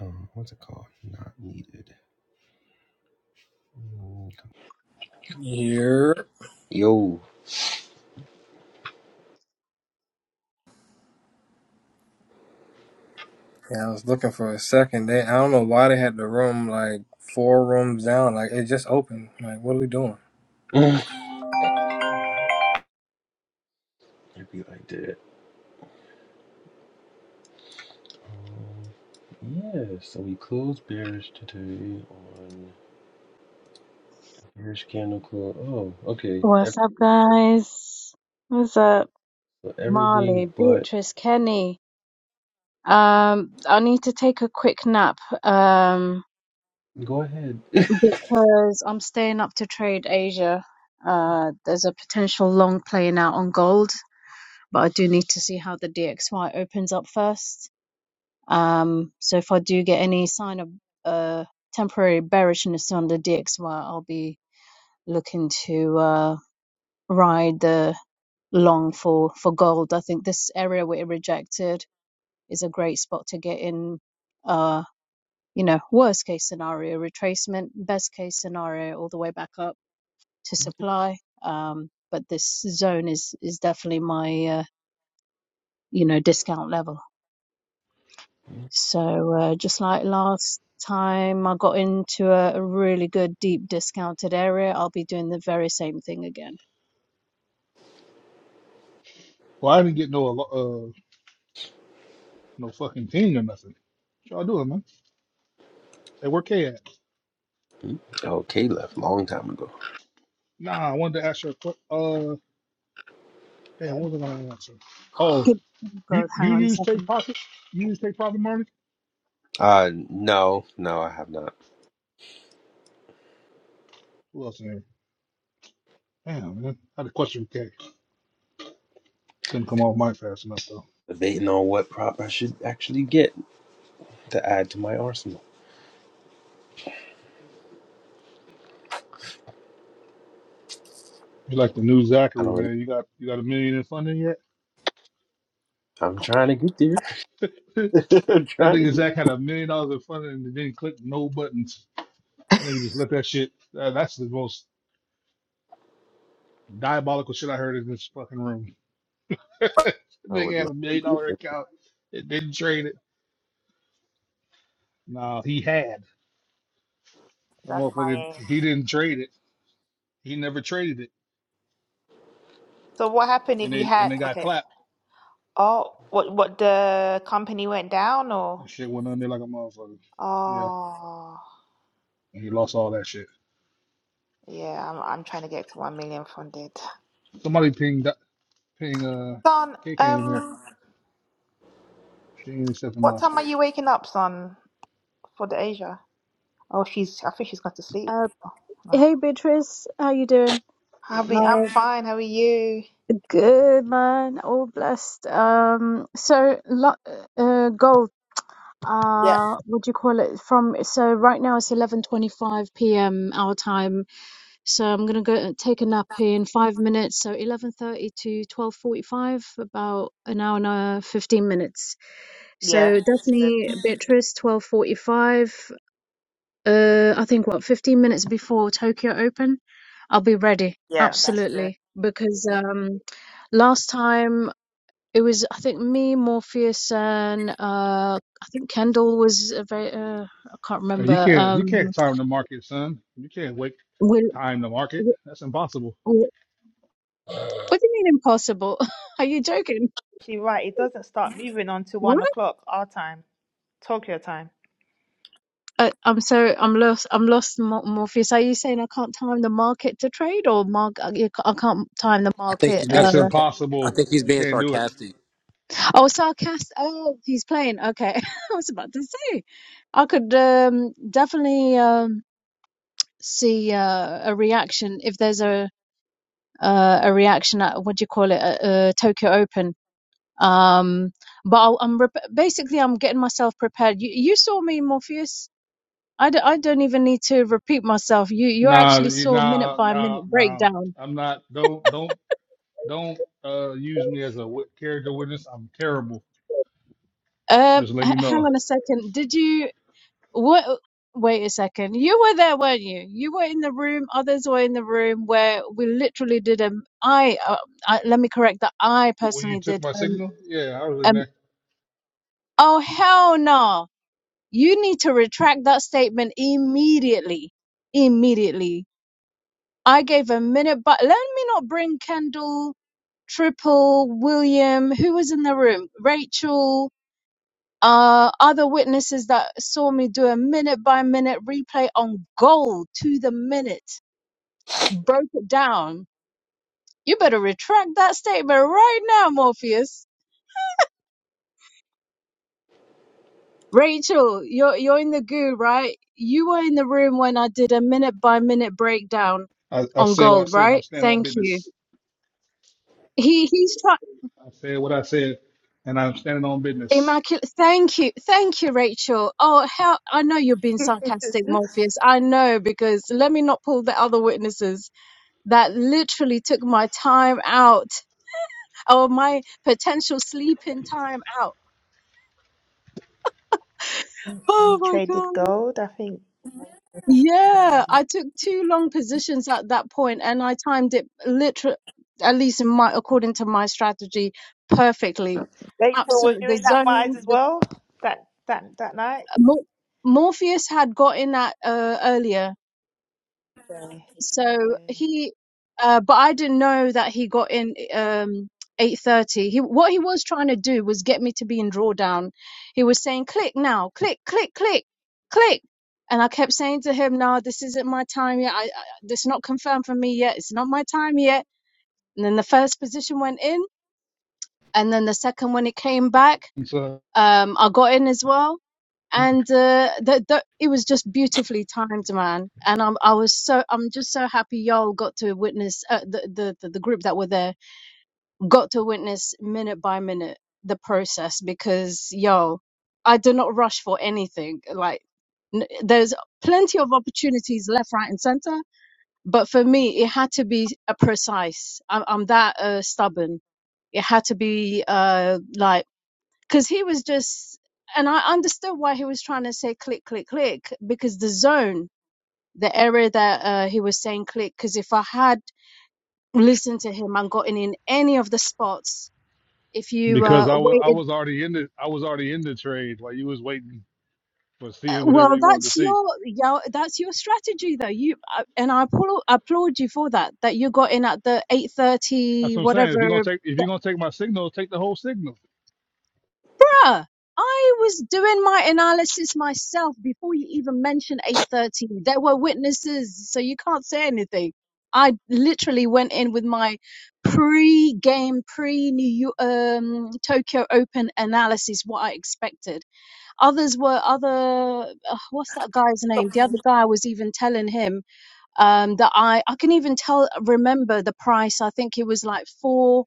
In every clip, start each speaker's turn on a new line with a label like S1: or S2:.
S1: um, what's it called? Not needed. Mm,
S2: Here.
S1: Yo,
S2: Yeah, I was looking for a second. They, I don't know why they had the room like four rooms down. Like it just opened. Like what are we doing?
S1: it'd be like that. Um, yeah, so we closed bearish today on bearish candle close. Oh, okay. Every
S3: What's up, guys? What's up,
S1: Everything
S3: Marley,
S1: but
S3: Beatrice, Kenny? Um, I need to take a quick nap, um,
S1: go ahead.
S3: because I'm staying up to trade Asia. Uh, there's a potential long playing out on gold, but I do need to see how the DXY opens up first. Um, so if I do get any sign of uh temporary bearishness on the DXY, I'll be looking to uh ride the long for for gold. I think this area we rejected is a great spot to get in. Uh, you know, worst case scenario retracement, best case scenario all the way back up to supply. Um, but this zone is is definitely my uh, you know discount level. So uh, just like last time, I got into a, a really good deep discounted area. I'll be doing the very same thing again.
S4: Well, I didn't get no uh no fucking team or nothing. What y'all doing, man? Hey, where K at?
S1: okay, left long time ago.
S4: Nah, I wanted to ask you a question. Uh, damn, what was I gonna answer? Oh,
S3: Give,
S4: you
S3: God,
S4: you
S3: hang on a
S4: use take
S3: second.
S4: profit? You use take profit, Marty?
S1: Uh, no, no, I have not.
S4: Who else in here? Damn, man, I had a question for K. Couldn't come off mic fast enough though.
S1: Debating on what prop I should actually get to add to my arsenal.
S4: You like the new
S1: I
S4: Zachary,
S1: don't really.
S4: man? You got you got a million in funding yet?
S1: I'm trying to get there.
S4: that
S1: I'm trying to
S4: nigga
S1: get.
S4: Zach had a million dollars in funding and didn't click no buttons. That nigga just let that shit. Uh, that's the most diabolical shit I heard in this fucking room.
S1: I
S4: Nigga
S1: would
S4: had
S1: love
S4: a million
S1: to get
S4: dollar
S1: there.
S4: account. It didn't trade it. No, he had. The
S5: That's my
S4: motherfucker,
S5: aim.
S4: he didn't trade it. He never traded it.
S5: So what happened if
S4: And
S5: he
S4: they and
S5: had?
S4: they got
S5: Okay.
S4: clapped.
S5: Oh, what what the company went down or?
S4: And shit went under like a motherfucker. Yeah.
S5: Oh,
S4: And he lost all that shit.
S5: yeah. I'm I'm trying to get to one million funded.
S4: Somebody ping Doc- ping uh
S5: Son,
S4: KK in here.
S5: um,
S4: She ain't accepting
S5: what
S4: my
S5: time are
S4: shit.
S5: you waking up, son, for the Asia? Oh, she's. I think she's gone to sleep.
S3: Uh,
S5: Oh, no.
S3: hey Beatrice, how you doing?
S5: How be? I'm fine. How are you?
S3: Good man, all blessed. Um, so lo- uh, gold.
S5: Yeah.
S3: Uh, what do you call it? From so right now it's eleven twenty-five p.m. our time. So I'm gonna go and take a nap in five minutes. So eleven thirty to twelve forty-five, about an hour and uh, fifteen minutes.
S5: Yeah.
S3: So
S5: That's good.
S3: definitely Beatrice, twelve forty-five. Uh, I think what fifteen minutes before Tokyo Open, I'll be ready.
S5: Yeah, that's good.
S3: Absolutely, because
S5: Yeah.
S3: um last time. It was, I think, me, Morpheus, and uh, I think Kendall was a very. Uh, I can't
S4: Hey, you
S3: remember.
S4: can't you
S3: Um,
S4: can't time the market, son. You can't wait
S3: Will,
S4: time the market.
S3: Will,
S4: That's impossible.
S3: Will- what do you mean impossible? Are you joking?
S5: Actually, right. It doesn't start moving on to one
S3: What?
S5: o'clock our time, Tokyo time.
S3: I, I'm so I'm lost. I'm lost, Mo- Morpheus. Are you saying I can't time the market to trade, or mark? I you ca- I can't time the
S6: I think
S3: market.
S6: he's
S3: Uh,
S6: being
S4: That's
S6: sarcastic. I
S4: impossible.
S6: think he's
S4: You
S6: being
S4: can't do it.
S6: sarcastic.
S3: oh, sarcast. Oh, he's playing. Okay, I was about to say. I could um, definitely um, see uh, a reaction if there's a uh, a reaction at what do you call it uh, uh, Tokyo Open. Um, but I'll, I'm rep- basically I'm getting myself prepared. You, you saw me, Morpheus. I, d- I don't even need to repeat myself. You you
S4: Nah,
S3: actually
S4: you-
S3: saw minute
S4: nah,
S3: by
S4: nah,
S3: minute
S4: nah.
S3: breakdown.
S4: I'm not. Don't don't Don't uh, use me as a wit- character witness. I'm terrible.
S3: Um,
S4: just let
S3: h-
S4: you
S3: hang
S4: know.
S3: on a second. Did you what? Wait a second. You were there, weren't you? You were in the room. Others were in the room where we literally did a. I, uh, I let me correct that. I
S4: When you
S3: personally
S4: took
S3: did.
S4: my
S3: Um,
S4: signal, yeah, I was in
S3: um.
S4: there.
S3: Oh hell no! You need to retract that statement immediately. Immediately. I gave a minute, but let me not bring Kendall, Triple, William, who was in the room, Rachel, uh, other witnesses that saw me do a minute by minute replay on goal to the minute, broke it down. You better retract that statement right now, Morpheus. Rachel, you're you're in the goo, right? You were in the room when I did a minute by minute breakdown
S4: I, I
S3: on
S4: said what I
S3: gold,
S4: said, but I'm
S3: right?
S4: standing on
S3: Thank you.
S4: business.
S3: He he's trying
S4: I said what I said, and I'm standing on business.
S3: immaculate. Thank you, thank you, Rachel. Oh hell, I know you're being sarcastic, Morpheus. I know because let me not pull the other witnesses that literally took my time out, or my potential sleeping time out. Oh
S5: you
S3: my
S5: traded
S3: god.
S5: gold, I think.
S3: Yeah, I took two long positions at that point and I timed it literally, at least in my, according to my strategy, perfectly.
S5: Rachel, were
S3: Absolutely.
S5: you
S3: The
S5: in that vibes
S3: zone,
S5: as
S3: the
S5: well that that that night?
S3: Mor Morpheus had got in at uh, earlier
S5: Yeah.
S3: So he, uh, but I didn't know that he got in um, 8:30. He what he was trying to do was get me to be in drawdown. He was saying, "Click now, click, click, click, click," and I kept saying to him, "No, this isn't my time yet. I, I, this is not confirmed for me yet. It's not my time yet." And then the first position went in, and then the second when it came back
S4: And so,
S3: um, I got in as well. And uh, that that it was just beautifully timed, man. And I'm I was so I'm just so happy y'all got to witness uh, the, the the the group that were there got to witness minute by minute the process because yo, I do not rush for anything. Like n- there's plenty of opportunities left, right, and center, but for me it had to be a precise. I'm, I'm that uh, stubborn. It had to be uh like because he was just and i understood why he was trying to say click click click because the zone the area that uh, he was saying click because if i had listened to him and gotten in any of the spots if you
S4: because
S3: uh,
S4: I was I
S3: waited
S4: was already in the I was already in the trade while you was waiting for
S3: uh,
S4: seeing whatever
S3: well
S4: you wanted to
S3: that's
S4: see.
S3: your, your that's your strategy though you uh, and i applaud, applaud you for that that you got in at the
S4: That's
S3: 8.30
S4: what I'm saying. If you're gonna
S3: whatever
S4: take if you're gonna take my signal, take the whole signal.
S3: Yeah, I was doing my analysis myself before you even mentioned 8:30. There were witnesses, so you can't say anything. I literally went in with my pre-game, pre-New um, Tokyo Open analysis, what I expected. Others were other. Uh, what's that guy's name? The
S5: So-
S3: other guy was even telling him um, that I I can even tell remember the price. I think it was like four.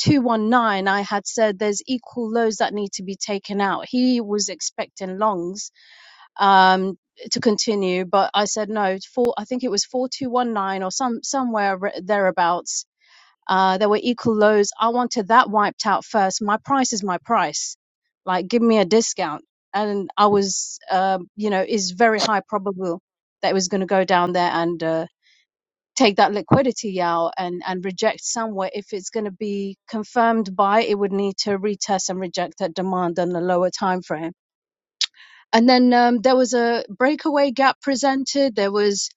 S3: 219, I had said there's equal lows that need to be taken out. He was expecting longs um, to continue, but I said no. Four, I think it was 4219 or some somewhere thereabouts. Uh, there were equal lows. I wanted that wiped out first. My price is my price. Like, give me a discount. And I was, um, you know, it's very high probable that it was going to go down there and uh, take that liquidity out and and reject somewhere if it's going to be confirmed by it would need to retest and reject that demand on the lower time frame and then um, there was a breakaway gap presented there was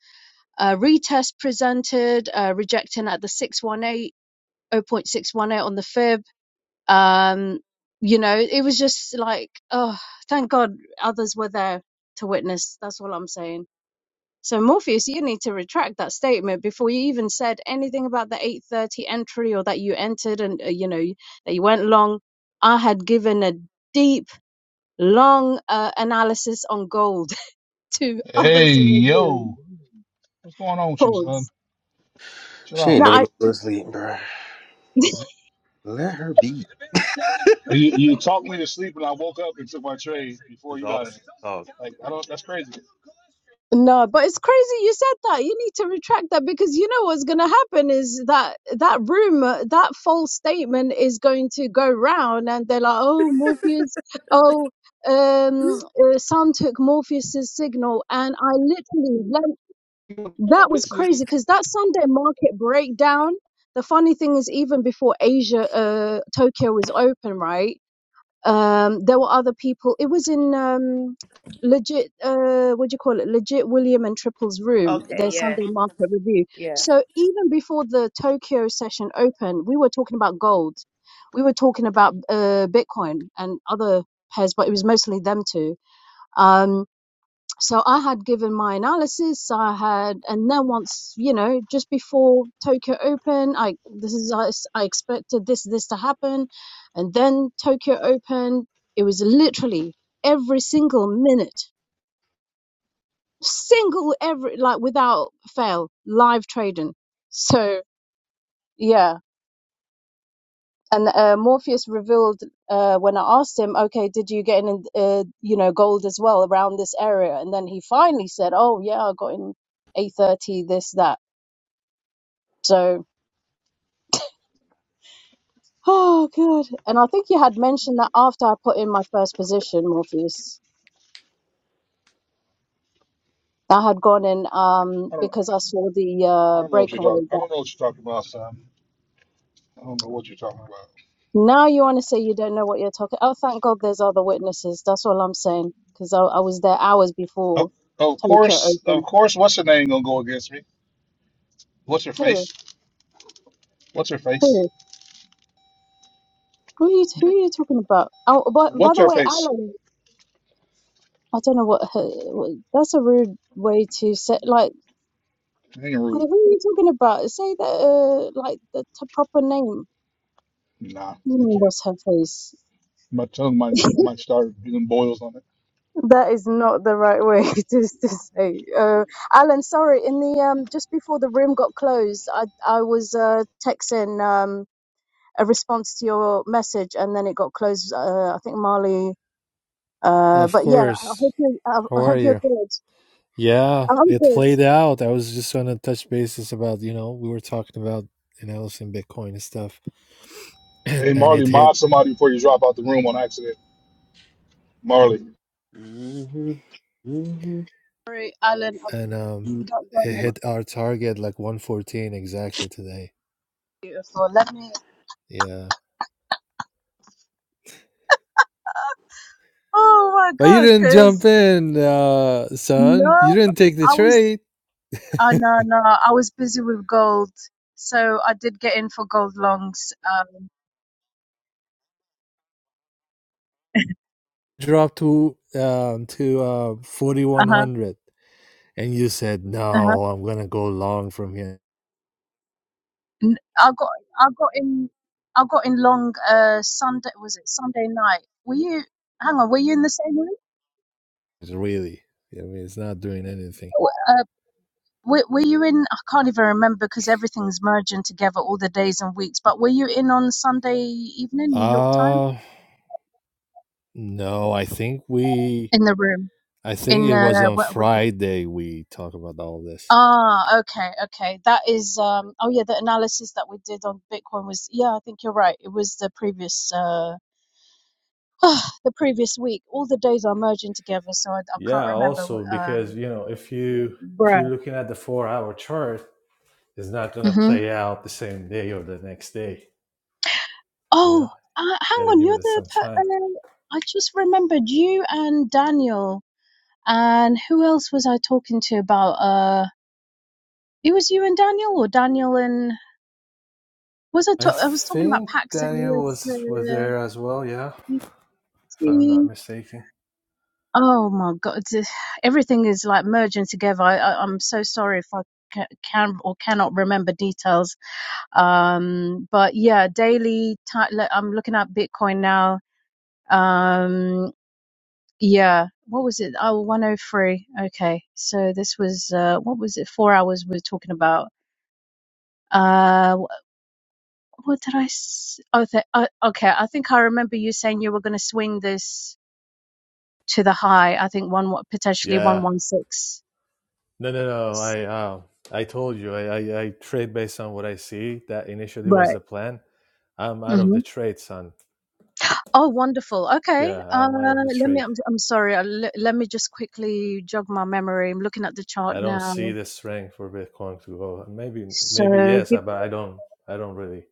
S3: a retest presented uh, rejecting at the six one eight oh point 618 on the fib um you know it was just like oh thank god others were there to witness that's all i'm saying so Morpheus, you need to retract that statement before you even said anything about the 8:30 entry or that you entered and uh, you know that you went long. I had given a deep, long uh, analysis on gold to
S4: Hey
S3: others in the room.
S4: yo, what's going on with you, son?
S3: Pause.
S4: Chill
S1: She
S4: out.
S1: ain't
S3: No,
S1: never
S3: I.
S1: gonna go to sleep, bro. Let let her be.
S4: You you talked me to sleep, and I woke up and took my trade
S1: This
S4: before
S1: is
S4: you got here.
S1: awesome talk.
S4: Like I don't. That's crazy.
S3: No, but it's crazy you said that. You need to retract that because you know what's going to happen is that that rumor, that false statement is going to go round and they're like, oh, Morpheus, oh, um, uh, Sun took Morpheus's signal. And I literally, like,
S4: I don't.
S3: that was crazy because that Sunday market breakdown, the funny thing is, even before Asia, uh, Tokyo was open, right? Um, there were other people. It was in um, legit. Uh, what do you call it? Legit William and Triple's room.
S5: Okay,
S3: Their
S5: yeah,
S3: Sunday market review.
S5: yeah.
S3: So even before the Tokyo session opened, we were talking about gold. We were talking about uh, Bitcoin and other pairs, but it was mostly them two. Um, so I had given my analysis. I had, and then once, you know, just before Tokyo Open, I, this is, I I expected this, this to happen. And then Tokyo Open, it was literally every single minute, single every, like without fail, live trading. So yeah. and uh, Morpheus revealed uh, when I asked him, "Okay, did you get in, uh, you know, gold as well around this area?" And then he finally said, "Oh yeah, I got in A30, this that." So, oh good. And I think you had mentioned that after I put in my first position, Morpheus, I had gone in um, because I
S4: I
S3: saw the uh,
S4: don't know what you're
S3: breakaway
S4: talking. I
S3: gap.
S4: don't know what you're talking about, son. I don't know what you're talking about.
S3: Now you want to say you don't know what you're talking? Oh, thank God, there's other witnesses. That's all I'm saying because I, I was there hours before
S4: Oh, of
S3: Tokyo
S4: course, of
S3: opened.
S4: course. What's her name gonna go against me? What's her
S3: Who?
S4: face? What's her face?
S3: Who? Who are you, who are you talking about? Oh, but by
S4: What's
S3: the
S4: her
S3: way,
S4: face?
S3: Alan, I don't know what, her, what that's a rude way to say. Like,
S4: Ain't
S3: who
S4: rude.
S3: are you talking about? Say that, uh, like the t- proper name.
S4: Nah,
S3: You
S4: I
S3: know,
S4: can't.
S3: what's her face?
S4: My tongue might might start getting boils on it.
S3: That is not the right way to, to say. Uh, Alan, sorry. In the um, just before the room got closed, I I was uh texting um a response to your message, and then it got closed. Uh, I think Marley. Uh,
S7: Of
S3: but yeah, I
S7: course.
S3: hope you. I
S7: How
S3: I
S7: are
S3: hope you're
S7: you?
S3: good.
S7: Yeah,
S3: I'm
S7: it
S3: good.
S7: played out. I was just on a touch basis about, you know, we were talking about analyzing Bitcoin and stuff. And
S4: Hey,
S7: and
S4: Marley,
S7: it hit
S4: mob somebody before you drop out the room on accident. Marley.
S1: hmm hmm
S3: Sorry, Alan, I've
S7: and um
S3: got God
S7: it
S3: that's
S1: My
S7: hit our target like 114 exactly today.
S3: beautiful. Let me.
S7: Yeah.
S3: Oh my
S7: But you
S3: God,
S7: didn't jump
S3: because
S7: in, uh son. You
S3: no,
S7: didn't take the
S3: I was.
S7: trade.
S3: Oh no, no, I was busy with gold, so I did get in for gold longs. Um,
S7: Dropped to um to uh
S3: uh huh,
S7: 4100 and you said,
S3: uh huh.
S7: "No, I'm going to go long from here."
S3: N- I got, I got in, I got in long. Uh, Sunday was it Sunday night? Were you? Hang on, were you in the same room?
S7: Really. I mean, it's not doing anything.
S3: W- Uh, were, were you in? I can't even remember because everything's merging together all the days and weeks. But were you in on Sunday evening, New York time,
S7: Uh no, I think we
S3: in the room?
S7: I think
S3: in
S7: it
S3: uh,
S7: was on
S3: what would you
S7: Friday we talked about all this.
S3: ah okay okay that is um oh yeah the analysis that we did on bitcoin was yeah i think you're right it was the previous uh the previous week all the days are merging together so i, I
S7: Yeah,
S3: can't remember
S7: also because
S3: um
S7: you know if you if
S3: bruh
S7: you're looking at the four hour chart, it's not gonna
S3: mm-hmm.
S7: play out the same day or the next day. You
S3: oh
S7: know,
S3: uh, hang
S7: you gotta
S3: on
S7: give
S3: you're
S7: it
S3: the
S7: some
S3: per-
S7: time.
S3: uh, i just remembered you and daniel and who else was i talking to about uh it was you and daniel or daniel and was i,
S7: I
S3: ta- I was talking about
S7: think
S3: pax and
S7: Daniel
S3: us
S7: was was there as well. Yeah, if I'm
S3: uh,
S7: not mistaken.
S3: Oh my God, th- everything is like merging together. I, I, I'm so sorry if I ca- can or cannot remember details. Um, but yeah, daily, ti le- I'm looking at Bitcoin now. Um, yeah, what was it? Oh, 103. Okay. So this was, uh, what was it? Four hours we were talking about. Uh, wh- what did I, s- oh, th- uh, okay. I think I remember you saying you were going to swing this to the high. I think one, wa- potentially
S7: Yeah. No, no, no. I
S3: 116.
S7: um I told you I I, I trade based on what I see. That initially was the plan. I'm out of
S3: hmm
S7: the trade, son.
S3: Oh, wonderful. Okay.
S7: Yeah,
S3: Uh,
S7: I'm out of the
S3: let me,
S7: trade.
S3: I'm, I'm sorry. Uh, le- let me just quickly jog my memory. I'm looking at the chart
S7: I don't
S3: now.
S7: see the strength for Bitcoin to go. Maybe,
S3: So
S7: maybe yes, uh,
S3: give,
S7: but I don't. I don't really.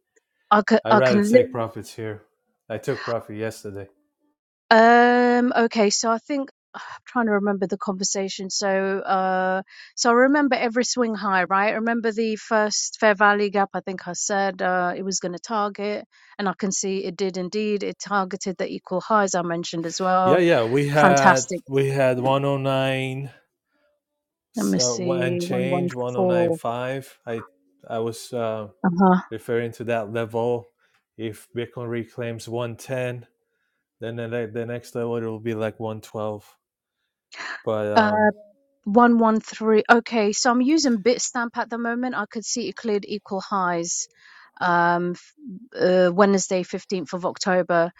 S3: I can,
S7: I
S3: I
S7: rather
S3: can,
S7: take
S3: li-
S7: profits here. I took profit yesterday.
S3: um, okay. So I think I'm trying to remember the conversation. So, uh, so I remember every swing high, right? I remember the first fair value gap. I think I said, uh, it was going to target and I can see it did indeed. It targeted the equal highs I mentioned as
S7: Yeah,
S3: well.
S7: yeah. We had
S3: Fantastic.
S7: we had 109
S3: Let me
S7: uh, and
S3: see.
S7: change
S3: 114.
S7: 109.5. I I was uh,
S3: Uh-huh.
S7: referring to that level. If Bitcoin reclaims 110, then the, the next level it will be like 112. But
S3: Uh,
S7: um,
S3: 113. Okay, so I'm using Bitstamp at the moment. I could see it cleared equal highs um f- uh, Wednesday 15th of October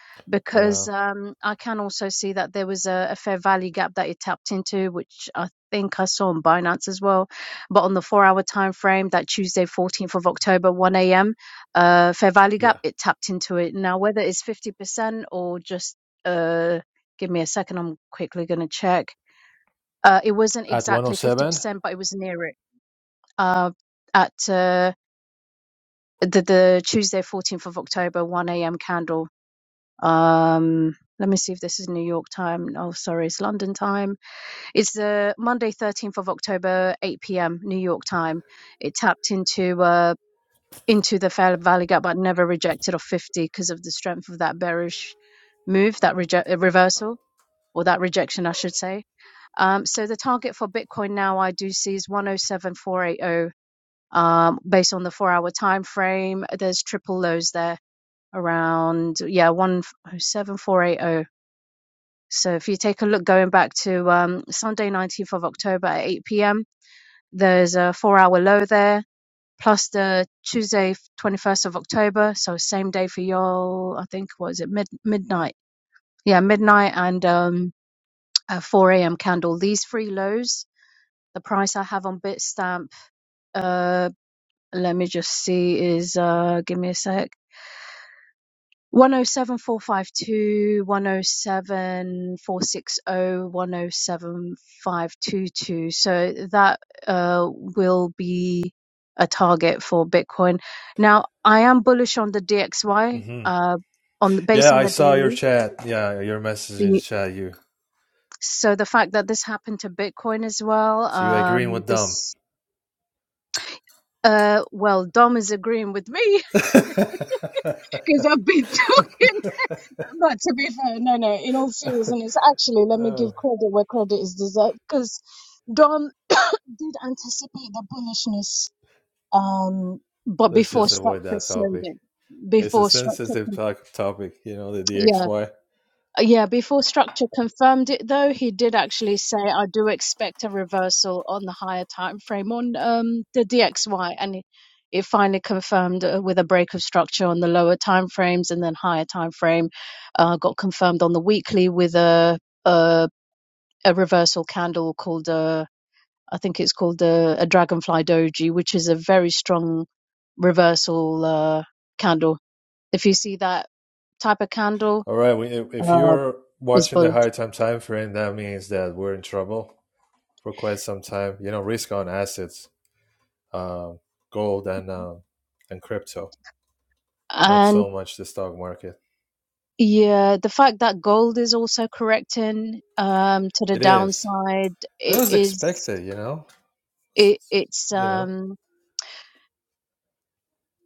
S7: yeah,
S3: because um I can also see that there was a, a fair value gap that it tapped into which I think I saw on Binance as well but on the 4 hour time frame that Tuesday 14th of October 1 a.m. uh fair value
S7: yeah
S3: gap it tapped into it now whether it's 50% or just uh give me a second I'm quickly going to check Uh, it wasn't
S7: at
S3: exactly
S7: 107.
S3: 50%, but it was near it. Uh, at uh, the, the Tuesday, 14th of October, 1 a.m. candle. Um, let me see if this is New York time. Oh, sorry, it's London time. It's uh, Monday, 13th of October, 8 p.m. New York time. It tapped into uh, into the Fair Valley Gap, but never rejected of 50 because of the strength of that bearish move, that reje- uh, reversal, or that rejection, I should say. Um, so the target for Bitcoin now I do see is 107,480 um, based on the four hour time frame. There's triple lows there around, yeah, 107,480. So if you take a look going back to um, Sunday, 19th of October at 8 p.m., there's a four hour low there. Plus the Tuesday, 21st of October, so same day for y'all. I think what is it mid midnight? Yeah, midnight and um, a 4 a.m. candle. These three lows the price I have on Bitstamp Uh, let me just see. Is uh, give me a sec. One zero seven four five two one zero seven four six zero one zero seven five two two. So that uh, will be a target for Bitcoin. Now, I am bullish on the DXY
S7: hmm
S3: uh, on the, based
S7: Yeah,
S3: on
S7: I
S3: the
S7: saw your
S3: daily.
S7: chat. Yeah, your message in the
S3: The,
S7: chat. You
S3: so the fact that this happened to Bitcoin as well,
S7: so you agreeing
S3: um,
S7: with them?
S3: this uh, well, Dom is agreeing with me because I've been talking. But to be fair, no, no, in all seriousness, actually, let me give
S7: oh,
S3: credit where credit is deserved because Dom did anticipate the bullishness, um, but
S7: let's
S3: before
S7: just avoid
S3: structure
S7: that
S3: showed
S7: topic.
S3: it,
S7: It's a
S3: before structure.
S7: sensitive to- topic, you know, the
S3: yeah.
S7: DXY.
S3: Uh, Yeah, before Structure confirmed it, though, he did actually say, "I do expect a reversal on the higher time frame on um, the DXY," and it, it finally confirmed uh, with a break of Structure on the lower time frames, and then higher time frame uh, got confirmed on the weekly with a a, a reversal candle called a, I think it's called a, a Dragonfly Doji, which is a very strong reversal uh, candle. If you see that type of candle,
S7: All right, we, if if
S3: uh,
S7: you're
S3: is
S7: watching the
S3: bullish.
S7: higher time time frame, that means that we're in trouble for quite some time. You know, risk on assets, um, gold and um, and crypto. Not
S3: And
S7: so much the stock market.
S3: yeah, the fact that gold is also correcting um to the
S7: It is.
S3: downside
S7: It
S3: it
S7: was
S3: is
S7: expected, you know.
S3: it it's
S7: You know.
S3: um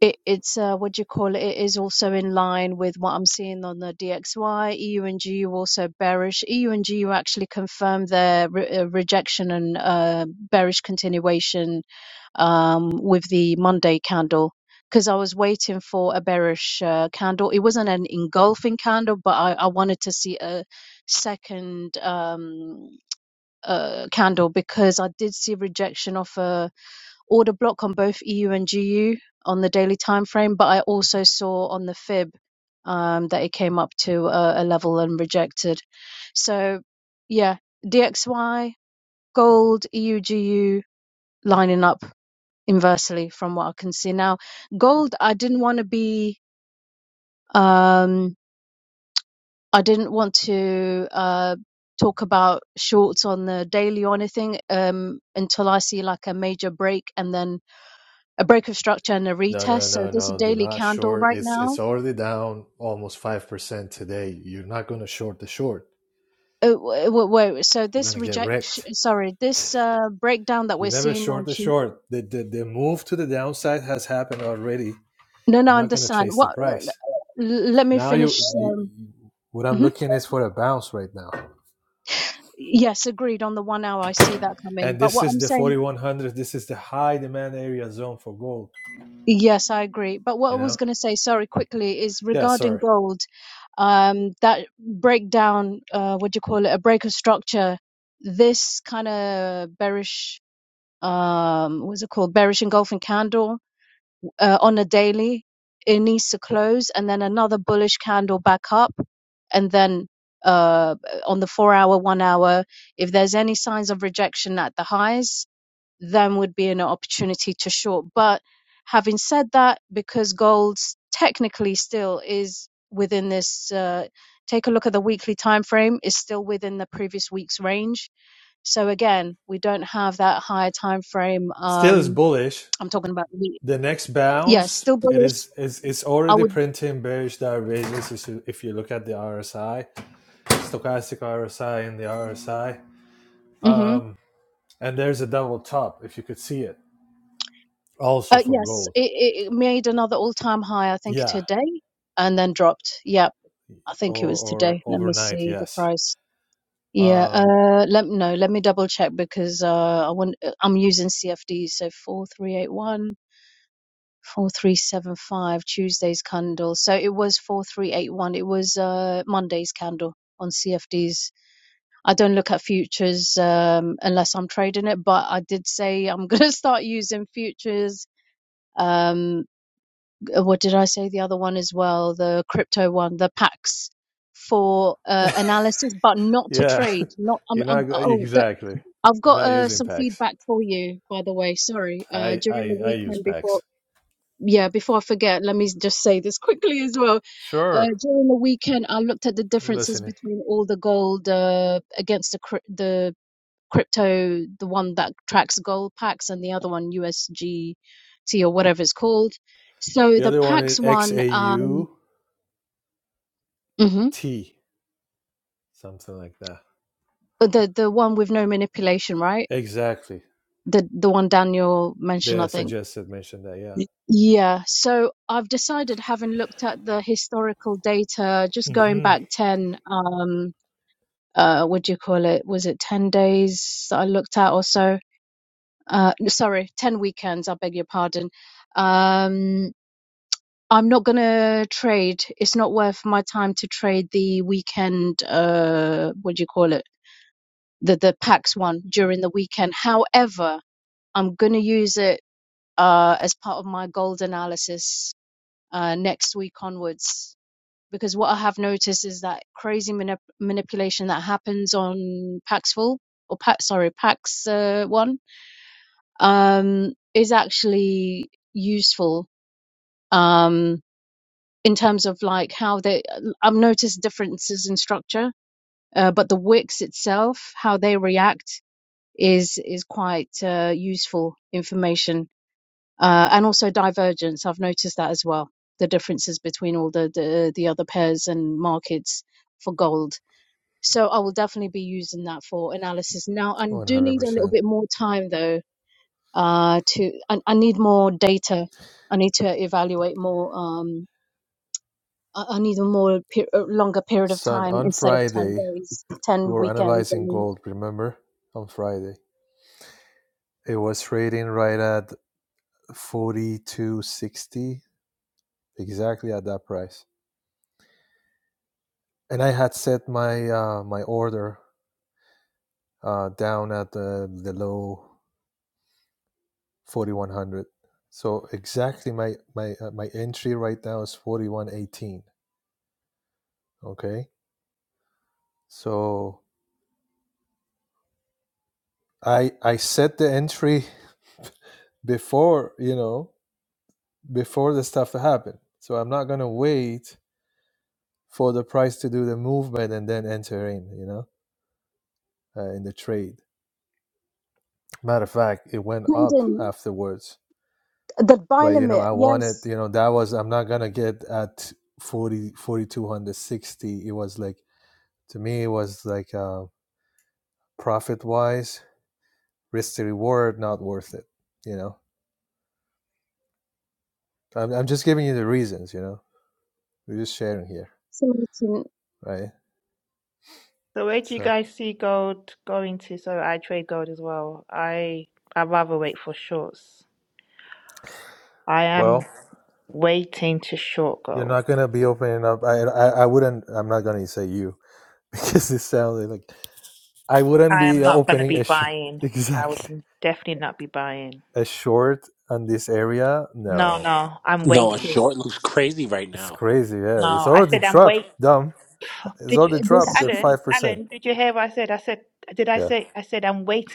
S3: it, it's uh, what do you call it? It is also in line with what I'm seeing on the DXY. EU and GU also bearish. EU and GU actually confirmed their re- uh, rejection and uh, bearish continuation um, with the Monday candle because I was waiting for a bearish uh, candle. It wasn't an engulfing candle, but I, I wanted to see a second um, uh, candle because I did see rejection of a order block on both EU and GU on the daily time frame, but I also saw on the fib um, that it came up to a, a level and rejected. So yeah, DXY gold EU GU lining up inversely from what I can see now. Gold, I didn't want to be, um, I didn't want to uh, talk about shorts on the daily or anything um, until I see like a major break and then a break of structure and a
S7: No,
S3: retest.
S7: no,
S3: So
S7: no,
S3: this
S7: no. Do
S3: daily
S7: not
S3: candle
S7: short.
S3: right
S7: It's it's
S3: now,
S7: already down almost five percent today. You're not gonna short the short.
S3: uh, w- w- wait, so
S7: You're
S3: this
S7: gonna get
S3: rejection,
S7: wrecked.
S3: sorry, this uh, breakdown that
S7: You
S3: we're
S7: never
S3: seeing on
S7: short the
S3: Tuesday.
S7: short. The the, the move to the downside has happened already.
S3: No, no, I
S7: You're not gonna
S3: understand.
S7: chase the
S3: What? uh,
S7: price.
S3: l- Let me
S7: Now
S3: finish.
S7: you, you,
S3: Um,
S7: you what I'm
S3: mhm.
S7: looking is for a bounce right now.
S3: Yes, agreed on the one hour. I see that come in.
S7: And
S3: But
S7: this
S3: what
S7: is
S3: I'm
S7: the
S3: saying,
S7: 4100. This is the high demand area zone for gold.
S3: yes, I agree. But what I
S7: You
S3: was
S7: know.
S3: going to say, sorry, quickly, is
S7: Yeah.
S3: regarding
S7: Sorry.
S3: gold um, that breakdown, uh, what do you call it, a break of structure, this kind of bearish um, what's it called? Bearish engulfing candle uh, on a daily. It needs to close and then another bullish candle back up. And then uh, on the four hour, one hour, if there's any signs of rejection at the highs, then would be an opportunity to short. But having said that, because gold technically still is within this, uh, take a look at the weekly time frame, is still within the previous week's range so again, we don't have that higher time frame.
S7: still is
S3: Um,
S7: bullish.
S3: I'm talking about we.
S7: The next
S3: Yeah,
S7: bounce,
S3: still
S7: it
S3: bullish.
S7: is it's, it's
S3: I
S7: already
S3: would.
S7: printing bearish divergence. If you, if you look at the RSI, stochastic RSI and the RSI,
S3: hmm
S7: um, and there's a double top if you could see it. Also
S3: Uh,
S7: for
S3: yes,
S7: gold,
S3: it, it it made another all-time high, I think,
S7: yeah,
S3: today, and then dropped. Yep, I think it
S7: or
S3: was
S7: or
S3: today. Let me
S7: overnight,
S3: see the
S7: yes,
S3: price. Yeah.
S7: um,
S3: Uh, let no. Let me double check because uh, I want. I'm using CFD, so four three eight one. 4375 Tuesday's candle. So it was 4381. It was uh Monday's candle on CFDs. I don't look at futures um, unless I'm trading it, but I did say I'm going to start using futures. Um, uh, what did I say? The other one as well, the crypto one, the PAX for uh, analysis, but not to
S7: yeah.
S3: trade. Not. I'm,
S7: You're not
S3: I'm, oh, that,
S7: exactly.
S3: I've
S7: You're
S3: got
S7: not
S3: uh,
S7: using
S3: some
S7: packs.
S3: feedback for you, by the way. Sorry. Uh,
S7: I
S3: during
S7: I
S3: the
S7: I use
S3: weekend before.
S7: PAX.
S3: Yeah, before I forget, let me just say this quickly as well. Uh,
S7: Sure,
S3: during the weekend, I looked at the
S7: I'm
S3: differences
S7: listening.
S3: between all the gold uh, against the cr- the crypto, the one that tracks gold packs, and the other one USGT or whatever it's called. So
S7: The
S3: the
S7: other one
S3: PAX
S7: is
S3: one, um,
S7: XAUT,
S3: mhm,
S7: something like that.
S3: the the one with no manipulation, right?
S7: Exactly.
S3: The the one Daniel mentioned, I
S7: The
S3: think.
S7: suggested mentioned that, yeah.
S3: Yeah. So I've decided, having looked at the historical data, just going
S7: hmm
S3: back ten, um, uh, what do you call it? Was it ten days that I looked at or so? Uh, sorry, ten weekends. I beg your pardon. Um, I'm not gonna trade. It's not worth my time to trade the weekend. Uh, what do you call it? The the PAX one during the weekend. However, I'm gonna use it uh, as part of my gold analysis uh, next week onwards. Because what I have noticed is that crazy manip- manipulation that happens on Paxful or Pax, sorry, Pax uh, one um, is actually useful. Um, in terms of like how they i've noticed differences in structure uh, but the wicks itself how they react is is quite uh, useful information uh, and also divergence i've noticed that as well the differences between all the the, the other pairs and markets for gold so i will definitely be using that for analysis now i do need a little
S7: 100%.
S3: bit more time though uh to i, I need more data i need to evaluate more Um. I, I need a more per- a longer period of
S7: Son,
S3: time
S7: on
S3: instead of 10
S7: Friday,
S3: days,
S7: we
S3: 10
S7: were
S3: weekends. I
S7: analyzing
S3: mean,
S7: gold, remember? On Friday. It was trading right at 42.60, exactly at that price. And I had set my uh, my order uh, down at the, the low 4100. So exactly my my uh, my entry right now is 4118, okay? So I I set the entry before you know before the stuff happened. So I'm not gonna wait for the price to do the movement and then enter in. You know, uh, in the trade. Matter of fact, it went up
S3: pendant,
S7: afterwards.
S3: that buy
S7: But you know,
S3: limit,
S7: I wanted
S3: yes.
S7: you know that was I'm not gonna get at forty forty two hundred sixty. it was like to me it was like uh profit wise risk to reward not worth it you know I'm, I'm just giving you the reasons you know we're just sharing here
S3: So it's in-
S7: right
S5: So where do you
S7: So,
S5: guys see gold going to? So I trade gold as well. I I rather wait for shorts. I am
S7: well,
S5: waiting to short
S7: you're
S5: gold.
S7: not gonna be opening up. I, I, I wouldn't. I'm not gonna say you because it sounds like I wouldn't
S5: I am
S7: be
S5: not gonna
S7: opening a
S5: be
S7: sh-
S5: buying. I
S7: exactly
S5: would definitely not be buying.
S7: a short on this area.
S5: No,
S7: No,
S5: no, I'm
S6: No, a
S5: waiting.
S6: short looks crazy right
S7: it's
S6: now.
S7: crazy. Yeah, it's
S5: No, I
S7: already
S5: said I'm
S7: dropped.
S5: waiting.
S7: Dumb. It's
S5: Did you,
S7: already dropped
S3: this,
S7: at
S5: Alan?
S7: five percent.
S5: Alan, did you hear what I said? I said, did I
S7: Yeah.
S5: say? I said I'm waiting.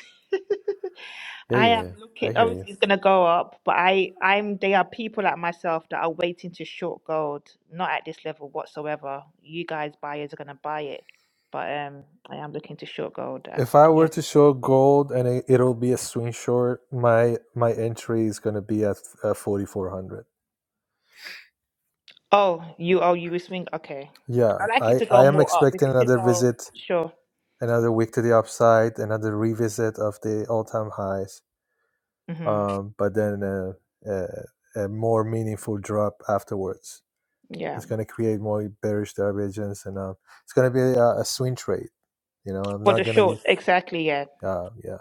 S7: yeah,
S5: I
S7: yeah,
S5: am
S7: yeah. I
S5: looking.
S7: hear you.
S5: Obviously, it's gonna go up, but I, I'm. There are people like myself that are waiting to short gold. Not at this level whatsoever. You guys, buyers, are gonna buy it, but um, I am looking to short gold. At
S7: If I were
S5: yeah.
S7: to show gold and it, it'll be a swing short, my my entry is gonna be at uh, forty four hundred.
S5: Oh, you. Oh, you will swing. Okay.
S7: Yeah,
S5: I like it
S7: I
S5: to go
S7: I am
S5: more up. If
S7: expecting
S5: it could
S7: another
S5: go,
S7: visit
S5: sure.
S7: another week to the upside, another revisit of the all-time highs,
S5: hmm
S7: um, but then a, a, a more meaningful drop afterwards.
S5: Yeah.
S7: It's going to create more bearish divergence, and um, it's going to be a, a swing trade. You know, I'm
S5: For
S7: not
S5: the
S7: going to
S5: short,
S7: get.
S5: exactly. Yeah.
S7: Uh, yeah.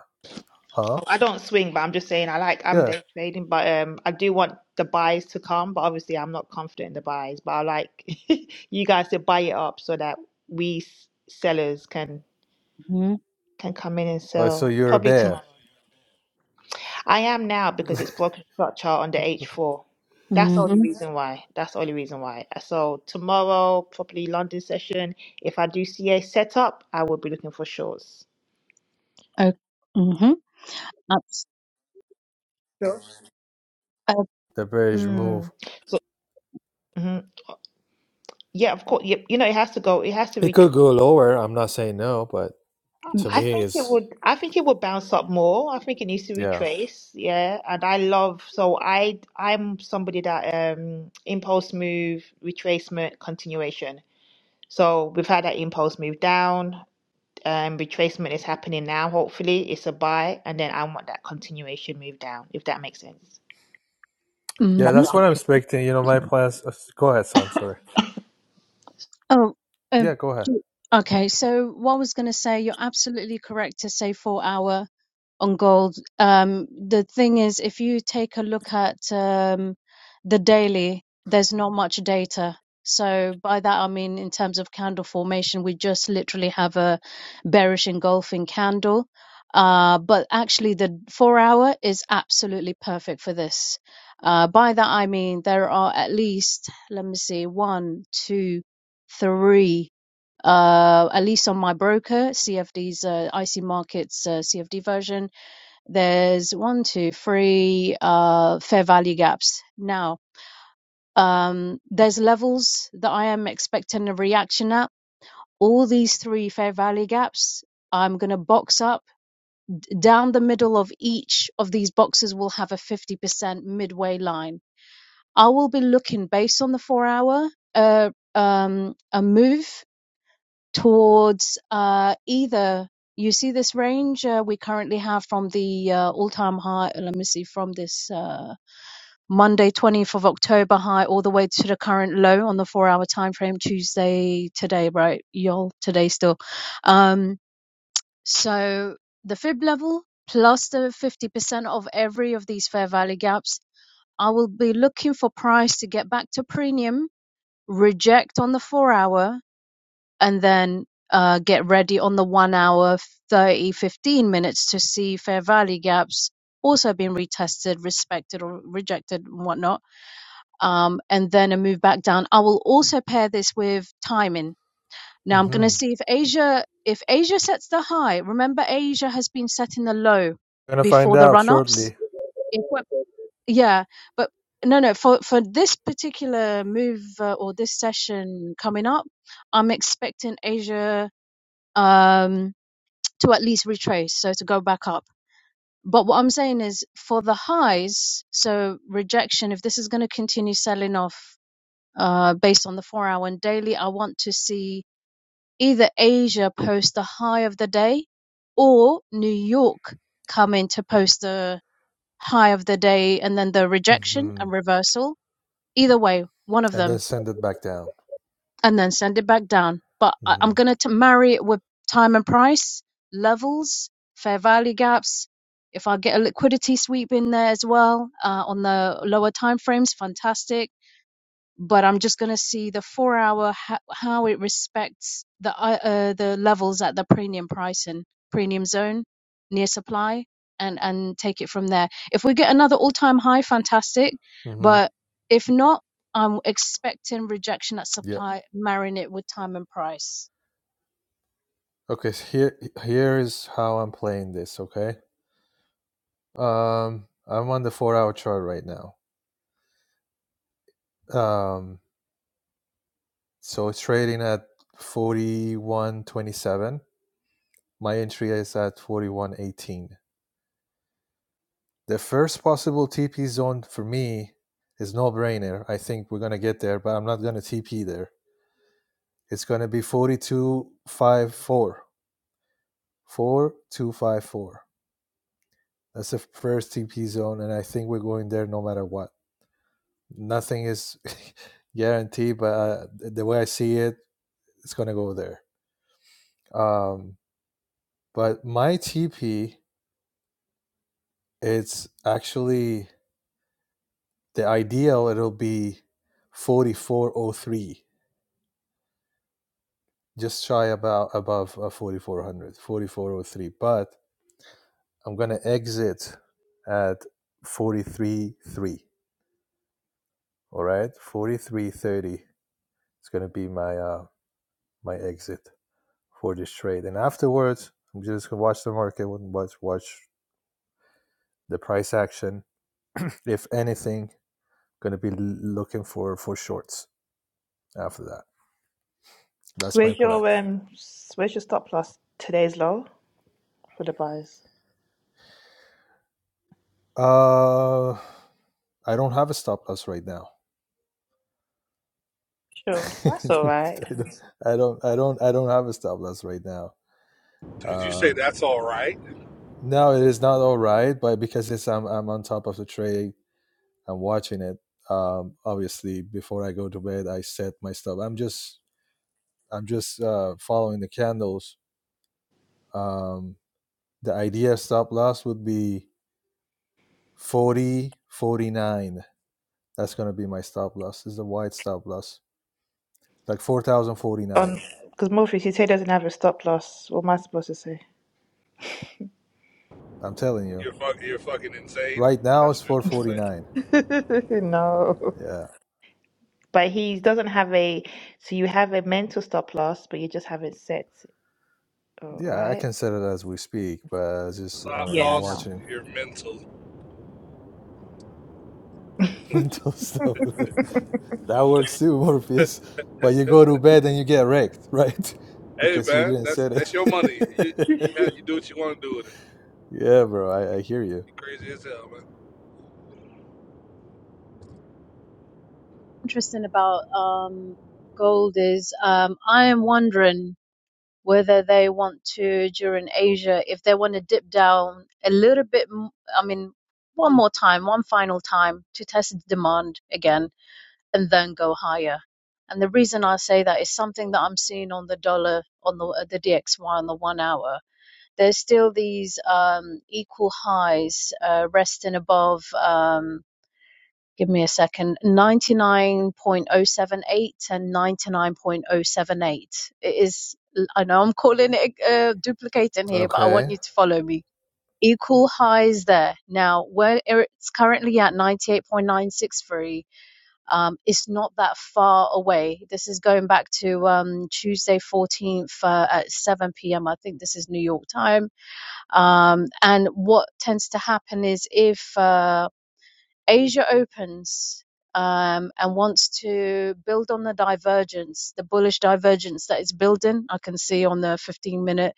S7: Huh?
S5: Oh, I don't swing, but I'm just saying I like I'm
S7: Yeah.
S5: day trading, but um I do want the buys to come, but obviously I'm not confident in the buys, but I like you guys to buy it up so that we s- sellers can
S3: hmm
S5: can come in and
S7: Oh, so
S5: sell
S7: you're a
S5: probably tomorrow.
S7: bear.
S5: I am now because it's broken structure on the H4. That's the
S3: hmm
S5: only reason why. That's the only reason why. So tomorrow, probably London session, if I do see a setup, I will be looking for shorts.
S3: uh, hmm Abs-
S5: Sure.
S3: uh,
S7: the bearish move.
S5: Mm. So, mhm. Yeah, of course. Yep. You know, it has to go. It has to
S7: It
S5: retrace.
S7: could go lower. I'm not saying no, but to
S5: I
S7: me,
S5: think it
S7: it's
S5: would. I think it would bounce up more. I think it needs to
S7: yeah.
S5: retrace. Yeah, and I love. So I, I'm somebody that um impulse move, retracement, continuation. So we've had that impulse move down. Um, retracement is happening now. Hopefully, it's a buy, and then I want that continuation move down. If that makes sense.
S7: Yeah,
S3: hmm
S7: that's what I'm expecting. You know, my plans. uh, Go ahead, son. Sorry.
S3: Oh, um,
S7: Yeah, go ahead.
S3: okay. So what I was going to say, you're absolutely correct to say four hour on gold. Um, the thing is, if you take a look at um, the daily, there's not much data. So by that I mean in terms of candle formation, we just literally have a bearish engulfing candle. Uh, but actually, the four hour is absolutely perfect for this. Uh, by that I mean there are at least, let me see, one, two, three, uh, at least on my broker, CFD's uh, IC Markets uh, CFD version, there's one, two, three uh, fair value gaps. Now, um, there's levels that I am expecting a reaction at. All these three fair value gaps, I'm going to box up. Down the middle of each of these boxes will have a 50% midway line. I will be looking based on the four hour uh, um, a move towards uh, either. You see this range uh, we currently have from the uh, all-time high. Let me see from this. Uh, Monday, 20th of October high all the way to the current low on the four hour time frame. Tuesday today, right? Y'all today still. Um, so the fib level plus the 50% of every of these fair value gaps. I will be looking for price to get back to premium, reject on the four hour, and then uh, get ready on the one hour, 30 15 minutes to see fair value gaps also being retested, respected, or rejected, and whatnot um, and then a move back down. I will also pair this with timing. Now I'm going to
S7: Mm-hmm.
S3: see if Asia if Asia sets the high. Remember, Asia has been setting the low
S7: Gonna find
S3: before the
S7: out
S3: run ups.
S7: shortly.
S3: If we're yeah, but no, no. For for this particular move uh, or this session coming up, I'm expecting Asia um, to at least retrace, so to go back up. But what I'm saying is for the highs, so rejection. If this is going to continue selling off uh, based on the four hour and daily, I want to see either Asia post the high of the day or New York come in to post the high of the day and then the rejection
S7: Mm-hmm.
S3: and reversal. Either way, one of
S7: And then
S3: them,
S7: send it back down.
S3: and then send it back down. But I, I'm
S7: Mm-hmm.
S3: going to marry it with time and price, levels, fair value gaps. If I get a liquidity sweep in there as well uh, on the lower time frames, fantastic but I'm just going to see the four hour ho- how it respects the uh, uh, the levels at the premium price and premium zone near supply and and take it from there. If we get another all time high, fantastic,
S7: Mm-hmm.
S3: but if not, I'm expecting rejection at
S7: Yeah.
S3: supply, marrying it with time and price.
S7: Okay. So here, here is how I'm playing this. Okay. Um, I'm on the four-hour chart right now. Um, so it's trading at forty-one twenty-seven. My entry is at forty-one eighteen. The first possible TP zone for me is no brainer. I think we're gonna get there, but I'm not gonna TP there. It's gonna be 4254. 4254. That's the first TP zone, and I think we're going there no matter what. Nothing is guaranteed, but uh, the way I see it, it's gonna go there. Um, but my TP, it's actually the ideal. It'll be 4403 just shy about above uh, 4400 4403 but i'm gonna exit at 433 all right 4330 it's gonna be my uh my exit for this trade and afterwards i'm just gonna watch the market watch watch the price action if anything gonna be looking for for shorts after that that's my
S5: Where's
S7: plan
S5: your um s- where's your stop loss? Today's low for the buys?
S7: uh i don't have a stop loss right now
S5: Sure.
S7: I
S5: That's all right.
S7: don't, I don't, I don't, I don't have a stop loss right now.
S4: Did you say
S7: Um
S4: that's all right?
S7: no, it is not all right, but because it's I'm I'm on top of the tray, I'm watching it. Um, obviously, before I go to bed, I set my stop. I'm just I'm just uh, following the candles. Um, the idea of stop loss would be 40 49. That's gonna be my stop loss. This is a wide stop loss, like four thousand forty nine.
S5: On because Morpheus, you say doesn't have a stop loss. What am I supposed to say?
S7: I'm telling you,
S4: You're fuck, you're fucking insane.
S7: right now
S4: That's
S7: it's
S4: what you're
S7: four
S4: supposed to
S7: forty
S4: say.
S7: nine.
S5: No.
S7: Yeah.
S5: But he doesn't have a, so you have a mental stop loss, but you just haven't set, uh,
S7: Yeah, I
S5: right?
S7: can set it as we speak, but it's just
S4: Stop
S7: I'm, I'm
S5: Yeah, I know.
S4: loss.
S7: watching
S4: You're mental.
S7: mental stuff. that works too, Morpheus. But you go to bed and you get wrecked, right?
S4: Hey
S7: Because you
S4: man,
S7: didn't
S4: that's
S7: set it.
S4: that's your money. You you have you do what you want to do with it.
S7: yeah, bro, I, I hear you.
S4: You crazy as hell, man.
S3: Interesting about um, gold is um, I am wondering. whether they want to during Asia, if they want to dip down a little bit, I mean, one more time, one final time to test demand again and then go higher. And the reason I say that is something that I'm seeing on the dollar, on the, uh, the DXY, on the one hour. There's still these um, equal highs uh, resting above. Um, give me a second, 99.078 and 99.078. It is, I know I'm calling it uh, duplicating here, but I want
S7: Okay.
S3: you to follow me. Equal highs there. Now, where it's currently at 98.963, um, it's not that far away. This is going back to um, Tuesday 14th uh, at 7 p.m. I think this is New York time. Um, and what tends to happen is if uh, Asia opens um, and wants to build on the divergence, the bullish divergence that it's building. I can see on the 15 minute,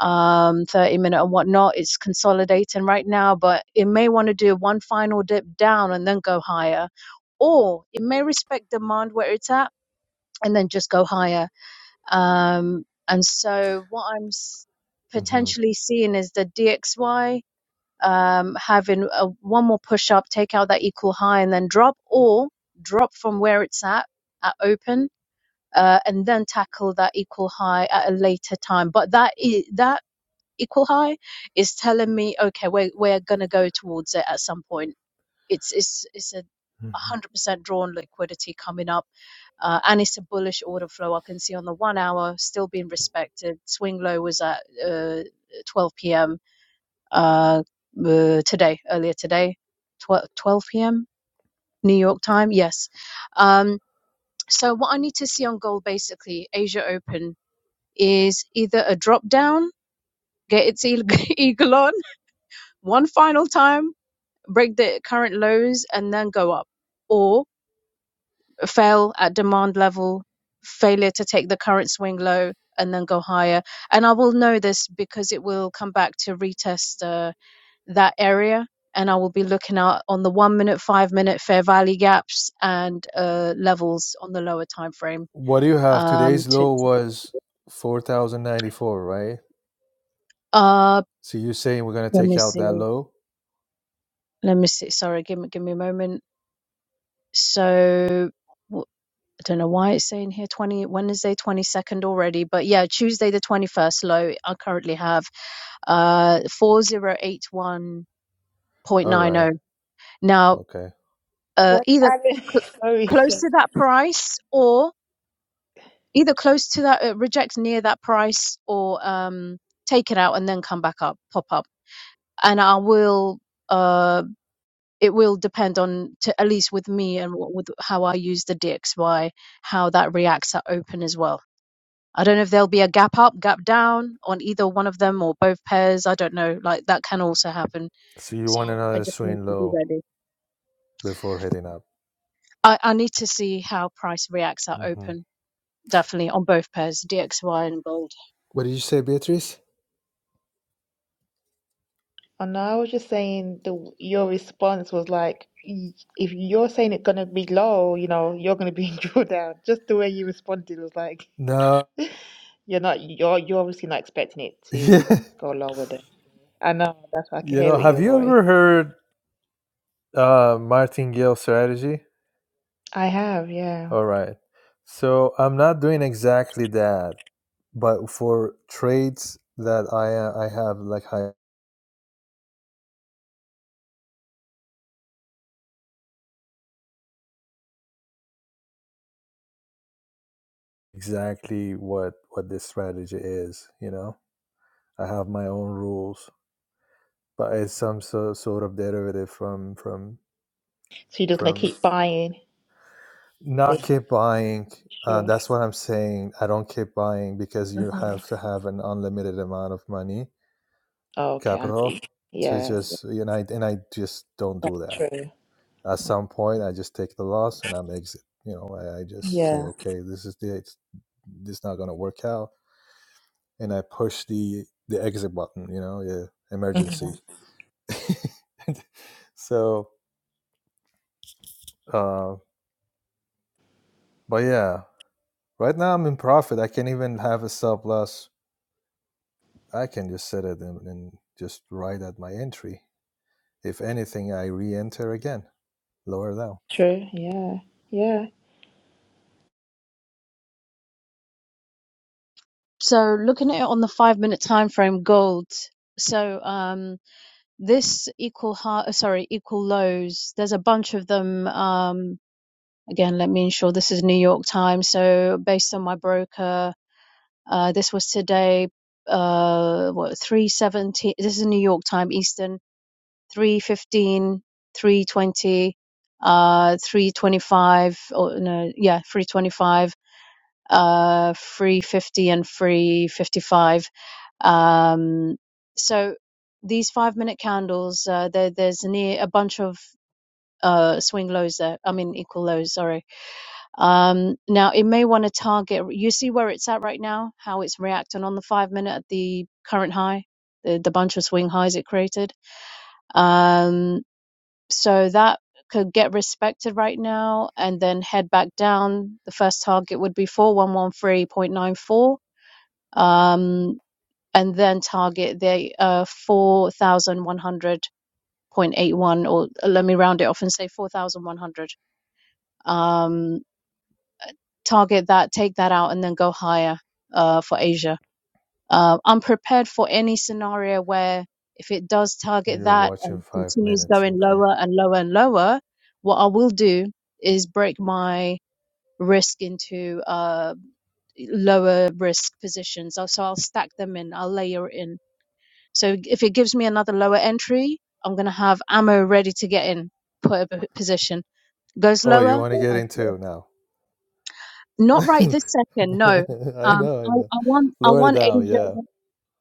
S3: um, 30 minute, and whatnot, it's consolidating right now, but it may want to do one final dip down and then go higher, or it may respect demand where it's at and then just go higher. Um, and so, what I'm s-
S7: hmm
S3: potentially seeing is the DXY um, having a, one more push up, take out that equal high, and then drop or drop from where it's at at open, uh, and then tackle that equal high at a later time. But that is, that equal high is telling me, okay, we're we're gonna go towards it at some point. It's it's it's a
S7: Mhm.
S3: 100% drawn liquidity coming up, uh, and it's a bullish order flow. I can see on the one hour still being respected. Swing low was at uh, 12 p.m uh, uh, today, earlier today, 12, p.m. New York time. Yes. Um, so what I need to see on gold, basically, Asia Open is either a drop down, get its eagle on one final time, break the current lows and then go up or fail at demand level, failure to take the current swing low and then go higher. And I will know this because it will come back to retest, uh, that area. And I will be looking out on the one minute, five minute fair value gaps and uh, levels on the lower time frame.
S7: What do you have?
S3: Um,
S7: Today's
S3: to
S7: low was 4,094, right?
S3: uh,
S7: So you're saying we're going to
S3: let
S7: take
S3: me
S7: out
S3: see,
S7: that low?
S3: let me see. Sorry, give me give me a moment. So wh- I don't know why it's saying here twenty Wednesday twenty second already, but yeah, Tuesday the twenty first low. I currently have uh 4081.90.
S7: All right.
S3: Now,
S7: okay.
S3: uh,
S5: What did
S3: either cl-
S5: Alex?
S3: close
S5: Sorry.
S3: to that price or either close to that uh, reject near that price or um take it out and then come back up pop up and i will uh it will depend on to at least with me and what, with how i use the dxy how that reacts at open as well i don't know if there'll be a gap up gap down on either one of them or both pairs i don't know like that can also happen
S7: So you
S3: so
S7: want
S3: i
S7: another
S3: just need
S7: swing
S3: to be
S7: low
S3: ready
S7: before heading up.
S3: i, I need to see how price reacts at
S7: hmm
S3: open definitely on both pairs dxy and gold
S7: What did you say, Beatrice?
S5: Oh no, I was just saying the your response was like y- if you're saying it's gonna be low, you know, you're gonna be in drawdown. Just the way you responded was like
S7: No,
S5: you're not you're you're obviously not expecting it to
S7: yeah,
S5: go lower than I know, that's why I can
S7: you know,
S5: hear it in
S7: have
S5: your
S7: you
S5: voice.
S7: ever heard uh, martingale strategy?
S5: I have, yeah.
S7: All right, so I'm not doing exactly that, but for trades that I uh, I have like I exactly what what this strategy is. You know, I have my own rules, but it's some so, sort of derivative from from
S5: So you're just gonna
S7: from
S5: keep buying,
S7: Not
S5: basically.
S7: keep buying. Uh,
S5: Sure.
S7: that's what I'm saying. I don't keep buying because you have to have an unlimited amount of money,
S5: Oh, okay, I know.
S7: capital, to
S5: Yeah,
S7: just you know. I, and I just don't
S5: that's
S7: do that.
S5: true.
S7: At some point, I just take the loss and I'm exit. You know, I, I just say,
S5: Yeah.
S7: okay, this is the it's, this is not gonna work out, and I push the the exit button. You know, yeah,
S5: hmm
S7: emergency. so, uh, but yeah, right now I'm in profit. I can't even have a stop loss I can just set it and, and just write at my entry. If anything, I re-enter again, lower down.
S5: True. Yeah. Yeah.
S3: So looking at it on the five-minute time frame, gold. So um, this equal high, sorry, equal lows. There's a bunch of them. Um, again, let me ensure this is New York time. So based on my broker, uh, this was today. Uh, what three seventeen? This is New York time, Eastern. Three fifteen, three twenty, uh, 325, or no, yeah, 325, uh, 350, and 355. Um, so these five minute candles, uh, there, there's near a bunch of uh, swing lows there. I mean, equal lows, sorry. Um, now, it may want to target, you see where it's at right now, how it's reacting on the five minute at the current high, the, the bunch of swing highs it created. Um, so that could get respected right now and then head back down. The first target would be 4113.94. Um, and then target the uh, 4100.81, or uh, let me round it off and say 4100. Um, target that, take that out, and then go higher uh, for Asia. Uh, I'm prepared for any scenario where if it does target
S7: You're
S3: that
S7: watching
S3: and
S7: five
S3: continues
S7: minutes,
S3: going
S7: okay.
S3: lower and lower and lower, what I will do is break my risk into uh, lower risk positions. Uh, So I'll stack them in, I'll layer it in. So if it gives me another lower entry, I'm going to have ammo ready to get in, put a p- position. Goes
S7: Oh, you
S3: lower,
S7: want to get into now?
S3: not right this second. No,
S7: I
S3: um,
S7: know, I
S3: I,
S7: know.
S3: I want I
S7: Lower
S3: want
S7: down,
S3: Asia.
S7: yeah.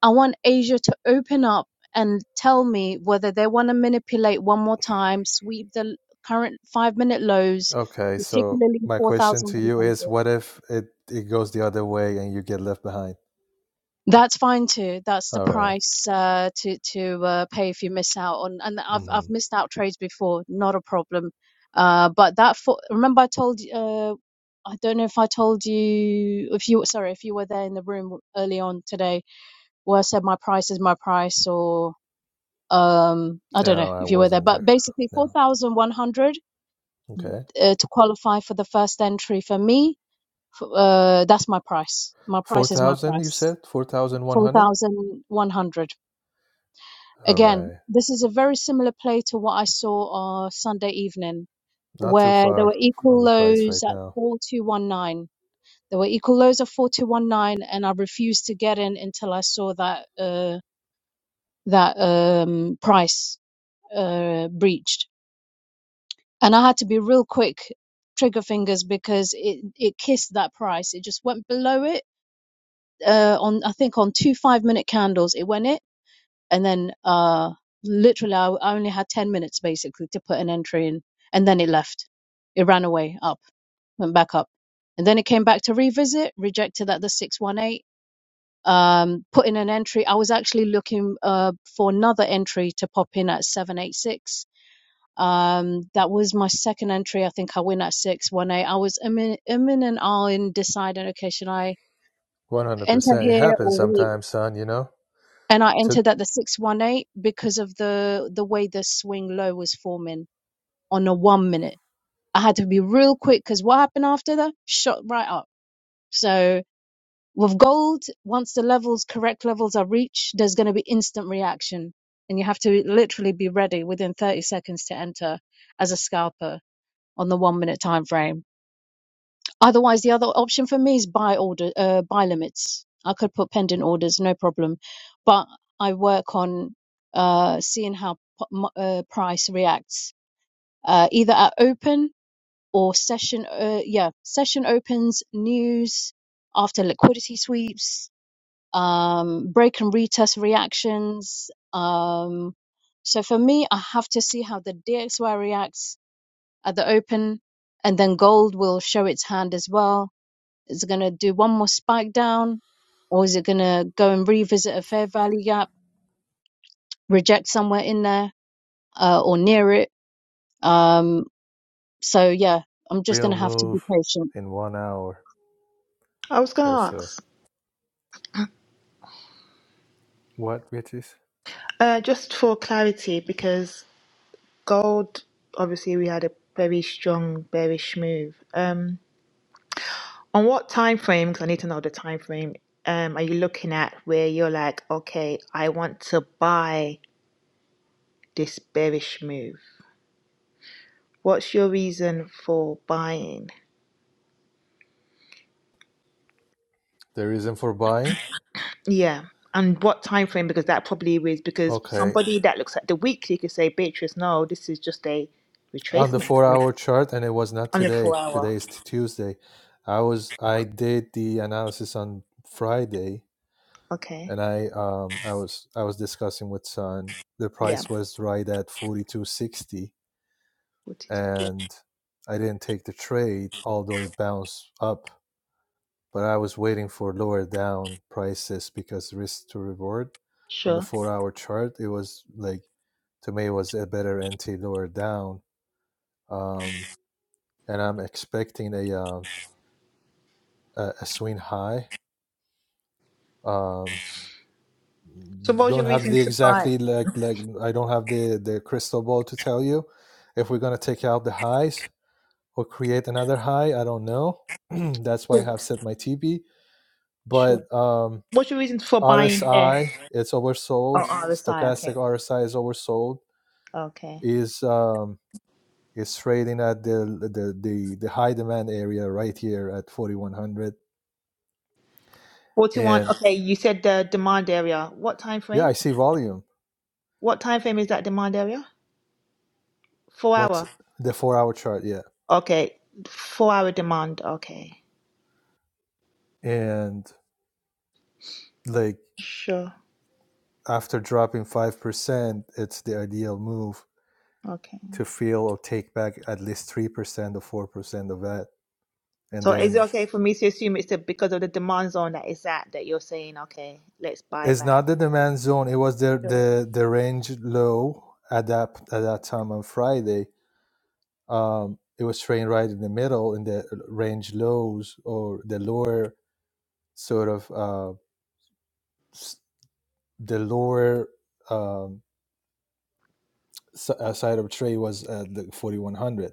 S3: I want Asia to open up and tell me whether they want to manipulate one more time, sweep the current five minute lows,
S7: Okay, so
S3: particularly
S7: my question to you
S3: 4,100.
S7: is: What if it it goes the other way and you get left behind?
S3: That's fine too. That's the
S7: All right.
S3: price uh, to to uh, pay if you miss out on. And I've I've
S7: Mm-hmm.
S3: missed out trades before, not a problem. Uh, but that for remember I told you, uh, I don't know if I told you if you sorry if you were there in the room early on today where I said my price is my price or um i don't know
S7: No, I
S3: if you were there
S7: wasn't
S3: but
S7: there.
S3: basically
S7: No.
S3: 4100
S7: Okay.
S3: uh, to qualify for the first entry for me f- uh that's my price my
S7: Four
S3: price is my
S7: thousand, you
S3: price
S7: said four thousand one hundred.
S3: 4100
S7: All
S3: again
S7: right.
S3: this is a very similar play to what i saw uh sunday evening
S7: Not too
S3: where there
S7: far
S3: were equal
S7: from the price
S3: lows
S7: right
S3: at
S7: now.
S3: 4219 there were equal lows of 4219 and i refused to get in until i saw that uh that um price uh breached and I had to be real quick trigger fingers because it it kissed that price. It just went below it uh, on I think on two five minute candles. It went it, and then uh, literally I, I only had ten minutes basically to put an entry in, and then it left. It ran away up, went back up, and then it came back to revisit, rejected at the six one eight. Um, put in an entry. I was actually looking uh, for another entry to pop in at 786 um, that was my second entry. I think I win at six, one eight. I was imminent. immin and all in deciding, okay, should I
S7: One hundred
S3: enter
S7: percent. It
S3: here
S7: happens
S3: or wait?
S7: sometimes, son. You know,
S3: And I
S7: to
S3: entered at the six one eight because of the the way the swing low was forming on a one minute. I had to be real quick because what happened after that? Shot right up. So with gold, once the levels, correct levels are reached, there's going to be instant reaction. And you have to literally be ready within 30 seconds to enter as a scalper on the one minute time frame Otherwise, the other option for me is buy order, uh, buy limits. I could put pending orders, no problem. But I work on uh, seeing how p- m- uh, price reacts, uh, either at open or session. Uh, yeah, session opens, news after liquidity sweeps, um, break and retest reactions. Um, so for me, I have to see how the DXY reacts at the open, and then gold will show its hand as well is it going to do one more spike down, or is it going to go and revisit a fair value gap, reject somewhere in there uh, or near it? Um, so yeah, I'm just going
S7: Real
S3: to have to be
S7: move
S3: patient.
S7: in one hour
S5: I was
S7: or
S5: gonna
S7: so.
S5: ask,
S7: What, which is?
S5: uh, just for clarity, because gold, obviously, we had a very strong bearish move. Um, on what time frame? Because I need to know the time frame. Um, are you looking at where you're like, okay, I want to buy this bearish move? What's your reason for buying?
S7: the reason for buying.
S5: Yeah. And what time frame? Because that probably is because
S7: Okay,
S5: somebody that looks at the weekly could say, Beatrice, no, this is just a
S7: on the
S5: retracement for me
S7: four-hour chart, and it was not
S5: on a four
S7: today.
S5: hour.
S7: Today is t- Tuesday. I was I did the analysis on Friday,
S5: Okay.
S7: and I um I was I was discussing with son. The
S5: Yeah.
S7: price was right at forty-two sixty,
S5: What is
S7: and I didn't take the trade, although it bounced up but I was waiting for lower down prices because risk to reward on the
S5: Sure.
S7: four hour chart, it was like to me it was a better NT lower down. Um, and I'm expecting a, um, a a swing high. Um,
S5: So what was your
S7: don't have
S5: reason
S7: the
S5: to buy?
S7: exactly like like I don't have the the crystal ball to tell you if we're gonna take out the highs or create another high. I don't know. That's why I
S5: So,
S7: have set my TB.
S5: sure.
S7: But um,
S5: What's your reason for buying here?
S7: RSI it's
S5: Oh,
S7: oversold.
S5: oh, the side. Okay.
S7: Stochastic RSI is oversold.
S5: Okay.
S7: Is um, is trading at the, the the the high demand area right here at 4100.
S5: 41.
S7: And
S5: Okay. You said the demand area. What time
S7: yeah, I
S5: frame?
S7: see volume.
S5: What time frame is that demand area? Four
S7: What's
S5: hour.
S7: the four hour chart? Yeah,
S5: Okay. Four hour demand. Okay.
S7: and like
S5: Sure.
S7: after dropping five percent, it's the ideal move
S5: Okay.
S7: to feel or take back at least three percent or four percent of that, and
S5: So is it
S7: then
S5: okay for me to assume it's the, because of the demand zone that it's at that you're saying, okay, let's buy
S7: It's
S5: back?
S7: not the demand zone. It was the
S5: Sure.
S7: the the range low at that at that time on Friday. Um, it was trading right in the middle in the range lows or the lower sort of uh, s- the lower um, s- uh, side of trade was at the 4100.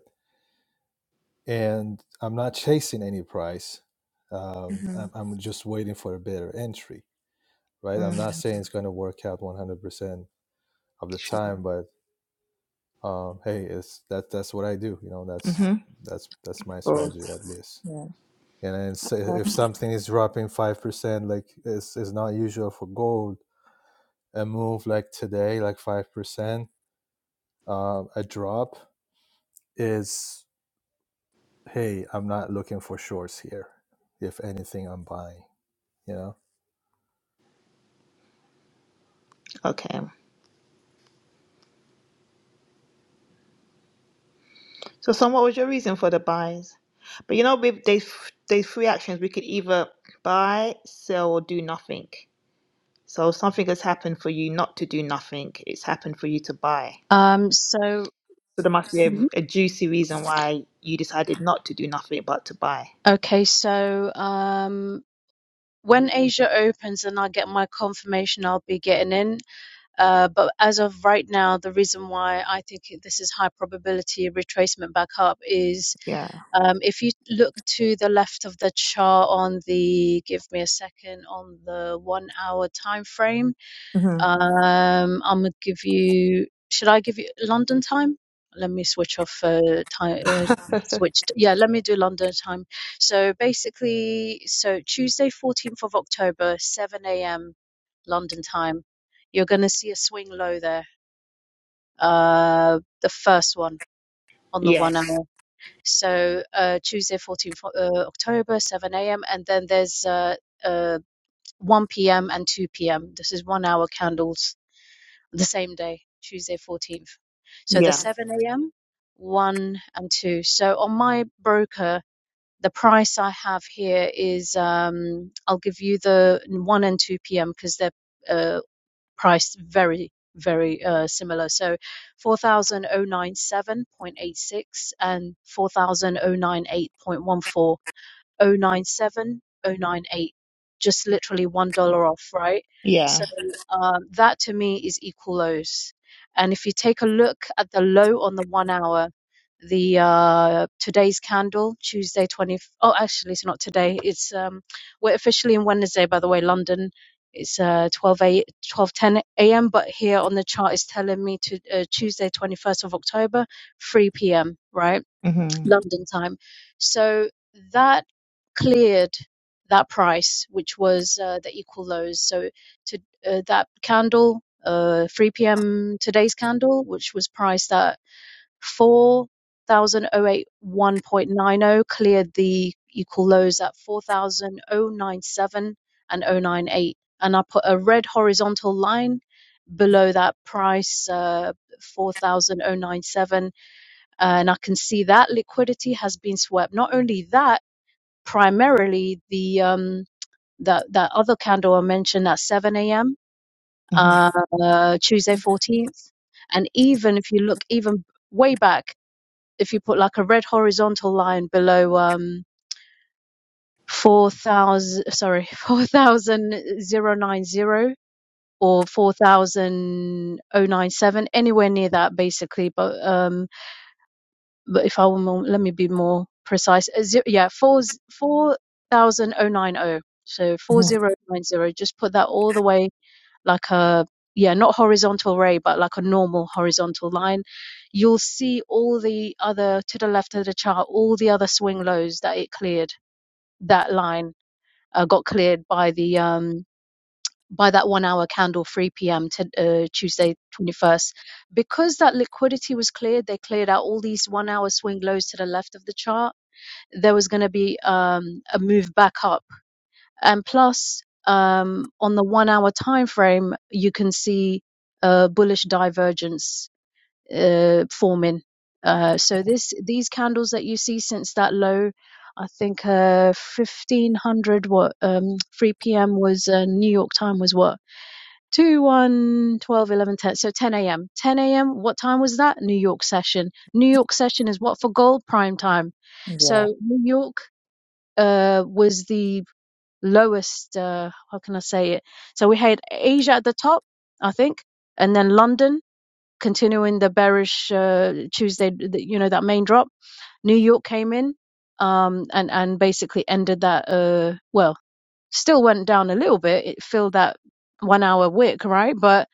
S7: And I'm not chasing any price. Um,
S5: hmm
S7: I'm, I'm just waiting for a better entry, right? I'm not
S5: Mm,
S7: saying it's going to work out 100% of the
S5: sure.
S7: time, but um, hey, it's that that's what I do. You know, that's
S5: hmm
S7: that's that's my
S5: Cool.
S7: strategy at least.
S5: Yeah.
S7: And then s- if something is dropping five percent, like it's it's not usual for gold, a move like today, like five percent, uh, a drop is hey, I'm not looking for shorts here. If anything, I'm buying. You know,
S5: Okay. So, son, what was your reason for the buys? But you know, with these these three actions, we could either buy, sell, or do nothing. So something has happened for you not to do nothing. It's happened for you to buy.
S3: Um, so
S5: So there must be a,
S3: Mhm.
S5: a juicy reason why you decided not to do nothing but to buy.
S3: okay, so um, when Asia opens and I get my confirmation, I'll be getting in. Uh, but as of right now, the reason why I think this is high probability retracement back up is
S5: Yeah.
S3: Um, if you look to the left of the chart on the, give me a second, on the one hour time frame,
S5: hmm
S3: um, I'm gonna give you, should I give you London time? Let me switch off uh, time. Uh, switched yeah let me do london time so basically so tuesday 14th of october 7 a.m london time you're going to see a swing low there uh the first one on the one
S5: Yes.
S3: hour so uh, Tuesday, 14th uh, October, 7 a.m. And then there's uh, uh, 1 p.m. and 2 p.m. This is one hour candles the same day, Tuesday, 14th. So the
S5: Yeah.
S3: 7 a.m., 1 and 2. So on my broker, the price I have here is um, I'll give you the 1 and 2 p.m. because they're uh, priced very, very uh, similar. So 4,097.86 and 4,098.14 oh nine seven, oh nine eight, just literally one dollar off, right?
S5: Yeah.
S3: So um, that to me is equal lows. And if you take a look at the low on the one hour, the uh, today's candle, Tuesday twenty. Oh, actually, it's not today. It's um, we're officially in Wednesday, by the way, London. It's uh 12:10 a.m. But here on the chart is telling me to uh, Tuesday 21st of October, 3 p.m. Right?
S5: Mm-hmm.
S3: London time. So that cleared that price, which was uh, the equal lows. So to uh, that candle, uh, 3 p.m. today's candle, which was priced at 4,081.90, cleared the equal lows at 4,097 and oh nine eight, And I put a red horizontal line below that price, uh, 4,097 uh, and I can see that liquidity has been swept. Not only that, primarily the um that that other candle I mentioned at 7 a.m. uh
S5: Mm-hmm.
S3: uh, Tuesday 14th, and even if you look even way back, if you put like a red horizontal line below um 4,000 sorry four thousand zero nine zero or four thousand oh nine seven, anywhere near that basically but um, but if I were more, let me be more precise. Uh, ze- yeah, four four thousand oh nine oh. So four
S5: Mm-hmm.
S3: zero nine zero. Just put that all the way like a yeah, not horizontal ray, but like a normal horizontal line. You'll see all the other to the left of the chart, all the other swing lows that it cleared. That line uh, got cleared by the um by that one hour candle, 3 p.m. to uh, Tuesday 21st. Because that liquidity was cleared, they cleared out all these one hour swing lows to the left of the chart. There was going to be um, a move back up. And plus, um, on the one hour time frame, you can see a bullish divergence uh, forming. Uh, so this these candles that you see since that low, I think uh, 1500 what um, 3 p.m. was uh, New York time was what 2, one, 12, 11, 10. So 10 a.m. 10 a.m. What time was that? New York session. New York session is what for gold prime time.
S5: Yeah.
S3: So New York uh, was the lowest, uh, how can I say it? So we had Asia at the top, I think, and then London continuing the bearish uh, Tuesday, the- you know, that main drop. New York came in um, and and basically ended that. Uh, well, still went down a little bit. It filled that one hour wick, right? But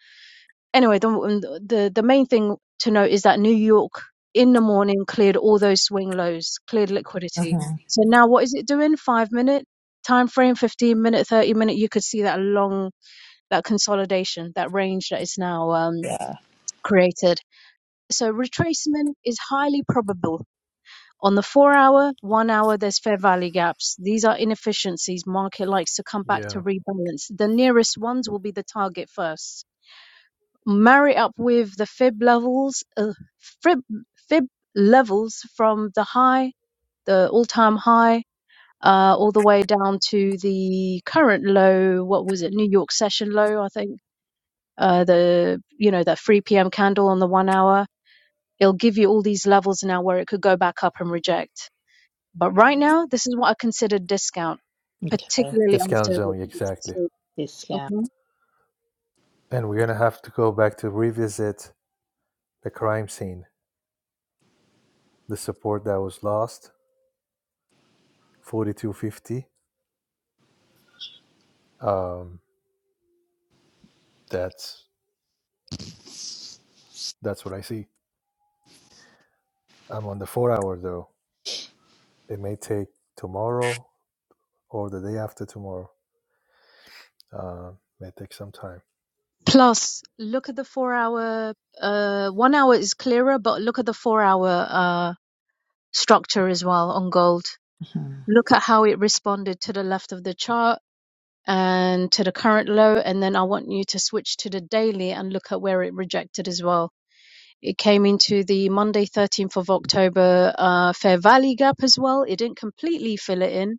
S3: anyway, the um, the the main thing to note is that New York in the morning cleared all those swing lows, cleared liquidity.
S5: Mm-hmm.
S3: So now what is it doing? Five minute time frame, fifteen minute, thirty minute. You could see that long that consolidation, that range that is now um,
S5: Yeah.
S3: created. So retracement is highly probable. On the four hour, one hour, there's fair value gaps. These are inefficiencies. Market likes to come back to
S7: Yeah.
S3: rebalance. The nearest ones will be the target first marry up with the Fib levels, uh, Fib Fib levels from the high, the all-time high, uh, all the way down to the current low. What was it? New York session low, I think. Uh, the you know that 3 p.m. candle on the one hour. It'll give you all these levels now where it could go back up and reject. But right now, this is what I consider discount,
S5: Okay.
S3: particularly
S7: discount
S3: after
S7: zone exactly.
S5: This. Yeah.
S3: the
S7: And we're gonna have to go back to revisit the crime scene, the support that was lost, forty two fifty. Um, That's that's what I see. I'm on the four hour though. It may take tomorrow or the day after tomorrow. Uh, may take some time.
S3: Plus, look at the four hour, uh, one hour is clearer, but look at the four hour uh, structure as well on gold.
S5: Mm-hmm.
S3: Look at how it responded to the left of the chart and to the current low. And then I want you to switch to the daily and look at where it rejected as well. It came into the Monday, 13th of October uh, Fair Valley gap as well. It didn't completely fill it in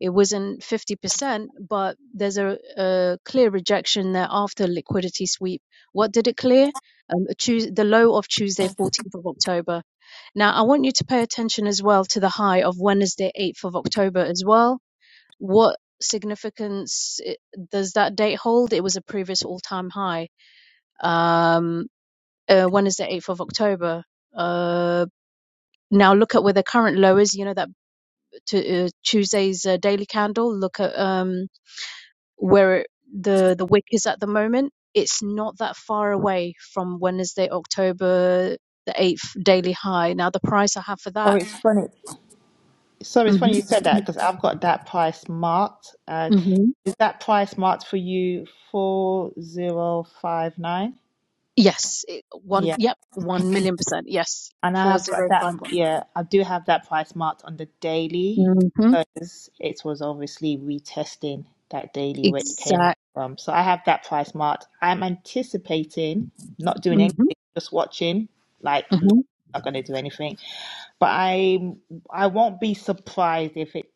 S3: it wasn't 50%, but there's a, a clear rejection there after liquidity sweep. What did it clear? Um, Tues the low of Tuesday, 14th of October. Now, I want you to pay attention as well to the high of Wednesday, 8th of October as well. What significance does that date hold? It was a previous all-time high. Um, uh, Wednesday, 8th of October. Uh, now look at where the current low is. You know that to, uh, Tuesday's uh, daily candle. Look at um, where the the wick is at the moment it's not that far away from wednesday october the 8th daily high now the price i have for
S5: Oh,
S3: that
S5: it's funny. Sorry, it's
S3: hmm
S5: funny you said that because I've got that price marked. Uh,
S3: hmm
S5: is that price marked for you? Four zero five nine.
S3: yes it, one
S5: Yeah.
S3: yep 1 million percent yes
S5: And I have got that,
S3: 4051
S5: yeah, I do have that price marked on the daily
S3: mm-hmm.
S5: because it was obviously retesting that daily where it came out
S3: exact
S5: from. So I have that price marked. I'm anticipating not doing anything,
S3: mm-hmm.
S5: just watching, like
S3: Mm-hmm.
S5: not going to do anything. But I I won't be surprised if it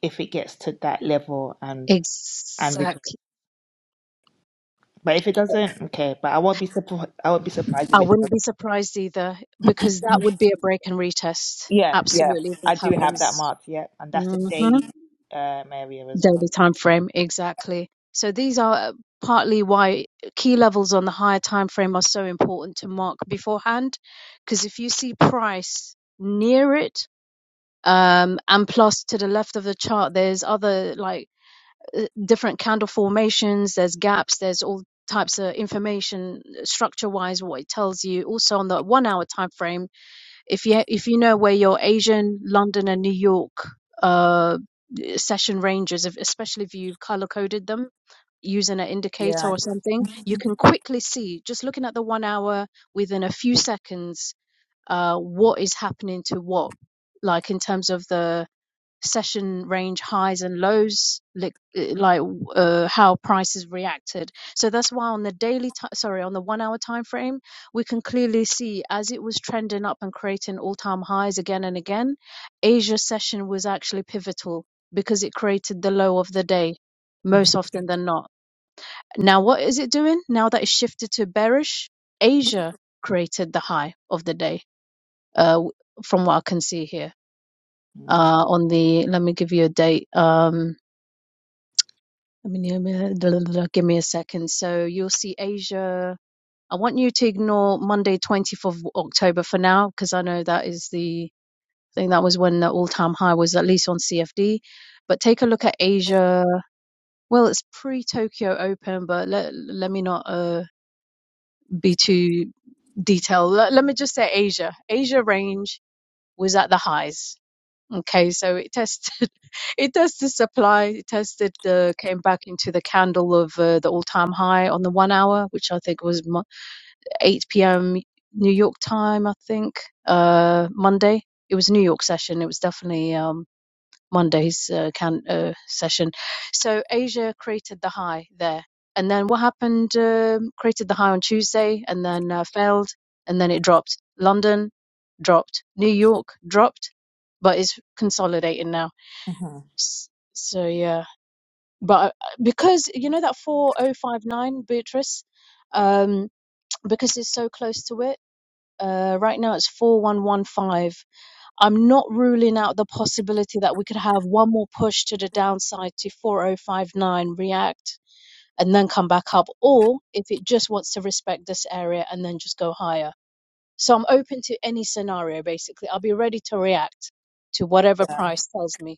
S5: if it gets to that level and and re-
S3: exactly
S5: but if it doesn't, okay. But I won't be surprised. I won't be surprised
S3: i
S5: if it.
S3: wouldn't be surprised either because that would be a break and retest
S5: Yeah, yeah.
S3: absolutely if
S5: I
S3: it
S5: do have that
S3: happens
S5: marked, yeah. And that's the daily um, area as well.
S3: daily time frame exactly so these are uh, partly why key levels on the higher time frame are so important to mark beforehand because if you see price near it um and plus to the left of the chart there's other like uh, different candle formations there's gaps there's all types of information structure wise what it tells you also on the 1 hour time frame if you if you know where your asian london and new york uh, session ranges, especially if you color coded them using an indicator
S5: Yeah.
S3: or something, you can quickly see just looking at the one hour within a few seconds uh, what is happening to what, like in terms of the session range highs and lows, like uh, like uh, how prices reacted. So that's why on the daily ti sorry, on the one hour time frame, we can clearly see as it was trending up and creating all time highs again and again, Asia session was actually pivotal because it created the low of the day most often than not. Now what is it doing? Now that it's shifted to bearish, Asia created the high of the day. Uh, from what I can see here
S5: Mhm.
S3: uh, on the let me give you a date um let me give me a second so you'll see asia i want you to ignore monday 24th of october for now because i know that is the I think that was when the all-time high was at least on cfd but take a look at asia well it's pre-tokyo open but let, let me not uh, be too detailed let, let me just say asia asia range was at the highs Okay, so it tested, it tested supply, it tested the came back into the candle of uh, the all-time high on the one hour, which I think was mo- 8 p.m. New York time, I think, uh, Monday. It was New York session. It was definitely um, Monday's uh, can, uh, session. So Asia created the high there. And then what happened? Um, created the high on Tuesday and then uh, failed. And then it dropped. London dropped. New York dropped, but it's consolidating now.
S5: Mhm.
S3: S- So yeah. But uh, because you know that 4059 Beatrice, um, because it's so close to it, uh, right now it's 4115 I'm not ruling out the possibility that we could have one more push to the downside to 4059 react and then come back up, or if it just wants to respect this area and then just go higher. So I'm open to any scenario basically. I'll be ready to react to whatever price tells me.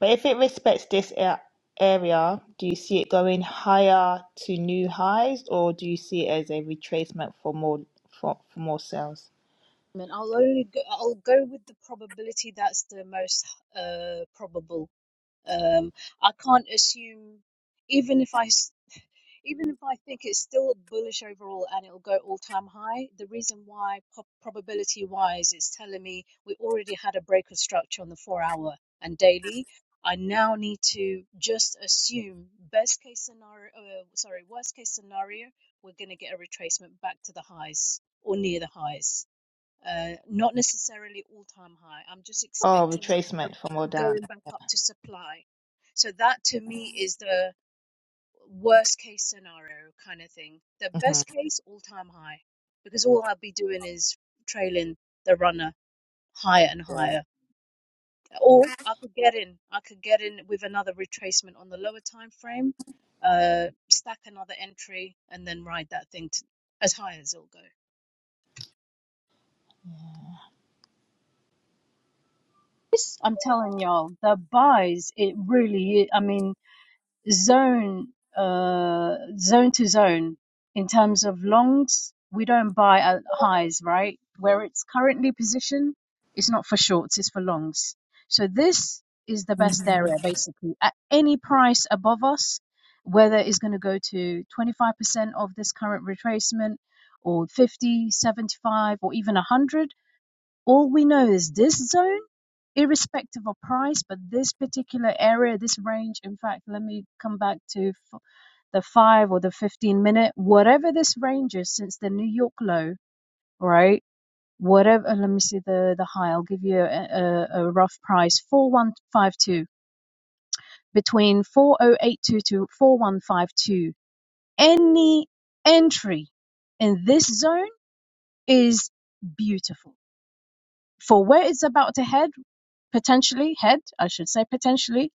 S5: But if it respects this a- area, do you see it going higher to new highs or do you see it as a retracement for more for, for more sales?
S3: I mean, I'll only go, I'll go with the probability that's the most uh, probable. Um, I can't assume, even if I s- even if I think it's still bullish overall and it'll go all time high, the reason why probability wise it's telling me we already had a break of structure on the four hour and daily. I now need to just assume best case scenario, uh, sorry, worst case scenario, we're going to get a retracement back to the highs or near the highs. Uh, not necessarily all time high. I'm just
S5: Oh,
S3: expecting a
S5: retracement for more down.
S3: going back up to supply. So that to me is the worst case scenario kind of thing. The
S5: hmm
S3: best case, all time high, because all I'd be doing is trailing the runner higher and higher. Or I could get in. I could get in with another retracement on the lower time frame, uh, stack another entry, and then ride that thing to, as high as it'll go. This, I'm telling y'all, the buys, it really, I mean, zone uh zone to zone in terms of longs we don't buy at highs right where it's currently positioned it's not for shorts it's for longs so this is the best
S5: hmm
S3: area basically at any price above us whether it's going to go to 25% of this current retracement or 50 75 or even 100 all we know is this zone, irrespective of price, but this particular area, this range, in fact, let me come back to f- the five or the 15 minute, whatever this range is, since the New York low, right? Whatever, uh, let me see the, the high, I'll give you a, a, a rough price 4152, between 4082 to 4152. Any entry in this zone is beautiful. For where it's about to head, potentially head, I should say potentially.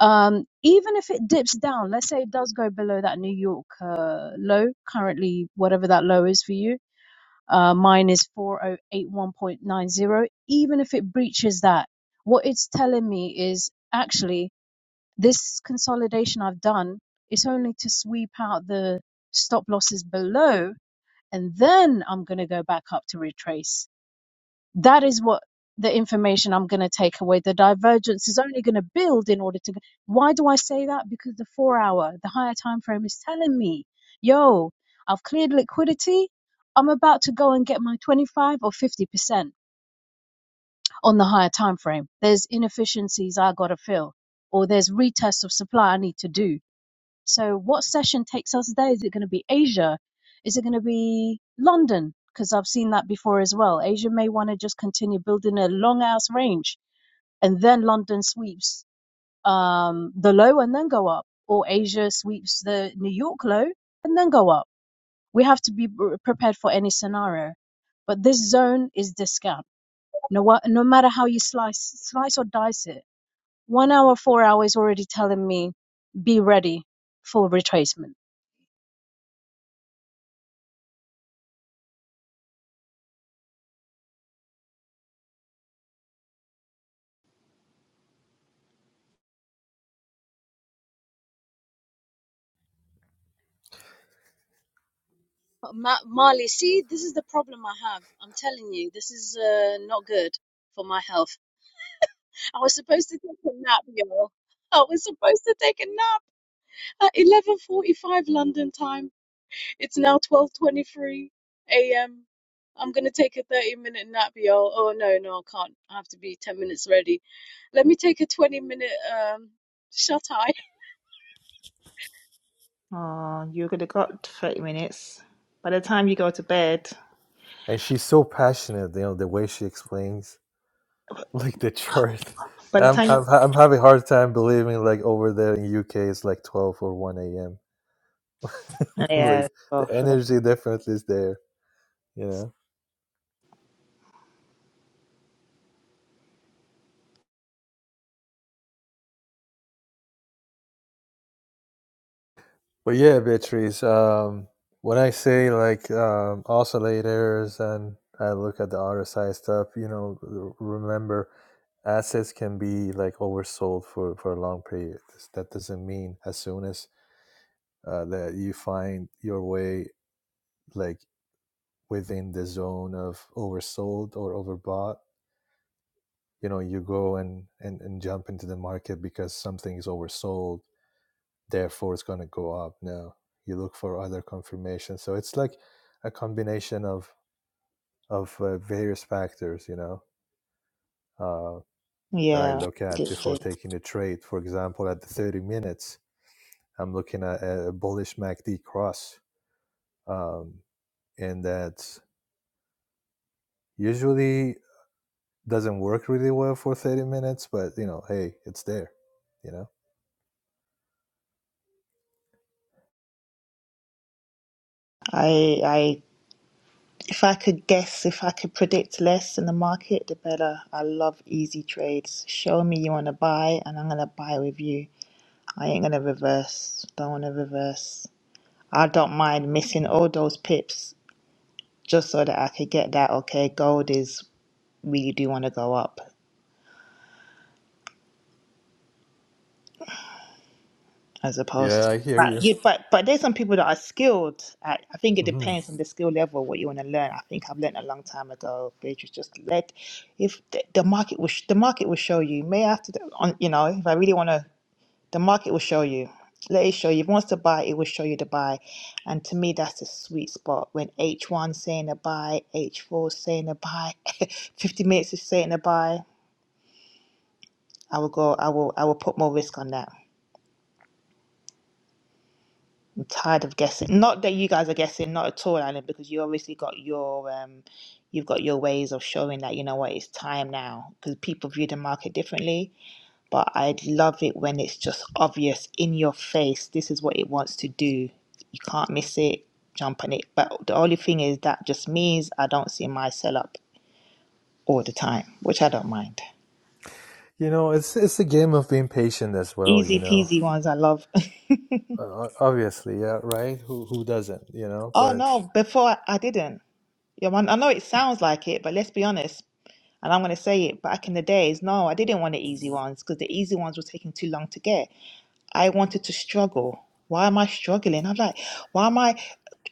S3: Um, even if it dips down, let's say it does go below that New York uh, low, currently whatever that low is for you, uh, mine is 4081.90. Even if it breaches that, what it's telling me is actually this consolidation I've done is only to sweep out the stop losses below, and then I'm going to go back up to retrace that is what the information I'm going to take away. The divergence is only going to build in order to. Why do I say that? Because the four hour, the higher time frame is telling me, yo, I've cleared liquidity. I'm about to go and get my 25 or 50% on the higher time frame. There's inefficiencies I got to fill, or there's retests of supply I need to do so what session takes us there? Is it going to be Asia? Is it going to be London? Because I've seen that before as well. Asia may want to just continue building a long ass range and then London sweeps um, the low and then go up, or Asia sweeps the New York low and then go up. We have to be pr- prepared for any scenario. But this zone is discount. No, wa- no matter how you slice, slice or dice it, one hour, four hours already telling me be ready for retracement. Uh, Ma- Marley, see, this is the problem I have. I'm telling you, this is uh, not good for my health. I was supposed to take a nap, y'all. I was supposed to take a nap at 11:45 London time. It's now 12:23 a.m. I'm gonna take a 30 minute nap, y'all. Oh no, no, I can't. I have to be 10 minutes ready. Let me take a 20 minute um shut eye.
S5: Oh, you're gonna got 30 minutes. By the time you go to bed,
S7: And she's so passionate. You know the way she explains like the chart.
S5: by the
S7: I'm
S5: time you...
S7: I'm ha- I'm having a hard time believing like over there in UK it's like twelve or one a.m. like
S5: Yeah, go
S7: the
S5: for it.
S7: energy definitely is there. You know. But yeah, Beatrice, um, when I say like um, oscillators and I look at the RSI stuff, you know, r- remember assets can be like oversold for, for a long period. That doesn't mean as soon as uh, that you find your way like within the zone of oversold or overbought, you know, you go and, and, and jump into the market because something is oversold therefore it's going to go up no you look for other confirmation so it's like a combination of of uh, various factors you know uh, that i
S5: Yeah,
S7: look
S5: I
S7: at
S5: get
S7: before
S5: it.
S7: taking a trade for example at the 30 minutes i'm looking at a bullish macd cross um, and that usually doesn't work really well for 30 minutes but you know hey it's there you know
S5: I If I could guess, if I could predict less in the market, the better. I love easy trades. Show me you want to buy, and I'm going to buy with you. I ain't going to reverse. Don't want to reverse. I don't mind missing all those pips just so that I could get that, okay, gold is, we do want to go up. as
S7: yeah
S5: opposed.
S7: i hear
S5: But
S7: you
S5: you, but but there's some people that are skilled. At, I think it
S7: hmm
S5: depends on the skill level what you want to learn. I think I've learned a long time ago. Beatrice, just let if the, the market will sh- the market will show you. May after the, on you know if I really want to, the market will show you. Let it show you. If it wants to buy, it will show you to buy. And to me, that's the sweet spot when H one saying a buy, H four saying a buy, fifty minutes is saying a buy. I will go. I will. I will put more risk on that. tired of guessing. Not that you guys are guessing, not at all, Alan, because you obviously got your um, you've got your ways of showing that you know what it's time now because people view the market differently. But I love it when it's just obvious in your face. This is what it wants to do. You can't miss it. Jump on it. But the only thing is that just means I don't see my sell up all the time, which I don't mind.
S7: you know it's it's a game of being patient as well you
S5: Easy
S7: know
S5: peasy ones I love.
S7: Uh, obviously, yeah, right? Who who doesn't, you know?
S5: oh
S7: But
S5: no, before I, I didn't. Yeah, man, I know it sounds like it, but let's be honest. And I'm going to say it back in the days, no, I didn't want the easy ones because the easy ones were taking too long to get. I wanted to struggle. Why am I struggling? I'm like, why am I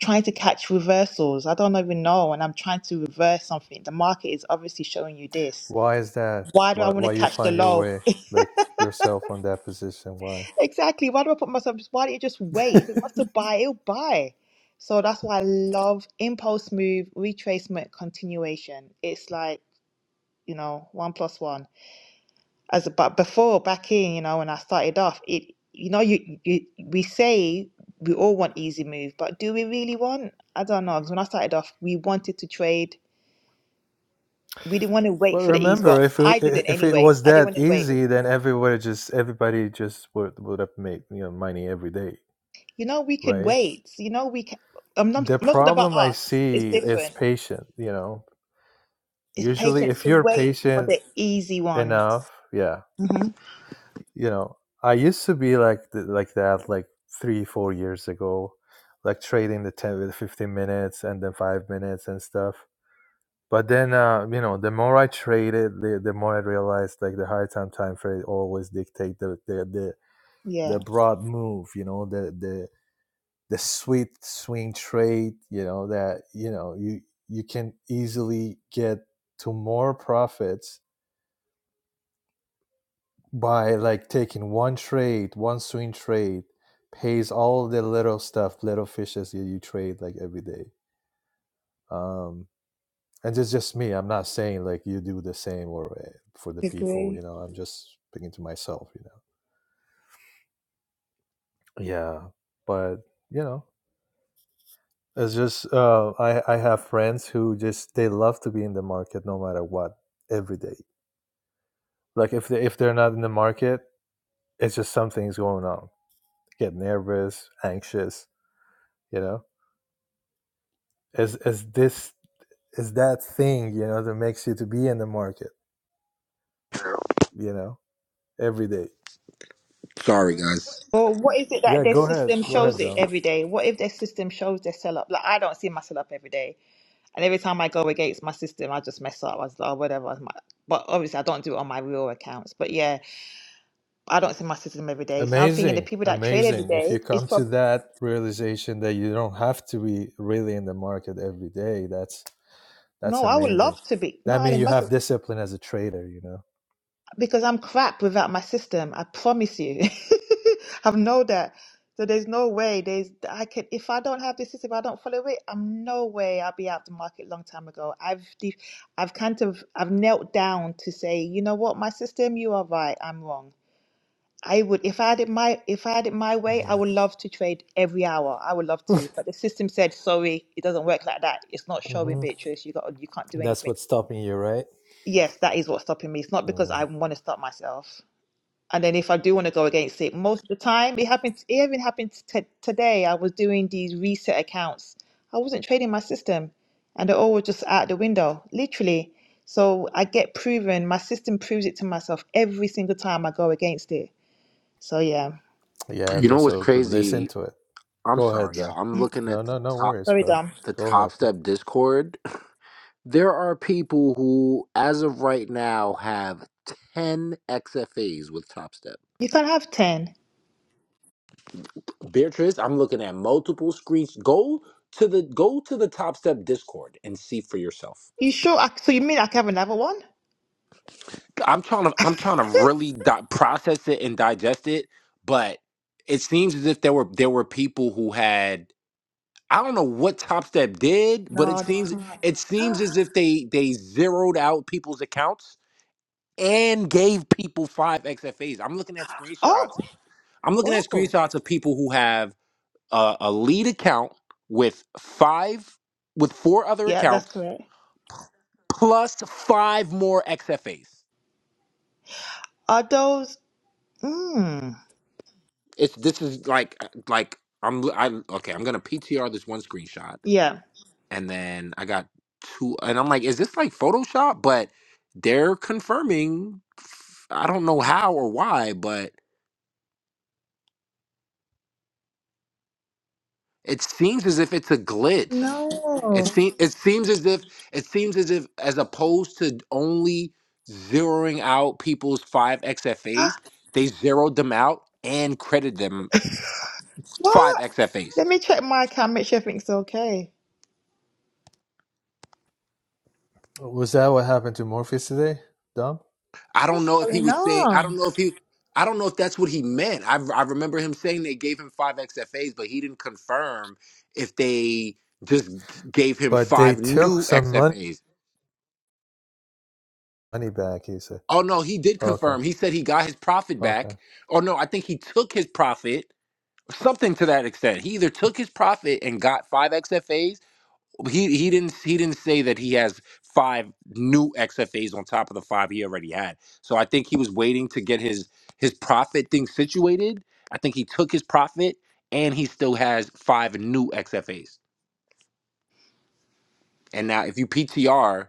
S5: trying to catch reversals? I don't even know. And I'm trying to reverse something. The market is obviously showing you this.
S7: why is that?
S5: Why do I
S7: Why
S5: want
S7: why
S5: to
S7: you
S5: catch the
S7: find your
S5: low?
S7: way like yourself on that position? Why?
S5: Exactly. Why do I put myself? Why don't you just wait? If it wants to buy, it'll buy. So that's why I love impulse move, retracement, continuation. It's like, you know, one plus one. as but before back in you know when i started off it you know you, you we say we all want easy move but do we really want i don't know because when i started off we wanted to trade we didn't want to wait
S7: But
S5: for the ease
S7: remember,
S5: well
S7: if it
S5: i didn't
S7: if it
S5: anyway
S7: was
S5: i didn't
S7: that
S5: want to wait
S7: easy, then everywhere just everybody just would would have made you know money every day,
S5: you know we could
S7: right?
S5: wait you know we can i'm not,
S7: The
S5: I'm not talking about
S7: problem I
S5: us it's
S7: see is
S5: different
S7: patient. You know,
S5: it's
S7: usually if
S5: patience to
S7: you're
S5: wait for
S7: patient
S5: the easy ones
S7: enough, yeah,
S5: hmm
S7: you know i used to be like th- like that like three four years ago like trading the 10 with 15 minutes and then five minutes and stuff but then uh, you know the more i traded the, the more i realized like the higher time time frame always dictate the the, the the
S5: yeah
S7: broad move you know the the the sweet swing trade you know that you know you you can easily get to more profits by like taking one trade, one swing trade, pays all the little stuff, little fishes that you trade like every day. Um, and it's just me. I'm not saying like you do the same or uh, for the people. You
S5: agree
S7: know, I'm just speaking to myself. You know. Yeah, but you know, it's just uh, I I have friends who just they love to be in the market no matter what every day. Like if they if they're not in the market, it's just something's going on. Get nervous, anxious. You know as as this as that thing you know that makes you to be in the market you know every day
S6: Sorry, guys.
S5: or what is it that
S7: yeah
S5: their
S7: go ahead
S5: system
S7: go
S5: shows
S7: ahead
S5: it
S7: dom
S5: every day? What if their system shows their sell up? Like I don't see my sell up every day. And every time I go against my system, I just mess up. I was like, oh, whatever. it's My... But obviously, I don't do it on my real accounts. But yeah, I don't see my system every day. So I'm thinking the
S7: amazing
S5: people that trade every
S7: amazing
S5: day
S7: if you
S5: is
S7: come to
S5: probably.
S7: that realization that you don't have to be really in the market every day that's that's
S5: No, I would
S7: amazing
S5: love to be. No,
S7: that means
S5: Alan,
S7: you have
S5: that's-
S7: discipline as a trader you know
S5: because I'm crap without my system. I promise you. I know that. So there's no way. There's I could if I don't have this system, I don't follow it. I'm no way. I'll be out the market long time ago. I've de- I've kind of I've knelt down to say, you know what, my system, you are right. I'm wrong. I would if I had it my if I had it my way, I
S7: yeah
S5: would love to trade every hour. I would love to. But the system said, sorry, it doesn't work like that. It's not showing
S7: mm-hmm.
S5: Beatrice. You got you can't do
S7: That's
S5: anything.
S7: what's stopping you, right?
S5: Yes, that is what's stopping me. It's not because I
S7: Mm.
S5: want to stop myself. And then if I do want to go against it, most of the time it happens it even happened t- today. I was doing these reset accounts. I wasn't trading my system. And they're all just out the window, literally. So I get proven, my system proves it to myself every single time I go against it. So yeah.
S7: Yeah,
S6: You
S7: th-
S6: know what's
S7: so to listen
S6: crazy?
S7: to it.
S6: I'm
S7: Go ahead,
S6: sorry, y'all.
S7: though.
S6: I'm looking
S7: No,
S6: at
S7: no,
S6: the
S7: no
S6: top
S7: worries,
S5: Sorry,
S7: bro.
S5: Dom.
S6: the
S7: Go ahead.
S6: top
S7: Man.
S6: step Discord. There are people who, as of right now, have ten XFAs with Top Step.
S5: You can't have 10.
S6: Beatrice, I'm looking at multiple screens. Go to the go to the Top Step Discord and see for yourself.
S5: You sure? I, so you mean I can have another one?
S6: I'm trying to I'm trying to really di- process it and digest it, but it seems as if there were there were people who had I don't know what Top Step did, but it
S5: No, they
S6: seems
S5: can't.
S6: it seems as if they they zeroed out people's accounts and gave people five XFAs. I'm looking at screenshots.
S5: Oh,
S6: I'm looking at
S5: oh.
S6: screenshots of people who have a, a lead account with five with four other
S5: Yeah, that's
S6: accounts
S5: correct.
S6: plus five more XFAs.
S5: Are those, mm,
S6: It's this is like uh, like I'm i okay. I'm gonna PTR this one screenshot,
S5: yeah.
S6: and then I got two, and I'm like, is this like Photoshop? But they're confirming. I don't know how or why, but it seems as if it's a glitch.
S5: No.
S6: It seems it seems as if it seems as if as opposed to only zeroing out people's five XFAs,
S5: Ah,
S6: they zeroed them out and credited them five
S5: What?
S6: XFAs.
S5: Let me check my account, make sure everything's okay.
S7: Was that what happened to Morpheus today, Dom?
S6: I don't
S5: What's
S6: know if he
S5: going
S6: was saying. I don't
S5: on?
S6: know if he. I don't know if that's what he meant. I I remember him saying they gave him five XFAs, but he didn't confirm if they just gave him
S7: But they
S6: five
S7: took
S6: new
S7: some money,
S6: XFAs.
S7: money back, he said.
S6: Oh no, he did
S7: Okay,
S6: confirm. He said he got his profit
S7: okay.
S6: back. Oh no, I think he took his profit, something to that extent. He either took his profit and got five XFAs, he he didn't he didn't say that he has five new XFAs on top of the five he already had. So I think he was waiting to get his his profit thing situated. I think he took his profit and he still has five new XFAs. And now if you PTR,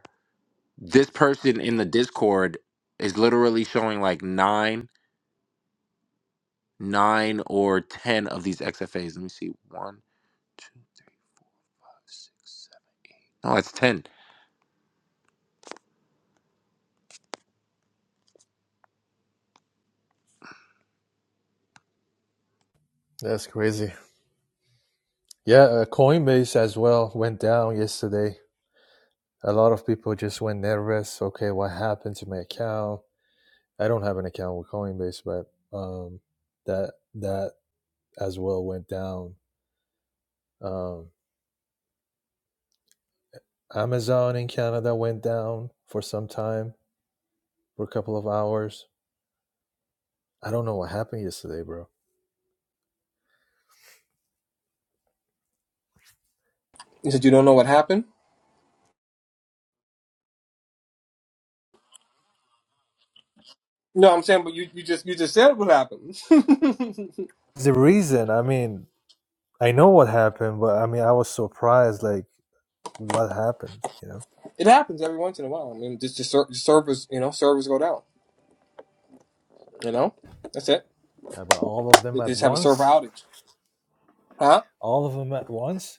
S6: this person in the Discord is literally showing like nine, nine or ten of these XFAs. Let me see. One, two, three, four, five, six, seven. No, that's ten.
S7: That's crazy. Yeah, uh, Coinbase as well went down yesterday. A lot of people just went nervous. Okay, what happened to my account? I don't have an account with Coinbase, but um, that that as well went down. Um, Amazon in Canada went down for some time, for a couple of hours. I don't know what happened yesterday, bro.
S2: You said you don't know what happened. No, I'm saying, but you, you just you just said what happened.
S7: The reason, I mean, I know what happened, but I mean, I was surprised, like, what happened, you know?
S2: it happens every once in a while. I mean, just just ser- servers, you know, servers go down. You know, that's it.
S7: Yeah, but all of
S2: They
S7: them
S2: they
S7: at
S2: just have a server
S7: once,
S2: outage, huh?
S7: all of them at once,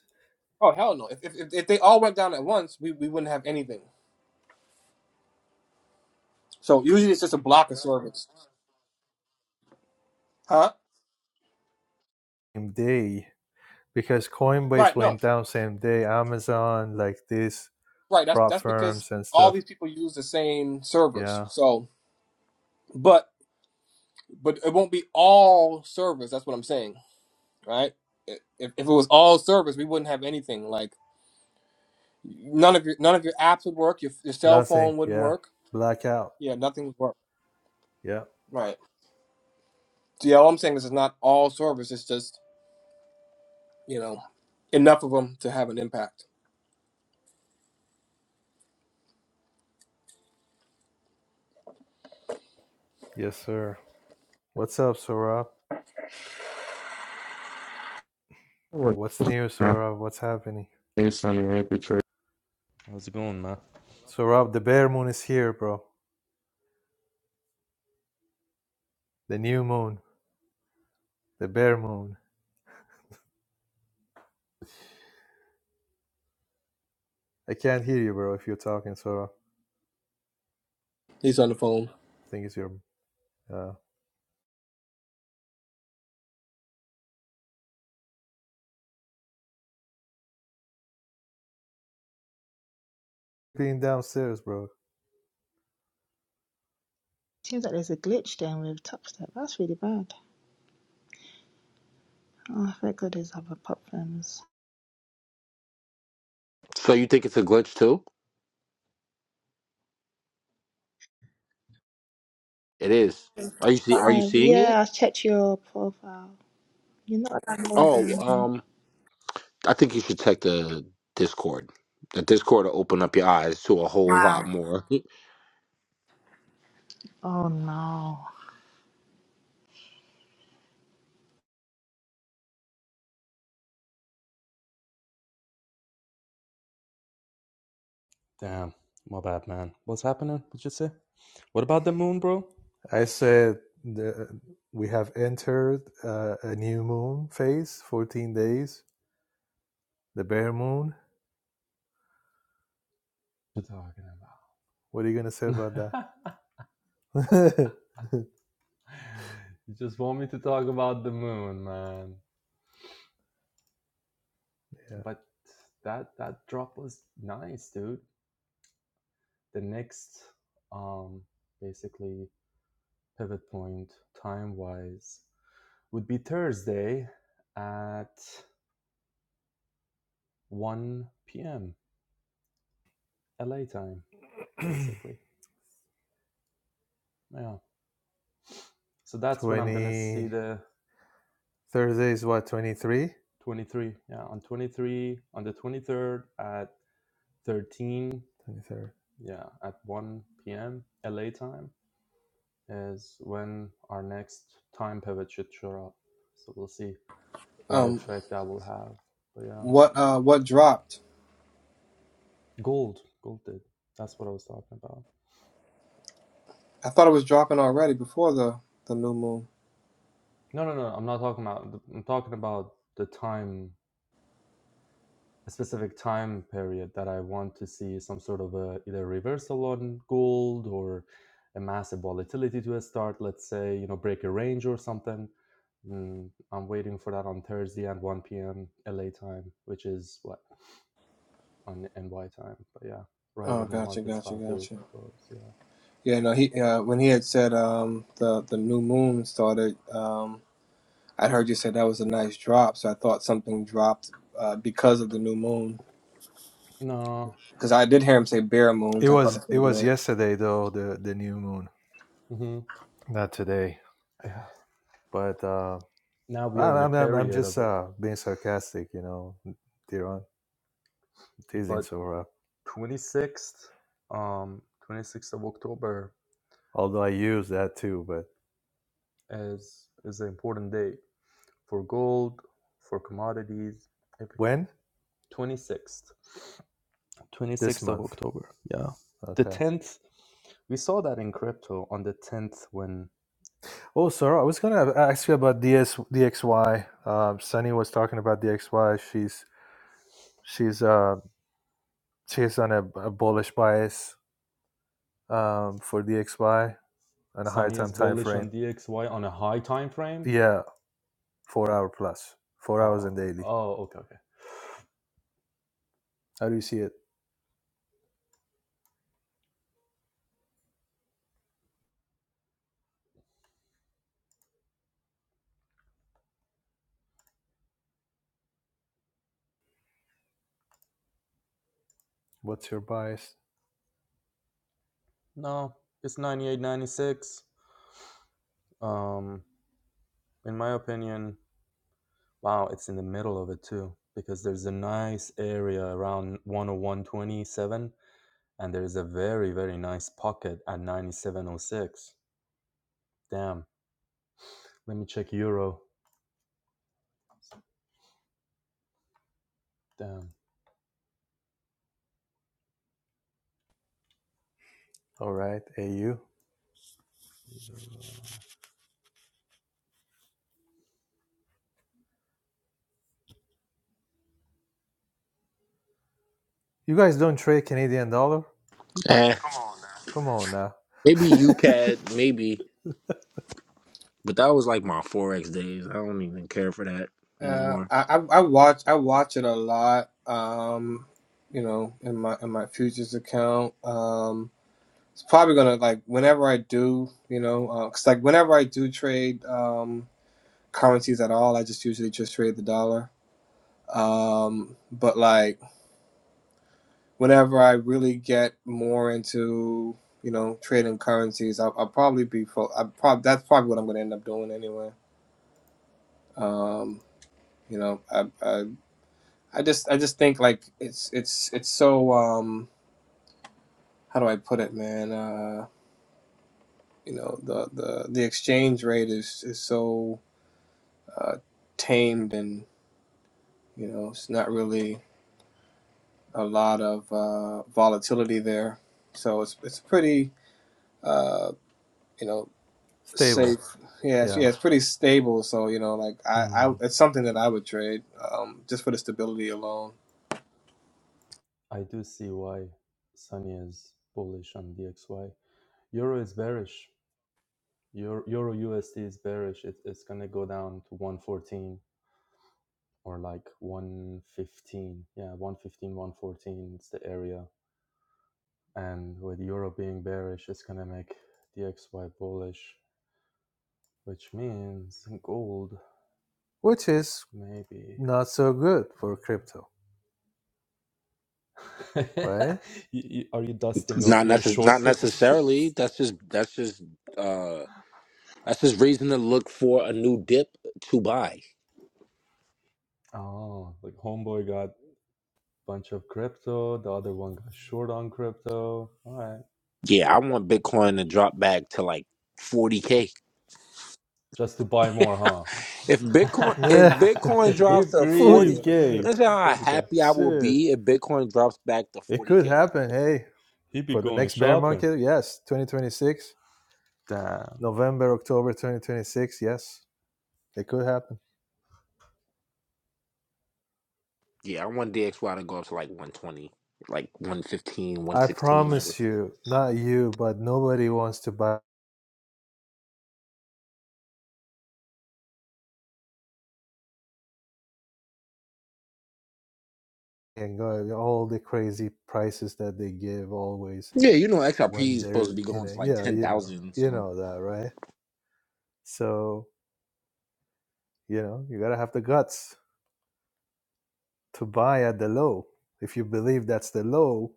S2: Oh hell no! If if, if if they all went down at once, we, we wouldn't have anything. So usually it's just a block of servers, huh?
S7: same day, because Coinbase
S2: Right? No.
S7: went down same day, Amazon, like these
S2: Right. That's
S7: prop
S2: that's because
S7: firms and
S2: all
S7: stuff.
S2: these people use the same servers.
S7: Yeah,
S2: So, but but it won't be all servers. That's what I'm saying, right? If, if it was all servers, we wouldn't have anything. Like none of your none of your apps would work. Your your cell
S7: nothing.
S2: phone wouldn't
S7: Yeah,
S2: work.
S7: blackout.
S2: Yeah, nothing would work.
S7: Yeah,
S2: Right. So yeah, all I'm saying is it's not all servers. It's just you know enough of them to have an impact.
S7: yes, sir. What's up, Sorab?
S8: I was
S7: What's new,
S8: gonna
S7: Sorav? What's happening?
S8: say something arbitrary.
S7: Sorav, the bear moon is here, bro. The new moon. The bear moon. I can't hear you, bro, if you're talking, Sorav. I
S2: He's on the phone.
S7: think it's your uh being downstairs, bro.
S5: Seems like there's a glitch then with Topstep. That's really bad. Oh, thank goodness I have a problems.
S6: So you think it's a glitch too? It is. Are you see? Are you
S5: Five.
S6: seeing it?
S5: Yeah, I checked your profile. You're not
S6: Oh,
S5: downloading.
S6: um, I think you should check the Discord. The Discord will open up your eyes to a whole lot
S5: Wow.
S6: more.
S5: Oh no.
S8: Damn, my bad, man. What's happening? What you say? What about the moon, bro?
S7: I said the, we have entered uh, a new moon phase, 14 days. The bear moon.
S8: You're talking.
S7: What are you gonna say about
S8: about.
S7: that?
S8: you just want me to talk about the moon, man. But that that drop was nice, dude. The next, um, basically pivot point time wise would be Thursday at one p.m. LA time,
S7: yeah.
S8: basically. Yeah. So that's when I'm gonna see
S7: 20
S8: the
S7: Thursday is what, 23?
S8: 23 yeah on 23 on the 23rd at 13
S7: 23rd.
S8: yeah at 1 p.m la time is when our next time pivot should show up so we'll see what
S2: Um,
S8: effect that will have but yeah
S2: what uh what dropped?
S8: gold gold did that's what i was talking about
S2: I thought it was dropping already before the the new moon.
S8: no no no i'm not talking about i'm talking about the time a specific time period that I want to see some sort of a either reversal on gold or a massive volatility to a start. Let's say you know break a range or something. Mm, I'm waiting for that on Thursday at 1 p.m. LA time, which is what on NY time. But yeah, right
S2: Oh,
S8: when the
S2: gotcha,
S8: market's
S2: gotcha,
S8: about to
S2: gotcha.
S8: close. Yeah.
S2: Yeah, no, he uh, when he had said um, the the new moon started, um, I heard you said that was a nice drop, so I thought something dropped uh, because of the new moon.
S8: No.
S2: Because I did hear him say bare moons,
S7: It
S2: I thought
S7: was
S2: that's what
S7: it
S2: it
S7: was
S2: meant.
S7: yesterday though, the the new moon.
S8: hmm
S7: Not today
S8: Yeah.
S7: But uh,
S8: Now we are
S7: I'm,
S8: in a
S7: I'm I'm I'm
S8: period of
S7: just
S8: it,
S7: uh, being sarcastic, you know, Diron, teasing
S8: but
S7: Sora.
S8: 26th, um, 26th of October
S7: Although I use that too, but
S8: is is an important date for gold, for commodities, everything.
S7: when
S8: 26th,
S7: this
S8: 26th of
S7: month?
S8: October. Yeah. The
S7: Okay.
S8: 10th, we saw that in crypto on the 10th when
S7: Oh, Sora, I was gonna ask you about DS DXY. Um, Sunny was talking about DXY. She's she's uh she's on a, a bullish bias um for DXY on a higher
S8: Sunny is
S7: time time
S8: bullish
S7: frame.
S8: on DXY on a high time frame.
S7: Yeah, four
S8: What?
S7: hour plus, four hours
S8: Oh,
S7: and daily.
S8: oh, okay, okay.
S7: How do you see it? What's your bias?
S8: No, it's 98, 96. Um, in my opinion, wow, it's in the middle of it too because there's a nice area around 101.27 and there is a very very nice pocket at 9706 damn let me check euro damn
S7: All right, AU.
S8: euro
S7: You guys don't trade Canadian dollar?
S6: Eh,
S7: Come on now.
S6: maybe UCAD, maybe, but that was like my forex days. I don't even care for that
S2: Uh,
S6: anymore.
S2: I, I I watch I watch it a lot, um, you know, in my in my futures account. Um, it's probably gonna like whenever I do, you know, uh 'cause like whenever I do trade um, currencies at all, I just usually just trade the dollar. Um, but like. whenever I really get more into you know trading currencies, I'll, I'll probably be fo- I prob- that's probably what I'm going to end up doing anyway. Um, you know, I, I I just I just think like it's it's it's so um how do I put it, man? Uh, you know the the the exchange rate is is so uh, tamed and you know it's not really a lot of uh, volatility there, so it's it's pretty. Uh, you know
S7: Stable.
S2: safe. Yeah, it's,
S7: Yeah.
S2: yeah, it's pretty stable. So you know, like I,
S7: Hmm.
S2: I it's something that I would trade um, just for the stability alone.
S8: i do see why sunny is bullish on dxy euro is bearish euro, euro usd is bearish it, it's gonna go down to 114 or like 115 yeah one fifteen, one fourteen. it's the area and with euro being bearish it's gonna make dxy bullish which means gold
S7: Which is
S8: maybe
S7: not so good
S8: Yeah,
S7: for crypto, right?
S8: You- you- Are you dusting off
S6: Not
S8: your
S6: necess-
S8: short
S6: Not
S8: positions?
S6: necessarily. That's just. That's just. Uh, that's just reason to look for a new dip to buy.
S8: Oh, like homeboy got bunch of crypto, the other one got short on crypto. All right,
S6: Yeah, I want Bitcoin to drop back to like forty k.
S8: just to buy more,
S6: If Bitcoin if
S8: huh?
S6: Bitcoin
S8: you
S6: drops to
S8: greedy,
S6: forty,
S8: li-
S7: 40K.
S6: that's how
S8: this guy.
S6: happy I will
S7: Shit.
S6: be if Bitcoin drops back to
S7: It
S6: forty
S7: could
S6: k.
S7: happen. Hey,
S8: He be
S7: for the
S8: going
S7: next bear
S8: shopping.
S7: market, yes. 2026,
S8: Damn,
S7: November, October 2026, yes. It could happen.
S6: Yeah, I want DXY to go up to like one twenty, like one fifteen, one
S7: I
S6: sixteen.
S7: promise you, not you, but nobody wants to buy and go all the crazy prices that they give always
S6: Yeah, you know XRP
S7: when
S6: is supposed
S7: there's
S6: to be
S7: you
S6: going
S7: know
S6: to like
S7: yeah
S6: ten
S7: you know
S6: thousand.
S7: you
S6: So
S7: know that right so you know you gotta have the guts to buy at the low if you believe that's the low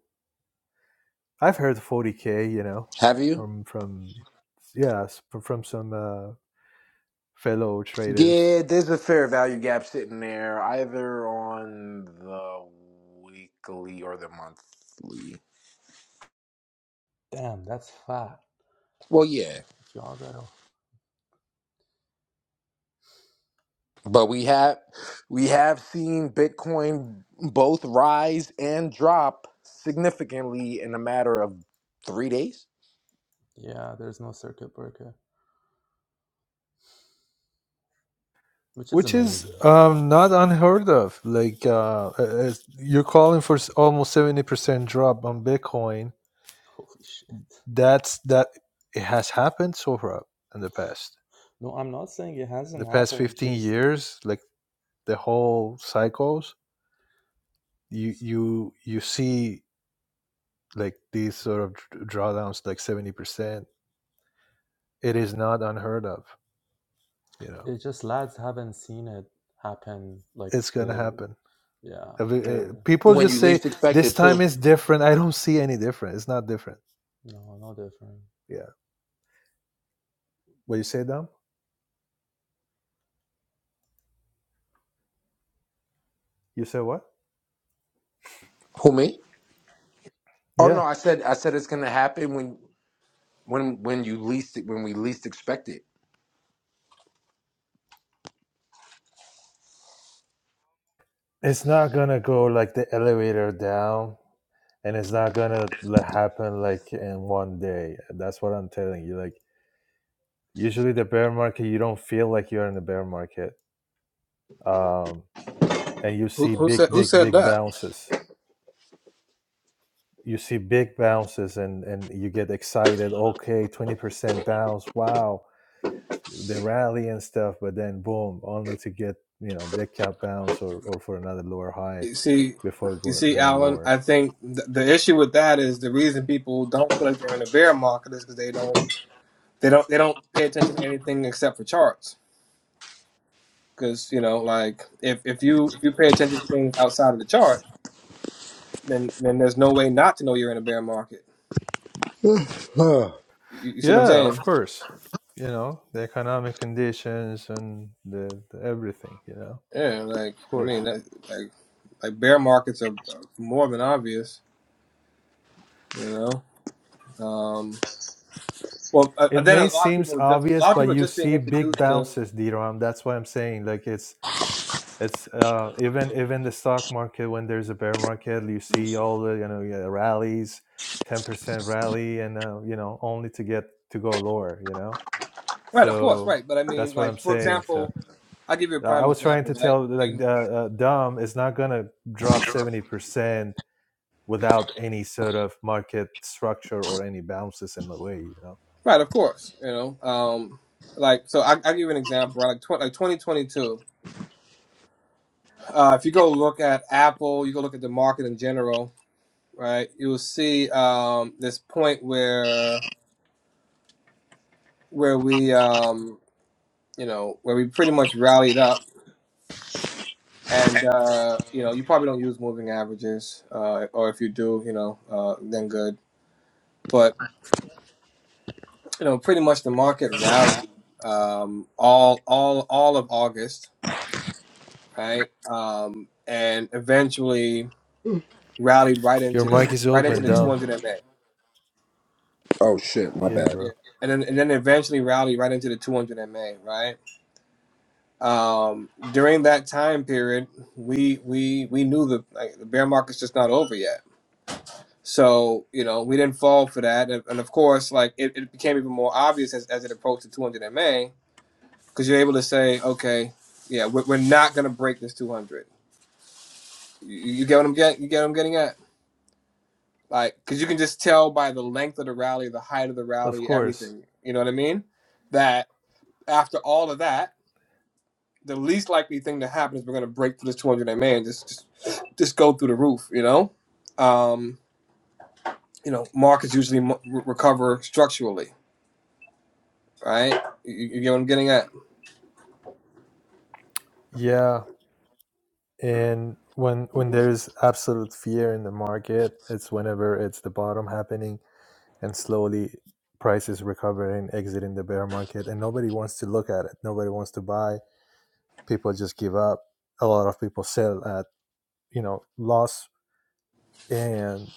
S7: i've heard 40k you know
S6: have you?
S7: from from yeah s- from some uh, fellow traders
S6: Yeah, there's a fair value gap sitting there, either on the weekly or the monthly.
S8: damn, that's fat.
S6: Well, yeah.
S8: If y'all gotta,
S6: but we have we have seen bitcoin both rise and drop significantly in a matter of three days
S8: yeah, there's no circuit breaker, which is
S7: which is
S8: amazing.
S7: um, not unheard of like uh, uh, you're calling for s- almost 70% drop on bitcoin
S8: Holy shit.
S7: that's that it has happened so far in the past
S8: No, I'm not saying it hasn't
S7: the past
S8: happened. It's
S7: 15
S8: just
S7: years like the whole cycles you you you see like these sort of dr- drawdowns like 70% it is not unheard of you know
S8: it's just lads haven't seen it happen like
S7: it's gonna
S8: the
S7: happen
S8: yeah
S7: Have you- eh,
S8: they're
S7: people
S6: when
S8: they're
S7: just
S6: you
S7: say
S6: least expect
S7: this
S6: it to
S7: time is different i don't see any different it's not different
S8: no no different
S7: yeah what you say dom you say what
S6: who me oh no
S7: yeah
S6: i said i said it's gonna happen when when when you least when we least expect it
S7: it's not gonna go like the elevator down and it's not gonna le- happen like in one day that's what i'm telling you like usually the bear market you don't feel like you're in the bear market um and you
S2: Who,
S7: see
S2: who said
S7: big,
S2: who
S7: big,
S2: said
S7: big
S2: that?
S7: bounces. You see big bounces and, and you get excited. Okay, 20% bounce. Wow. The rally and stuff. But then boom, only to get, you know, dead cap bounce or, or for another lower high
S2: You see,
S7: before
S2: you
S7: go,
S2: see,
S7: going
S2: Alan.
S7: lower.
S2: I think the, the issue with that is the reason people don't feel like they're in a bear market is because they don't they don't they don't pay attention to anything except for charts. Because you know, like if if you if you pay attention to things outside of the chart, then then there's no way not to know you're in a bear market. You, you see what I'm
S7: Yeah,
S2: saying?
S7: of course. You know, the economic conditions and the, the everything, you know,
S2: Yeah, like
S7: of
S2: I mean,
S7: course.
S2: that, like like bear markets are more than obvious, you know. Um, well, uh, uh,
S7: It
S2: then a
S7: may
S2: lot of
S7: seem
S2: people are just a
S7: obvious,
S2: lot of
S7: but
S2: people are
S7: you
S2: just being
S7: see big
S2: introduced to the
S7: bounces, DRAM. That's why I'm saying. Like it's it's uh, even even the stock market when there's a bear market you see all the you know yeah, rallies 10% rally and uh, you know only to get to go lower you know
S2: right, of course,
S7: so
S2: right. But I mean,
S7: that's what i'm
S2: like for
S7: saying so
S2: example, I'll give you a
S7: i I
S2: prime
S7: was trying
S2: example,
S7: to
S2: right?
S7: tell like
S2: And
S7: uh, uh, dom is not gonna drop 70% without any sort of market structure or any bounces in the way you know
S2: right, of course, you know, um, like so I, I'll give you an example, right? Like tw- like twenty twenty two. Uh, if you go look at Apple, you go look at the market in general, right? You will see um, this point where where we um, you know, where we pretty much rallied up. And uh, you know, you probably don't use moving averages, uh, or if you do, you know, uh, then good. But you know, pretty much the market rallied um, all all all of August, right? Um, and eventually rallied right
S7: your
S2: into the
S7: mic is
S2: right into
S7: open
S2: the
S7: dumb
S2: 200 MA.
S6: oh shit my
S7: yeah
S6: bad
S2: Yeah.
S7: bro
S2: And then, and then eventually rallied right into the 200 MA, right? Um, during that time period, we we we knew the like, the bear market's just not over yet So you know we didn't fall for that, and, and of course, like it, it became even more obvious as, as it approached the 200 MA, because you're able to say, okay, yeah, we're, we're not gonna break this 200. You, you get what I'm getting? You get what I'm getting at? Like, because you can just tell by the length of the rally, the height of the
S7: of
S2: rally,
S7: course
S2: everything. You know what I mean? That after all of that, the least likely thing to happen is we're gonna break through this 200 MA and just just just go through the roof. You know? Um, you know, markets usually mo- recover structurally All right? You, you get what I'm getting at?
S7: yeah and when when there is absolute fear in the market it's whenever it's the bottom happening and slowly prices recovering, exiting the bear market, and nobody wants to look at it. Nobody wants to buy. People just give up. A lot of people sell at you know loss, and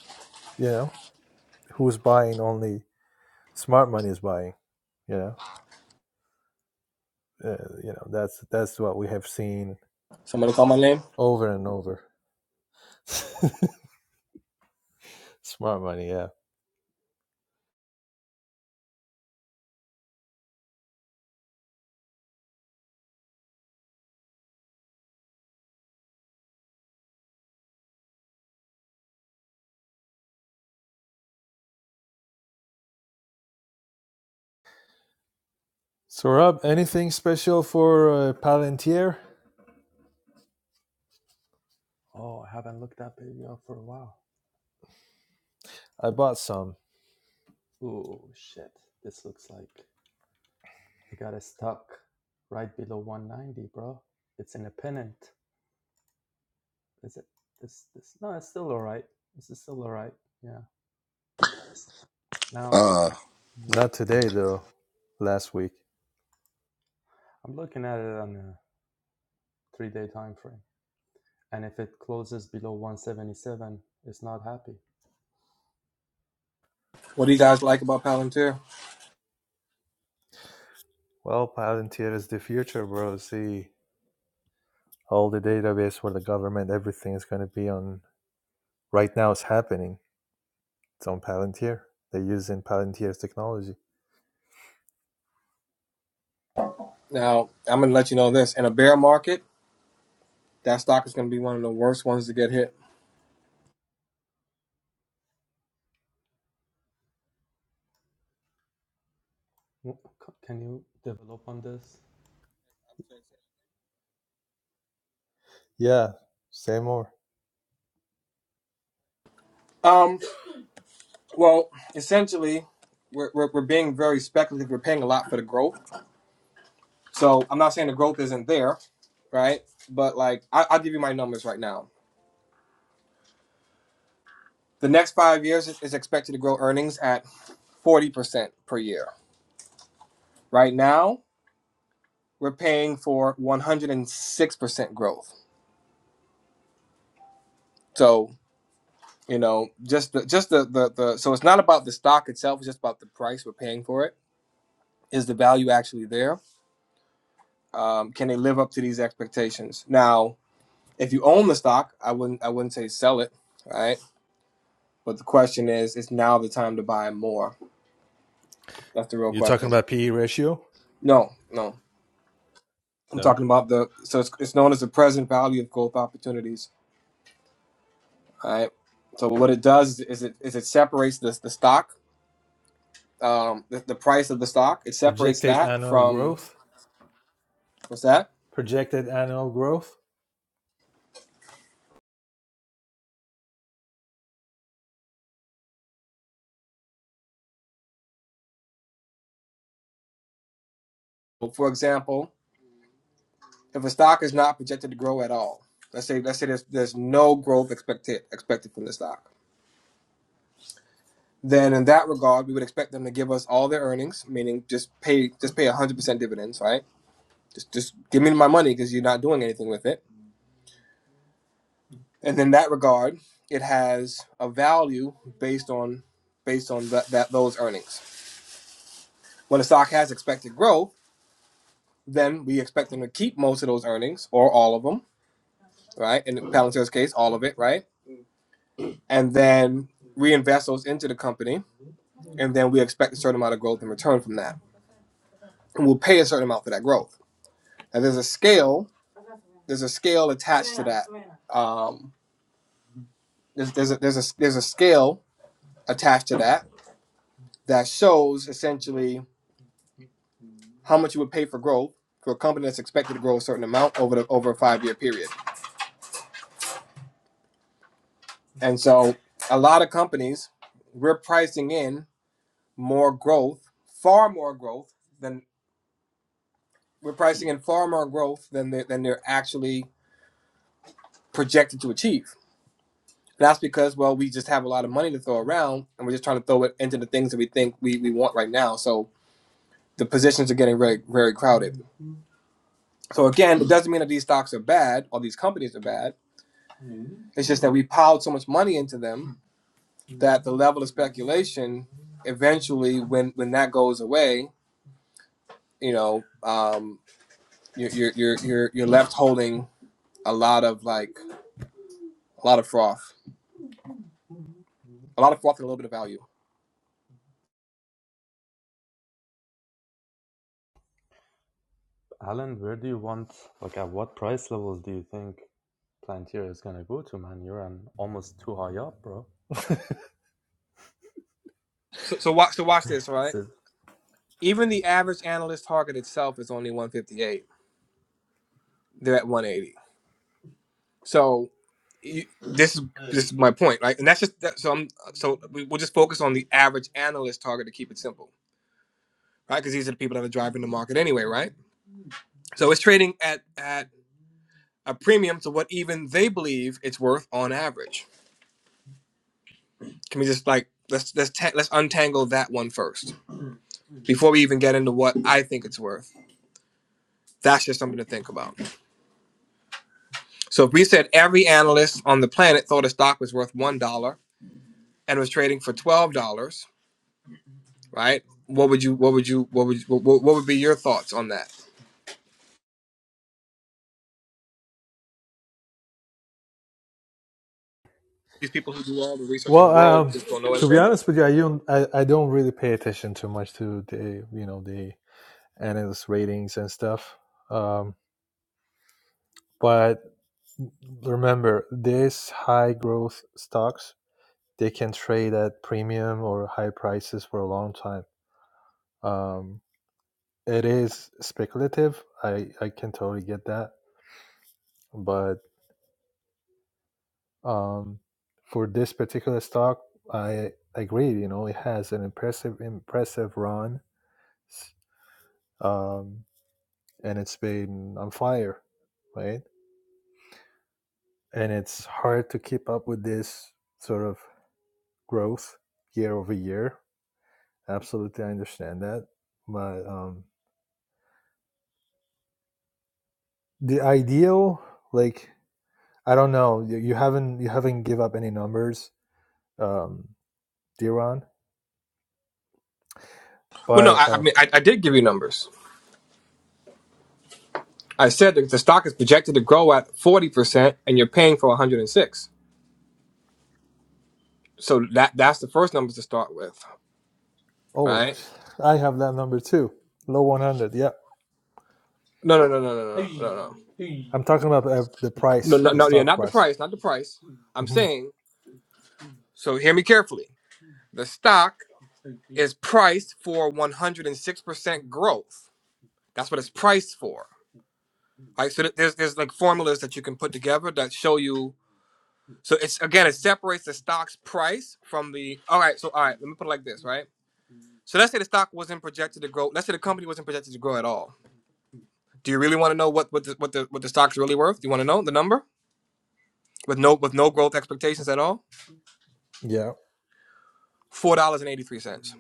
S7: you know who's buying? Only smart money is buying. You know, uh, you know that's that's what we have seen
S2: Somebody call my name.
S7: over and over. smart money, yeah. So Rob, anything special for uh, Palantir?
S8: oh i haven't looked that baby up for a while
S7: I bought some.
S8: oh shit this looks like it got it stuck right below 190 bro it's in a pennant is it this this no it's still all right this is still all right yeah now
S6: uh
S8: wh-
S7: Not
S8: mm,
S7: today though. Last week.
S8: i'm looking at it on a three day time frame and if it closes below 177 it's not happy
S2: What do you guys like about Palantir?
S7: Well, Palantir is the future, bro. See, all the database for the government, everything is going to be on. Right now, it's happening. It's on Palantir. They're using Palantir's technology.
S2: Now, I'm going to let you know this. In a bear market, that stock is going to be one of the worst ones to get hit.
S8: W- c- Can you develop on this?
S7: Yeah, say more.
S2: Um, well, essentially, we're, we're, we're being very speculative. We're paying a lot for the growth. So I'm not saying the growth isn't there, right? But like, I, I'll give you my numbers right now. The next five years is expected to grow earnings at 40% per year. Right now, we're paying for 106% growth. So you know just the just the, the the so it's not about the stock itself it's just about the price we're paying for it is the value actually there um, can they live up to these expectations now if you own the stock i wouldn't i wouldn't say sell it right but the question is is now the time to buy more that's the real
S7: you talking
S2: question
S7: about PE ratio?
S2: no no i'm
S7: No.
S2: talking about the so it's, it's known as the present value of growth opportunities right so what it does is it is it separates the, the stock um, the, the price of the stock it separates
S7: Projected
S2: that
S7: annual
S2: from
S7: growth?
S2: what's that
S7: Projected annual growth?
S2: for example, if a stock is not projected to grow at all, let's say let's say there's there's no growth expected expected from the stock, then in that regard, we would expect them to give us all their earnings, meaning just pay just pay 100% dividends, right? Just just give me my money because you're not doing anything with it. And in that regard, it has a value based on based on that, that those earnings. When a stock has expected growth, then we expect them to keep most of those earnings or all of them, right? In Palantir's case, all of it, right? and then reinvest those into the company, and then we expect a certain amount of growth in return from that, and we'll pay a certain amount for that growth. And there's a scale. There's a scale attached to that. Um, there's there's a, there's a there's a scale attached to that that shows essentially how much you would pay for growth for a company that's expected to grow a certain amount over the over a five year period. And so, a lot of companies we're pricing in more growth, far more growth than. we're pricing in far more growth than they're, than they're actually projected to achieve. That's because, well, we just have a lot of money to throw around, and we're just trying to throw it into the things that we think we, we want right now. So the positions are getting very very crowded. So again, it doesn't mean that these stocks are bad or these companies are bad. It's just that we piled so much money into them that the level of speculation, eventually, when when that goes away, you know, um, you're you're you're you're you're left holding a lot of like a lot of froth, a lot of froth and a little bit of value.
S8: Alan, where do you want, like, at what price levels do you think Plantier is gonna go to, man? You're on almost too high up, bro.
S2: So, so watch. So watch this, right?
S8: Said,
S2: Even the average analyst target itself is only 158. They're at 180. So you, this is this is my point, right? And that's just that, so. I'm so we, we'll just focus on the average analyst target to keep it simple, right? Because these are the people that are driving the market anyway, right? So it's trading at at a premium to what even they believe it's worth on average. Can we just like let's let's ta- let's untangle that one first before we even get into what I think it's worth? That's just something to think about. So if we said every analyst on the planet thought a stock was worth one dollar and was trading for twelve dollars, right? What would you? What would you? What would? You, what, what would be your thoughts on that? These people who do all the research in the
S7: Well,
S2: world
S7: um,
S2: just don't know
S7: to be
S2: anything.
S7: honest with you, I don't I, I don't really pay attention too much to the you know the analyst ratings and stuff. Um, but remember, these high growth stocks they can trade at premium or high prices for a long time. Um, it is speculative. I I can totally get that, but um, for this particular stock, I agree. You know, it has an impressive impressive run. Um, and it's been on fire, right? And it's hard to keep up with this sort of growth year over year. Absolutely, I understand that, but um, the ideal, like, I don't know, you, you haven't you haven't give up any numbers, um, Diron,
S2: Well, no,
S7: but
S2: I, I
S7: uh,
S2: mean, I, I did give you numbers. I said that the stock is projected to grow at forty percent, and you're paying for one hundred and six. So that that's the first numbers to start with,
S7: oh,
S2: right?
S7: I have that number too, low one hundred. Yeah,
S2: No, no, no, no, no, no, no, no, no,
S7: I'm talking about uh, the
S2: no,
S7: price,
S2: no.
S7: the
S2: no, Yeah,
S7: stock
S2: not the
S7: price.
S2: price, not the price. I'm
S7: Mm-hmm.
S2: saying. So hear me carefully. The stock is priced for 106% growth. That's what it's priced for. Right, so th- there's there's like formulas that you can put together that show you. So it's again, it separates the stock's price from the. All right, so all right, let me put it like this, right? So let's say the stock wasn't projected to grow. Let's say the company wasn't projected to grow at all. Do you really want to know what what the what the what the stock's really worth? Do you want to know the number with no with no growth expectations at all?
S7: Yeah.
S2: Four dollars and eighty three cents.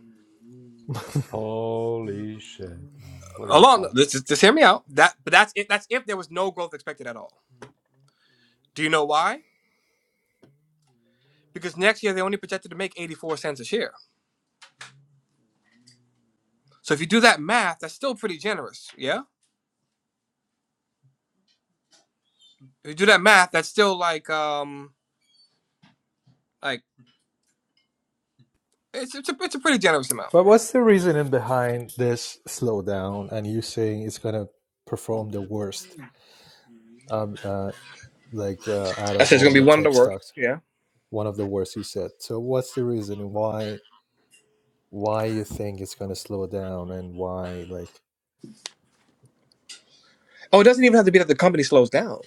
S8: holy shit, man. What are you
S2: Along,
S8: talking?
S2: this just, just hear me out. That but that's if that's if there was no growth expected at all. Do you know why? because next year they only projected to make 84 cents a share. So if you do that math, that's still pretty generous. Yeah. If you do that math, that's still like um like it's it's a it's a pretty generous amount.
S7: But what's the reasoning behind this slowdown and you saying it's going to perform the worst um, uh, like uh, out
S2: I
S7: of
S2: said it's
S7: all
S2: gonna be
S7: the
S2: one
S7: tech
S2: of the worst.
S7: stocks,
S2: Yeah.
S7: one of the worst you said. So what's the reasoning why why you think it's going to slow down and why like
S2: Oh, it doesn't even have to be that the company slows down.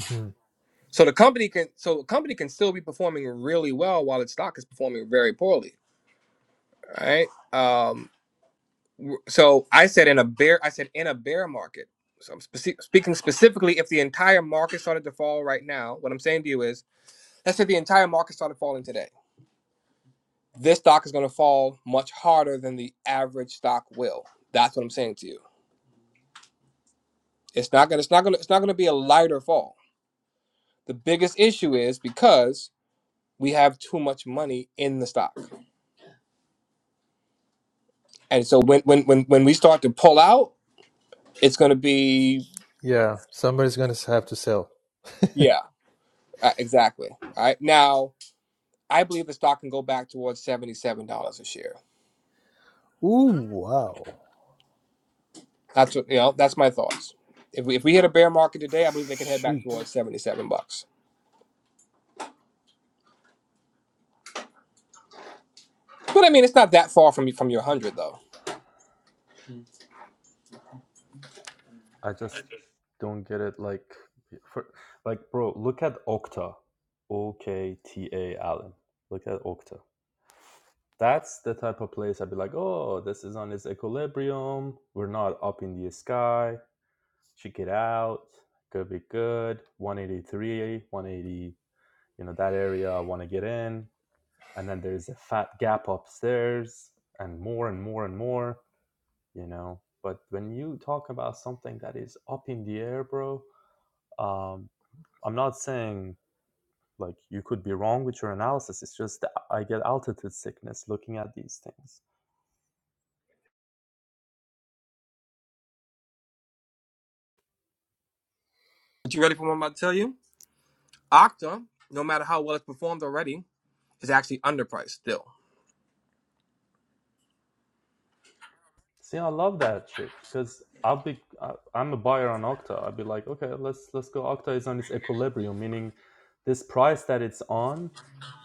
S7: Mhm.
S2: So the company can so the company can still be performing really well while its stock is performing very poorly. All Right. Um. w- So I said in a bear I said in a bear market. So I'm speci- speaking specifically if the entire market started to fall right now. What I'm saying to you is Let's say the entire market started falling today. This stock is going to fall much harder than the average stock will. That's what I'm saying to you. It's not going. It's not going. It's not going to be a lighter fall. The biggest issue is because we have too much money in the stock, and so when when when when we start to pull out, it's going to be
S7: yeah, somebody's going to have to sell.
S2: yeah, uh, exactly. All right now, I believe the stock can go back towards seventy seven dollars a share.
S7: Ooh, wow.
S2: That's what you know. That's my thoughts. If we, if we hit a bear market today, I believe they can head back
S7: Shoot.
S2: towards seventy seven bucks. But I mean, it's not that far from from your hundred though.
S8: I just don't get it. Like, for, like, bro, look at Okta, O K T A, Alan. Look at Okta. That's the type of place I'd be like, oh, this is on its equilibrium. We're not up in the sky. Check it out. Could be good. 183, 180, you know, that area I want to get in. And then there's a fat gap upstairs and more and more and more, you know. But when you talk about something that is up in the air, bro, um, I'm not saying like you could be wrong with your analysis. It's just that I get altitude sickness looking at these things.
S2: But you ready for what I'm about to tell you? Okta, no matter how well it's performed already, is actually underpriced still.
S8: See, I love that shit because I'll be I- I'm a buyer on Okta. I'd be like, okay, let's let's go. Okta is on its equilibrium, meaning this price that it's on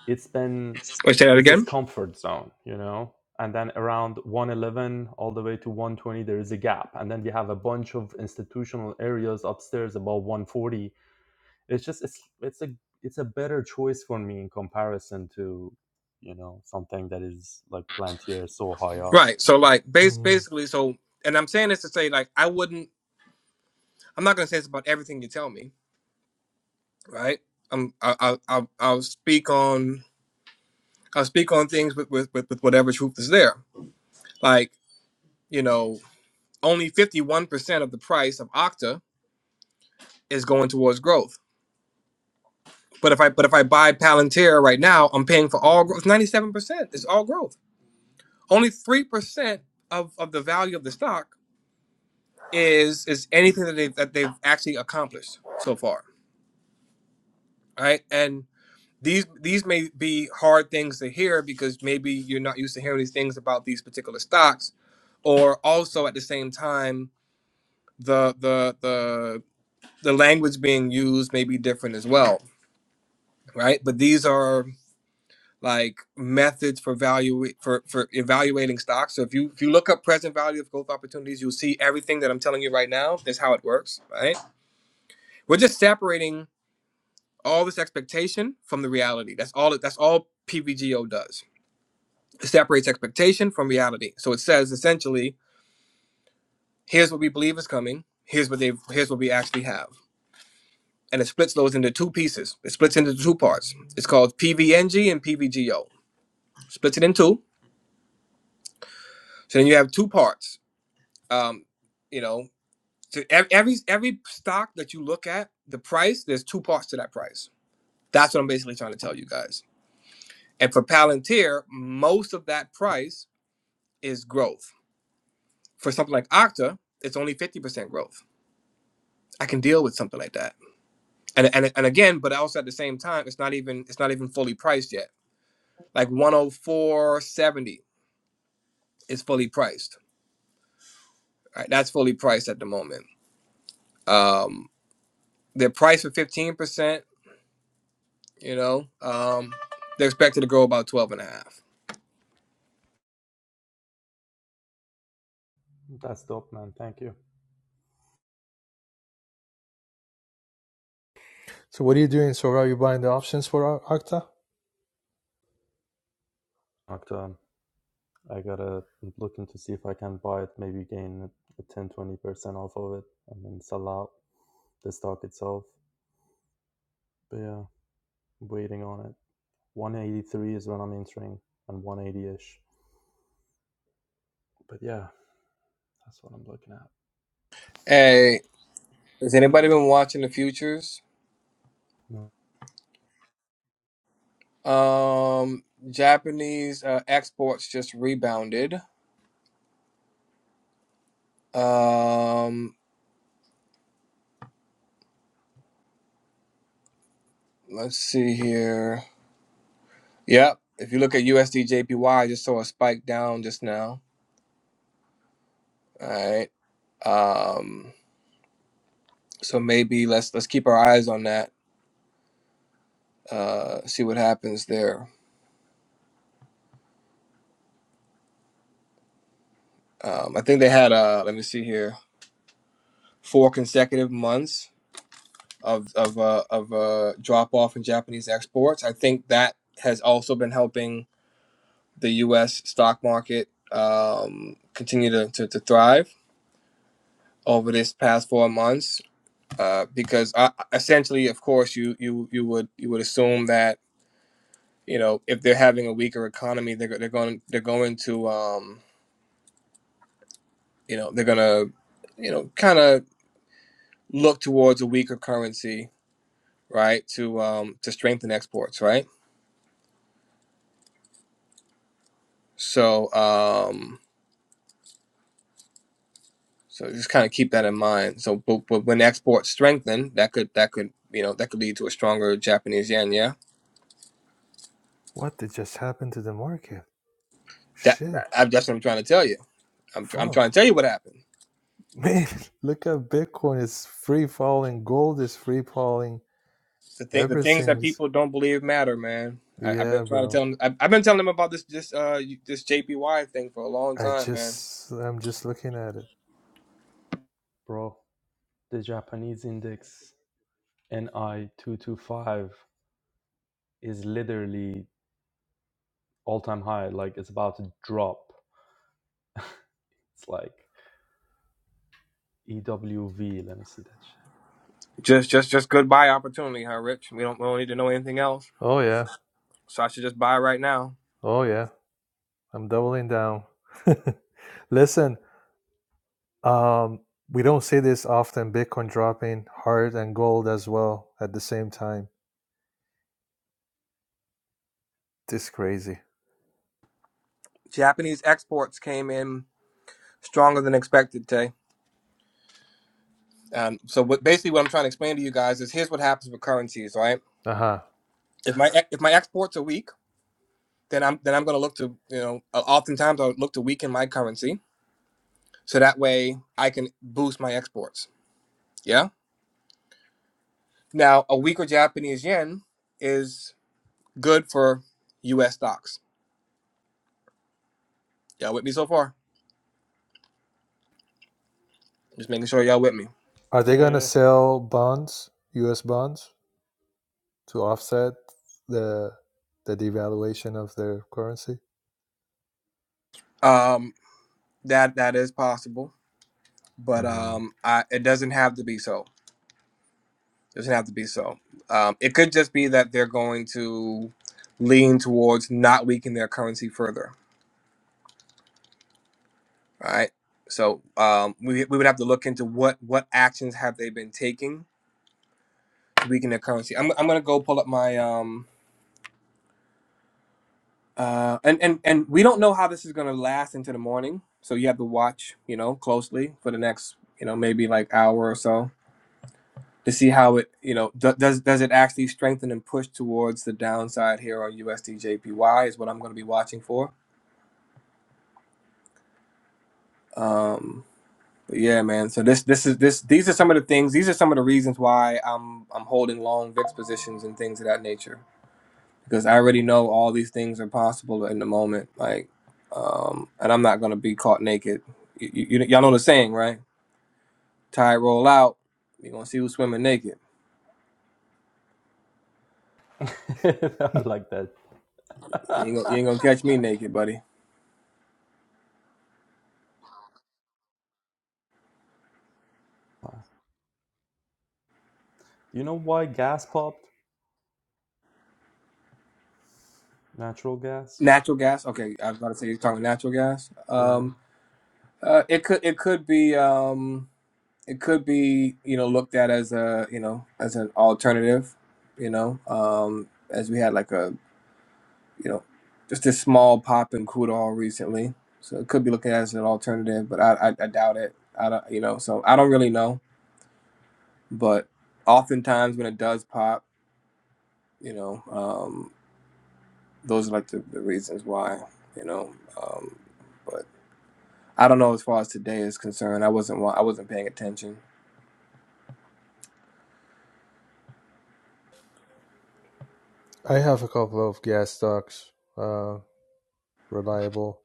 S8: it's been
S2: Wait, say that
S8: it's its
S2: again.
S8: comfort zone you know and then around 111 all the way to 120 there is a gap and then we have a bunch of institutional areas upstairs above 140 it's just it's it's a it's a better choice for me in comparison to you know something that is like plantier so high up
S2: Right. So like, base
S7: Mm-hmm.
S2: basically, so and I'm saying this to say like, I wouldn't. I'm not gonna say this about everything you tell me, right? I'm. I, I, I'll, I'll speak on. I'll speak on things with with with, with whatever truth is there. Like you know, only 51 percent of the price of Okta is going towards growth. But if I but if I buy Palantir right now, I'm paying for all growth. Ninety seven percent is all growth. Only three percent of of the value of the stock is is anything that they that they've actually accomplished so far, right? And these these may be hard things to hear because maybe you're not used to hearing these things about these particular stocks, or also at the same time the the the the language being used may be different as well, right? But these are like methods for value for for evaluating stocks. So if you if you look up present value of growth opportunities, you'll see everything that I'm telling you right now. That's how it works, right? We're just separating all this expectation from the reality. That's all. That's all PVGO does. It separates expectation from reality. So it says essentially, here's what we believe is coming. Here's what they. Here's what we actually have. And it splits those into two pieces. It splits into two parts. It's called PVNG and PVGO. Splits it in two. So then you have two parts. Um, you know So ev- every every stock that you look at, the price, there's two parts to that price. That's what I'm basically trying to tell you guys. And for Palantir, most of that price is growth. For something like Okta, it's only 50% growth. I can deal with something like that. And and, and again, but also at the same time, it's not even it's not even fully priced yet. Like 104.70 is fully priced. All Right? That's fully priced at the moment. Um they're priced for 15%, you know. Um they're expected to grow about 12 and a half
S8: that's dope man thank you
S7: So what are you doing? So are you buying the options for Ar- Arcta?
S8: Octa, i gotta look into see if i can buy it maybe gain a ten twenty percent off of it and then sell out the stock itself but yeah waiting on it. 183 is when I'm entering, and 180 ish. But yeah, that's what I'm looking at.
S2: Hey, has anybody been watching the futures?
S8: No,
S2: Um, Japanese uh, exports just rebounded. Um, let's see here. Yep, if you look at USD JPY, I just saw a spike down just now. All right. Um, so maybe let's let's keep our eyes on that. Uh, see what happens there. Um, I think they had uh, let me see here, four consecutive months of of uh, of uh, drop off in Japanese exports. I think that has also been helping the U.S. stock market um, continue to, to, to thrive over this past four months. Uh, because I, essentially, of course, you you you would you would assume that you know if they're having a weaker economy, they're they're going they're going to um, you know they're gonna you know kind of look towards a weaker currency, right? To um, to strengthen exports, right? So um, So just kind of keep that in mind. So, but, but when exports strengthen, that could that could you know that could lead to a stronger Japanese yen. Yeah,
S7: What did just happen to the market?
S2: that
S7: Shit.
S2: I, that's what I'm trying to tell you. I'm tr- I'm
S7: Fuck.
S2: trying to tell you what happened.
S7: Man, look at Bitcoin. It's free falling. Gold is free falling.
S2: The thing the things that
S7: Everything's.
S2: people don't believe matter, man. I, I've been
S7: Yeah,
S2: trying to
S7: bro.
S2: tell them. I've, I've been telling them about this this uh this JPY thing for a long
S7: I
S2: time, man.
S7: just I'm just looking at it.
S8: bro, the Japanese index NI 225 is literally all time high. Like it's about to drop. It's like EWV. Let me see that
S2: Just just just goodbye opportunity, huh, Rich? We don't we don't need to know anything else.
S7: Oh yeah.
S2: So I should just buy right now.
S7: Oh yeah. I'm doubling down. Listen, um we don't see this often Bitcoin dropping hard and gold as well at the same time. This is crazy.
S2: Japanese exports came in stronger than expected, Tay. Um, so what basically what I'm trying to explain to you guys is here's what happens with currencies, right?
S7: Uh-huh.
S2: If my e, if my exports are weak, then I'm then I'm going to look to you know uh, oftentimes I'll look to weaken my currency so that way I can boost my exports. Yeah. Now a weaker Japanese yen is good for U.S. stocks. Y'all with me so far? Just making sure y'all with me.
S7: Are they going to
S8: shit.
S7: sell bonds, US bonds to offset the the devaluation of their currency?
S2: Um, that that is possible, but
S7: Mhm.
S2: um, I, it doesn't have to be so. doesn't have to be so. Um, it could just be that they're going to lean towards not weakening their currency further, right? So um, we, we would have to look into what what actions have they been taking to weaken their currency. I'm, I'm gonna go pull up my um uh and and and we don't know how this is gonna last into the morning, so you have to watch you know closely for the next you know maybe like hour or so to see how it you know do, does does it actually strengthen and push towards the downside here on USD JPY is what I'm gonna be watching for Um, but yeah, man. So this this is this these are some of the things. These are some of the reasons why I'm I'm holding long VIX positions and things of that nature because I already know all these things are possible in the moment. Like, um, and I'm not gonna be caught naked. You, you, y'all know the saying, right? Tide roll out. You're gonna see who's swimming naked.
S8: Yeah, yeah. I like that.
S2: You ain't, gonna, you ain't gonna catch me naked, buddy.
S8: you know why gas popped? Natural gas?
S2: Natural gas. Okay, I was about to say you're talking natural gas.
S8: Yeah.
S2: Um, uh, it could it could be. Um, it could be you know looked at as a you know as an alternative you know um as we had like a you know just a small pop in Kudal recently so it could be looking at as an alternative but I, I i doubt it i don't you know so i don't really know but oftentimes when it does pop you know um those are like the, the reasons why you know um but i don't know as far as today is concerned i wasn't wa- i wasn't paying attention
S7: I have a couple of gas stocks, uh reliable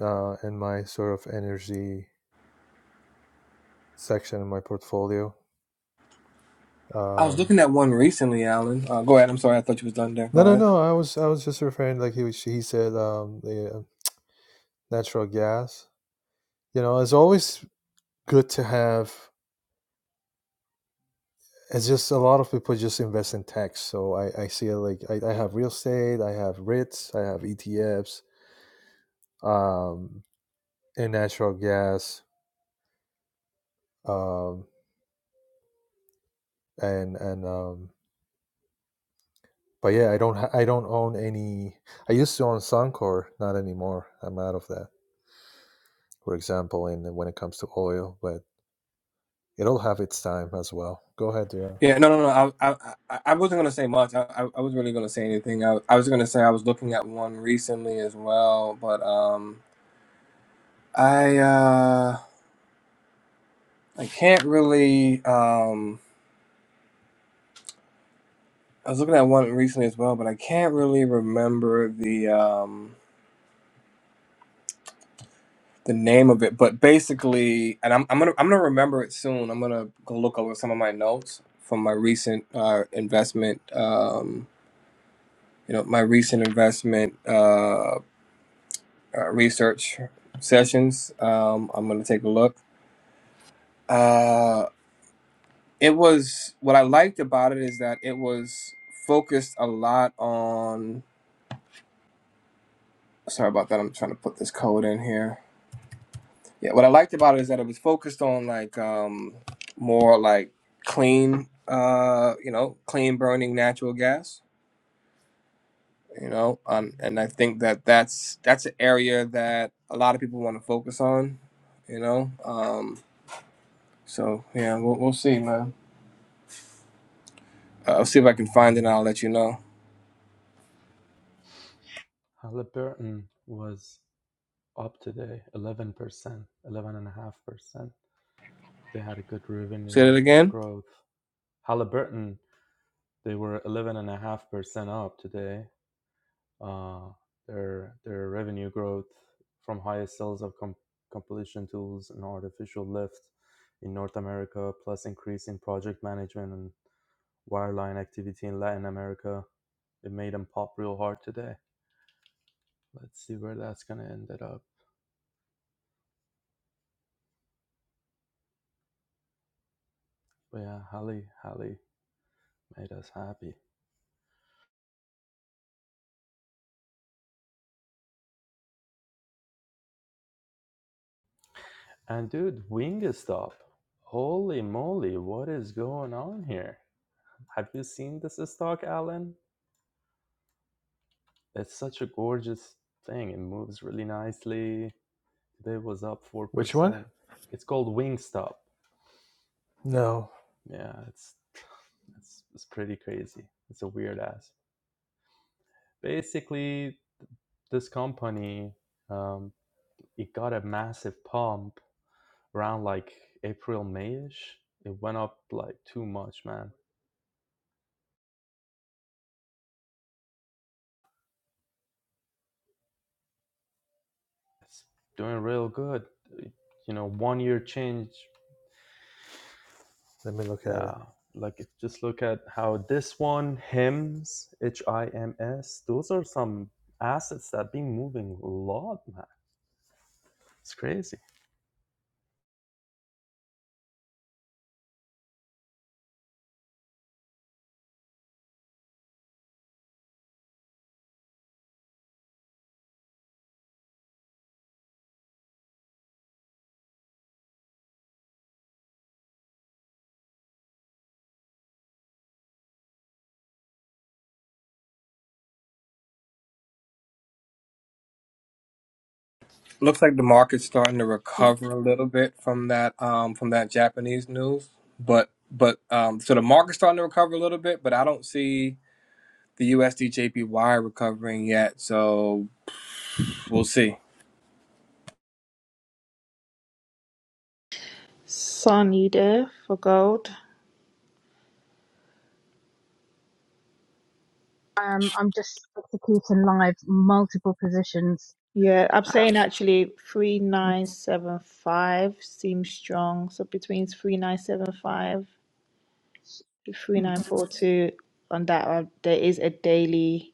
S7: uh in my sort of energy section in my portfolio.
S2: i was
S7: Um,
S2: looking at one recently alan uh, go ahead i'm sorry i thought you was done there
S7: no,
S2: go
S7: no,
S2: ahead
S7: no. I was I was just referring like he was, he said um, the uh, natural gas. You know, it's always good to have. It's just a lot of people just invest in tech. So I, I see it like I, I have real estate, I have REITs, I have ETFs, um, and natural gas, um, and and um, but yeah, I don't ha- I don't own any. I used to own Suncor, not anymore. I'm out of that. For example, in when it comes to oil, but It'll have its time as well. Go ahead, Dira.
S2: Yeah, no, no, no. I, I, I I wasn't gonna say much. I, I I was really gonna say anything. I, I was gonna say I was looking at one recently as well, but um, I, uh, I can't really. Um, I was looking at one recently as well, but I can't really remember the um the name of it. But basically, and I'm I'm gonna I'm gonna remember it soon. I'm gonna go look over some of my notes from my recent uh investment um you know my recent investment Uh. uh, research sessions. Um, I'm going to take a look. Uh, it was what I liked about it is that it was focused a lot on. Sorry about that. I'm trying to put this code in here. Yeah, what I liked about it is that it was focused on like um, more like clean, uh, you know, clean burning natural gas. You know, um, and I think that that's that's an area that a lot of people want to focus on. You know, um, so yeah, we'll, we'll see, man. Uh, I'll see if I can find it and I'll let you know.
S8: Halliburton was up today, 11%, 11.5%. They had a good
S2: Say
S8: revenue
S2: that again.
S8: growth. Halliburton, they were 11.5% up today. Uh, Their their revenue growth from higher sales of com- completion tools and artificial lift in North America, plus increase in project management and wireline activity in Latin America. It made them pop real hard today. Let's see where that's gonna end up. But yeah, Hallie, Hallie made us happy. And dude, Wingstop. Holy moly, what is going on here? Have you seen this stock, Alan? It's such a gorgeous thing. It moves really nicely. Today was up
S7: Which one?
S8: 4%. It's called Wingstop.
S7: No,
S8: Yeah, it's it's, it's pretty crazy. It's a weird ass. Basically, this company um, it got a massive pump around like April, Mayish. It went up like too much, man It's doing real good. You know, one year change.
S7: let me look at it.
S8: Yeah. Like if just look at how this one, HIMS, H I M S, those are some assets that been moving a lot, man. It's crazy.
S2: Looks like the market's starting to recover a little bit from that um from that Japanese news. But but um so the market's starting to recover a little bit, but I don't see the USD JPY recovering yet. So we'll see.
S5: Sunny there for gold.
S3: Um, I'm just executing live multiple positions.
S5: Yeah, I'm saying actually
S3: Um,
S5: 3975 seems strong. So between 3975 to
S3: mhm.
S5: 3942 on that one, there is a daily.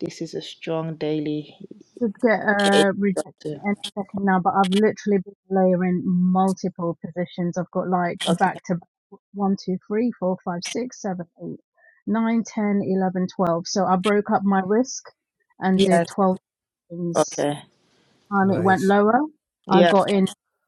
S5: This is a strong daily.
S3: should get a rejection
S5: too.
S3: any second now, but I've literally been layering multiple positions. I've got like
S5: Okay.
S3: back to back, one, two, three, four, five, six, seven, eight, nine, ten, eleven, twelve. So I broke up my risk and did
S5: Yes.
S3: 12 things
S5: Okay.
S3: um, it went
S7: Nice.
S3: lower. I
S5: Yeah.
S3: got in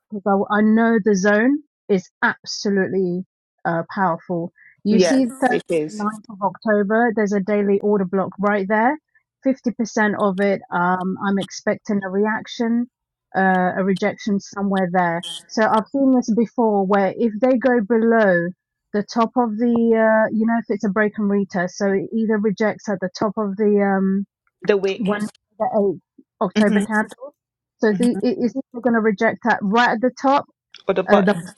S3: because I, I know the zone is absolutely uh, powerful. You
S5: Yes,
S3: see,
S5: it
S3: Thursday, the
S5: is.
S3: ninth of October, there's a daily order block right there. 50% of it, um, I'm expecting a reaction, uh, a rejection somewhere there. So I've seen this before where if they go below the top of the, uh, you know, if it's a break and retest, so it either rejects at the top of the, um,
S5: The wick.
S3: one for the eighth October
S5: hmm
S3: candle. So the he, is either going to reject that right at the top,
S5: Or the
S3: uh, the,
S5: button.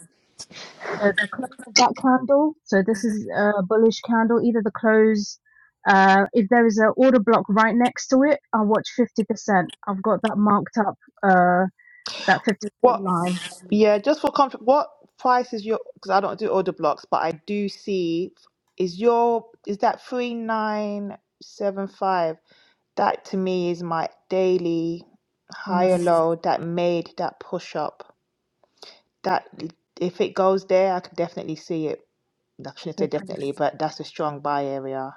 S3: the the close of that candle. So this is a bullish candle. Either the close, uh, if there is an order block right next to it, I'll watch fifty percent. I've got that marked up. Uh, that 50%
S5: What?
S3: line. Mm.
S5: Yeah, just for comfort, what price is your? Because I don't do order blocks, but I do see is your is that three nine seven five? That to me is my daily
S3: Pretty
S5: high or
S3: nice.
S5: low. That made that push up. That if it goes there, I could definitely see it. I shouldn't
S3: So
S5: say
S3: pretty nice.
S5: definitely, but that's a strong buy area.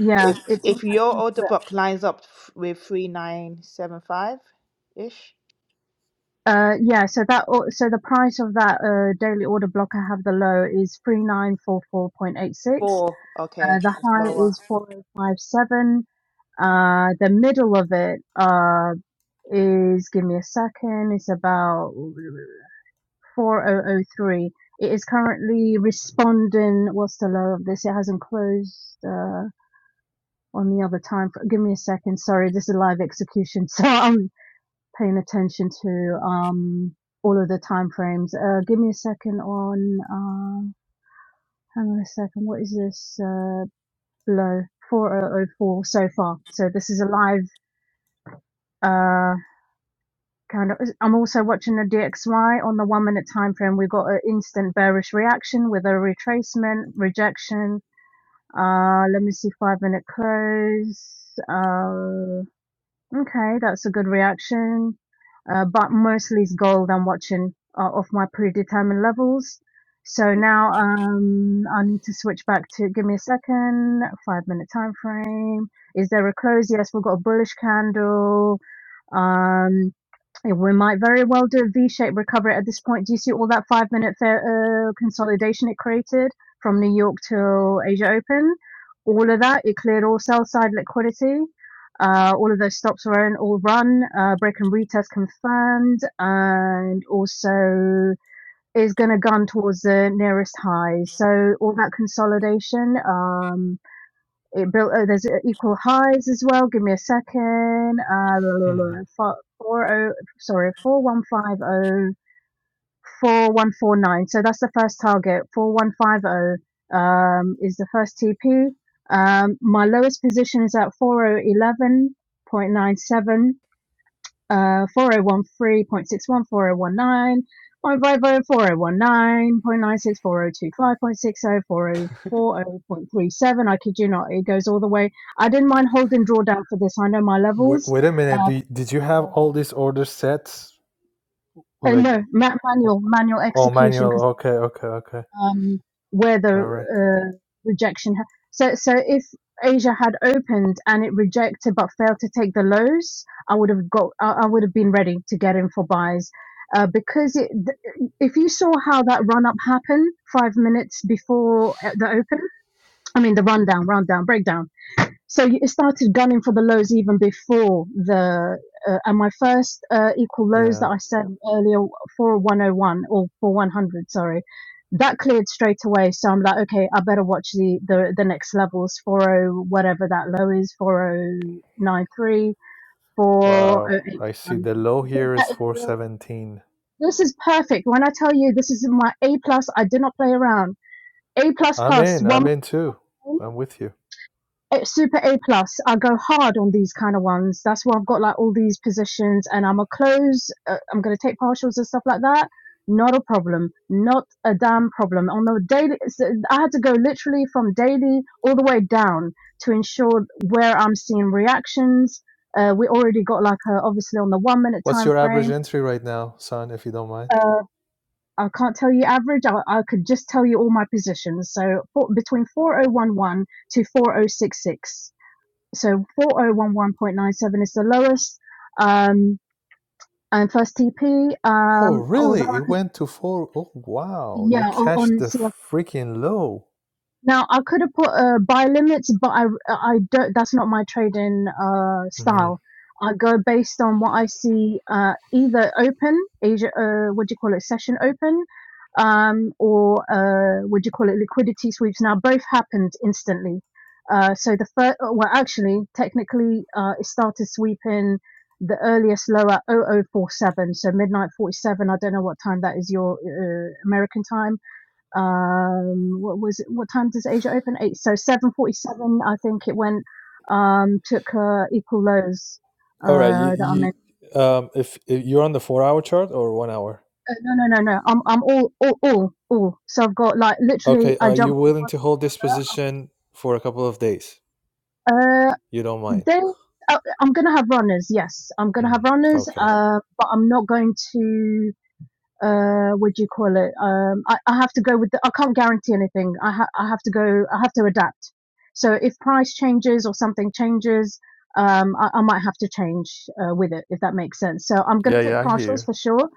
S3: Yeah,
S5: If
S8: There-
S3: it's
S5: if your order block lines up f- with three nine seven five ish,
S3: uh yeah, so that o- so the price of that uh daily order block I have the low is 3944.86
S5: four okay,
S3: Uh, the
S5: it's
S3: high
S5: lower.
S3: is 4057. Uh, the middle of it uh, is, give me a second, it's about 4003. It is currently responding. What's the low of this? It hasn't closed uh, on the other time. Give me a second. Sorry, this is live execution, so I'm paying attention to um, all of the time frames. Uh, give me a second on. Uh, hang on a second. What is this? Uh, low 4004 so far. So this is a live uh kind of. I'm also watching the DXY on the one minute time frame. We got an instant bearish reaction with a retracement rejection. Uh, let me see five minute close. Uh, Okay, that's a good reaction. Uh, but mostly's gold I'm watching are off my predetermined levels. So now um, I need to switch back to give me a second, five minute time frame. Is there a close? Yes, we've got a bullish candle. Um, yeah, We might very well do a V-shaped recovery at this point. Do you see all that five-minute uh, consolidation it created from New York till Asia Open? All of that, it cleared all sell-side liquidity. Uh, all of those stops were in, all run, uh, break and retest confirmed, and also is going to gun towards the nearest high. So all that consolidation, um, it built oh there's equal highs as well give me a second uh four, four oh sorry four one five oh four one four nine so that's the first target four one five oh um is the first tp um my lowest position is at four oh eleven point nine seven uh, 4013.61, I kid you not, it goes all the way. I didn't mind holding drawdown for this. I know my
S7: Wait,
S3: levels.
S7: wait a minute.
S3: Uh,
S7: Do you, did you have
S3: uh,
S7: all these order sets Like,
S3: no, ma-
S7: oh,
S3: manual, manual
S7: oh,
S3: execution because.
S7: manual. Okay, okay, okay.
S3: um, where the
S7: All right.
S3: uh, rejection. Ha- so, so if Asia had opened and it rejected but failed to take the lows, I would have got. I, I would have been ready to get in for buys. Uh, because it, th- if you saw how that run up happened five minutes before uh, the open, I mean the rundown, rundown, breakdown so it started gunning for the lows even before the uh, and my first uh, equal lows that
S7: Yeah.
S3: I said earlier for 101 or for 100 sorry that cleared straight away so I'm like okay I better watch the the, the next levels 40 whatever that low is 4093
S7: Wow. I see
S3: 4081
S7: the low here
S3: That
S7: is
S3: is real-
S7: 417.
S3: this is perfect when I tell you this is my A plus I did not play around A plus
S7: I'm
S3: plus
S7: in.
S3: one
S7: I'm in too. I'm with you.
S3: super A plus. I go hard on these kind of ones. That's why I've got like all these positions, and I'm a close. Uh, I'm gonna take partials and stuff like that. Not a problem. Not a damn problem. On the daily, so I had to go literally from daily all the way down to ensure where I'm seeing reactions. Uh, we already got like a, obviously on the one minute
S7: What's
S3: time
S7: your average
S3: frame.
S7: entry right now, son, if you don't mind?
S3: Uh, I can't tell you average. I, I could just tell you all my positions. So for, between 4011 to 4066 so 4011.97 is the lowest um and first tp
S7: Oh,
S3: um although
S7: really?
S3: i
S7: It
S3: could
S7: went to four. Oh, wow. You
S3: yeah on,
S7: cashed
S3: on
S7: the
S3: CFO
S7: freaking low.
S3: Now I could have put uh, buy limits, but I I don't. That's not my trading uh,
S7: Mm-hmm.
S3: style. I go based on what I see, uh, either open Asia, uh, what do you call it, session open, um, or uh, what do you call it, liquidity sweeps. Now both happened instantly. Uh, so the first, well, actually, technically, uh, it started sweeping the earliest low at 0047, so midnight 47. I don't know what time that is your uh, American time um what was it what time does asia open eight so 7.47 i think it went um took uh equal lows
S7: All right, you,
S3: uh that i meant
S7: you um, if, if you're on the four hour chart or one hour,
S3: uh, no no no no i'm i'm all all all all so i've got like literally
S7: okay,
S3: i
S7: are you
S3: jumped from
S7: willing
S3: one
S7: to hold this position for a couple of days?
S3: uh
S7: You don't mind?
S3: then uh, i'm gonna have runners yes i'm gonna have
S7: Mm,
S3: runners
S7: okay.
S3: uh but i'm not going to uh what do you call it um I, I have to go with the, I can't guarantee anything I ha- I have to go I have to adapt so if price changes or something changes um I, I might have to change uh, with it if that makes sense so I'm going to
S7: Yeah,
S3: take
S7: yeah, I hear
S3: partials
S7: you.
S3: for sure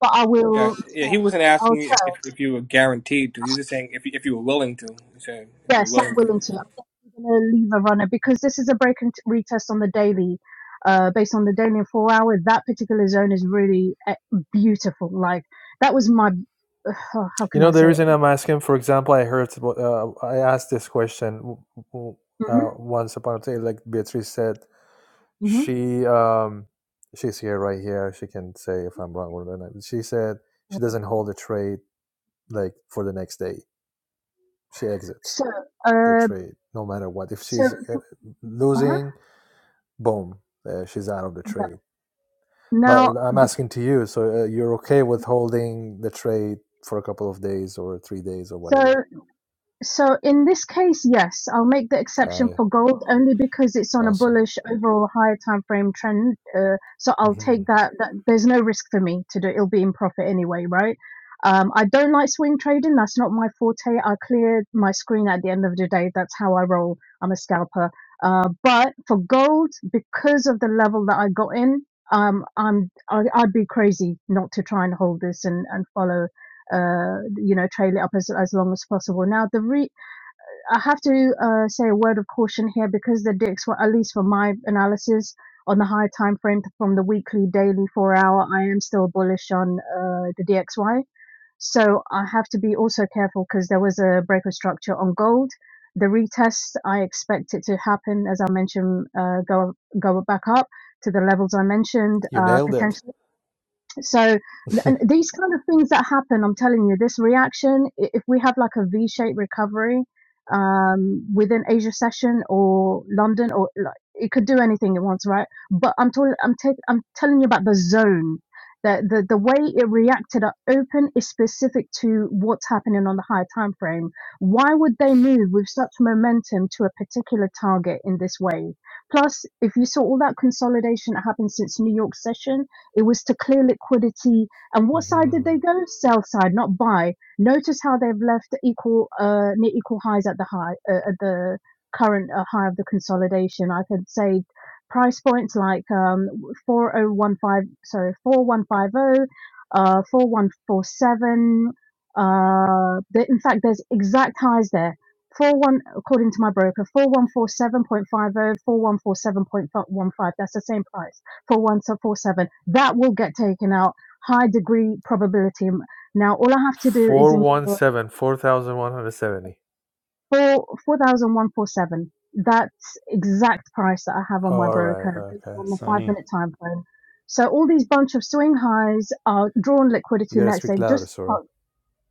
S3: but I
S2: Yeah,
S3: will
S2: yeah. He
S3: tell
S2: wasn't
S3: I'll
S2: asking you if, if,
S3: tell
S2: if you were guaranteed to. He was just saying if you, if you were willing to. He said if you're
S3: yes I'm
S2: willing to.
S3: willing to I'm going to leave a runner because this is a break and t- retest on the daily uh based on the daily and four hour that particular zone is really uh, beautiful like that was my how
S7: You
S3: can
S7: know
S3: I
S7: the
S3: say it?
S7: reason I'm asking. For example, I heard about- uh, I asked this question w- w- uh,
S3: hmm
S7: once upon a time. Like Beatrice said, she um, she's here right here. She can say if I'm wrong or not. She said she doesn't hold a trade like for the next day. She exits.
S3: So,
S7: the
S3: uh,
S7: trade, no matter what. If
S3: so,
S7: she's uh,
S3: uh-huh,
S7: losing, boom, uh, she's out of the
S3: yeah.
S7: trade.
S3: Now,
S7: But I'm asking to you, so uh, you're okay with holding the trade for a couple of days or three days or
S3: so
S7: whatever?
S3: So in this case, yes, I'll make the exception
S7: Aye,
S3: for gold only because it's on a
S7: awesome.
S3: bullish overall higher time frame trend. Uh, so I'll take
S7: hmm
S3: that, that. There's no risk for me to do. It'll be in profit anyway, right? Um, I don't like swing trading. That's not my forte. I clear my screen at the end of the day. That's how I roll. I'm a scalper. Uh, but for gold, because of the level that I got in, um, I'm I, I'd be crazy not to try and hold this and and follow uh, you know, trail it up as, as long as possible. Now, the re- I have to uh, say a word of caution here because the dicks were, at least for my analysis, on the high time frame from the weekly, daily, four hour. I am still bullish on uh, the DXY. So I have to be also careful because there was a break of structure on gold. The retest, I expect it to happen, as I mentioned, uh, go go back up to the levels I mentioned,
S7: You
S3: uh,
S7: nailed it.
S3: potentially so th- and these kind of things that happen i'm telling you this reaction i- if we have like a v-shaped recovery um within asia session or london or like it could do anything it wants right but i'm talking i'm taking i'm telling you about the zone that the the way it reacted at open is specific to what's happening on the higher time frame why would they move with such momentum to a particular target in this way plus if you saw all that consolidation that happened since new york session it was to clear liquidity. And what side did
S7: hmm
S3: they go? Sell side, not buy. Notice how they've left equal uh, near equal highs at the high uh, at the current uh, high of the consolidation. I could say price points like um, 4015 sorry 4150 uh 4147 uh the, in fact there's exact highs there Four one according to my broker four one four seven point five zero, four one four seven point one five. that's the same price for so That will get taken out. High degree probability. Now all I have to do is ensure
S7: 417,
S3: four four thousand one four seven. That's exact price that I have on my
S7: All right,
S3: broker based
S7: okay.
S3: on the five
S8: Sunny.
S3: minute time frame. So all these bunch of swing highs are drawn liquidity
S7: You gotta
S3: next day.
S7: speak louder,
S3: Just
S7: Sorab.
S3: oh,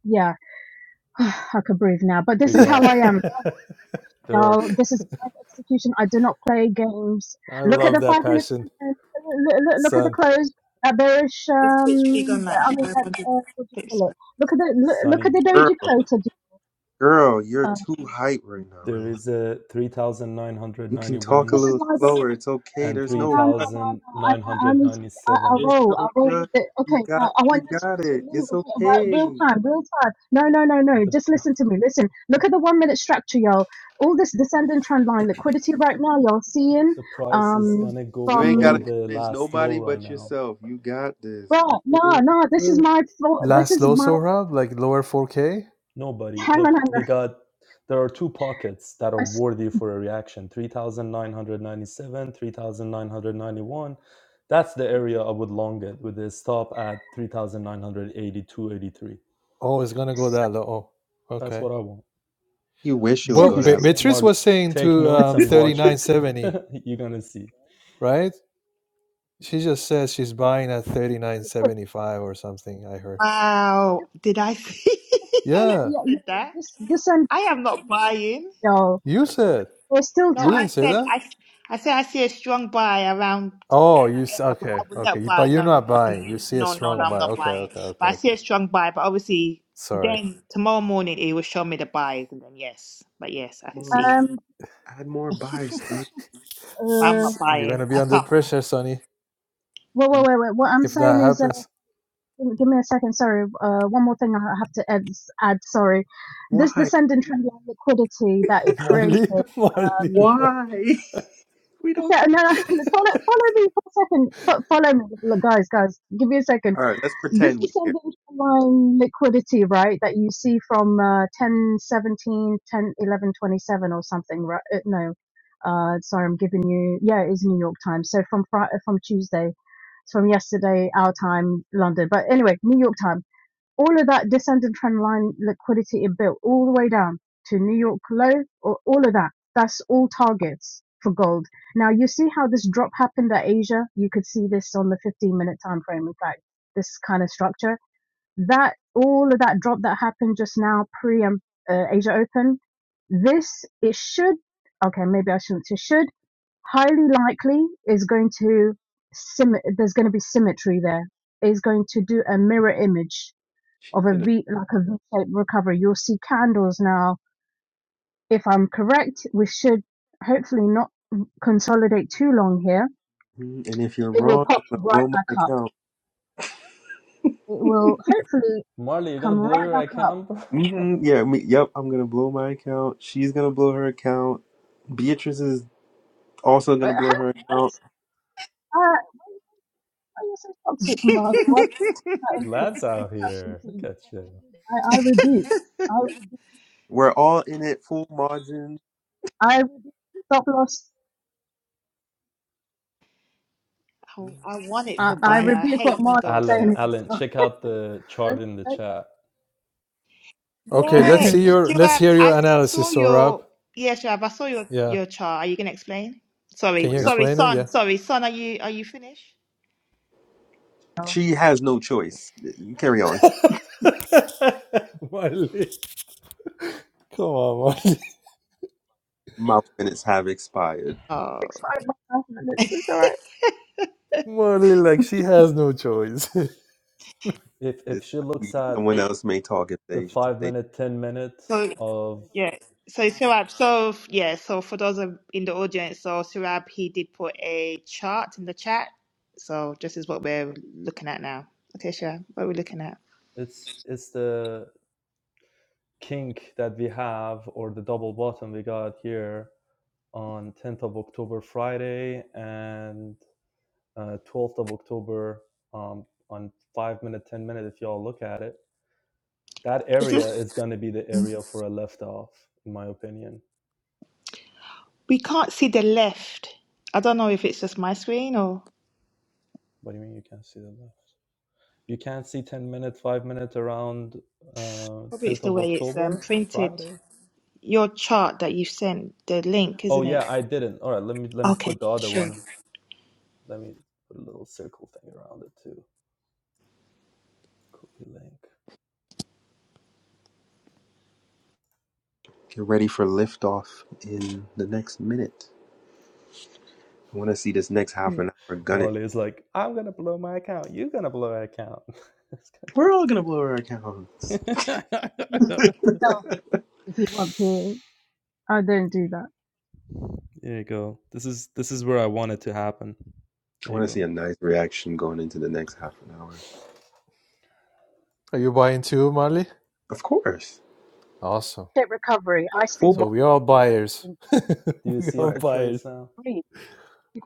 S3: yeah, I could breathe now. But
S8: We
S3: this is how
S8: got
S3: I am.
S7: I
S8: there are
S3: y'all. This is live execution. I do not play games. Look at
S7: love
S3: the
S7: that
S3: five minutes.
S7: passion,
S3: Look, look at the
S7: son.
S3: closed. That bearish.
S5: literally
S3: Um,
S5: gone like
S3: I mean, that,
S5: 500
S3: uh, what do you
S5: clicks.
S3: call it?
S5: back.
S3: Look at the look, look at
S8: Sunny.
S3: the
S1: girl,
S3: doji crater.
S1: girl, you're
S3: Uh,
S1: too hype right now.
S8: There
S1: Relax.
S8: is a three thousand nine hundred
S1: You can
S8: ninety
S1: talk a
S8: one
S3: this is
S1: little
S3: live.
S1: slower. It's okay.
S8: and
S1: There's
S3: No, no,
S1: no
S3: no,
S1: rush.
S3: no, no. I, I, I need. To, I, I
S8: 3997
S1: There's
S3: roll. I
S1: no
S3: roll
S1: rush.
S3: with it. Okay,
S1: You
S3: now
S1: got,
S3: I want
S1: you
S3: you
S1: got
S3: to.
S1: it. It's
S3: About real
S1: okay.
S3: time, real time. No, no, no, no.
S8: the
S3: Just listen to me. Listen. Look at the one minute structure, y'all. All this descending trend line liquidity right now, y'all seeing
S8: the price is
S3: um,
S8: gonna go
S1: You ain't
S3: from
S8: below
S1: gotta
S8: the
S1: convince
S8: last low
S1: nobody
S8: right
S1: but
S8: now
S1: yourself. You got this.
S3: Well, no,
S1: okay?
S3: no. This is my full. This
S7: Last
S3: is
S7: low,
S3: my
S7: Sorab, like lower 4K.
S8: Nobody.
S3: hang on. hang
S8: Look, we
S3: on.
S8: got there are two pockets that are
S3: Uh, s-
S8: worthy for a reaction 3997, 3991. That's the area I would long it with a stop at 3982, 83.
S7: Oh, it's gonna go
S3: s-
S7: that low. Oh,
S8: That's
S7: okay.
S8: what I want.
S1: You wish you would
S3: So,
S7: Well,
S1: go
S3: this,
S7: Be-
S1: that. Low.
S8: Yeah,
S7: Beatrice
S8: Marley,
S7: was saying
S8: take
S7: to
S8: notes
S7: um,
S8: and
S7: thirty
S8: watch it.
S7: nine seventy,
S8: you're gonna see.
S7: right? She just says she's buying at thirty nine
S3: but
S7: seventy five or something. I heard.
S3: this, this,
S5: Wow. Did I see? I don't know
S3: uh,
S7: Yeah,
S3: yeah,
S5: who
S3: yeah,
S5: said that.
S3: this, this and
S5: I am not buying.
S3: y'all.
S7: you said
S3: There's still
S5: No,
S7: you
S3: time.
S7: didn't
S5: I
S7: say
S5: said
S7: that.
S5: I, I said I see a strong buy around
S7: Oh, you
S5: that
S7: s-
S5: area, but
S7: okay?
S5: I will
S7: Okay,
S5: not
S7: You- but
S5: buy.
S7: you're
S5: No, no,
S7: not
S5: I can,
S7: buying. You see a
S5: no, no, no,
S7: strong
S5: I'm
S7: buy.
S5: not
S7: Okay,
S5: buying.
S7: okay, okay,
S5: But I
S7: okay.
S5: see a strong buy. But obviously,
S7: Sorry,
S5: then tomorrow morning it will show me the buys, and then yes, but yes, I can
S1: Come on,
S5: see.
S1: son.
S3: Um.
S1: add more buys, son.
S5: But I'm
S3: Uh.
S5: not
S7: S- you're gonna
S5: buying.
S7: be
S5: I
S7: under
S5: can't.
S7: pressure, Sonny,
S3: Wait, wait, wait, wait. What I'm
S7: if that
S3: saying is, uh,
S7: happens.
S3: give give me a second. Sorry. Uh. One more thing I have to add. add sorry. This
S1: Why?
S3: descending trend line liquidity that it created.
S7: Marley, Marley.
S3: Um.
S7: what?
S1: Why? We don't
S3: So, no,
S1: care.
S3: no. Follow, follow me for a second. Fo- follow me, Look, guys, guys. Give me a second.
S1: All right, let's
S3: This
S1: pretend we
S3: is something line liquidity, right? That you see from uh, 10, seventeen, ten eleven twenty-seven or something, right? Uh, no, uh, sorry, I'm giving you, yeah, it is New York time. So from Friday, from Tuesday, it's from yesterday, our time, London. But anyway, New York time all of that descending trend line liquidity it built all the way down to New York low, or all of that. That's all targets for gold. Now you see how this drop happened at Asia. You could see this on the 15 minute time frame. In fact, this kind of structure that all of that drop that happened just now pre um, uh, Asia Open. This it should okay maybe I shouldn't say should highly likely is going to sim there's going to be symmetry there is going to do a mirror image of
S1: care.
S3: a V, like a V-shaped recovery. You'll see candles now. If I'm correct, we should hopefully not consolidate too long here.
S1: Mhm. And if you're
S3: It will
S1: wrong,
S3: pop
S1: I'm gonna
S3: right
S1: blow my
S3: back up.
S1: account.
S3: It will hopefully
S8: Marley, you're gonna
S3: come
S8: blow
S3: right
S8: your
S3: back up.
S8: account, bro.
S1: hmm Yeah, me, yep, I'm gonna blow my account. She's gonna blow her account. Beatrice is also
S3: But
S1: gonna
S3: how,
S1: blow her
S3: why
S1: account.
S3: was, uh, why are you so toxic, Marley? Why is that okay?
S8: Lads out here. Look
S3: okay?
S8: at you.
S3: I, I rebuke. I rebuke.
S1: We're all in it full margin.
S3: I rebuke. Stop loss.
S5: I, I wanted
S3: I,
S5: to
S1: I-
S3: I
S5: buy.
S1: I-
S5: I
S3: rebuke what
S5: hate when
S3: Marley's
S5: gold
S8: Alan,
S5: sells.
S3: saying.
S8: Alan, check out the
S3: Don't-
S8: chart in the chat.
S3: don't-
S7: Okay, let's
S5: Yeah,
S7: see your let's
S5: Shuab,
S7: hear your
S5: I saw
S7: analysis, Sorab.
S5: your yeah, Shuab, I saw your
S7: Yeah.
S5: your chart. Are you gonna explain?
S7: Can
S5: Sorry,
S1: well,
S7: you
S1: yep.
S5: sorry,
S7: explain it?
S5: son,
S7: Yeah.
S5: sorry, son. Are you are you finished?
S1: She has no choice. Carry on.
S7: Marley. Come on, Marley.
S1: My minutes have expired.
S5: Oh,
S3: Six five. Let's. It's it's all right.
S7: Marley, like she has no choice.
S8: If
S1: It
S8: if she looks
S1: is-
S8: at
S1: Someone else may talk if
S8: the
S1: they if
S8: five
S1: they
S8: minute, ten minute
S5: so
S8: of
S5: yeah, so Shuab, so yeah, so for those of, in the audience, so Shuab, he did put a chart in the chat. So this is what we're looking at now. Okay, Shuab, what are we looking at?
S8: it's it's the kink that we have or the double bottom we got here on 10th of October Friday and uh, 12th of October um, on five minute, ten minute. If y'all look at it, that
S5: Is
S8: area
S5: this?
S8: is going to be the area for a left off, in my opinion.
S5: We can't see the left. I don't know if it's just my screen or
S8: What do you mean you can't see the left? You can't see ten minute, five minute around uh,
S5: probably it's
S8: tenth
S5: the
S8: of
S5: way it's um,
S8: October
S5: printed.
S8: Friday.
S5: your chart that you sent, the link,
S8: Oh
S5: isn't it?
S8: yeah, I didn't. All right, let me let me
S5: Okay,
S8: put the other
S5: sure.
S8: one. Let me put a little circle thing around it too. Copy link.
S1: get ready for liftoff in the next minute. I want to see this next half
S3: Yeah.
S1: an hour gun it.
S8: Marley is like, I'm gonna blow my account. You're gonna blow my account. It's kind
S1: We're all gonna blow our accounts.
S8: there of-
S3: if you want to. I don't do that.
S8: there you go. This is this is where I want it to happen.
S1: I
S8: There you
S1: want to see
S8: go.
S1: a nice reaction going into the next half an hour.
S7: Are you buying too, Marley?
S1: Of course.
S7: Awesome.
S3: Shape recovery. I see
S1: Full
S7: So
S1: Monty
S7: we all buyers.
S8: Do you
S7: we
S8: see
S7: all
S8: it
S1: Drive.
S8: betrays
S7: buyers.
S8: now?
S3: Shape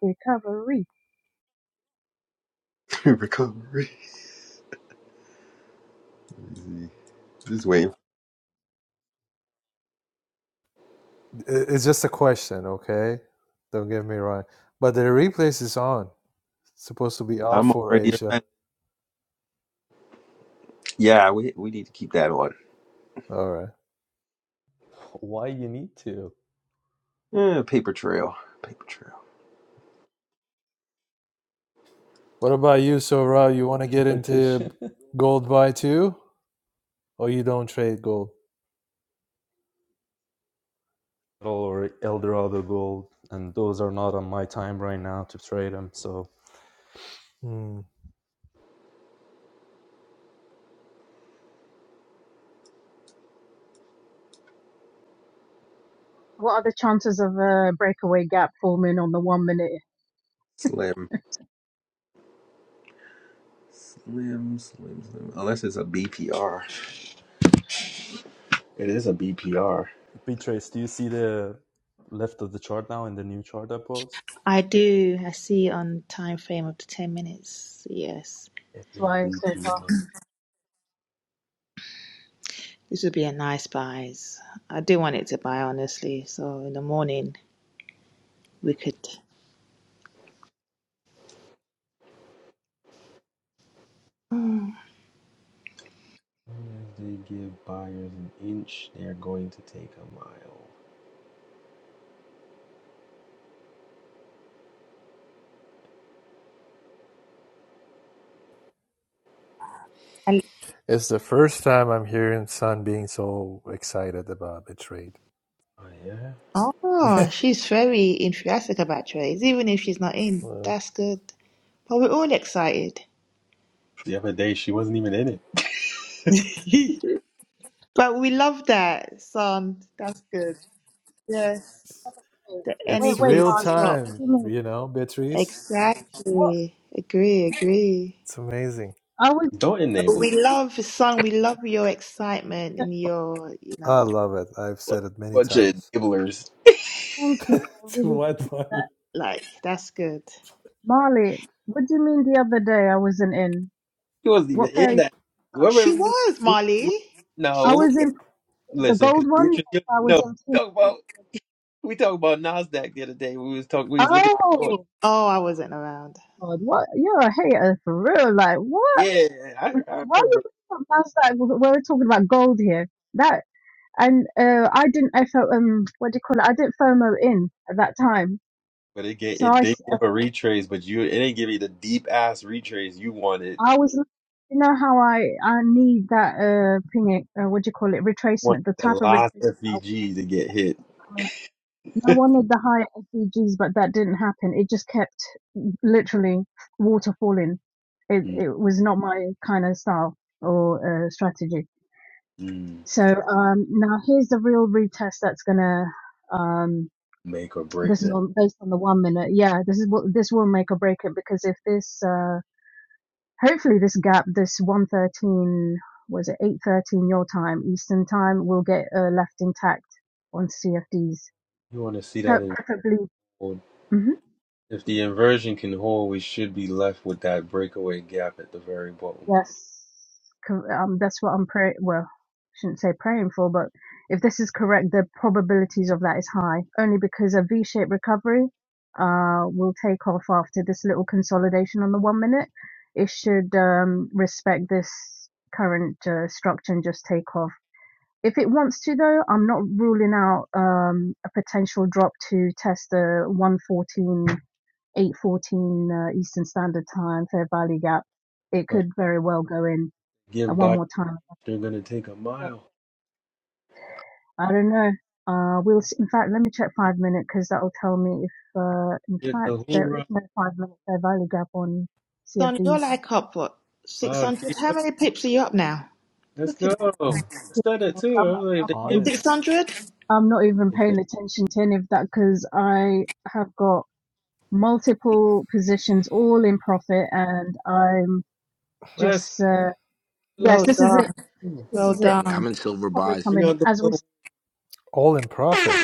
S3: recovery.
S1: Recovery. Easy. Just waiting.
S7: I- It's just a question, okay? Don't get me wrong. But the replays is on. It's supposed to be off
S1: I'm
S7: for
S1: already
S7: Asia.
S1: Yeah, we, we need to keep that on.
S7: All right.
S8: Why you need to
S1: Yeah, paper trail. Paper trail.
S7: What about you, Sora? You want to get into
S8: competition?
S7: gold buy too, or you don't trade gold?
S8: or Eldorado Gold, and those are not on my time right now to trade them. So,
S7: Hmm.
S3: What are the chances of a breakaway gap forming on the one minute
S1: Slim. Slim, slim, slim. Unless it's a BPR. It is a BPR.
S8: Betrays, do you see the left of the chart now in the new chart I post?
S5: I do. I see on time frame up to 10 minutes. Yes.
S1: It is a
S3: fly so far?
S1: BPR.
S5: This would be a nice buy. I do want it to buy, honestly. So in the morning, we could. Mm.
S1: As they give buyers an inch, they are going to take a mile.
S5: And
S7: It's the first time I'm hearing Sun being so excited about the trade.
S1: Oh, yeah?
S5: oh, she's very enthusiastic about trades, even if she's not in.
S7: Well,
S5: That's good. But we're all excited.
S1: The other day, she wasn't even in it.
S5: but we love that, son. That's good. Yes.
S3: Wait,
S5: The
S3: wait,
S7: it's
S5: energy
S3: wait,
S7: real
S5: is
S3: Marley.
S5: top.
S3: What do
S7: time,
S3: you mean?
S7: you know, Beatrice.
S3: What?
S5: Exactly. Agree, agree.
S7: It's amazing.
S3: I was.
S1: Don't
S5: But
S1: enable.
S5: We love, son, we love your excitement
S3: uh,
S5: and your, you
S7: I
S5: know,
S7: love it. I've
S1: What
S7: said it many
S1: bunch of
S7: times.
S1: enablers?
S3: Thank you. I really.
S7: to
S3: appreciate
S7: what one?
S3: That.
S5: like, that's good.
S3: Marley, what do you mean the other day I wasn't in?
S1: She wasn't even
S3: What
S1: in
S3: pair?
S1: that. Whoever.
S5: She was, Molly. She
S3: I
S1: No,
S5: took
S3: was
S5: it.
S3: in the
S1: listen, because
S3: gold
S1: you
S3: one. I
S1: don't
S3: was
S1: know. We
S3: in
S1: talk
S3: two.
S1: about we talked about Nasdaq the other day. We was talk. We was looking. For,
S3: Oh,
S5: Oh, I wasn't around.
S3: God. What? You're a hater for real. Like, what?
S1: yeah, I, I
S3: Why
S1: remember.
S3: you bring up Nasdaq? We're talking about gold here. That and uh, I didn't FO, um what do you call it? I didn't FOMO in at that time,
S1: But it gave,
S3: so
S1: it
S3: I
S1: did
S3: s-
S1: give a retrace, but you it didn't give you the deep ass retrace you wanted.
S3: I was you know how I I need that uh ping uh, what do you call it
S1: wanted
S3: retracement? The
S1: the
S3: type of
S1: last
S3: retracement I was
S1: FVG to get hit.
S3: coming. I wanted the higher SDGs, but that didn't happen. It just kept literally water falling. It it was not my kind of style or uh, strategy.
S1: Mm-mm.
S3: So um, now here's the real retest that's gonna. Um,
S1: Make or break
S3: this is
S1: this.
S3: on based on the one minute. Yeah, this is what this will make or break it because if this, uh, hopefully, this gap, this one thirteen was it eight thirteen your time Eastern time, will get uh, left intact on CFDs.
S1: You want to see that
S3: Per-
S1: in
S3: preferably.
S1: hold.
S3: mm-hmm.
S1: If the inversion can hold, we should be left with that breakaway gap at the very bottom.
S3: Yes, cor- um, that's what I'm praying. Well, shouldn't say praying for, but if this is correct, the probabilities of that is high, only because a V-shaped recovery uh, will take off after this little consolidation on the one minute. It should um, respect this current uh, structure and just take off. If it wants to, though, I'm not ruling out um, a potential drop to test the 114 8:14 uh, Eastern Standard Time, Fair Valley Gap. It
S1: But
S3: could very well go in uh,
S1: give
S3: one
S1: by,
S3: more time.
S1: they're gonna take a
S3: But
S1: mile.
S3: I don't know. Uh, we'll. s In fact, let me check five minute because that'll tell me if. Uh, in
S1: Get
S3: fact,
S1: the
S3: there is
S1: hoorah!
S3: no five minute Fair Valley Gap on
S5: Son, you're
S3: CFDs.
S5: like up, what,
S1: Wow, there
S5: 600?
S1: you
S5: How
S1: go.
S5: many pips are you up now?
S1: Let's
S5: Look at that.
S1: go. I said that
S3: I'm,
S1: too. I
S3: I'm
S1: was like, if
S3: I'm
S1: they
S3: not
S1: give,
S3: even.
S8: Hamid,
S5: 600?
S3: I'm not even
S1: if they
S3: paying attention to any of that because I have got multiple positions all in profit and I'm
S1: last,
S3: just. Uh, yes,
S5: Well
S1: uh,
S3: this is it.
S5: done.
S1: hmm.
S3: This
S5: Well
S3: is it. The
S6: i'm
S5: done.
S6: in silver
S3: recovery
S6: buys
S1: bring
S3: coming
S1: out the
S3: as we.
S1: little.
S3: speak.
S7: All in profit,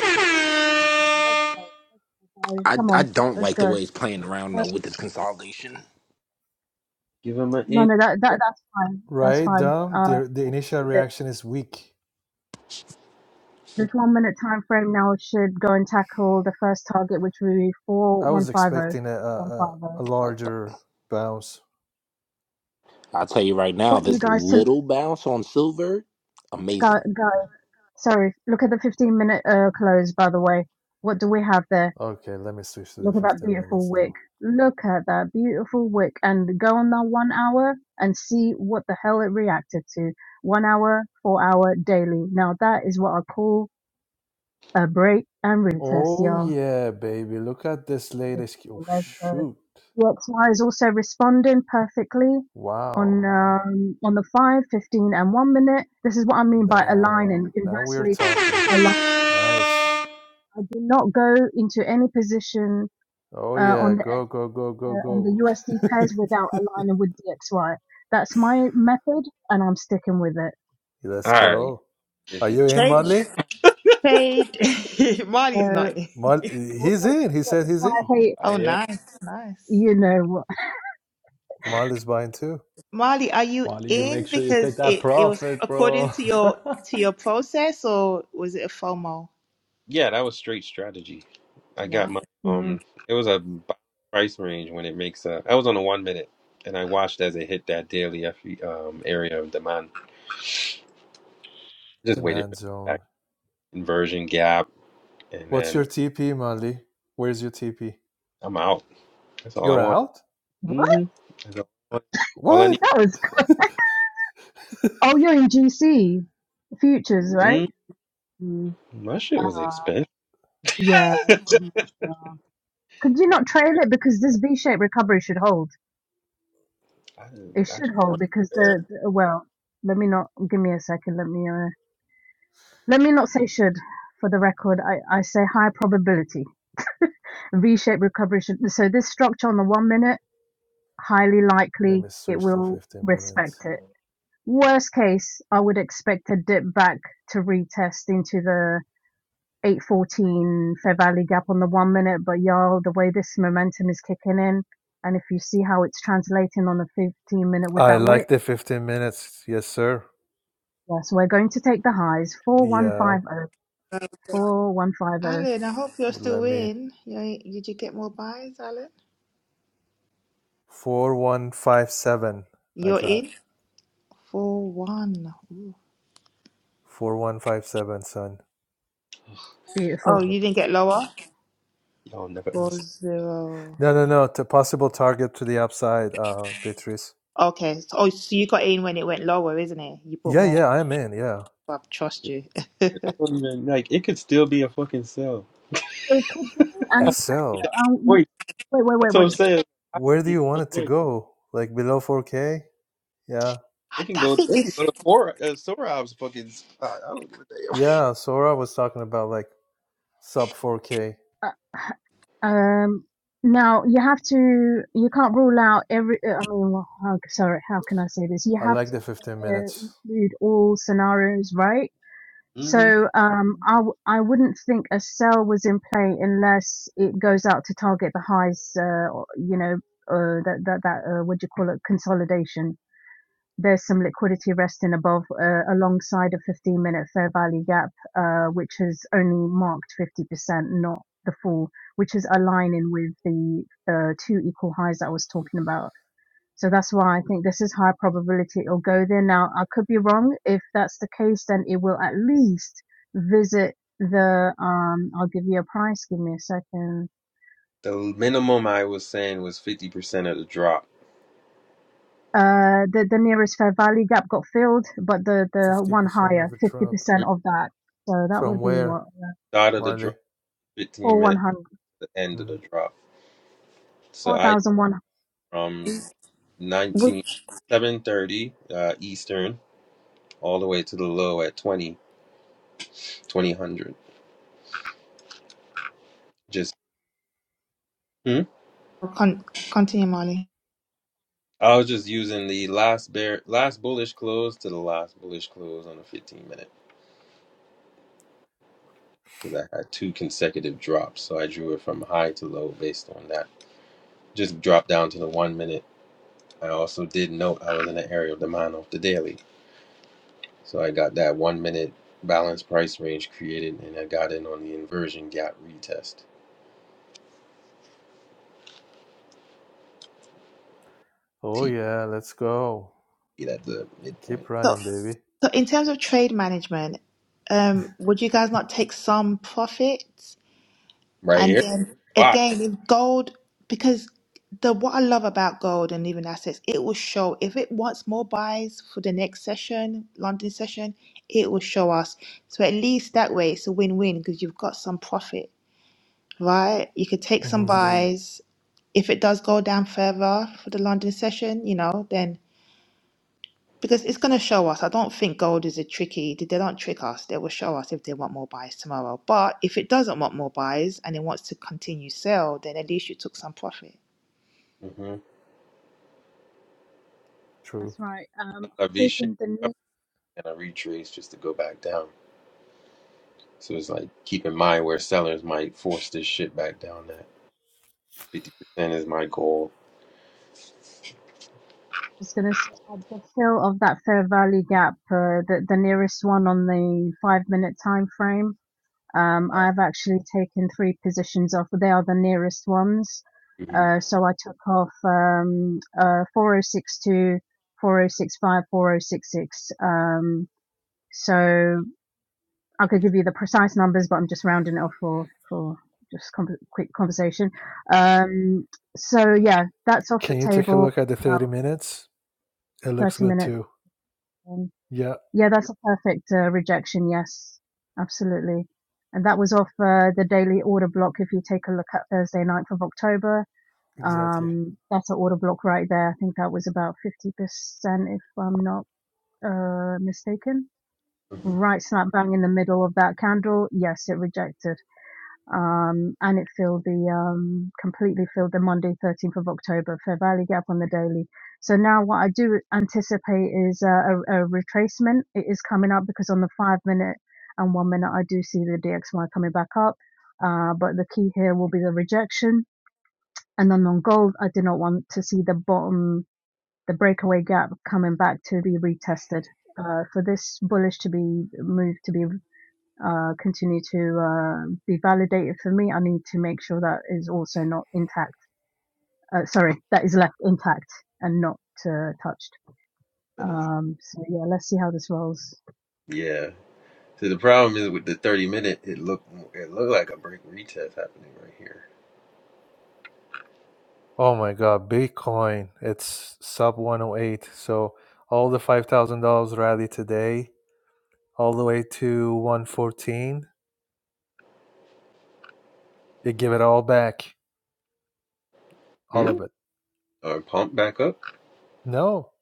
S3: guys,
S6: i
S3: come
S6: i
S3: on,
S6: don't
S3: let's
S6: like the
S3: go.
S6: way it's playing around
S3: Uh,
S6: though with this consolidation
S1: Give him an
S3: no,
S1: in.
S3: no, that, that that's fine. That's
S7: right?
S3: fine.
S7: Dom,
S3: Uh,
S7: the the initial
S3: th-
S7: reaction is weak.
S3: this one minute time frame now should go and tackle the first target, which would be four
S7: I
S3: one
S7: was
S3: five zero
S7: expecting a a,
S3: one
S7: a
S3: five zero.
S7: a
S6: I,
S7: larger bounce.
S6: i'll tell you right
S3: I
S6: now
S3: want you
S6: this
S3: guys to
S6: little bounce on silver
S3: go,
S6: amazing
S3: go. Sorry, look at the fifteen minute uh, close. By the way, what do we have there?
S7: Okay, let me switch to the
S3: Look at that
S7: 15
S3: beautiful
S7: minutes
S3: wick.
S7: now.
S3: Look at that beautiful wick, and go on that one hour and see what the hell it reacted to. One hour, four hour daily. Now that is what I call a break and retest,
S7: Oh
S3: y'all.
S7: yeah, baby. Look at this
S3: Just
S7: latest. ki- Oh,
S3: let's go.
S7: shoot.
S3: DXY is also responding perfectly on
S7: Wow.
S3: um, on the 5, 15, and 1 minute. This is what I mean by
S7: Now,
S3: aligning.
S7: now we're
S3: Inversely
S7: talking.
S3: aligned.
S7: Nice.
S3: I do not go into any position
S7: Oh
S3: uh,
S7: yeah,
S3: on the
S7: go go go go
S3: uh, on
S7: go.
S3: the USD pairs without aligning with DXY. That's my method, and I'm sticking with it.
S1: All
S7: Let's
S1: right.
S7: go.
S1: This
S7: Are
S1: is,
S7: you in,
S5: Trade.
S7: Molly?
S5: Trade. Molly's
S3: So
S5: not.
S7: Mol-
S3: all
S7: he's in. He
S3: that
S7: said he's in.
S3: DXY hate,
S1: I
S5: Oh,
S1: am.
S5: nice, nice.
S3: you know what?
S7: Molly's buying too.
S5: Marley, are you
S8: Wally, you make
S5: in
S8: sure you take
S5: because
S8: that
S5: it, it was
S8: profit,
S5: according
S8: bro.
S5: to your to your
S8: that
S5: process or was it a FOMO?
S1: Yeah, that was straight strategy. I got
S5: No.
S1: my
S3: Mm,
S1: um. It was a b- price range when it makes a. I was on a one minute, and I watched as it hit that daily FE, um area of demand. Just waited
S7: Demand
S1: for
S7: zone.
S1: that inversion gap, and
S7: What's
S1: then
S7: your TP, Molly? Where's your TP?
S1: I'm out. That's all I
S7: You're
S1: want.
S7: out?
S3: what?
S1: Mm-hmm. That's all I, want. All I
S7: What?
S3: That was Oh, you're in GC futures, right?
S1: need. Mm-hmm. My shit was expensive.
S3: Yeah. pretty much, uh, Could you
S1: my,
S3: not trail it because this V-shaped recovery should hold?
S1: I,
S3: It
S1: I
S3: should
S1: just
S3: hold
S1: wanted
S3: because
S1: it
S3: the, the well, let me not give me a second. Let me uh, let me not say should for the record. I I say high probability V-shaped recovery should. So this structure on the one minute, highly
S7: Let
S3: likely
S7: me
S3: it
S7: switch to
S3: will
S7: 15 minutes.
S3: respect it. Worst case, I would expect a dip back to retest into the 814 Fair Valley gap on the one minute, but y'all, the way this momentum is kicking in, and if you see how it's translating on the 15 minute with
S7: I
S3: that
S7: like
S3: wick,
S7: the 15 minutes. Yes, sir.
S3: yeah, so we're going to take the highs
S7: Yeah,
S3: 4150, 4150.
S5: Alan, I hope you're
S7: let
S5: still
S7: me.
S5: in. You ain't- did you get more buys, Alan?
S7: 4157. I
S5: You're
S7: got
S5: in for one. Ooh.
S7: 4157, son.
S5: Oh,
S1: there.
S3: Beautiful.
S5: you didn't get lower?
S1: Y'all never
S5: Four
S1: understand.
S5: zero.
S7: No, no, no. To possible target to the upside, uh, Beatrice.
S5: Okay. So, oh, so you got in when it went lower, isn't it? You bought
S7: Yeah,
S5: more.
S7: yeah, I'm in. Yeah.
S5: I trust you.
S1: I
S5: I,
S1: don't even like it could still be a fucking cell.
S3: It could do, and
S1: Ain't
S7: SL.
S1: that much
S3: um,
S1: Point.
S3: wait, wait, wait,
S1: That's what I'm
S3: wait.
S1: saying.
S7: Where do
S1: Ain't
S7: you
S1: that
S7: want
S1: much
S7: it to
S1: point.
S7: go? Like below 4K? Yeah.
S1: It can
S5: I
S1: go.
S5: think
S1: It can
S5: this
S1: go to four. Uh, Sorab's fucking. Spot. I don't give a
S7: Yeah, Sora was talking about like sub 4K.
S3: Uh, um, now you have to, you can't rule out every, uh, I mean, well, how, sorry, how can I say this? You
S7: I
S3: have
S7: like
S3: to
S7: the 15
S3: uh,
S7: minutes.
S3: include all scenarios, right?
S1: damn. hmm
S3: So um, I, w- I wouldn't think a sell was in play unless it goes out to target the highs, uh, or, you know, uh, that, that, that uh, what do you call it, consolidation. There's some liquidity resting above uh, alongside a 15 minute fair value gap, uh, which has only marked 50%, not the full, which is aligning with the uh, two equal highs that I was talking about so that's why I think this is high probability it'll go there. Now, I could be wrong. If that's the case, then it will at least visit the, um, I'll give you a price. Give me a second.
S1: The minimum I was saying was fifty percent of the drop.
S3: Uh, the, the nearest fair value gap got filled, but the, the one
S7: 50%
S3: higher,
S7: of the
S3: 50%
S7: drop.
S3: of that. So that
S7: From
S3: would be
S7: where,
S3: what?
S1: Start of the
S7: Marley?
S1: drop, fifteen minutes.
S3: 4,100,
S1: to The end of
S7: hmm
S1: the drop. So I
S3: 4,100.
S1: from
S5: would
S1: nineteen seven thirty uh, Eastern all the way to the low at twenty twenty hundred. Just.
S5: con- continue, Marley.
S1: I was just using the last bear, last bullish close to the last bullish close on the 15 minute because I had two consecutive drops. So I drew it from high to low based on that. Just dropped down to the one minute. I also did note I was in the area of demand off the daily. So I got that one minute balance price range created and I got in on the inversion gap retest.
S7: Oh,
S1: T
S7: yeah, let's go.
S1: at the midpoint.
S7: Keep
S5: So,
S7: running, baby.
S5: so in terms of trade management, um, would you guys not take some profits?
S1: Right
S5: And
S1: here.
S5: then
S1: Why?
S5: again, if gold, because the what I love about gold and even assets, it will show if it wants more buys for the next session, London session, it will show us. So at least that way, it's a win-win because you've got some profit, right? You could take some
S7: hmm
S5: buys. If it does go down further for the London session, you know, then because it's going to show us. I don't think gold is a tricky. They don't trick us. They will show us if they want more buys tomorrow. But if it doesn't want more buys and it wants to continue sell, then at least you took some profit.
S1: Mm-hmm.
S3: That's
S7: True.
S3: right. Um,
S1: A
S3: I've
S1: V shape
S3: taken the, ne- I
S1: and a retrace just to go back down. So it's like keep in mind where sellers might force this shit back down at. Fifty percent is my goal.
S3: was going to say at the fill of that fair value gap, uh, the, the nearest one on the five minute time frame. Um,
S1: Uh,
S3: I've actually taken three positions off. They are the nearest ones.
S1: hmm
S3: Uh, so I took off um, uh, 4062, 4065, 4066. Um, so I could give you the precise numbers, but I'm just rounding it off for, for just com- quick conversation. Um, so yeah, that's off the
S7: Can you take a
S3: table
S7: look at the 30
S3: now,
S7: minutes? It looks
S3: 30
S7: good
S3: minutes.
S7: too.
S3: in.
S7: Yeah,
S3: Yeah, that's a perfect uh, rejection. Yes, absolutely. And that was off uh, the daily order block. If you take a look at Thursday, ninth of October,
S7: exactly.
S3: um, that's an order block right there. I think that was about 50%, if I'm not uh, mistaken.
S1: hmm
S3: Right slap bang in the middle of that candle. Yes, it rejected um, and it filled the um, completely filled the Monday 13th of October Fair Value Gap on the daily. So now what I do anticipate is uh, a, a retracement. It is coming up because on the five minute and one minute I do see the DXY coming back up, uh, but the key here will be the rejection. And then on gold, I do not want to see the bottom, the breakaway gap coming back to be retested. Uh, for this bullish to be moved to be uh, continue to uh, be validated for me, I need to make sure that is also not intact. Uh, sorry, that is left intact and not uh, touched.
S1: Better not.
S3: Um, so yeah, let's see how this rolls.
S1: Yeah. So the problem is with the thirty minute, it looked it looked like a break retest happening right here.
S7: Oh my God, Bitcoin, it's sub 108. So all the $5,000 rally today, all the way to 114, they give it all back, all
S1: Hmm.
S7: of it.
S1: Or pump back up.
S7: No,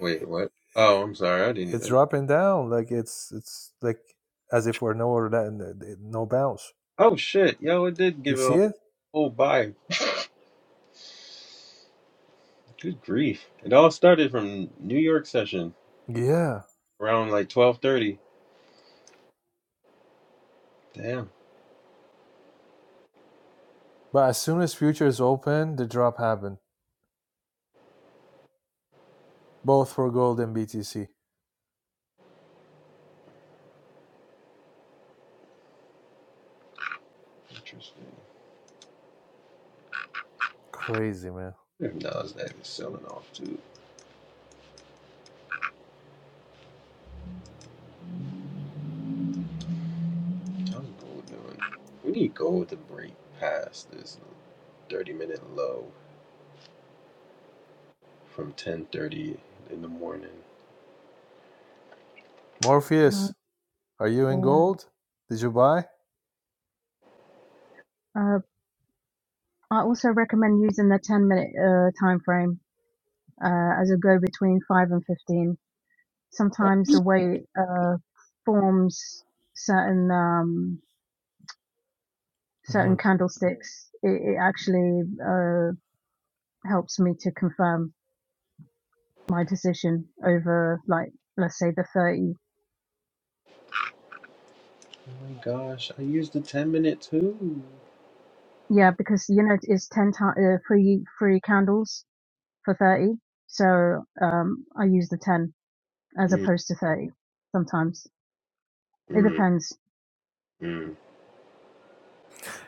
S1: Wait,
S7: it-
S1: what? Oh, I'm sorry. I didn't.
S7: it's
S1: uh,
S7: dropping down like it's it's like as if we're nowhere that no bounce.
S1: Oh shit, yo, it did
S7: You
S1: give
S7: see
S1: a
S7: it?
S1: whole buy. Good grief! It all started from New York session
S7: Yeah.
S1: around like twelve thirty. Damn.
S7: But as soon as futures open, the drop happened, both for gold and BTC.
S1: Interesting.
S7: Crazy, man.
S1: Now that it's selling off too. How's gold doing? We need gold to break past this 30 minute low from 10.30 in the morning.
S3: Uh,
S7: Morpheus, are you in
S3: yeah.
S7: gold? Did you buy?
S3: uh, I also recommend using the 10 minute uh, time frame uh, as a go between 5 and 15. Sometimes the way it uh, forms certain um, certain
S7: Mhm.
S3: candlesticks, it, it actually uh, helps me to confirm my position over like let's say the 30
S1: Oh my gosh, I used the 10 minute too.
S3: yeah because you know it's 10 ti uh, three three candles for 30 so um i use the 10 as
S1: Mm,
S3: opposed to 30 sometimes it
S1: mm,
S3: depends
S1: mm.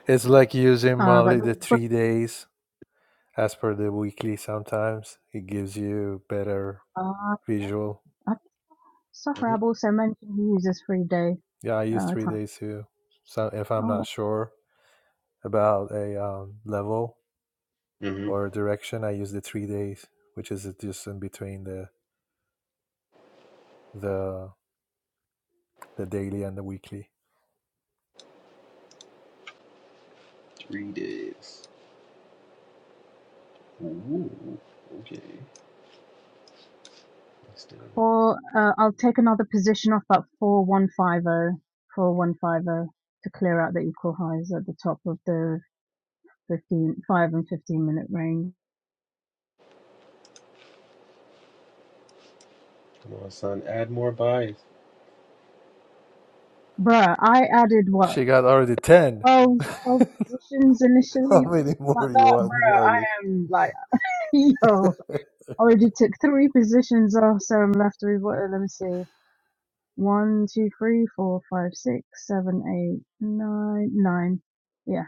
S7: It's like using
S3: uh but
S7: only
S3: there
S7: the
S3: book
S7: three days as per the weekly sometimes. It gives you better
S3: uh
S7: visual.
S3: I think Sohrab also mentioned he uses three day
S7: Yeah, I use
S3: uh
S7: three
S3: time
S7: days too. So if I'm
S3: oh wow.
S7: not sure about a um, level
S1: Mm-hmm.
S7: or direction, I use the three days, which is just in between the the the daily and the weekly.
S1: Three days. Ooh, okay. Let's do it.
S3: or uh, i'll take another position off that 4150 4150 to clear out the equal highs at the top of the 15 5 and 15 minute range
S1: Come on, son, add more buys.
S3: Bruh, I added what,
S7: She got already ten.
S3: 12, 12 positions
S7: How
S3: initially,
S7: many
S3: something
S7: more
S3: like
S7: do you
S3: that.
S7: want,
S3: Bruh,
S7: Marley?
S3: I am like, yo, already took three positions off, so I'm left with what, let me see, one, two, three, four, five, six, seven, eight, nine, nine. Yeah.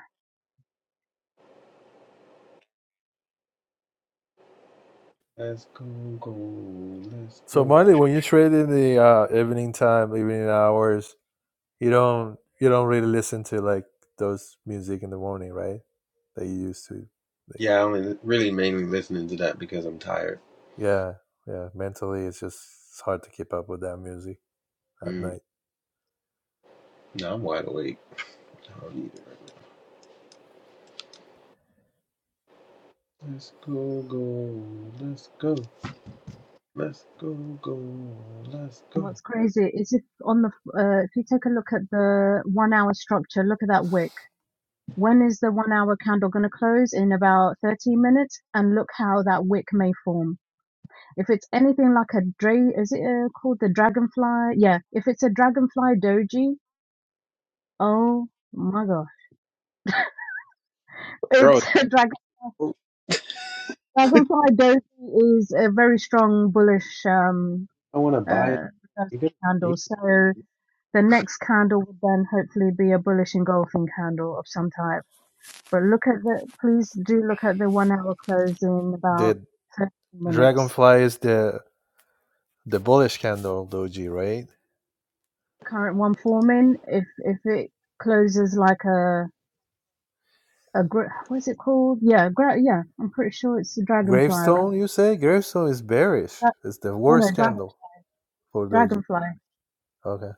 S1: Let's go, go. Let's
S7: So
S1: go.
S7: Marley, when you trade in the uh, evening time, evening hours, you don't you don't really listen to like those music in the morning, right? That you used to. Like,
S1: Yeah, I am really mainly listening to that because I'm tired.
S7: yeah, yeah. Mentally, it's just it's hard to keep up with that music at
S1: Mm.
S7: night.
S1: No, I'm wide awake. I don't need it right Let's go, go. Let's go. Let's go, go. Let's
S3: And
S1: go.
S3: what's crazy is if on the, uh, if you take a look at the one hour structure, look at that wick. When is the one hour candle going to close? In about 13 minutes. And look how that wick may form If it's anything like a dra- is it uh, called the dragonfly? Yeah, if it's a dragonfly doji, oh my god,
S1: Bro,
S3: it's a dragon
S1: I
S3: dragonfly doji is a very strong bullish um
S1: want to buy it.
S3: uh first
S1: You got a
S3: candle.
S1: date?
S3: So the next candle would then hopefully be a bullish engulfing candle of some type. But look at the please do look at the one hour close in about
S7: The
S3: 30 minutes.
S7: dragonfly is the the bullish candle doji, right?
S3: Current one forming if if it closes like a a gra- what's it called? Yeah, gra- yeah. I'm pretty sure it's a dragonfly, right?
S7: Gravestone, you say? Gravestone is bearish.
S3: Dra-
S7: It's the
S3: oh no,
S7: worst
S3: dra-
S7: candle for doji.
S3: dragonfly.
S7: Okay.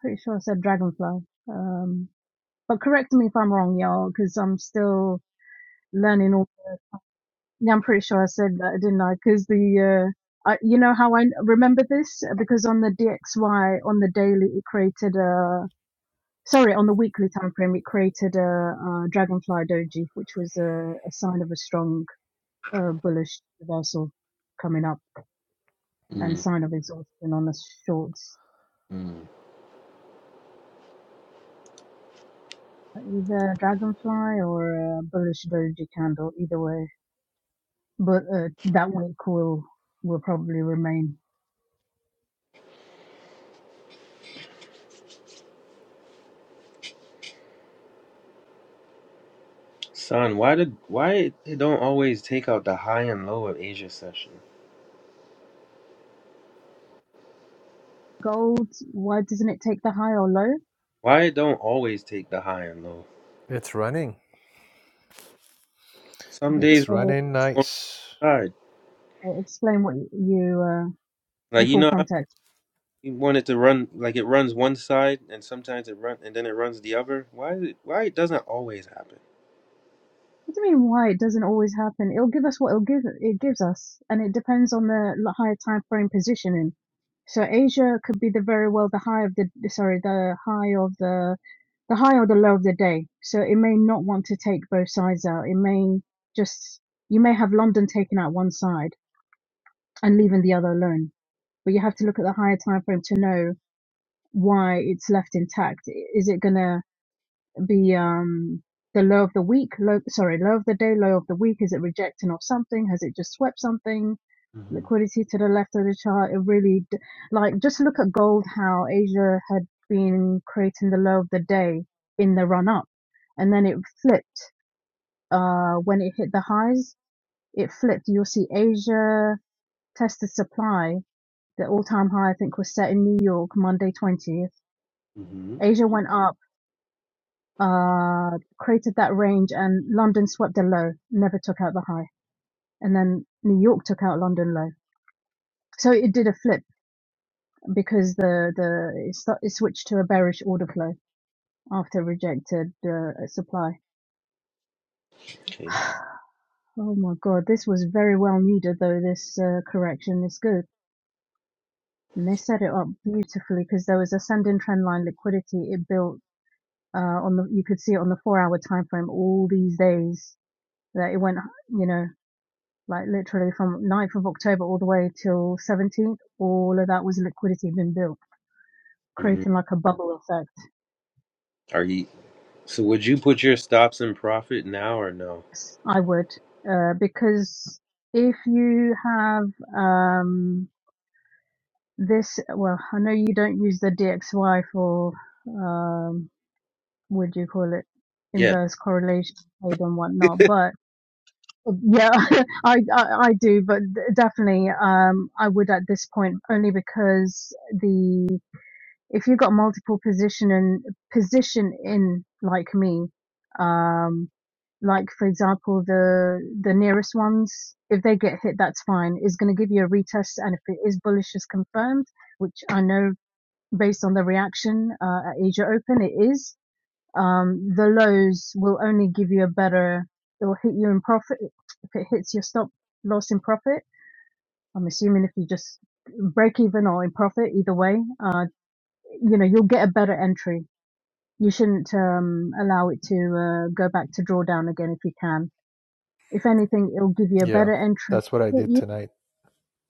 S3: Pretty sure I said dragonfly. Um, but correct me if I'm wrong, y'all, because I'm still learning. All yeah, I'm pretty sure I said that, didn't I? Because the uh, I, you know how I remember this because on the DXY on the daily it created a sorry on the weekly time frame it created a, uh dragonfly doji, which was a, a sign of a strong uh, bullish reversal coming up. and
S1: mm,
S3: sign of exhaustion on the shorts.
S1: mm.
S3: Either dragonfly or a bullish doji candle, either way. But uh, that one coil will probably remain.
S1: son, why did why it don't always take out the high and low of Asia session?
S3: Gold, why doesn't it take the high or low?
S1: Why it don't always take the high and low?
S7: It's running.
S1: Some
S3: Look
S1: days
S7: It's
S1: it's
S3: Or,
S7: running
S1: one
S7: nice.
S1: side,
S3: or explain what you, uh, the
S1: like you
S3: full
S1: know how
S3: context.
S1: you want it to run, like it runs one side, and sometimes it run, and then it runs the other. Why is it? Why it doesn't always happen?
S3: What do you mean why it doesn't always happen? It'll give us what it'll give it gives us, and it depends on the l- higher time frame positioning. So Asia could be the very well the high of the sorry the high of the the high or the low of the day. So it may not want to take both sides out. It may just you may have London taking out one side and leaving the other alone. But you have to look at the higher time frame to know why it's left intact. Is it gonna the um the low of the week low sorry low of the day low of the week is it rejecting off something has it just swept something
S1: Mm-hmm.
S3: liquidity to the left of the chart it really d- like just look at gold how asia had been creating the low of the day in the run up and then it flipped uh when it hit the highs it flipped you'll see asia tested supply the all-time high i think was set in new york monday 20th
S1: Mm-hmm.
S3: asia went up uh, created that range and London swept the low, never took out the high. And then New York took out London low. So it did a flip because the, the, it, sta- it switched to a bearish order flow after rejected uh, supply.
S1: Okay.
S3: Oh my God. This was very well needed though. This uh, correction is good. And they set it up beautifully because there was ascending trend line liquidity. It built, uh, on the, you could see it on the four hour time frame all these days that it went, you know. like literally from ninth of October all the way till 17th, all of that was liquidity being built,
S1: Mm-hmm.
S3: creating like a bubble effect.
S1: Are you? So would you put your stops in profit now or no?
S3: I would, uh, because if you have um, this, well, I know you don't use the DXY for, um, what do you call it,
S1: Yeah.
S3: inverse correlation trade and
S1: Not
S3: whatnot,
S1: going
S3: but yeah, I, I I do, but definitely um I would at this point only because the. if you have got multiple position and position in like me, um, like for example the the nearest ones, if they get hit, that's fine. It's going to give you a retest, and if it is bullish is confirmed, which I know based on the reaction uh, at Asia Open, it is. Um, the lows will only give you a better. It will hit you in profit if it hits your stop loss in profit. I'm assuming if you just break even or in profit, either way. Uh, you know you'll get a better entry. You shouldn't um, allow it to uh, go back to drawdown again if you can. If anything, it'll give you a
S7: Yeah,
S3: better entry.
S7: that's what I
S3: Hit
S7: did
S3: you,
S7: tonight.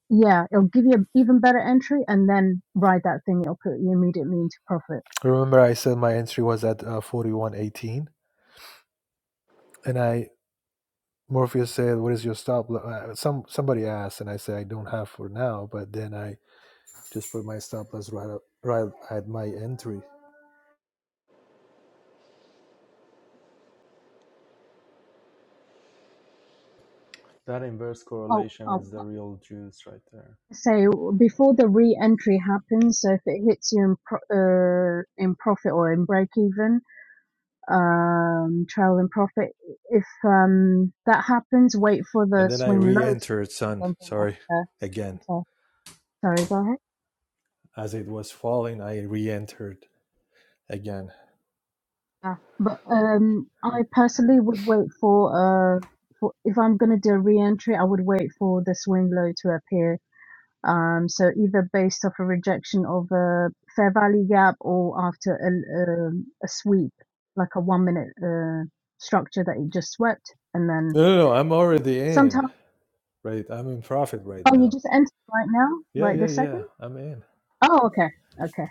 S3: yeah, it'll give you an even better entry, and then ride that thing. It'll put you immediately into profit.
S7: Remember, I said my entry was at uh, forty one eighteen, and I Morpheus said, "What is your stop?" lo- Uh, some somebody asked, and I said, "I don't have for now." But then I just put my stop loss right up, right at my entry,
S8: inverse
S3: Oh,
S8: correlation
S3: I'll
S8: is the real juice right there.
S3: say before the re-entry happens. So if it hits you in pro- uh, in profit or in break even, um, trail in profit. If um, that happens, wait for the
S7: and then I
S3: swing lows,
S7: re-entered. Son,
S3: and then
S7: sorry,
S3: enter.
S7: again.
S3: enter. Sorry, go ahead.
S7: As it was falling, I re-entered again.
S3: Yeah, but um, I personally would wait for uh, for if I'm gonna do a re-entry, I would wait for the swing low to appear. Um, so either based off a rejection of a fair value gap or after a um a sweep, like a one minute uh structure that you just swept, and then
S7: No, no, no. I'm already in.
S3: sometimes
S7: Right, I'm in profit right
S3: oh you
S7: now.
S3: just entered right now,
S7: Yeah,
S3: right
S7: yeah,
S3: this second.
S7: yeah. I'm in.
S3: Oh okay, okay.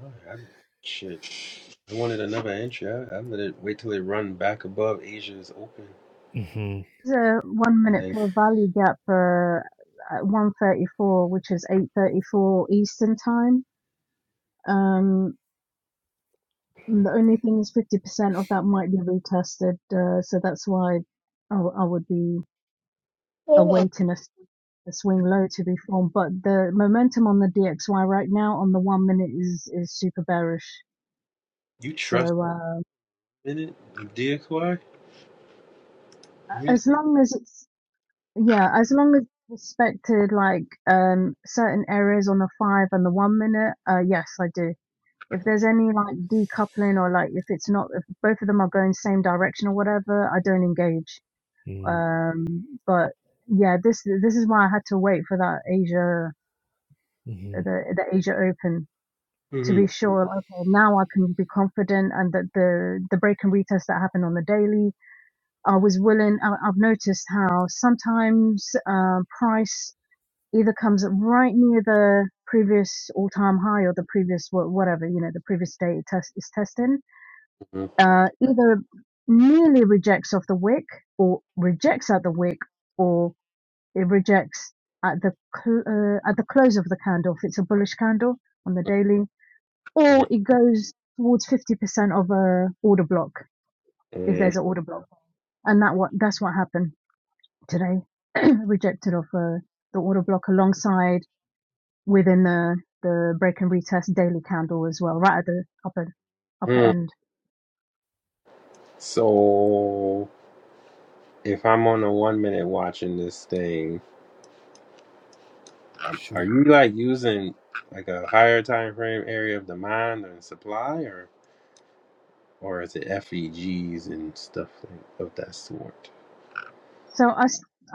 S1: higher. I- Shit. I wanted another entry. I, I let it wait till it run back above Asia's open.
S7: Mm-hmm.
S3: There's a one
S1: And
S3: minute for a value gap for uh, 134, which is 8:34 Eastern time. Um, the only thing is 50% of that might be retested, uh, so that's why I, w- I would be
S1: then
S3: awaiting a, s- a swing low to be formed. But the momentum on the DXY right now on the one minute is is super bearish.
S1: you trust
S3: So uh,
S1: in it, the DXY?
S3: as long as it's Yeah, as long as respected like um certain areas on the five and the one minute, uh yes, I do. If there's any like decoupling or like if it's not if both of them are going same direction or whatever, I don't engage. Um but yeah, this this is why I had to wait for that Asia
S7: Mm-hmm.
S3: the the Asia Open to be
S1: Mm-hmm.
S3: sure like, okay, now I can be confident and that the the break and retest that happened on the daily I was willing. I, I've noticed how sometimes um, price either comes right near the previous all-time high or the previous whatever you know the previous day it test is testing uh, either nearly rejects off the wick or rejects at the wick or it rejects at the cl- uh, at the close of the candle if it's a bullish candle on the daily or it goes towards 50% of a order block if there's an order block and that what that's what happened today rejected off uh, the order block alongside within the the break and retest daily candle as well, right at the upper upper
S1: Mm-hmm.
S3: end.
S1: So if I'm on a one minute watching this thing, um, are
S7: Shoot.
S1: you like using like a higher time frame area of demand and supply or? or is it FEGs and stuff like of that sort?
S3: So I I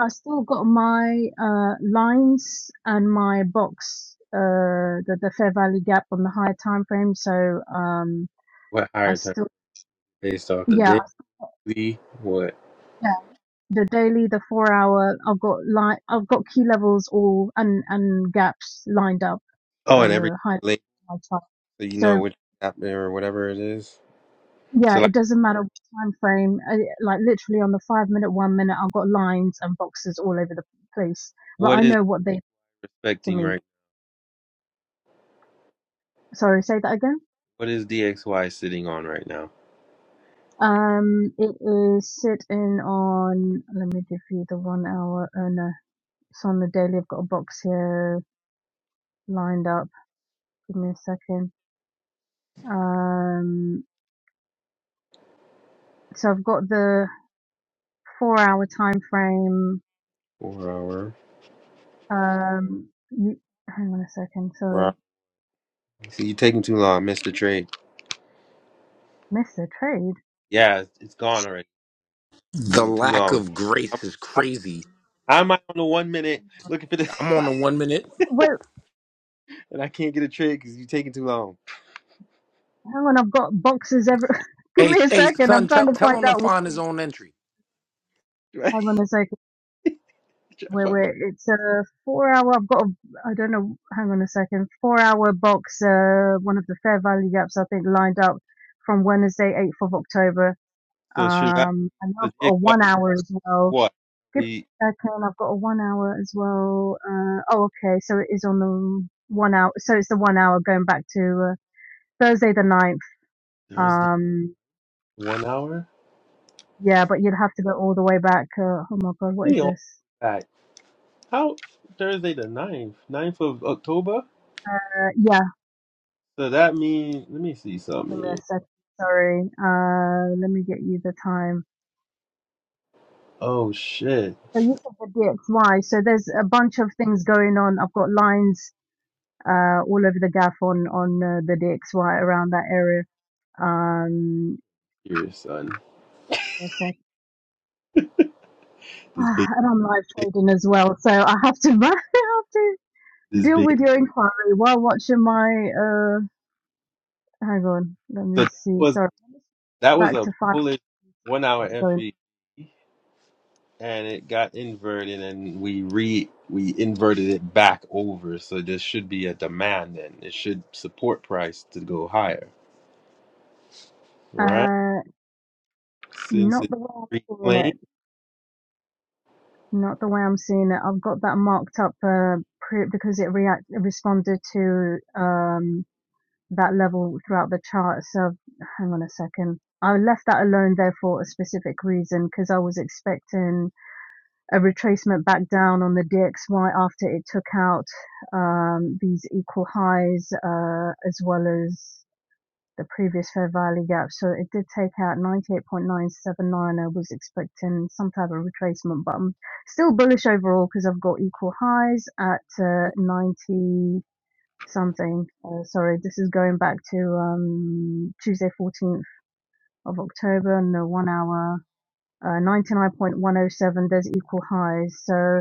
S3: still got my uh lines and my box uh the the fair value gap on the higher time frame. So um
S1: What
S3: I
S1: higher time
S3: still
S1: based off the
S3: yeah
S1: daily? What?
S3: yeah the daily the four hour I've got line I've got key levels all and and gaps lined up
S1: Oh, and every
S3: uh high
S1: link
S3: high time.
S1: so you know
S3: So
S1: which app or whatever it is.
S3: Yeah,
S1: So
S3: it
S1: like,
S3: doesn't matter which time frame. uh, Like literally on the five minute, one minute, I've got lines and boxes all over the place, but I
S1: what is
S3: know what they do to
S1: respecting
S3: me.
S1: right?
S3: Sorry, say that again.
S1: What is DXY sitting on right now?
S3: Um, it is sitting on. Let me give you the one hour. Oh no, it's on the daily. I've got a box here lined up. Give me a second. Um, so I've got the four hour time frame.
S1: Four hour.
S3: Um, you, hang on a second.
S1: Four
S3: Sorry,
S1: hour. See, you're taking too long. I missed the trade.
S3: missed a trade.
S1: Yeah, it's it's gone already.
S6: The
S1: taking too
S6: lack
S1: long.
S6: of
S1: I'm,
S6: grace is
S1: I,
S6: crazy.
S1: I'm out on the one minute looking for this,
S6: I'm on
S3: Well,
S6: the one minute.
S3: well,
S1: and I can't get a trade because you're taking too long.
S3: Hang on, I've got boxes every. Give
S6: Hey,
S3: me a
S6: hey,
S3: second. I'm
S6: son,
S3: trying
S6: tell
S3: to
S6: tell
S3: find
S6: him to
S3: out. What,
S6: find his own entry.
S1: Right?
S3: hang on a second. Wait, wait. It's a four hour. I've got. A, I don't know. Hang on a second. Four hour box. Uh, one of the Fair Value gaps I think lined up from Wednesday, 8th of October.
S1: so should I?
S3: Um, and
S1: So
S3: I've got a
S1: DXY.
S3: one hour as well.
S1: What?
S3: Give
S1: We
S3: me a second. I've got a one hour as well. Uh, oh, okay. So it is on the one hour. So it's the one hour going back to uh, Thursday the ninth.
S1: Thursday
S3: Um.
S1: one hour?
S3: Yeah, but you'd have to go all the way back. Uh, oh my God, what is
S1: We all
S3: this?
S1: back. How Thursday the ninth, ninth of October?
S3: Uh, yeah,
S1: So that means let me see
S3: give
S1: something
S3: me
S1: here.
S3: a sec. Sorry. Uh, let me get you the time.
S1: Oh shit.
S3: So you said the DXY. So there's a bunch of things going on. I've got lines uh, all over the gaff on on uh, the DXY around that area. Um,
S1: Here, son.
S3: it's like,
S1: This
S3: ah,
S1: big
S3: and I'm live trading as well, so I have to I have to
S1: this
S3: deal
S1: big
S3: with your inquiry while watching my uh Hang on, let
S1: so
S3: me
S1: that
S3: see.
S1: was
S3: Sorry, it's
S1: that was
S3: back
S1: a
S3: to five.
S1: bullish one hour
S3: What's going?
S1: FE and it got inverted and we re we inverted it back over. So there should be a demand then. It should support price to go higher. Right?
S3: Uh,
S1: Since
S3: not
S1: it
S3: the way I'm seeing
S1: reclaimed.
S3: it. Not the way I'm seeing it. I've got that marked up uh, pre- because it react it responded to um that level throughout the chart. So hang on a second. I left that alone there for a specific reason because I was expecting a retracement back down on the DXY after it took out um, these equal highs uh, as well as the previous fair value gap. So it did take out 98.979. I was expecting some type of retracement, but I'm still bullish overall because I've got equal highs at uh, 90 something. Uh, sorry, this is going back to um, Tuesday 14th of October and the one hour. Uh, 99.107, there's equal highs. So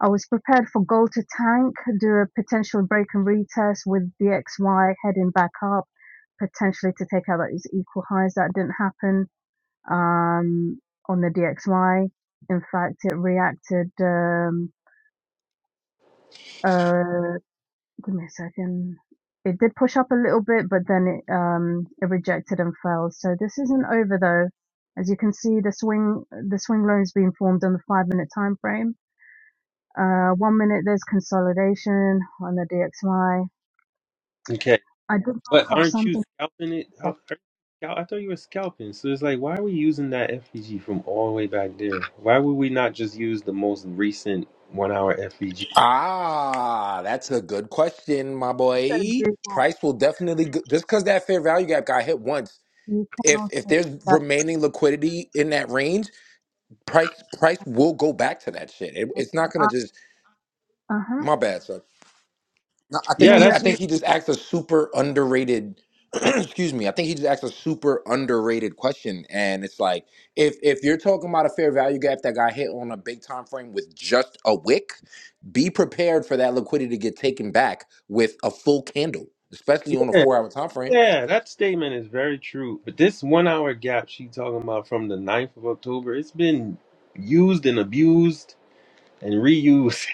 S3: I was prepared for goal to tank, do a potential break and retest with BXY heading back up, potentially to take out those equal highs that didn't happen um, on the DXY. In fact, it reacted. Um, uh, give me a second. It did push up a little bit, but then it um, it rejected and failed. So this isn't over though. As you can see, the swing the swing loan's been formed on the five minute time frame Uh, one minute there's consolidation on the DXY.
S1: Okay.
S3: I did look
S1: But
S3: up
S1: aren't you
S3: something.
S1: scalping it? How-
S3: for a
S1: aren't you scal- I thought you were scalping. So it's like, why are we using that FVG from all the way back there? Why would we not just use the most recent one hour FVG?
S6: Ah, that's a good question, my
S3: second. So
S6: boy.
S3: do that.
S6: Price will definitely go- just because that fair value gap got hit once.
S3: You can
S6: If if
S3: also
S6: there's
S3: that
S6: remaining liquidity in that range, price price will go back to that shit. It,
S3: come
S6: it's not gonna
S3: up.
S6: just
S3: Uh huh.
S6: my bad, son. No, I think
S3: No,
S1: Yeah,
S6: he I
S3: you're
S1: that's
S3: you-
S6: think
S1: true.
S6: he just asked a super underrated excuse me. I think he just asked a super underrated question. And it's like if if you're talking about a fair value gap that got hit on a big time frame with just a wick, be prepared for that liquidity to get taken back with a full candle, especially on a
S1: Yeah,
S6: four hour time frame.
S1: yeah, that statement is very true. But this one hour gap she talking about from the ninth of October, it's been used and abused and reused.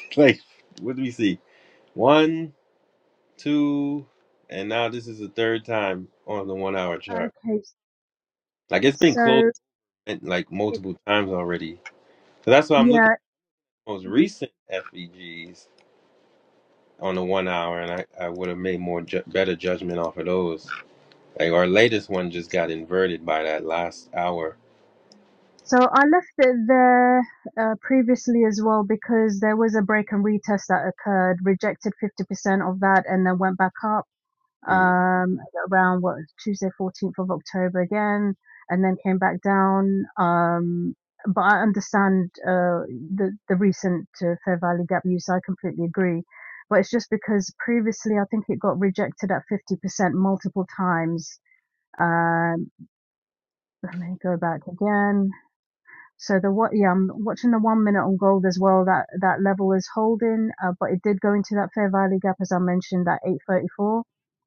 S1: like, what do we see? One, two, and now this is the third time on the one hour chart.
S3: okay.
S1: Like, it's been closed.
S3: So
S1: went like
S3: it,
S1: multiple times already. So that's why I'm looking
S3: yeah.
S1: at the most
S3: mhm.
S1: recent FEGs on the one hour, and I, I would have made more ju- better judgment off of those. Like our latest one just got inverted by that last hour.
S3: So I left it there uh, previously as well because there was a break and retest that occurred, rejected 50% of that, and then went back up.
S1: Mm,
S3: um, around what Tuesday, 14th of October again, and then came back down. Um, but I understand uh, the the recent uh, Fair Value Gap use. I completely agree, but it's just because previously I think it got rejected at 50% multiple times. Um, let me go back again. So the what? Yeah, I'm watching the one minute on gold as well. That that level is holding, uh, but it did go into that fair value gap as I mentioned. That 834,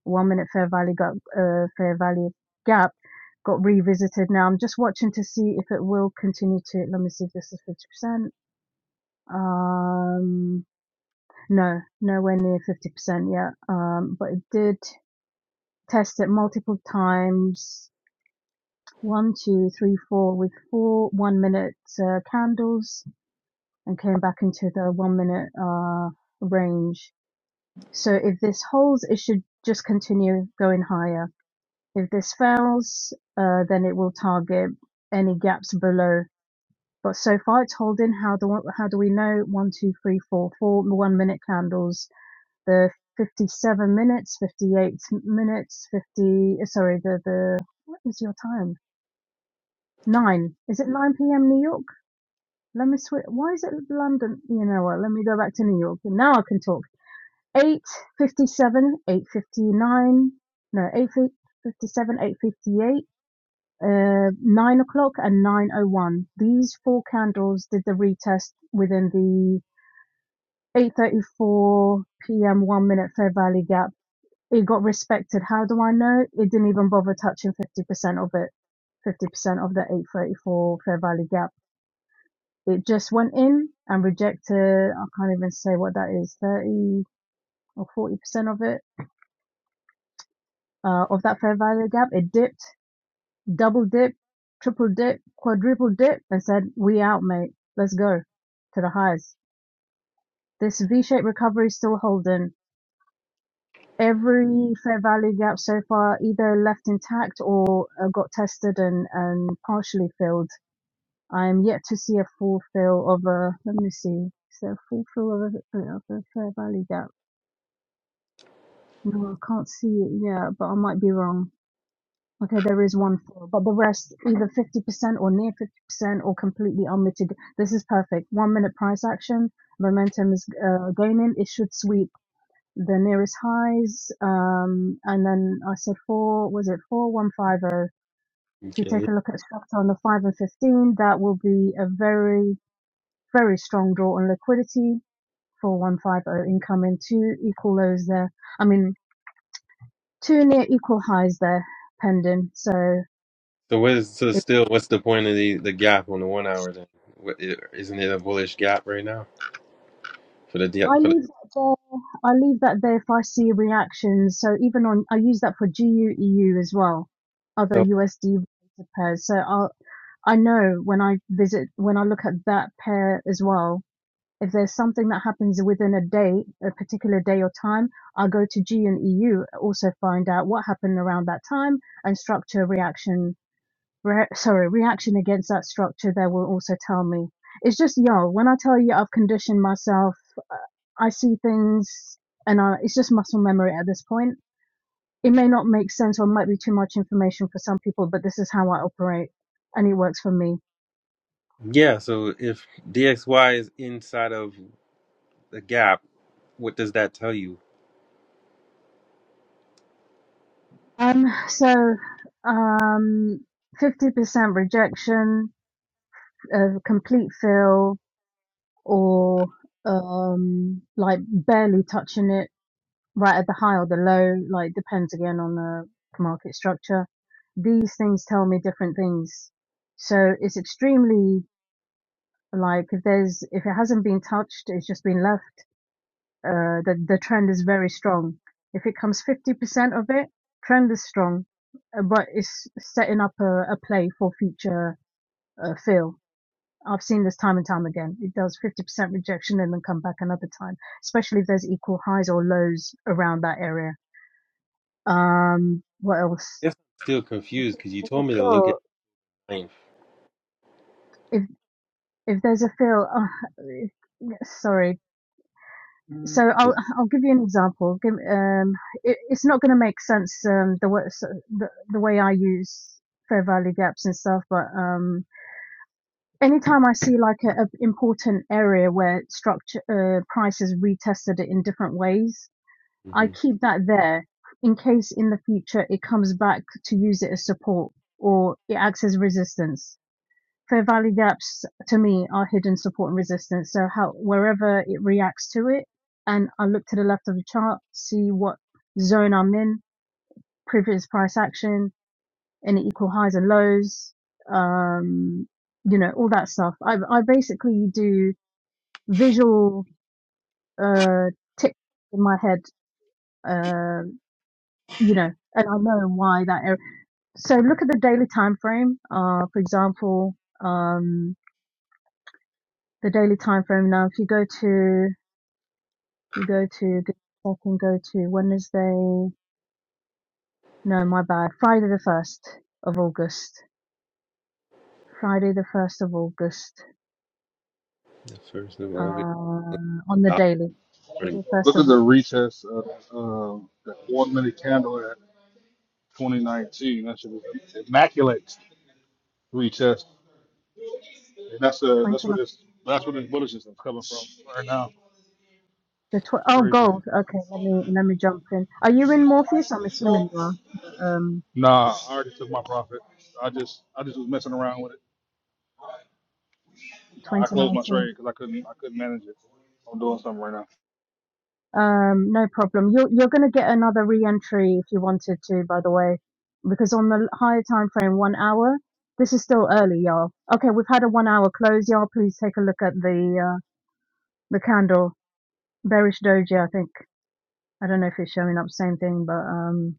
S3: one minute fair value gap, uh, fair value gap got revisited. Now I'm just watching to see if it will continue to. Let me see if this is 50 percent. Um, no, nowhere near 50 percent yet. Um, but it did test it multiple times. One, two, three, four, with four one minute uh, candles and came back into the one minute uh, range. So if this holds, it should just continue going higher. If this fails, uh, then it will target any gaps below. But so far it's holding. How do how do we know? One, two, three, four, four one minute candles. The 57 minutes, 58 minutes, 50. Sorry, the the what is your time? Nine. Is it 9 p.m. New York? Let me switch. Why is it London? You know what? Let me go back to New York. Now I can talk eight fifty-seven, eight fifty-nine, no, eight fifty-seven, eight fifty-eight, uh, nine o'clock, and nine o one. These four candles did the retest within the eight thirty-four p.m. one minute Fair Valley gap. It got respected. How do I know? It didn't even bother touching fifty percent of it. 50% of the 834 Fair valley gap. It just went in and rejected, I can't even say what that is, 30 or 40% of it. uh, of that fair value gap. It dipped, double dip, triple dip, quadruple dip, and said, "We out, mate. Let's go to the highs." This V-shaped recovery is still holding. Every fair value gap so far either left intact or uh, got tested and, and partially filled. I am yet to see a full fill of a. Let me see. Is there a full fill of a, of a fair value gap? No, I can't see it yet, but I might be wrong. Okay, there is one four, but the rest either 50% or near 50% or completely unmitigated. This is perfect. One minute price action. Momentum is uh, gaining. It should sweep the nearest highs. Um, and then I said four, was it 4150? If you take
S1: okay.
S3: a look at structure on the 5 and 15, that will be a very, very strong draw on liquidity. 4150 incoming. Two equal lows there. I mean, two near equal highs there pending. So,
S1: So what is so still? What's the point of the, the gap on the one hour then? What, i- isn't it a bullish gap right now for the D-
S3: I
S1: for the
S3: leave that there. I leave that there if I see reactions. So even on, I use that for G U E U as well, other
S1: so
S3: USD pairs. So I I know when I visit when I look at that pair as well. If there's something that happens within a day, a particular day or time, I'll go to G and EU, also find out what happened around that time and structure a reaction re- sorry, reaction against that structure that will also tell me. It's just yo. When I tell you I've conditioned myself, uh, I see things, and I, it's just muscle memory at this point. It may not make sense, or might be too much information for some people, but this is how I operate, and it works for me.
S1: yeah? So if DXY is inside of the gap, what does that tell you?
S3: Um, so, um, fifty percent rejection, uh, complete fail, or um, like barely touching it right at the high or the low, like depends again on the market structure. These things tell me different things. So it's extremely like if there's if it hasn't been touched, it's just been left. Uh, the the trend is very strong. If it comes fifty percent of it, trend is strong, uh, but it's setting up a, a play for future uh, fill. I've seen this time and time again. It does 50% rejection and then come back another time, especially if there's equal highs or lows around that area Um, what else?
S1: I guess I'm still confused because you
S3: There's
S1: told
S3: a
S1: me to look at
S3: Phil.
S1: length.
S3: If if there's a feel. oh, if- sorry. So I'll I'll give you an example. Give, um, it, it's not going to make sense um, the way so the, the way I use fair value gaps and stuff, but um, anytime I see like a, a important area where structure uh, prices retested it in different ways, I
S1: hmm
S3: keep that there in case in the future it comes back to use it as support or it acts as resistance fair value gaps to me are hidden support and resistance. So how wherever it reacts to it, and I look to the left of the chart, see what zone I'm in, previous price action, any equal highs and lows, um, you know, all that stuff. I I basically do visual uh tick in my head, uh, you know, and I know why that. Area. So look at the daily time frame. Uh, for example, um, the daily time frame now. If you go to You go to, I can go to Wednesday. No, my bad. Friday the 1st of August. Friday the 1st of August.
S1: The first of August.
S3: Um, on the daily.
S1: Okay.
S3: Friday 1st
S4: Look at
S3: of
S4: the
S3: August.
S4: retest of uh, that one minute candle at 2019. That's an immaculate retest. And that's uh that's what
S3: 29th.
S4: this that's what this bullishness is coming from right now.
S3: The tw-
S4: It's
S3: oh,
S4: crazy.
S3: gold. Okay, let me, let me jump in. Are you in Morpheus? I'm assuming you are. Um,
S4: Nah, I already took my profit. I just I just was messing around with it. I closed my
S3: 2019.
S4: trade because I couldn't I couldn't manage it. I'm doing something right now.
S3: Um, no problem. You're you're going to get another re-entry if you wanted to, by the way, because on the higher time frame, one hour. This is still early, y'all. Okay, we've had a one hour close, y'all. Please take a look at the uh, the candle, bearish doji. I think I don't know if it's showing up same thing, but um,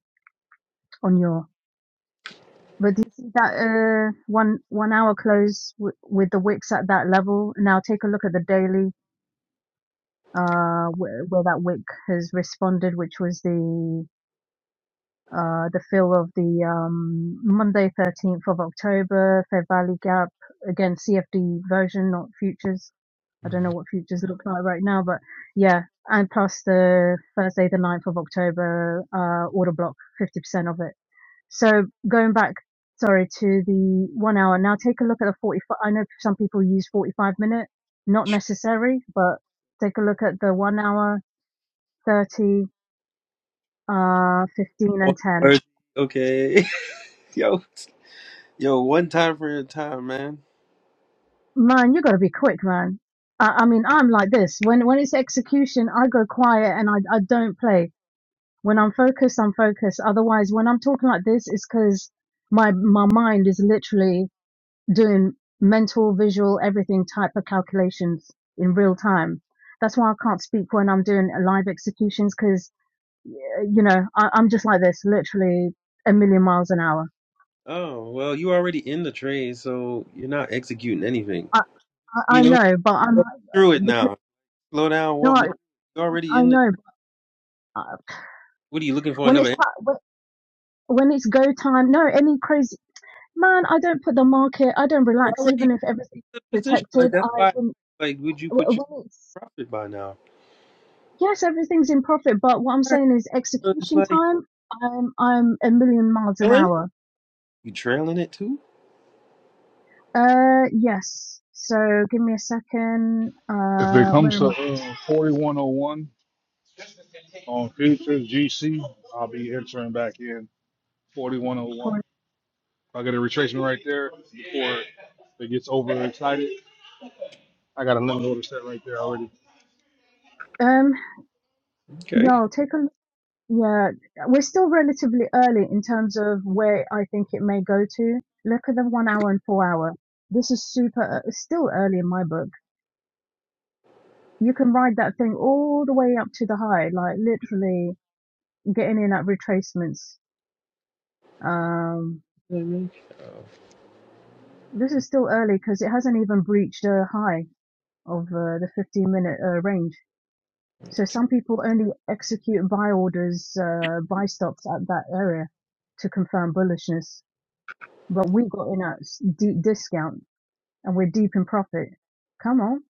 S3: on your. But do you see that uh one one hour close w- with the wicks at that level? Now take a look at the daily uh where, where that wick has responded, which was the uh, the fill of the um, Monday 13th of October, Fair Value Gap, again, CFD version, not futures.
S1: hmm
S3: I don't know what futures look like right now, but yeah. And plus the Thursday, the 9th of October, uh, order block, 50% of it. So going back, sorry, to the one hour. Now take a look at the 45. I know some people use 45 minute, not necessary, but take a look at the one hour, 30, uh, 15
S1: Oh,
S3: and 10
S1: Thursday. Okay. yo, yo, one time for your time, man.
S3: Man, you gotta be quick, man. I, I mean, I'm like this. When when it's execution, I go quiet and I I don't play. When I'm focused, I'm focused. Otherwise, when I'm talking like this, it's because my my mind is literally doing mental, visual, everything type of calculations in real time. That's why I can't speak when I'm doing live executions because you know I, I'm just like this, literally a million miles an hour.
S1: Oh, well, you already in the trade, so you're not executing anything.
S3: I I,
S1: You
S3: I
S1: know,
S3: know, but I'm
S1: walk me through it
S3: like because
S1: now. Slow down,
S3: no,
S1: walk
S3: I,
S1: me. through it. You're already in the.
S3: know. but, uh,
S1: What are you looking for?
S3: When
S1: Another.
S3: it's ti- when it's go time, no, any crazy man, I don't put the market, I don't
S1: You're
S3: relax,
S1: already
S3: even
S1: in
S3: if everything's
S1: the position.
S3: protected.
S1: Like,
S3: I
S1: that's why,
S3: wouldn't,
S1: like, would you put your
S3: w- when it's,
S1: profit by now?
S3: yes, everything's in profit, but what I'm
S1: Right.
S3: saying is
S1: So it's
S3: execution
S1: like,
S3: time, I'm, I'm a million miles an
S1: trailing?
S3: hour.
S1: You trailing it too?
S3: Uh, yes. So give me a second.
S4: If it
S3: Uh, where
S4: comes to
S3: am I?
S4: uh, 4101 on futures GC, I'll be entering back in. 4101.
S3: For-
S4: If I get a retracement right there before it gets overexcited, I got a limit order set right there already.
S3: Um,
S1: Okay.
S3: y'all take a look. Yeah, we're still relatively early in terms of where I think it may go to. Look at the one hour and four hour. This is super, uh, still early in my book you can ride that thing all the way up to the high, like literally getting in at retracements. Um,
S1: I mean?
S3: this is still early because it hasn't even breached a high of uh, the 15 minute uh, range. So some people only execute buy orders, uh, buy stops at that area to confirm bullishness. But we got in at s- deep discount and we're deep in profit. Come on,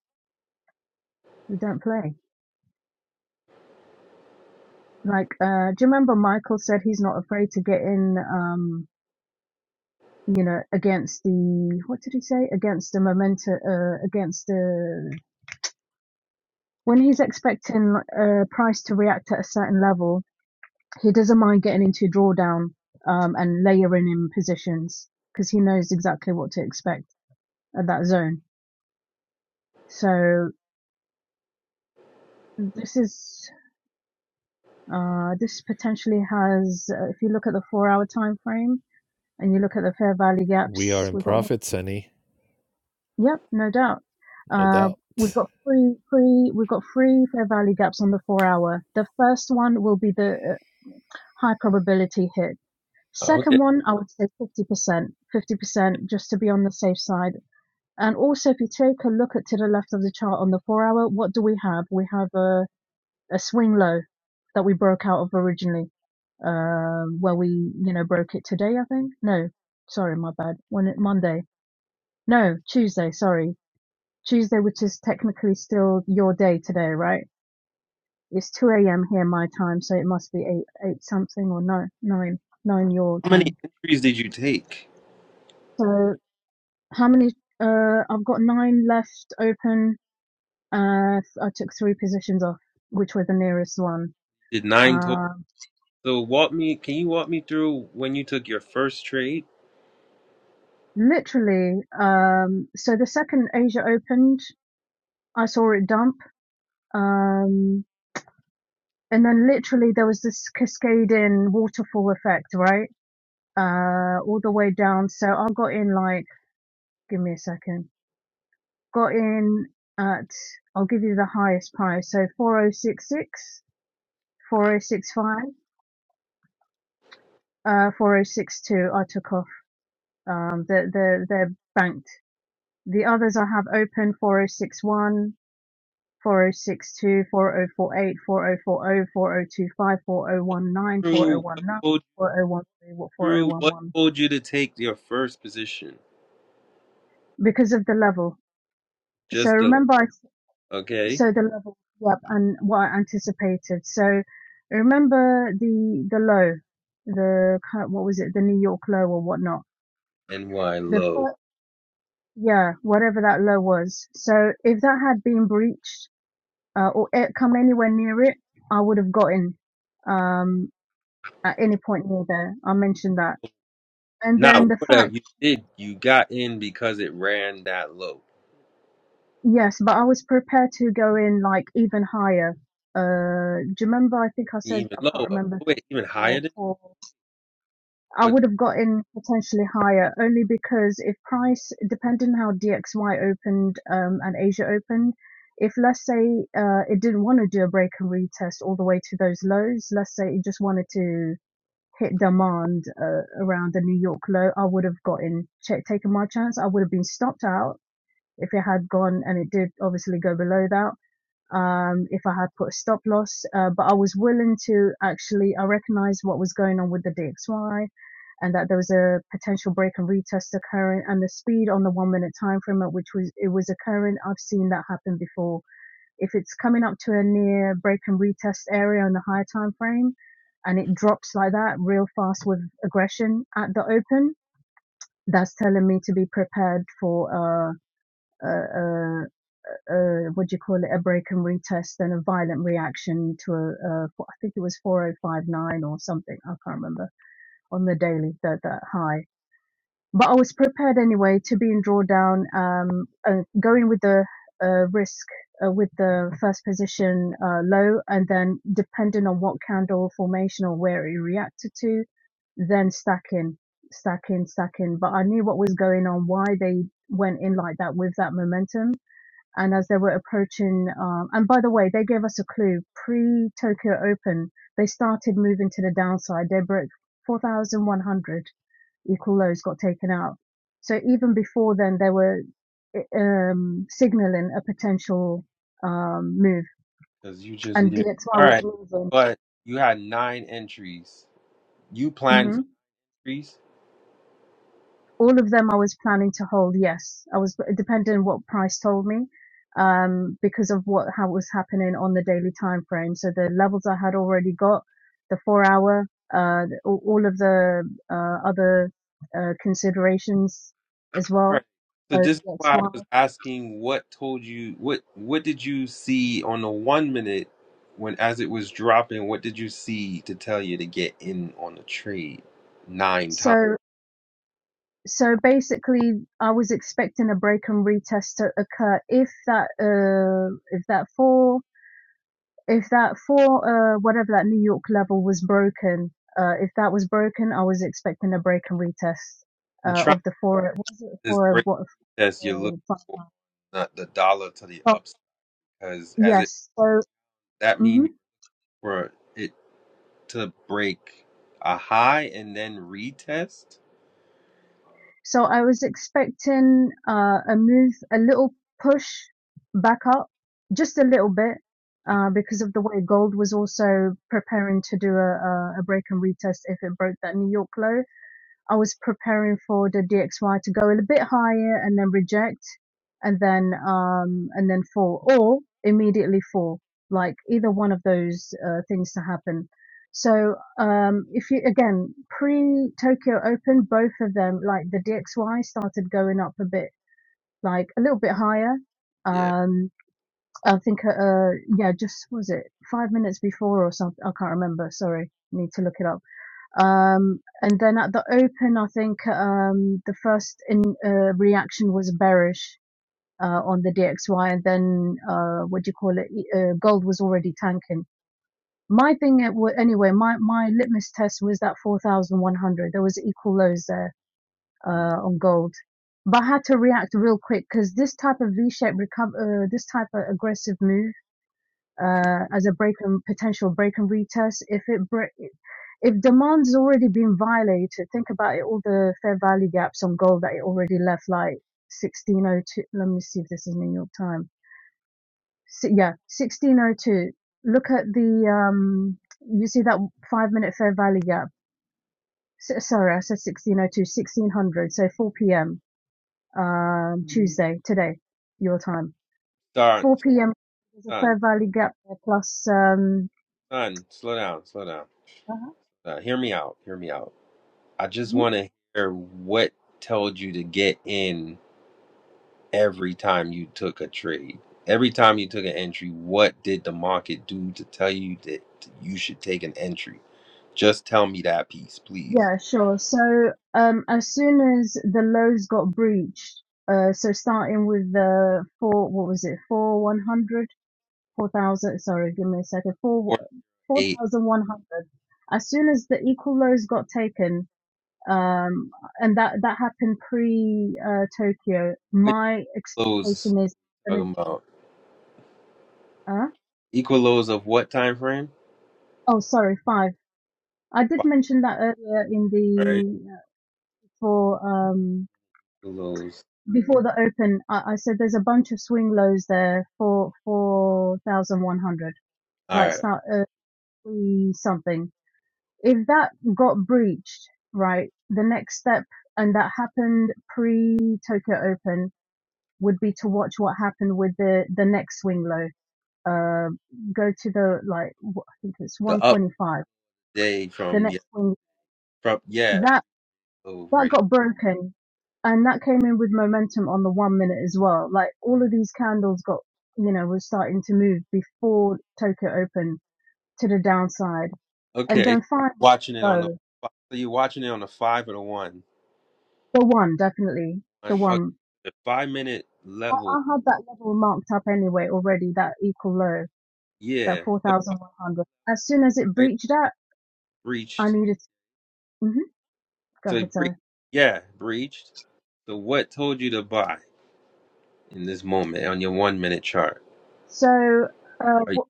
S3: we don't play. Like, uh, do you remember Michael said he's not afraid to get in, um, you know, against the what did he say? Against the momentum, uh, against the when he's expecting uh, price to react at a certain level, he doesn't mind getting into drawdown um, and layering in positions because he knows exactly what to expect at that zone. So this is uh, this potentially has, uh, if you look at the four-hour time frame and you look at the fair value
S7: We are
S3: gaps,
S7: in
S3: we've got
S7: profit, Sonny.
S3: Yep, no doubt.
S7: No
S3: Uh, we've
S7: doubt.
S3: got three, three, we've got three fair value gaps on the four hour. The first one will be the uh, high probability hit.
S1: Oh,
S3: Second
S1: okay.
S3: one, I would say 50%, 50% just to be on the safe side. And also, if you take a look at to the left of the chart on the four hour, what do we have? We have a, a swing low that we broke out of originally, um, where we, you know, broke it today, I think. No, sorry, my bad. When it, Monday. No, Tuesday, sorry. Tuesday, which is technically still your day today, right? It's 2 a.m. here my time, so it must be 8, 8 something or 9, 9, 9 your
S1: How many
S3: time.
S1: entries did you take?
S3: So how many, uh, I've got nine left open. Uh, I took three positions off, which were the nearest one.
S1: did nine total.
S3: Uh,
S1: So walk me. Can you walk me through when you took your first trade?
S3: literally, um, so the second Asia opened, I saw it dump. Um, and then literally there was this cascading waterfall effect, right? uh, all the way down. So I got in like, give me a second, got in at, I'll give you the highest price. So four oh six six, four oh six five, uh, 4062, I took off. Um, they're, they're, they're banked. The others I have open 4061, 4062,
S1: Through what pulled you through? What
S3: 4011,
S1: pulled you to take your first position?
S3: because of the level. So
S1: Just the
S3: remember I.
S1: okay
S3: so the level yep and what I anticipated. So I remember the the low, the kind of- what was it, the New York low or whatnot.
S1: and why
S3: The
S1: low?
S3: first, yeah, whatever that low was. So if that had been breached uh, or it come anywhere near it, I would have gotten um, at any point near there. I mentioned that, and then
S1: Not
S3: the
S1: what up
S3: fact
S1: you did. You got in because it ran that low,
S3: yes, but I was prepared to go in like even higher. Uh, do you remember? I think I said
S1: even
S3: I can't
S1: lower. Oh,
S3: remember if I
S1: wait,
S3: said
S1: even higher
S3: four,
S1: than.
S3: four. I
S1: But
S3: would have gotten potentially higher only because if price, depending how DXY opened um, and Asia opened, if let's say uh, it didn't want to do a break and retest all the way to those lows, let's say it just wanted to hit demand uh, around the New York low, I would have gotten ch- taken my chance. I would have been stopped out if it had gone and it did obviously go below that um, if I had put a stop loss, uh, but I was willing to actually, I recognized what was going on with the DXY and that there was a potential break and retest occurring and the speed on the one minute time frame at which was, it was occurring. I've seen that happen before. If it's coming up to a near break and retest area on the higher time frame and it drops like that real fast with aggression at the open, that's telling me to be prepared for, uh, a. a, uh, what do you call it, a break and retest and a violent reaction to a, a I think it was 4059 or something, I can't remember, on the daily, that, that high. But I was prepared anyway to be in drawdown, um, uh, going with the uh, risk uh, with the first position uh, low, and then depending on what candle formation or where it reacted to, then stacking, stacking, stacking. But I knew what was going on, why they went in like that with that momentum and as they were approaching, um, and by the way, they gave us a clue. Pre Tokyo Open, they started moving to the downside. They broke 4,100 equal lows got taken out. So even before then, they were um, signaling a potential um, move,
S1: because you just
S3: and
S1: knew.
S3: DXY
S1: All
S3: was
S1: right,
S3: moving.
S1: but you had nine entries. You
S3: Mm-hmm.
S1: planned for entries.
S3: all of them I was planning to hold. Yes, I was depending on what price told me, um, because of what how it was happening on the daily time frame. So the levels I had already got, the four hour, uh, the- all of the uh, other uh, considerations as
S1: All right.
S3: well.
S1: So
S3: So
S1: this is
S3: that's
S1: why I
S3: why.
S1: was asking what told you what what did you see on the one minute when as it was dropping, what did you see to tell you to get in on the trade nine times?
S3: So so basically, I was expecting a break and retest to occur if that uh, if that four if that for uh, whatever that New York level was broken, uh, if that was broken, I was expecting a break and retest
S1: I'm
S3: uh,
S1: trying
S3: of the four. Was it
S1: to just
S3: for
S1: break
S3: What?
S1: test you're looking
S3: Four, five,
S1: for
S3: nine?
S1: not the dollar to the
S3: Oh,
S1: upside because as it
S3: yes. So,
S1: that
S3: mhm.
S1: means for it to break a high and then retest?
S3: so I was expecting uh, a move, a little push back up, just a little bit, uh, because of the way gold was also preparing to do a, a, a break and retest if it broke that New York low I was preparing for the DXY to go a bit higher and then reject and then um and then fall or immediately fall like either one of those uh, things to happen so um if you again pre Tokyo Open both of them like the DXY started going up a bit like a little bit higher
S1: Yeah.
S3: um I think uh uh, yeah just was it 5 minutes before or something I can't remember sorry need to look it up um, and then at the Open, I think um, the first in uh, reaction was bearish uh, on the DXY, and then uh, what do you call it? E- Uh, gold was already tanking. My thing, at, anyway, my my litmus test was that 4,100. There was equal lows there uh, on gold, but I had to react real quick because this type of V-shaped recover, uh, this type of aggressive move uh, as a break and potential break and retest. If it bre- if demand's already been violated, think about it, all the fair value gaps on gold that it already left, like 1602. Let me see if this is New York time. Si yeah, 1602. Look at the, um, you see that five minute fair value gap. S- sorry, I said sixteen oh two, sixteen hundred. So 4 p.m. Um, Tuesday, today, your time.
S1: Son,
S3: 4 p.m. There's a
S1: son,
S3: fair value gap there plus, um,
S1: son, slow down, slow down.
S3: uh-huh.
S1: Uh, hear me out. Hear me out. I just want to hear what told you to get in every time you took a trade. Every time you took an entry, what did the market do to tell you that you should take an entry? Just tell me that piece, please.
S3: Yeah, sure. So, um, as soon as the lows got breached, uh, so starting with the four, what was it, four one hundred, four thousand. Sorry, give me a second. Four
S1: Four to
S3: four
S1: eight.
S3: thousand one hundred. As soon as the equal lows got taken, um, and that that happened pre uh, Tokyo.
S1: Which
S3: My
S1: lows
S3: expectation is gonna.
S1: talking about?
S3: Uh,
S1: Equal lows of what time frame?
S3: oh, sorry, five. I did
S1: Five.
S3: mention that earlier in
S1: All right.
S3: the for um
S1: Equal lows.
S3: before the open, I, I said there's a bunch of swing lows there for four thousand one hundred,
S1: All
S3: like
S1: right.
S3: start uh, three something. If that got breached, right, the next step, and that happened pre Tokyo Open, would be to watch what happened with the the next swing low. Uh, go to the like I think it's
S1: The
S3: one
S1: up
S3: twenty five.
S1: day
S3: The
S1: from yeah
S3: next swing.
S1: from yeah over.
S3: that got broken and that came in with momentum on the one minute as well. Like all of these candles got, you know, were starting to move before Tokyo opened to the downside. And
S1: Okay.
S3: then finally,
S1: Watching it on the.
S3: low,
S1: fi- So you're watching it on the five or the one.
S3: the one, definitely, the
S1: on okay,
S3: one.
S1: the five minute
S3: I,
S1: level.
S3: I had that level marked up anyway already, that equal low, that
S1: Yeah, the five
S3: 4,100. As soon as it
S1: they
S3: breached that, I
S1: breached
S3: needed, hmm go
S1: to
S3: ahead, sorry.
S1: breach. Yeah, breached. So what told you to buy in this moment on your one minute chart?
S3: So, uh,
S1: Are you,
S3: wh-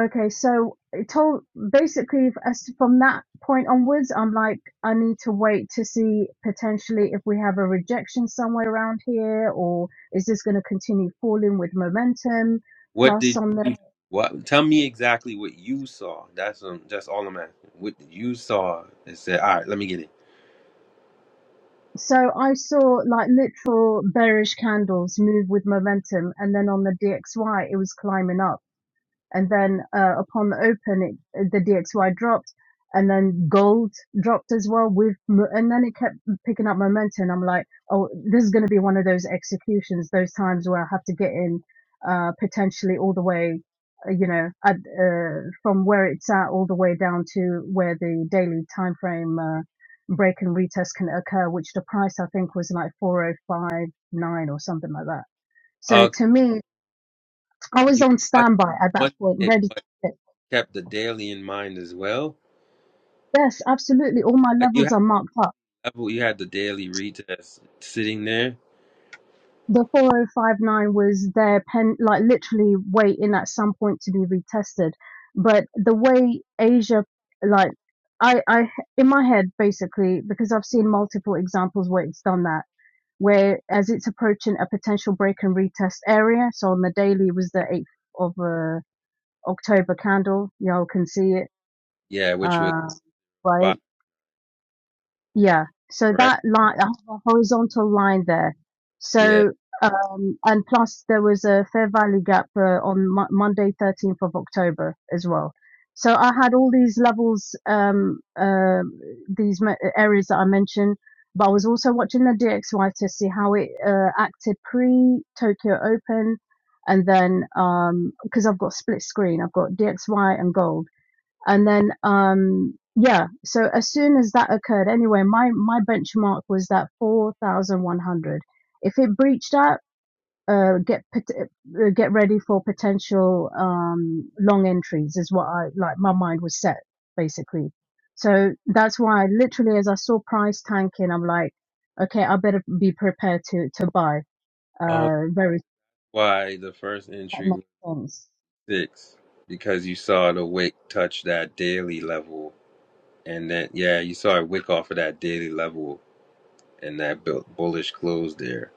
S3: okay, so it told basically f- as to- from that point onwards, I'm like, I need to wait to see potentially if we have a rejection somewhere around here, or is this going to continue falling with momentum?
S1: what
S3: Plus,
S1: did
S3: on the
S1: you? What? Tell me exactly what you saw. That's um. That's all I'm asking. What you saw and said. All right, let me get it.
S3: so I saw like literal bearish candles move with momentum, and then on the DXY, it was climbing up and then uh, upon the open, it, the DXY dropped, and then gold dropped as well with, and then it kept picking up momentum. And I'm like, oh, this is going to be one of those executions, those times where I have to get in, uh, potentially all the way, uh, you know, at, uh, from where it's at all the way down to where the daily time frame uh, break and retest can occur, which the price I think was like 4059 or something like that. So
S1: Okay,
S3: to me, I was
S1: you
S3: on
S1: watched
S3: standby at that
S1: one
S3: point,
S1: minute,
S3: ready.
S1: but kept the daily in mind as well.
S3: Yes, absolutely. All my
S1: Like you
S3: levels
S1: had
S3: are marked up.
S1: level, you had the daily retest sitting there.
S3: The 4059 was their pen, like literally waiting at some point to be retested. But the way Asia, like, I, I, in my head, basically, because I've seen multiple examples where it's done that, where as it's approaching a potential break and retest area. So on the daily was the 8th of uh, October candle. Y'all can see it.
S1: Yeah, which was
S3: Uh, right?
S1: five,
S3: Yeah. So
S1: right?
S3: that line, I have a horizontal line there.
S1: Yeah.
S3: So, um, and plus there was a fair value gap uh, on Mo- Monday, 13th of October as well. So I had all these levels, um, uh, these me- areas that I mentioned, but I was also watching the DXY to see how it uh, acted pre Tokyo Open. And then, um, because I've got split screen, I've got DXY and gold and then um yeah so as soon as that occurred anyway my my benchmark was that 4100 if it breached that uh get uh, get ready for potential um long entries is what i like my mind was set basically so that's why literally as i saw price tanking i'm like okay i better be prepared to to buy uh very
S1: why the first
S3: that
S1: entry
S3: makes
S1: was
S3: sense
S1: six because you saw the wick touch that daily level, and then yeah, you saw a wick off of that daily level, and that bu- bullish close there.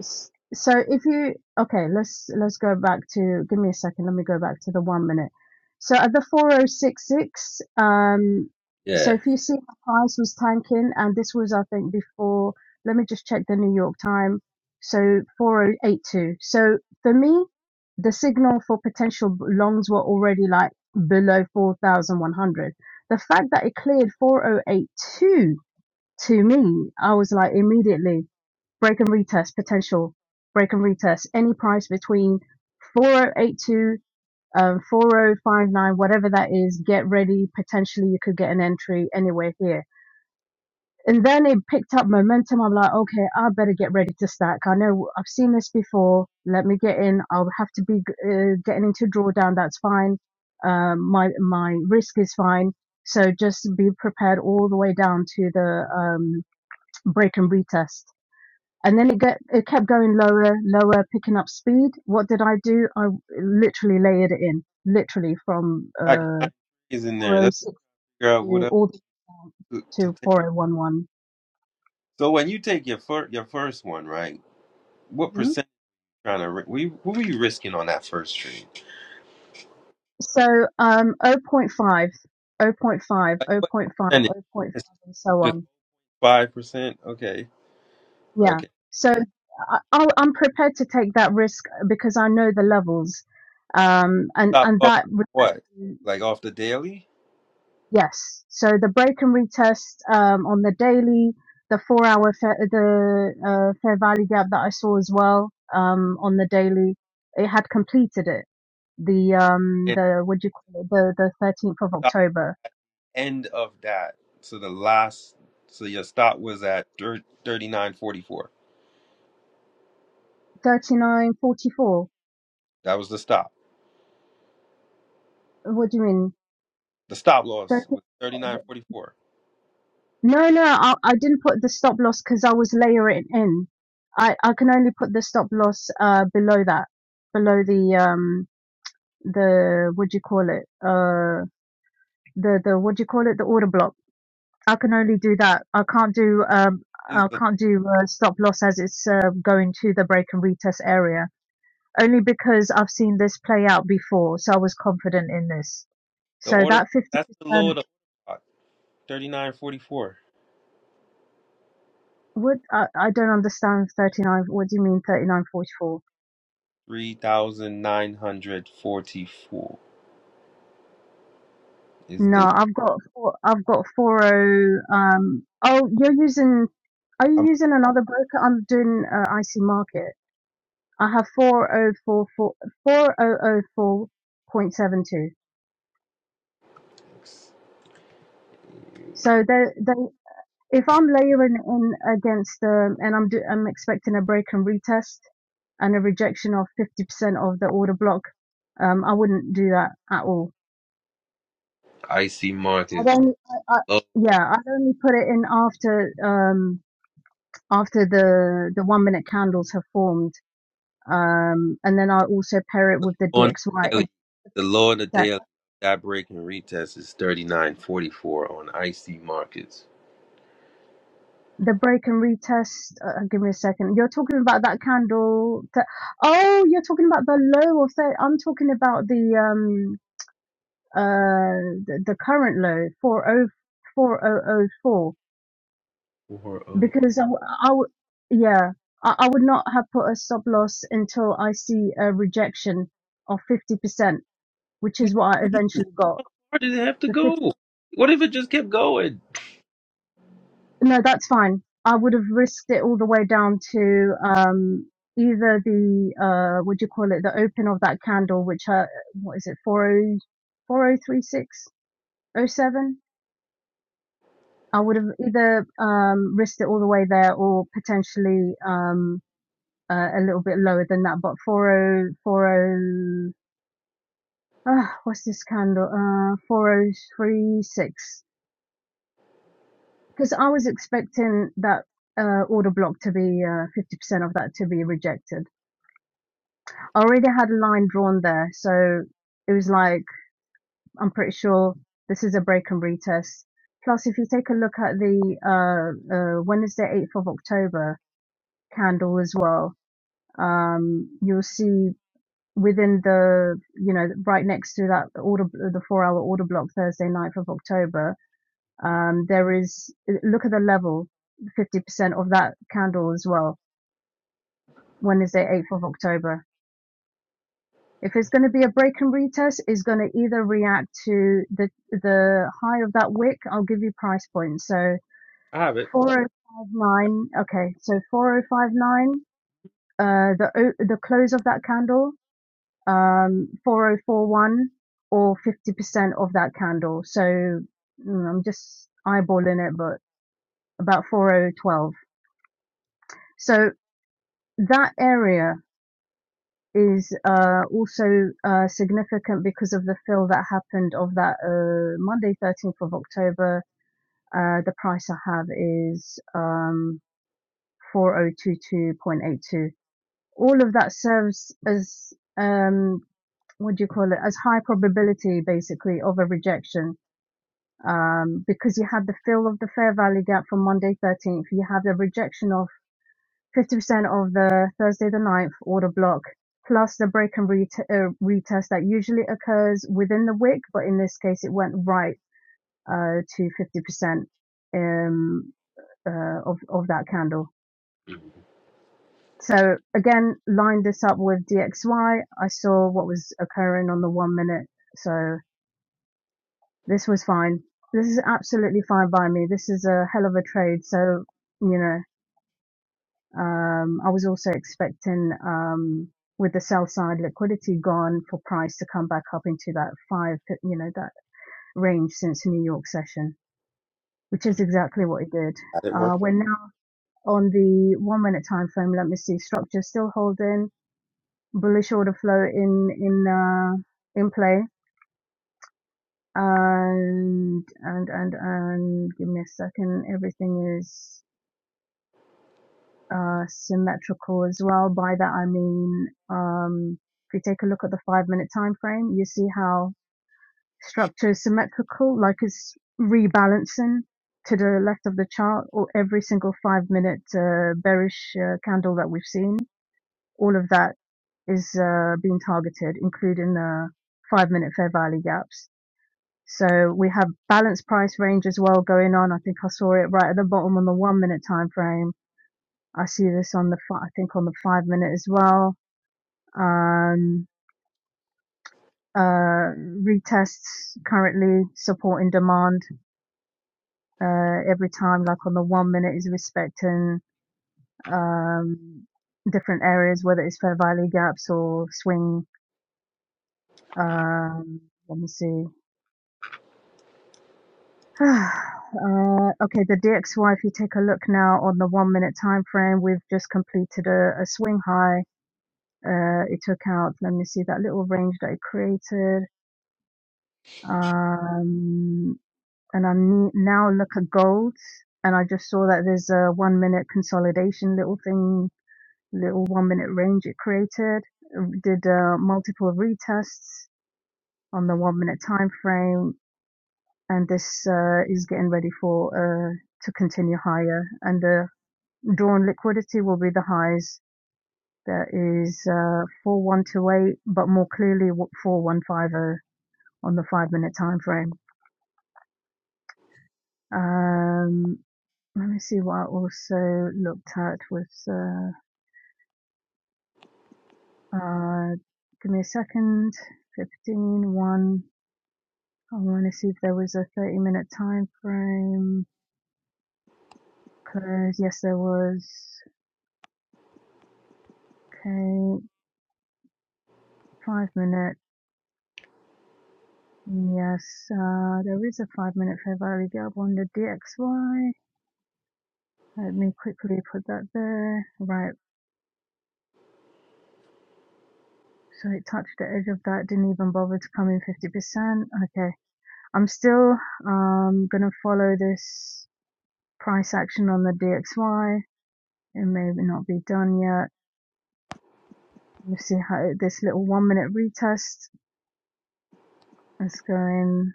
S3: S- So if you okay, let's let's go back to give me a second. Let me go back to the one minute. So at the 4066, um, so
S1: Yeah,
S3: if you see the price was tanking, and this was I think before. Let me just check the New York time. So 4082. So for me, the signal for potential b- longs were already like below 4,100. The fact that it cleared 4082 to me, I was like immediately break and retest potential, break and retest any price between 4082 um, 4059, whatever that is, get ready. Potentially, you could get an entry anywhere here. And then it picked up momentum. I'm like, okay, I better get ready to stack. I know I've seen this before. Let me get in. I'll have to be uh, getting into drawdown. That's fine. Um, my my risk is fine. So just be prepared all the way down to the um, break and retest and then it get it kept going lower, lower, picking up speed. What did I do? I literally layered it in, literally from
S1: Got
S3: uh
S1: nine trees in there. Let's
S3: 406
S1: figure out what
S3: to
S1: else
S3: all the um,
S1: to, to
S3: to
S1: take.
S3: 4011.
S1: So when you take your fir- your first one, right? What
S3: Mhm.
S1: percent trying to ri- what you- what were you risking on that first trade?
S3: So um zero point 0.5, zero point 0.5,
S1: Like
S3: zero
S1: what
S3: point 0.5,
S1: percentage?
S3: zero point 0.5,
S1: It's
S3: and so
S1: just
S3: on.
S1: five percent. Okay,
S3: Yeah.
S1: okay.
S3: So I, I'll, I'm prepared to take that risk because I know the levels, um, and
S1: Stop
S3: and
S1: loss.
S3: that
S1: What? Like off the daily?
S3: Yes. So the break and retest um, on the daily, the four hour Fair, the uh, Fair Value Gap that I saw as well um, on the daily, it had completed it. The um the what do you call it the the thirteenth of October
S1: end of that. So the last, so your stop was at 39.44.
S3: thirty nine forty four.
S1: That was the stop.
S3: What do you mean?
S1: The stop
S3: 30,
S1: loss was 39.44.
S3: no, no, I, I didn't put the stop loss because I was layering it in. I I can only put the stop loss uh below that, below the um the what do you call it uh the the what do you call it the order block i can only do that i can't do um
S1: Is
S3: i
S1: the
S3: can't do uh, stop loss as it's uh, going to the break and retest area only because i've seen this play out before so i was confident in this
S1: the
S3: so
S1: order?
S3: that 50%
S1: That's the low of the 39.44.
S3: would i, I don't understand 39 what do you mean 3944
S1: 3,944 is
S3: no
S1: the
S3: i've got four, i've got 40 um oh you're using are you
S1: um,
S3: using another broker i'm doing uh, ic market I have 4044 4004.72. So they, they, if I'm layering in against um, and I'm do, I'm expecting a break and retest and a rejection of 50% of the order block, um, I wouldn't do that at all.
S1: icy
S3: I'd
S1: markets
S3: only, I, I,
S1: low
S3: yeah, I'd only put it in after um, after the the one minute candles have formed, um, and then I also pair it with the
S1: on the
S3: DXY. except.
S1: daily. The low on the daily. That break and retest is 39.44 on icy markets.
S3: the break and retest. Uh, uh, give me a second. You're talking about that candle. That, oh, you're talking about the low of thirty. I'm talking about the um uh the, the current low four oh four oh oh four
S1: 400.
S3: because I, w- I w- yeah I, I would not have put a stop loss until I see a rejection of fifty percent, which is what I eventually got.
S1: Why did it have to
S3: The
S1: go? What if it just kept going?
S3: No, that's fine. I would have risked it all the way down to um, either the uh, what do you call it, the open of that candle, which uh, what is it, four oh four oh three six oh seven. I would have either um, risked it all the way there or potentially um, uh, a little bit lower than that. But four oh four oh uh, what's this candle? Uh, four oh three six. Because I was expecting that uh, order block to be uh, 50% of that to be rejected. I already had a line drawn there, so it was like, I'm pretty sure this is a break and retest. Plus, if you take a look at the uh, uh, Wednesday, 8th of October candle as well, um, you'll see within the, you know, right next to that order, the four hour order block Thursday, 9th of October, um, there is, look at the level, 50% of that candle as well, Wednesday, 8th of October. If it's going to be a break and retest, it's going to either react to the the high of that wick. I'll give you price points. So
S1: I have it.
S3: four oh five nine. Okay, so four oh five nine. Uh, the the close of that candle. Um, four oh four one or fifty percent of that candle. So mm, I'm just eyeballing it, but about four oh twelve. So that area is uh, also uh, significant because of the fill that happened of that uh, Monday, 13th of October. Uh, the price I have is um, 4022.82. All of that serves as, um, what do you call it, as high probability basically of a rejection. Um, because you had the fill of the fair value gap from Monday 13th, you had the rejection of fifty percent of the Thursday the ninth order block, plus the break and ret- uh, retest that usually occurs within the week, but in this case, it went right uh, to fifty percent um, uh, of of that candle.
S1: Had
S3: So again, line this up with DXY. I saw what was occurring on the one minute, so this was fine. This is absolutely fine by me. This is a hell of a trade. So you know. Um, I was also expecting, um, with the sell side liquidity gone for price to come back up into that five, you know, that range since New York session, which is exactly what it did.
S1: it work?
S3: Uh, we're now on the one minute time frame. Let me see. Structure still holding bullish order flow in, in, uh, in play. And, and, and, and give me a second. Everything is uh, symmetrical as well. By that I mean, um, if you take a look at the five minute time frame, you see how structure is symmetrical, like it's rebalancing to the left of the chart or every single five minute uh, bearish uh, candle that we've seen. All of that is uh, being targeted, including the five minute fair value gaps. So we have balanced price range as well going on. I think I saw it right at the bottom on the one minute time frame I see this on the I think on the five minute as well. Um, uh, retests currently supporting demand uh, every time, like on the one minute is respecting um, different areas, whether it's fair value gaps or swing. Um, let me see. Uh, okay, the DXY, if you take a look now on the one minute time frame, we've just completed a, a swing high. Uh, it took out, let me see that little range that it created Um, and I ne- now look at gold and I just saw that there's a one minute consolidation little thing, little one minute range it created. um, Did uh, multiple retests on the one minute time frame and this uh, is getting ready for uh, to continue higher and the drawn liquidity will be the highs. That is uh, 4128, but more clearly 4150 on the five minute time frame. Um, Let me see what I also looked at with, uh, uh, give me a second. Fifteen one. I want to see if there was a 30 minute time frame. Cause yes, there was. Okay. Five minute. Yes, uh, there is a five minute fair value gap on the DXY. Let me quickly put that there. Right. So it touched the edge of that. Didn't even bother to come in 50%. Okay. I'm still, um, gonna follow this price action on the DXY. It may not be done yet. We see how this little one minute retest is going.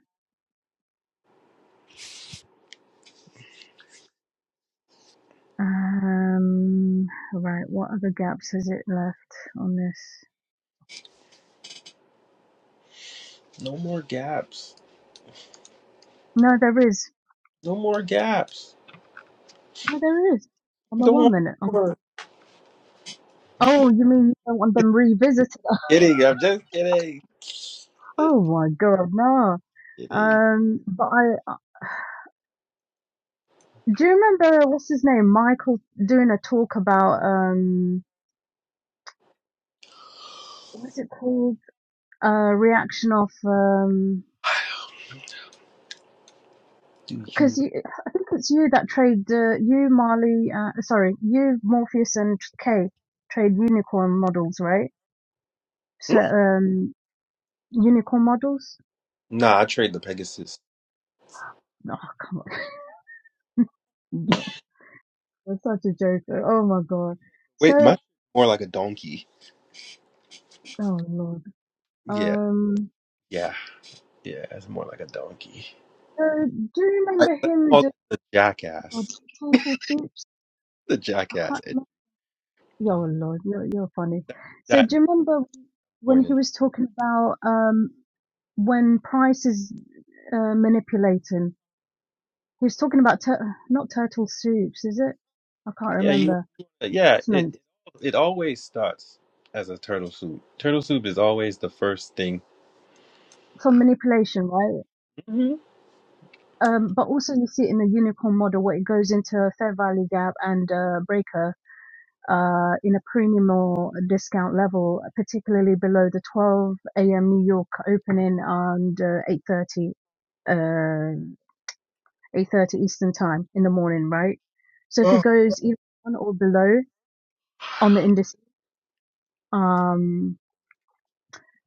S3: Um, right, what other gaps has it left on this?
S1: No more gaps.
S3: No, there is.
S1: No more gaps.
S3: No, there is. On the
S1: Don't
S3: one
S1: want
S3: minute. On,
S1: more.
S3: oh, you mean you don't want them revisited?
S1: Kidding. I'm just kidding.
S3: Oh my God, no.
S1: Kidding.
S3: Um, but I uh, do you remember what's his name, Michael, doing a talk about um, what is it called? Uh, reaction of um,
S1: Do
S3: because
S1: you?
S3: you, I think it's you that trade uh, you Marley. Uh, sorry, you Morpheus and K trade unicorn models, right?
S1: Hmm?
S3: So um, unicorn models.
S1: Nah, I trade the Pegasus.
S3: Oh come on, yo, that's such a joke. Oh my god. So
S1: Wait, my more like a donkey.
S3: oh lord.
S1: Yeah,
S3: Um,
S1: yeah, yeah. It's more like a donkey.
S3: so do you
S1: I,
S3: remember
S1: let's
S3: him
S1: call it
S3: doing
S1: the
S3: oh, god,
S1: jackass.
S3: turtle soups?
S1: The
S3: I
S1: jackass.
S3: can't
S1: At
S3: remember. Yo lord, you're you're funny.
S1: that,
S3: So
S1: that
S3: do you remember? when
S1: point in
S3: he was talking about um, when Price is uh, manipulating, he was talking about tur- not turtle soups, is it? I can't
S1: Yeah, you.
S3: remember.
S1: Yeah, it
S3: Placement
S1: it always starts as a turtle soup. Turtle soup is always the first thing.
S3: from manipulation, right?
S1: hmm
S3: Um, but also you see it in the unicorn model where it goes into a fair value gap and uh, breaker uh, in a premium or discount level, particularly below the 12 a.m. New York opening and uh, 8:30 8:30 Eastern time in the morning, right? So if it
S1: Oh,
S3: goes either on or below on the indices, um,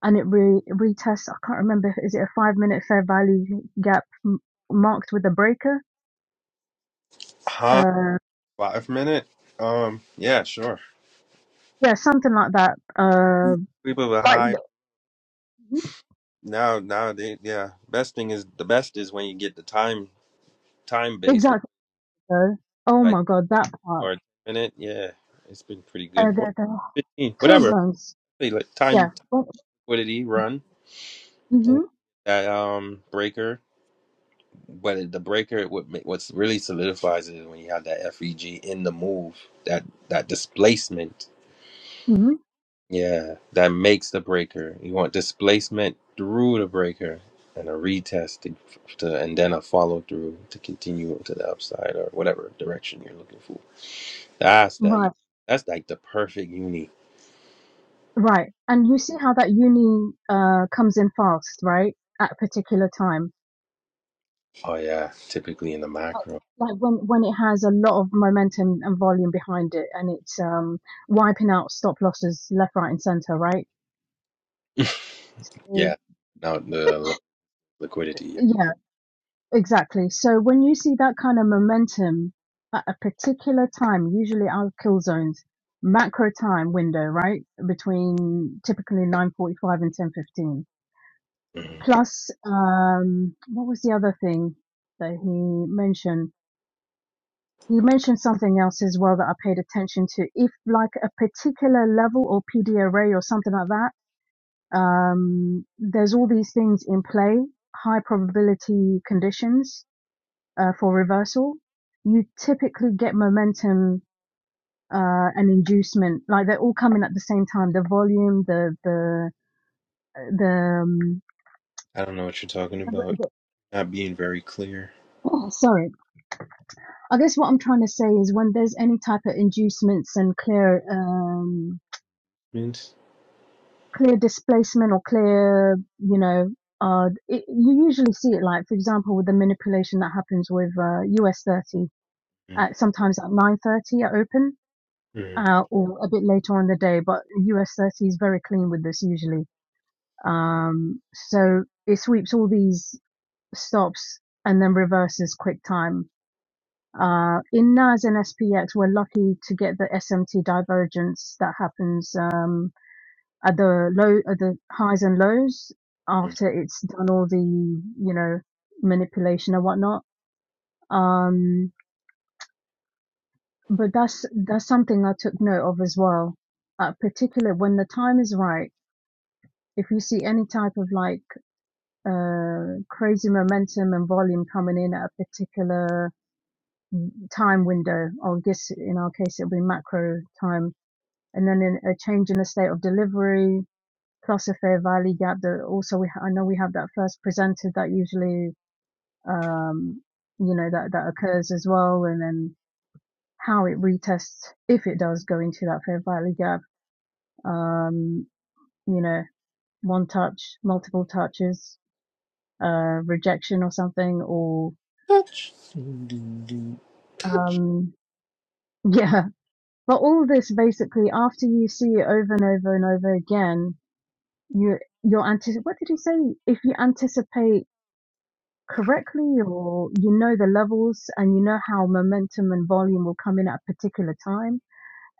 S3: and it re- retests, I can't remember, is it a five minute fair value gap m- marked with a breaker?
S1: Huh?
S3: Uh,
S1: Five minute. Um. Yeah. Sure.
S3: yeah, something like that. Uh,
S1: People are
S3: like
S1: high
S3: the,
S1: now. Now they. Yeah. Best thing is the best is when you get the time time base look
S3: exactly. So, oh
S1: like
S3: my god, that part.
S1: or minute. Yeah. It's been pretty
S3: Uh,
S1: good. Or
S3: the the
S1: fifteen.
S3: kill
S1: Whatever.
S3: zones.
S1: They Like
S3: Yeah.
S1: time time, liquidity run and
S3: Mm-hmm.
S1: that um breaker. But the breaker, what ma- what's really solidifies it is when you have that FEG in the move, that that displacement.
S3: Mm-hmm.
S1: Yeah, that makes the breaker. You want displacement through the breaker and a retest to, to and then a follow through to continue to the upside or whatever direction you're looking for. That's that.
S3: Right.
S1: That's like the perfect uni.
S3: Right. And you see how that uni uh comes in fast, right? At a particular time
S1: Oh yeah, typically in the
S3: like
S1: macro.
S3: like when when it has a lot of momentum and volume behind it and it's um wiping out stop losses left right and center right Or-
S1: yeah, now the li- liquidity. Yeah.
S3: yeah exactly so when you see that kind of momentum at a particular time usually our kill zones macro time window right between typically 9:45 and 10:15
S1: Mhm.
S3: plus um what was the other thing that he mentioned He mentioned something else as well that I paid attention to. If like a particular level or PD array or something like that, um, there's all these things in play, high probability conditions uh, for reversal. You typically get momentum uh, and inducement, like they're all coming at the same time. The volume, the the uh, the, um,
S1: I don't know what you're talking about.
S3: the
S1: Not being very clear.
S3: oh, sorry. I guess what I'm trying to say is when there's any type of inducements and clear um,
S1: Inducement.
S3: clear displacement or clear, you know, uh, it, you usually see it like, for example, with the manipulation that happens with uh, US 30,
S1: Mm,
S3: at, sometimes at 9.30 at open
S1: mm,
S3: uh, or a bit later on in the day, but US 30 is very clean with this usually. Um, so it sweeps all these stops and then reverses quick time. Uh, in NAS and SPX, we're lucky to get the SMT divergence that happens, um, at the low at the highs and lows
S1: mm.
S3: after it's done all the you know manipulation and whatnot um but that's that's something i took note of as well uh, particularly when the time is right if you see any type of like uh crazy momentum and volume coming in at a particular time window i guess in our case it'll be macro time and then in a change in the state of delivery Clossifier Valley Gap that also we ha- I know we have that first presented that usually um you know that that occurs as well and then how it retests if it does go into that fair Valley Gap um you know one touch multiple touches uh rejection or something or um yeah but all this basically after you see it over and over and over again you you're antici- what did he say if you anticipate correctly or you know the levels and you know how momentum and volume will come in at a particular time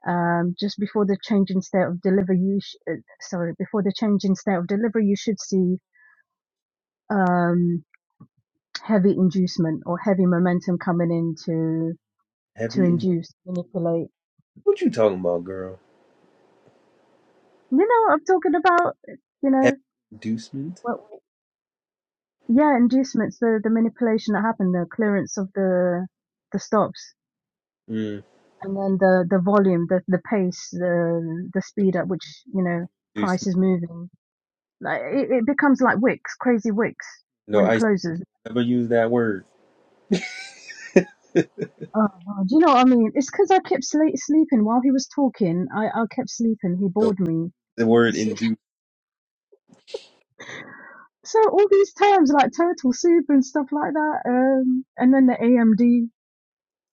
S3: um, just before the change in state of delivery you sh- uh, sorry before the change in state of delivery you should see um, heavy inducement or heavy momentum coming in to to
S1: Heavy in
S3: induce manipulate
S1: what you talking about, girl?
S3: you know what i'm talking about you
S1: Heavy
S3: know
S1: inducement?
S3: what yeah inducements the the manipulation that happened the clearance of the the stops
S1: Mm,
S3: and then the the volume, the the pace, the the speed at which you know price
S1: inducement.
S3: is moving, like it, it becomes like Wix, crazy Wix
S1: No,
S3: when it
S1: I
S3: closes.
S1: never use that word.
S3: Oh, wow. do you know what I mean? It's because I kept sle sleeping while he was talking. I I kept sleeping. He
S1: No,
S3: bored me.
S1: the word
S3: So
S1: induce.
S3: so all these terms like turtle soup and stuff like that, um, and then the AMD,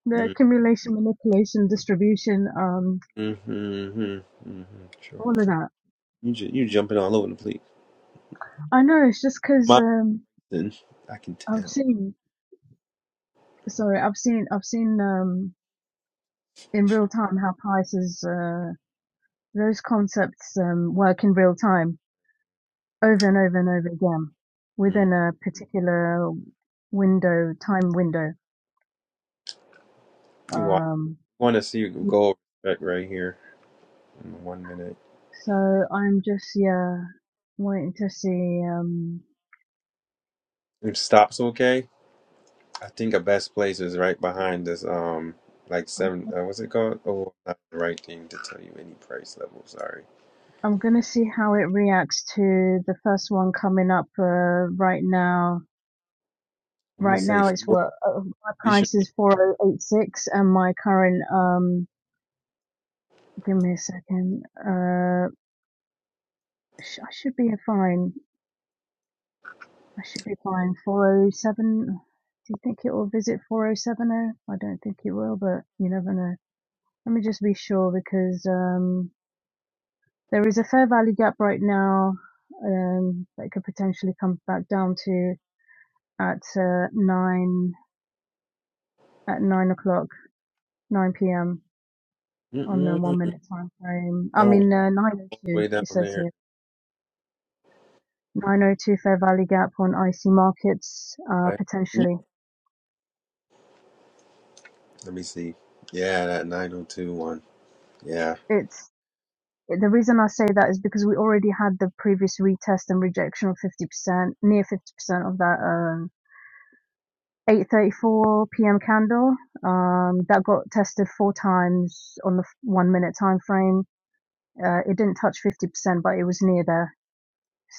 S3: the
S1: Mm,
S3: accumulation, manipulation, distribution, um,
S1: mm, mm, mm, mm, sure.
S3: all of that.
S1: You ju- you jumping all over the place.
S3: I know it's just because
S1: Mine,
S3: um,
S1: then, I can
S3: I've
S1: tell.
S3: seen. Sorry, I've seen I've seen um in real time how prices, uh, those concepts um, work in real time over and over and over again
S1: Mm.
S3: within a particular window, time window.
S1: You I
S3: Um,
S1: want to see you go over that right here in one minute.
S3: so I'm just, yeah, waiting to see, um,
S1: It stops okay. I think the best place is right behind this. Um, like
S3: I'm
S1: seven. Uh, what's it called? Oh, not the right thing to tell you any price level. Sorry.
S3: gonna see how it reacts to the first one coming up, uh, right now.
S1: I want to
S3: Right
S1: say
S3: now it's
S1: 40.
S3: what, uh, my
S1: We should
S3: price is 4086 and my current, um, give me a second, uh, I sh- I should be fine. I should be fine. 407. Do you think it will visit 4070? I don't think it will, but you never know. Let me just be sure because um, there is a fair value gap right now um, that could potentially come back down to at uh, nine at nine o'clock, nine p.m. on the one
S1: mm-mm,
S3: minute time frame. I
S1: go
S3: mean uh, nine o two.
S1: way down
S3: It says
S1: there.
S3: here nine o two fair value gap on IC markets uh,
S1: Right?
S3: potentially.
S1: Let me see. Yeah, that 902 one. Yeah.
S3: It's The reason I say that is because we already had the previous retest and rejection of 50%, near 50% of that um, 8:34 p.m. candle. Um, that got tested four times on the f- one minute time frame. Uh, it didn't touch 50%, but it was near there.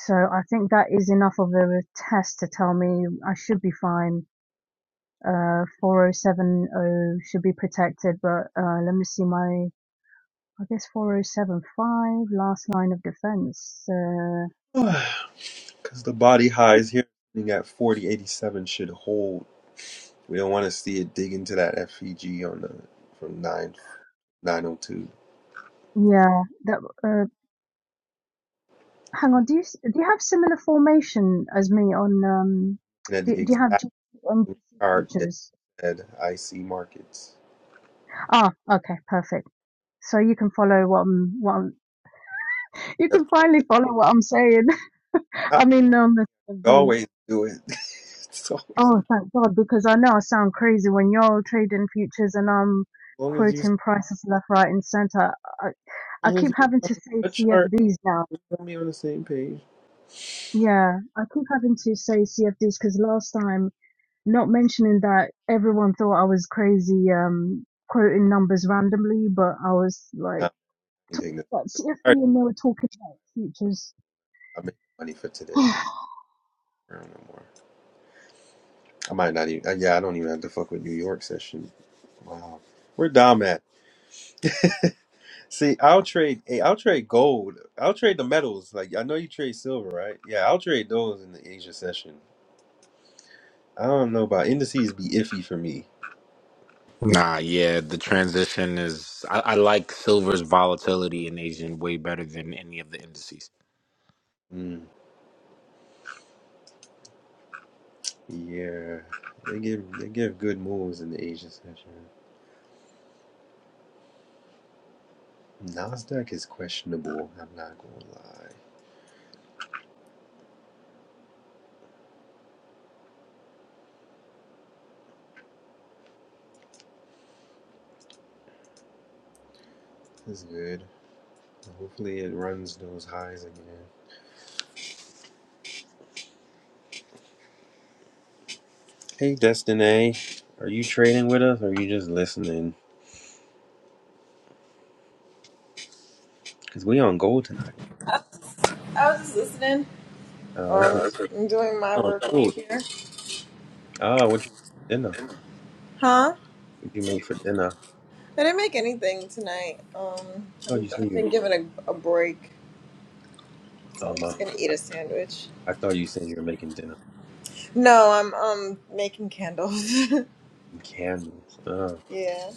S3: So I think that is enough of a test to tell me I should be fine. Uh, 4070 should be protected, but uh, let me see my, I guess 4075, last line of defense. Uh,
S1: Because the body highs here sitting at 4087 should hold. We don't want to see it dig into that FEG on the from 9 902.
S3: Yeah, that uh, hang on. Do you s- do you have similar formation as me on um?
S1: And at
S3: Do,
S1: the
S3: do you have
S1: exact
S3: G C on
S1: same
S3: GC
S1: chart that
S3: teachers?
S1: said IC markets.
S3: Ah, okay, perfect. So you can follow what I'm what I'm, you
S1: Yep.
S3: can finally follow what I'm saying.
S1: I
S3: I mean, um, the, the
S1: always do it. it's always
S3: oh,
S1: as
S3: thank God, because I know I sound crazy when you're trading futures and I'm
S1: long as you as
S3: quoting prices left, right, and center. I I
S1: long as
S3: keep
S1: you
S3: having
S1: tell
S3: to
S1: me
S3: say
S1: what chart,
S3: CFDs now.
S1: you tell me on the same page.
S3: Yeah, I keep having to say CFDs because last time. Not mentioning that everyone thought I was crazy, um, quoting numbers randomly, but I was
S1: Nah, I
S3: like
S1: can
S3: talking
S1: take this.
S3: about CFD
S1: All right,
S3: and they were talking about futures.
S1: I made money for today.
S3: What's
S1: I don't know more. I might not even. uh, Yeah, I don't even have to fuck with New York session. Wow, where Dom at? See, I'll trade. Hey, I'll trade gold. I'll trade the metals. Like I know you trade silver, right? Yeah, I'll trade those in the Asia session. I don't know about indices. Be iffy for me.
S6: Nah, yeah, the transition is. I, I like silver's volatility in Asian way better than any of the indices.
S1: Mm, yeah, they give they give good moves in the Asia session. Nasdaq is questionable. I'm not gonna lie. It's good. Hopefully, it runs those highs again. Hey, Destiny, are you trading with us or are you just listening? Because we on gold tonight.
S9: I was just listening Uh,
S1: Uh,
S9: or
S1: that's good.
S9: okay. doing my
S1: We on
S9: work over
S1: gold.
S9: here.
S1: Ah, what you make for dinner?
S9: Huh?
S1: What you make for dinner? I
S9: I didn't make anything tonight. Um,
S1: thought
S9: I'm,
S1: you said
S9: I've
S1: you.
S9: been given a, a break, so
S1: Oh
S9: I'm
S1: my!
S9: just gonna eat a sandwich.
S1: I thought you said you were making dinner.
S9: No, I'm um making candles.
S1: Candles. Ah,
S9: yeah,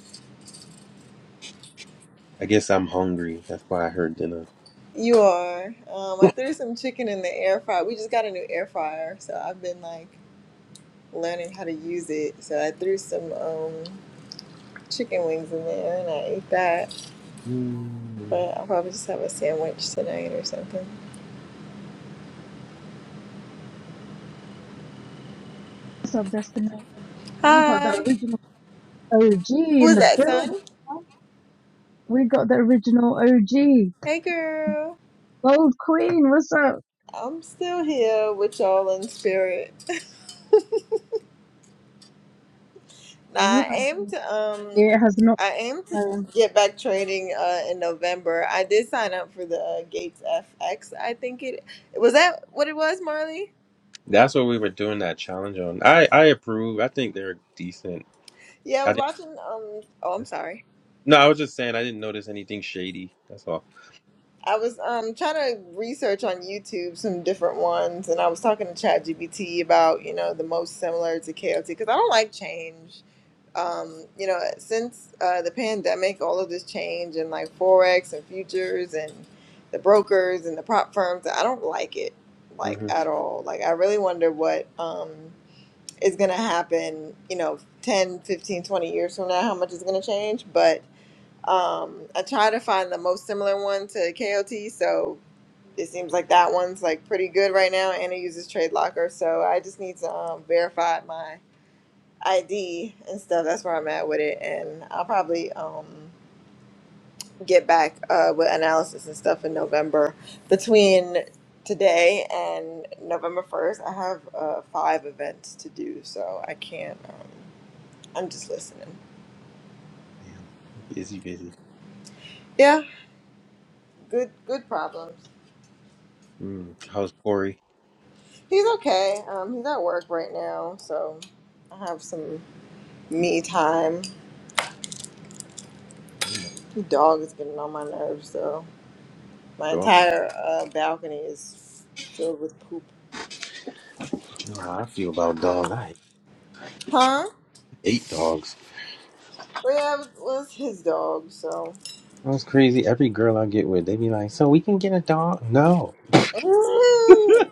S1: I guess I'm hungry. That's why I heard dinner.
S9: you are. Um, I threw some chicken in the air fryer. We just got a new air fryer, so I've been like learning how to use it. So I threw some um chicken wings in there and I ate that.
S1: Mm.
S9: But I'll probably just have a sandwich tonight or something.
S3: up, Destiny? We got the
S9: Hi.
S3: original OG
S9: Who
S3: in
S9: is
S3: the
S9: that,
S3: build.
S9: son?
S3: We got the original OG.
S9: Hey, girl.
S3: Gold Queen, what's up?
S9: I'm still here with y'all in spirit. Now,
S3: And you
S9: I
S3: have
S9: aim
S3: been-
S9: to um,
S3: It has not.
S9: I aim to
S3: Um,
S9: get back trading uh in November. I did sign up for the uh, Gates FX. I think it was that what it was, Marley.
S1: That's what we were doing that challenge on. I I approve. I think they're decent.
S9: Yeah, I
S1: I
S9: was watching. Um, oh, I'm
S1: didn't.
S9: sorry.
S1: No, I was just saying I didn't notice anything shady. That's all.
S9: I was um trying to research on YouTube some different ones, and I was talking to ChatGPT about you know the most similar to KLT because I don't like change. um, you know, since uh, the pandemic, all of this change and like forex and futures and the brokers and the prop firms, I don't like it like
S1: hmm
S9: at all. Like I really wonder what um, is going to happen, you know, 10, 15, 20 years from now, how much is going to change. But um, I try to find the most similar one to KOT. So it seems like that one's like pretty good right now. and it uses Trade Locker. So I just need to um, verify my ID and stuff. That's where I'm at with it, and I'll probably um, get back uh, with analysis and stuff in November. Between today and November first, I have uh, five events to do, so I can't. Um, I'm just listening.
S1: Damn. Busy, busy.
S9: Yeah, good, good problems.
S1: Mm. How's Corey?
S9: He's okay. Um, he's at work right now, so I have some me time. The dog is getting on my nerves, though. My
S1: Dog,
S9: entire uh, balcony is filled with poop.
S1: you know how I feel about dogs. I
S9: Huh?
S1: hate dogs.
S9: Well, yeah, it was his dog, so.
S1: That's crazy. Every girl I get with, they be like, "So we can get a dog?" No,
S9: Mm,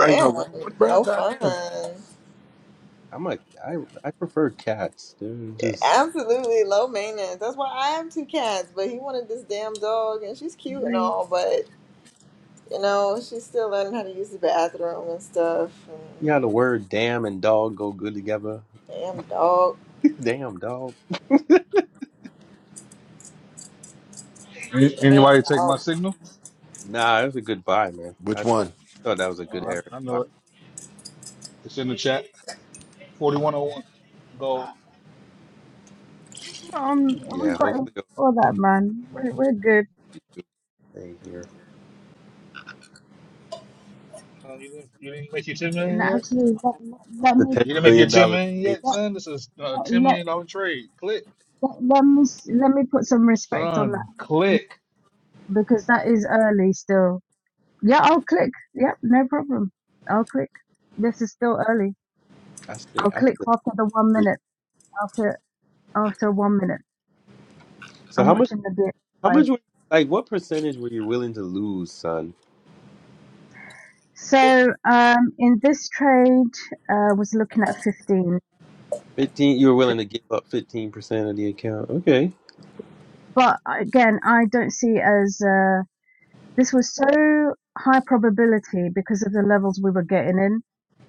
S6: Not even a little one, bro.
S9: no fun.
S6: Goddamn.
S1: I'm like, I I prefer cats. They're just
S9: Absolutely low maintenance. That's why I have two cats, but he wanted this damn dog, and she's cute and
S3: agree.
S9: all, but, you know, she's still learning how to use the bathroom and stuff.
S1: you know how
S9: And
S1: the word "damn" and "dog" go good together.
S9: damn dog.
S1: Damn dog.
S4: Any-
S9: Damn
S4: Anybody take my
S9: dog.
S4: signal?
S1: Nah, it was a good buy, man.
S6: Which
S1: I
S6: one?
S1: thought that was a good
S4: Oh,
S1: era. to
S4: I, I
S1: buy.
S4: know it. It's in the chat. 4101. Go. Uh,
S3: um, we
S1: Yeah,
S3: got
S1: hopefully it'll
S3: all that, man. We're, we're good.
S1: be the thing here.
S4: you, didn't, you didn't make your 10
S3: And
S4: million yet?
S3: actually, let, let,
S1: The ten
S4: You didn't make
S3: let
S4: your
S1: billion
S4: 10
S1: dollar
S4: million
S1: trade.
S4: yet, son? This is a $10
S3: me
S4: million dollar trade. Click.
S3: Let, let me s- let me put some respect on that
S4: Son,
S3: um,
S4: click.
S3: because that is early still. Yeah, I'll click. Yep, no problem. I'll click. This is still early.
S1: I
S3: I'll
S1: think I
S3: click
S1: still.
S3: after the one minute. After after one minute,
S1: So
S3: I'm
S1: how much?
S3: watching the bit
S1: How
S3: live.
S1: much? Would, like, what percentage were you willing to lose, son?
S3: So um, in this trade, uh, was looking at 15,
S1: Fifteen. You were willing to give up fifteen percent of the account. Okay,
S3: but again, I don't see as uh, this was so high probability because of the levels we were getting in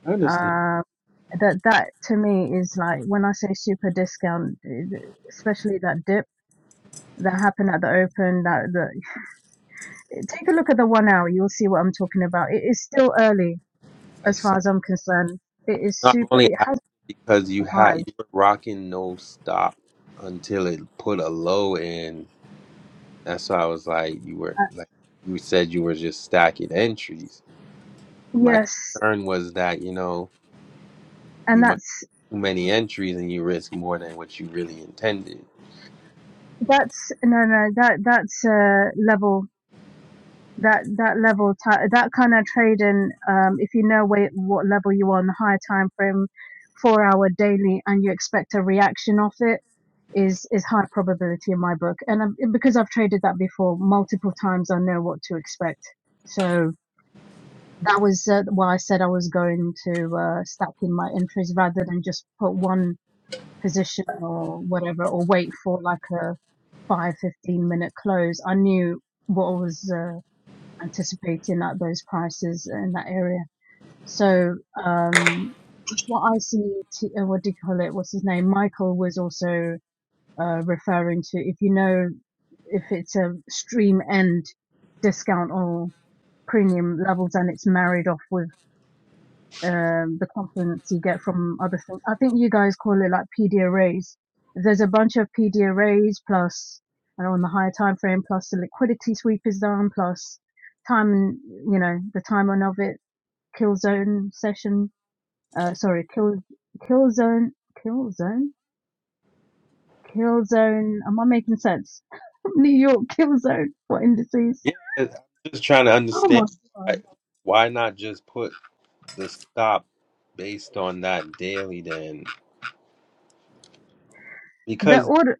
S1: I understand.
S3: Um, that that to me is like when I say super discount, especially that dip that happened at the open. That the take a look at the one hour, you'll see what I'm talking about. It is still early
S1: I
S3: as
S1: saw.
S3: far as I'm concerned. It is
S1: No, I'm
S3: super.
S1: only
S3: It
S1: asking
S3: has
S1: because you
S3: a
S1: had you
S3: high.
S1: were rocking no stop until it put a low in. That's why I was like, you were
S3: Uh,
S1: like you said you were just stacking entries. My
S3: yes,
S1: concern was that you know you
S3: and
S1: might
S3: that's
S1: too many entries and you risk more than what you really intended.
S3: that's no no that that's a level that that level ti that kind of trading um if you know where, what level you are on the higher time frame four hour daily and you expect a reaction off it is is high probability in my book and um, because i've traded that before multiple times i know what to expect so that was uh, why i said i was going to uh stack in my entries rather than just put one position or whatever or wait for like a five, fifteen minute close. I knew what I was, uh, anticipating that those prices in that area. So um, what I see, t- uh, what do you call it? What's his name? Michael was also uh, referring to if you know if it's a stream end discount or premium levels and it's married off with um, the compliments you get from other things. I think you guys call it like PD arrays. If There's a bunch of PD arrays plus, and on the higher time frame, plus the liquidity sweep is done, plus time, and you know, the time on of it, kill zone session, uh, sorry, kill, kill zone, kill zone, kill zone. Am I making sense? New York kill zone. for indices?
S1: Yeah, I'm just trying to
S3: Oh
S1: understand
S3: my
S1: why,
S3: god.
S1: why not just put the stop based on that daily then.
S3: The
S1: because
S3: order,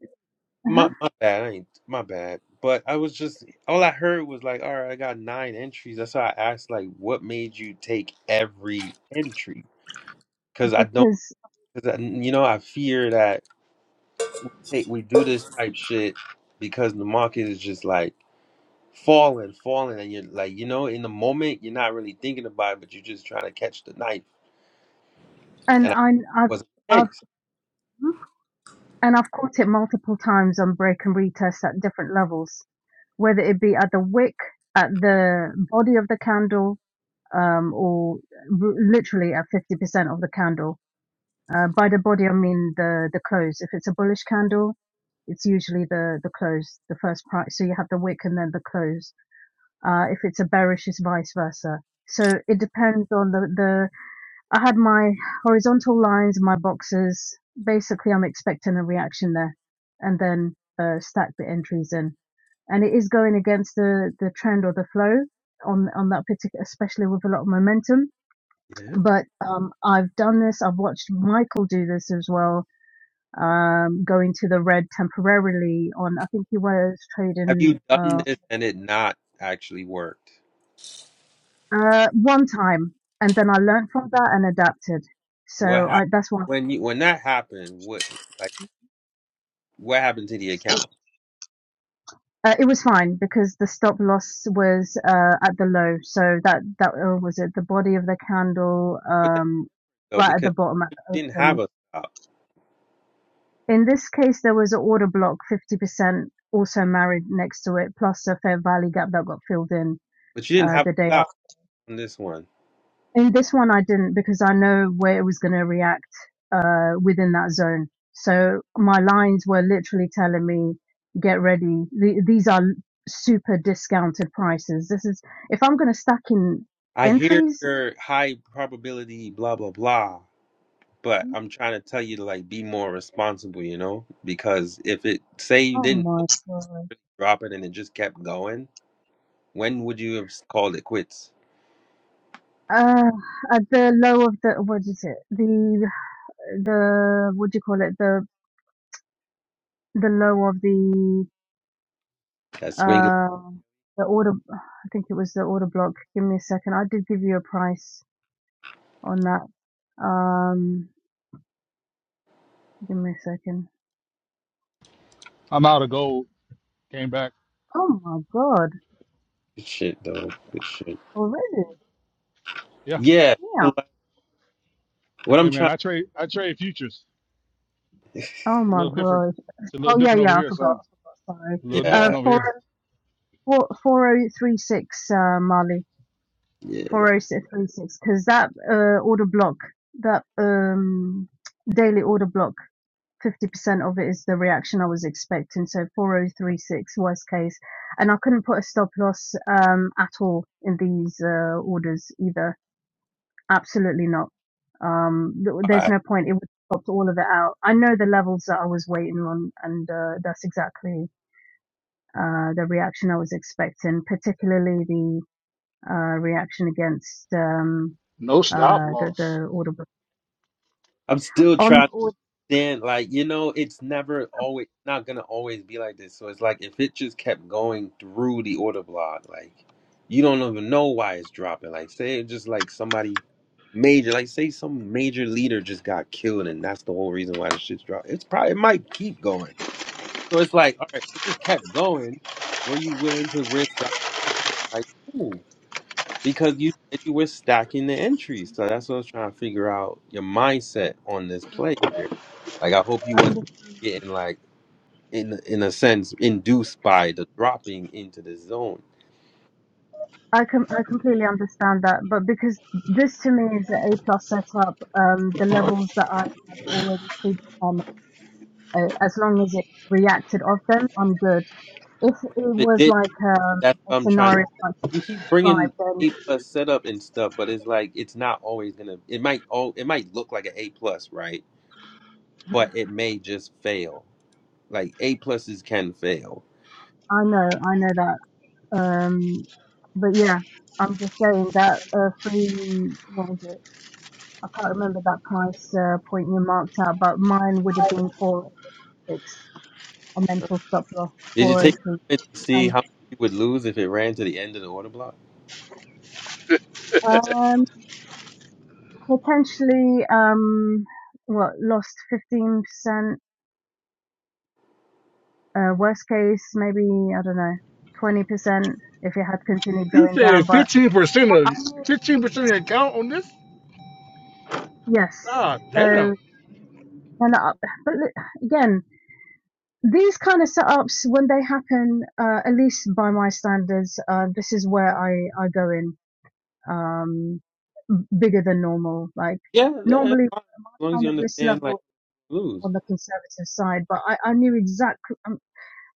S1: my
S3: uh
S1: my bad, I ain't, my bad. But I was just all I heard was like, all right, I got nine entries. That's why I asked, like, what made you take every entry? Because I don't,
S3: because,
S1: because I, you know, I fear that hey, we do this type shit because the market is just like falling, falling, and you're like, you know, in the moment you're not really thinking about it, but you're just trying to catch the knife.
S3: and
S1: And I
S3: I, I've,
S1: wasn't the
S3: I've
S1: case.
S3: And I've caught it multiple times on break and retest at different levels, whether it be at the wick, at the body of the candle, um, or r- literally at 50% of the candle. Uh, by the body, I mean the, the close. If it's a bullish candle, it's usually the, the close, the first price. So you have the wick and then the close. Uh, if it's a bearish, it's vice versa. So it depends on the, the I had my horizontal lines, my boxes. Basically, I'm expecting a reaction there, and then uh, stack the entries in. And it is going against the the trend or the flow on on that particular, especially with a lot of momentum.
S1: Yeah.
S3: But um, I've done this. I've watched Michael do this as well. Um, going to the red temporarily on. I think he was
S1: Have
S3: trading
S1: you done
S3: uh,
S1: this and it not actually worked?
S3: uh, one time, and then I learned from that and adapted. So
S1: What happened
S3: I, that's why
S1: when you when that happened? What like what happened to the account?
S3: Uh, it was fine because the stop loss was uh, at the low, so that that or was it. The body of the candle,
S1: But that
S3: um,
S1: though
S3: right at the
S1: because
S3: bottom at
S1: you
S3: the
S1: didn't have
S3: open.
S1: a stop,
S3: In this case, there was an order block, fifty percent also married next to it, plus a fair value gap that got filled in
S1: but you didn't
S3: uh,
S1: have
S3: the day
S1: a stop on this one.
S3: In this one, I didn't because I know where it was going to react uh, within that zone. So my lines were literally telling me, "Get ready. The, these are super discounted prices. This is if I'm going to stack in
S1: I hear
S3: entries.
S1: your high probability blah blah blah, but I'm trying to tell you to like be more responsible, you know? Because if it say you
S3: Oh
S1: didn't
S3: my god.
S1: drop it and it just kept going, when would you have called it quits?
S3: Uh, at the low of the what is it? The the what do you call it? The the low of the
S1: That swing
S3: uh the order. I think it was the order block. Give me a second. I did give you a price. on that. Um, give me a second.
S4: I'm out of gold. Came back.
S3: Oh my god,
S1: shit though. Good shit.
S3: already?
S4: Yeah.
S1: Yeah.
S3: Yeah.
S1: so, like, What I'm
S4: Hey man,
S1: trying
S4: I trade I trade futures.
S3: Oh
S4: It's a
S3: my
S4: little different.
S3: god.
S4: It's a little
S3: Oh yeah,
S4: different over
S3: yeah. I
S4: here,
S3: forgot.
S4: son.
S3: I forgot. Sorry.
S4: A little
S3: Uh,
S4: different
S1: Yeah.
S4: over
S3: four
S4: here.
S3: four four oh three six. Uh, Mali
S1: Yeah.
S3: four zero three six. Because that uh order block, that um daily order block, fifty percent of it is the reaction I was expecting. So four oh three six worst case, and I couldn't put a stop loss um at all in these uh orders either Absolutely not. Um, th- there's
S1: I,
S3: no point. It would have popped all of it out. I know the levels that I was waiting on, and uh, that's exactly uh, the reaction I was expecting, particularly the uh, reaction against um,
S4: No stop
S3: uh, the,
S4: loss.
S3: the order book.
S1: I'm still
S3: On the
S1: trying to
S3: order,
S1: stand like, you know, it's never always not gonna always be like this. So it's like if it just kept going through the order block, like you don't even know why it's dropping. Like say it just like somebody major, like say some major leader just got killed and that's the whole reason why the shit's dropping. It's probably it might keep going. So it's like, all right, if it just kept going, were you willing to risk that? Like, ooh, Because you said you were stacking the entries. So that's what I was trying to figure out your mindset on this play here. Like I hope you wasn't
S3: and
S1: getting like in in a sense induced by the dropping into the zone.
S3: I com- I completely understand that, but because this to me is an A plus setup, um, the levels that I had already predetermined uh, as long as it reacted of them, I'm good. If it
S1: If it
S3: was
S1: did
S3: like um,
S1: that's
S3: a
S1: what I'm trying to
S3: scenario like
S1: you keep
S3: five,
S1: bringing
S3: then
S1: A plus setup and stuff, but it's like it's not always gonna it might all it might look like an A plus, right? But
S3: Mhm.
S1: it may just fail. Like A pluses can fail.
S3: I know, I know that. Um, but yeah, I'm just saying that uh, free, what was it? I can't remember that price uh, point you marked out, but mine would have been four oh six a
S1: Uh,
S3: mental stop loss
S1: Did you take
S3: 403.
S1: a moment to see
S3: And
S1: how much you would lose if it ran to the end of the order block?
S3: um, potentially, um, what, lost 15%, Uh, worst case, maybe, I don't know, 20% if it had continued
S4: You
S3: going down.
S4: said
S3: But
S4: fifteen percent of fifteen percent of your account on this?
S3: yes.
S4: Ah, damn.
S3: So and up, but again, these kind of setups when they happen, uh, at least by my standards, uh, this is where I I go in um, bigger than normal. Like
S1: Yeah, yeah, that's
S3: normally,
S1: fine. As long as
S3: kind
S1: you
S3: of risk
S1: understand like
S3: level
S1: blues.
S3: on the conservative side, but I I knew exactly um,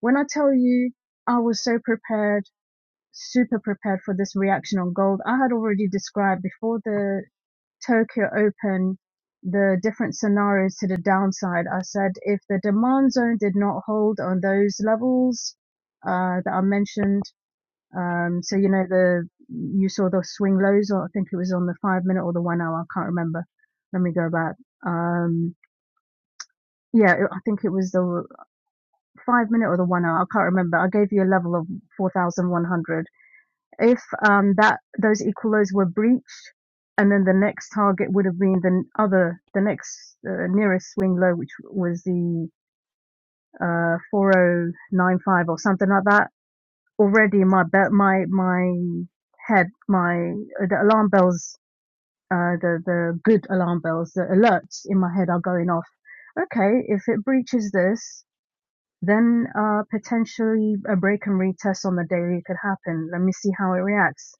S3: when I tell you I was so prepared super prepared for this reaction on gold. I had already described before the Tokyo Open the different scenarios to the downside. I said if the demand zone did not hold on those levels uh, that I mentioned, um, so you know the you saw the swing lows, or I think it was on the five minute or the one hour, I can't remember. Let me go back. Um, yeah, I think it was the five minute or the one hour. I can't remember. I gave you a level of 4,100 if um, that those equilos were breached, and then the next target would have been the other, the next uh, nearest swing low, which was the uh, 4095 or something like that. Already, my be- my my head, my uh, the alarm bells, uh, the the good alarm bells, the alerts in my head are going off. Okay, if it breaches this, then uh, potentially a break and retest on the daily could happen. Let me see how it reacts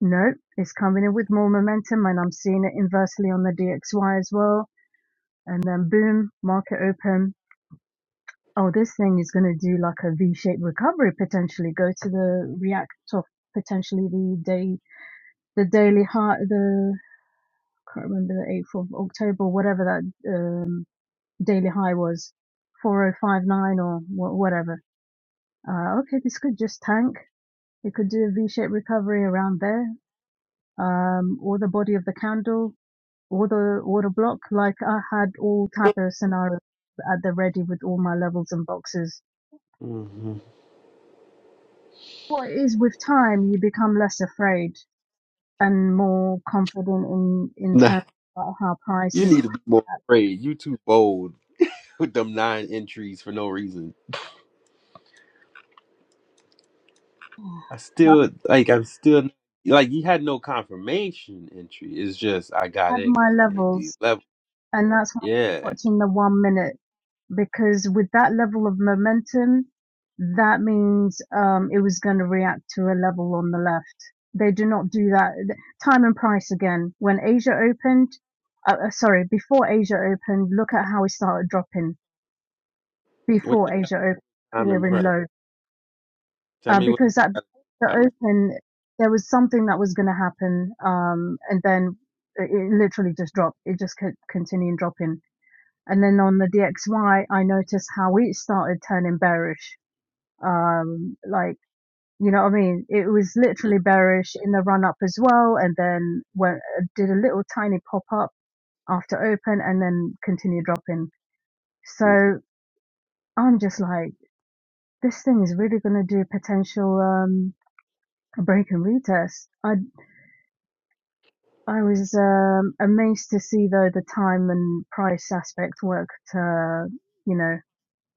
S3: No, it's coming in with more momentum and I'm seeing it inversely on the DXY as well. And then boom, market open. Oh, this thing is going to do like a V-shaped recovery potentially. Go to the react of potentially the day, the daily high, the, can't remember the 8th of October, whatever that um, daily high was, 4059 or wha- whatever. Uh, okay, this could just tank. It could do a V-shaped recovery around there um, or the body of the candle. Would a would a block like I had all type of scenarios at the ready with all my levels and boxes.
S1: hmm
S3: What it is with time, you become less afraid and more confident in in
S1: Nah,
S3: terms of how
S1: you
S3: prices.
S1: need to be more afraid. You too bold with them nine entries for no reason. I
S3: I
S1: still like. I'm still like. You had no confirmation entry. It's just I got
S3: had
S1: in
S3: my
S1: because it hit
S3: levels
S1: these levels.
S3: And that's why I'm
S1: Yeah.
S3: watching the one minute because with that level of momentum, that means um, it was going to react to a level on the left. They do not do that. Time and price again. When Asia opened, uh, uh, sorry, before Asia opened, look at how it started dropping
S1: What the
S3: before Asia opened,
S1: I'm
S3: clearing
S1: impressed.
S3: low.
S1: Tell
S3: Uh,
S1: me what
S3: because at the
S1: I'm.
S3: open, there was something that was going to happen, um, and then it literally just dropped. It just kept continuing dropping and then on the DXY, I noticed how it started turning bearish. Um, like, you know what I mean? It was literally bearish in the run up as well. And then went, did a little tiny pop up after open and then continued dropping.
S1: Mhm.
S3: So I'm just like, this thing is really going to do potential, um, a break and retest. I, I was, um, amazed to see though the time and price aspect worked, uh, you know.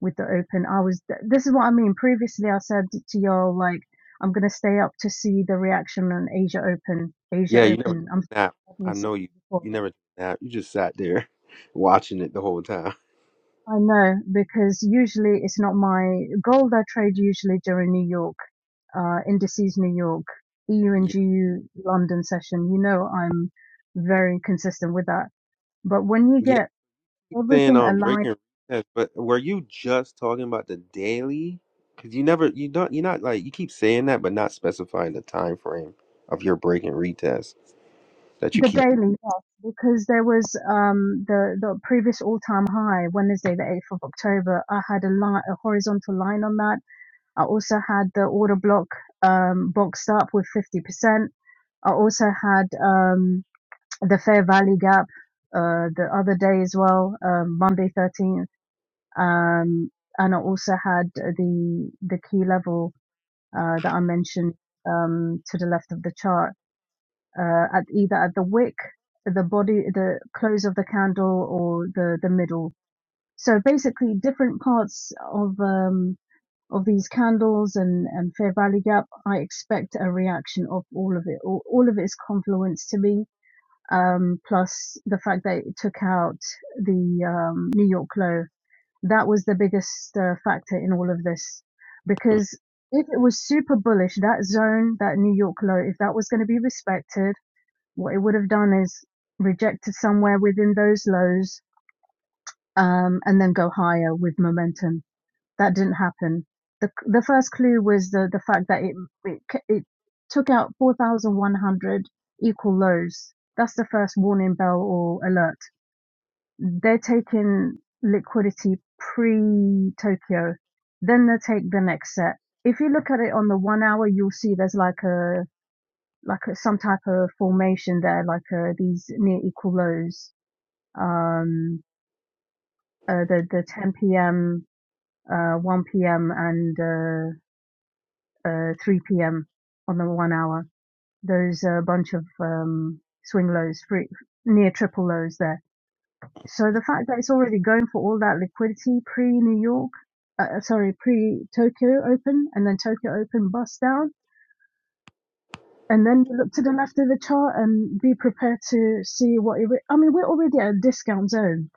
S3: with the open i was this is what i mean previously i said to y'all like i'm gonna stay up to see the reaction on asia open asia
S1: Yeah, you never took
S3: open i'm
S1: a nap.
S3: definitely
S1: I
S3: said
S1: know you.
S3: that before
S1: You never took a nap. You just sat there watching it the whole time.
S3: right? i know because usually it's not my gold i trade usually during new york uh indices new york eu and
S1: Yeah.
S3: gu london session you know i'm very consistent with that but when you get
S1: keep saying
S3: everything
S1: on
S3: aligned
S1: breaking recess, but were you just talking about the daily? Because you never, you don't, you're not like you keep saying that, but not specifying the time frame of your break and retest that you
S3: The
S1: keep.
S3: daily, yes, because there was um, the the previous all-time high, Wednesday, the 8th of October. I had a line, a horizontal line on that. I also had the order block um, boxed up with 50%. I also had um, the fair value gap uh, the other day as well, um, Monday 13th, um, and I also had the the key level uh, that I mentioned um, to the left of the chart uh, at either at the wick, the body, the close of the candle, or the the middle. So basically, different parts of um, of these candles and and Fair Valley Gap, I expect a reaction of all of it, all, all of its confluence to me. Um, plus the fact that it took out the um, New York low, that was the biggest uh, factor in all of this, because if it was super bullish, that zone, that New York low, if that was going to be respected what it would have done is rejected somewhere within those lows um, and then go higher with momentum. That didn't happen. The, the first clue was the, the fact that it, it, it took out 4,100 equal lows. That's the first warning bell or alert. They're taking liquidity pre Tokyo. Then they take the next set. If you look at it on the one hour, you'll see there's like a like a, some type of formation there, like uh, these near equal lows, um, uh, the the 10 p.m., uh, 1 p.m., and uh, uh, 3 p.m. on the one hour. There's a bunch of um, swing lows, free, near triple lows there. So the fact that it's already going for all that liquidity pre New York, uh, sorry, pre Tokyo Open, and then Tokyo Open bust down and then you look to the left of the chart and be prepared to see what it. I mean, we're already at a discount zone,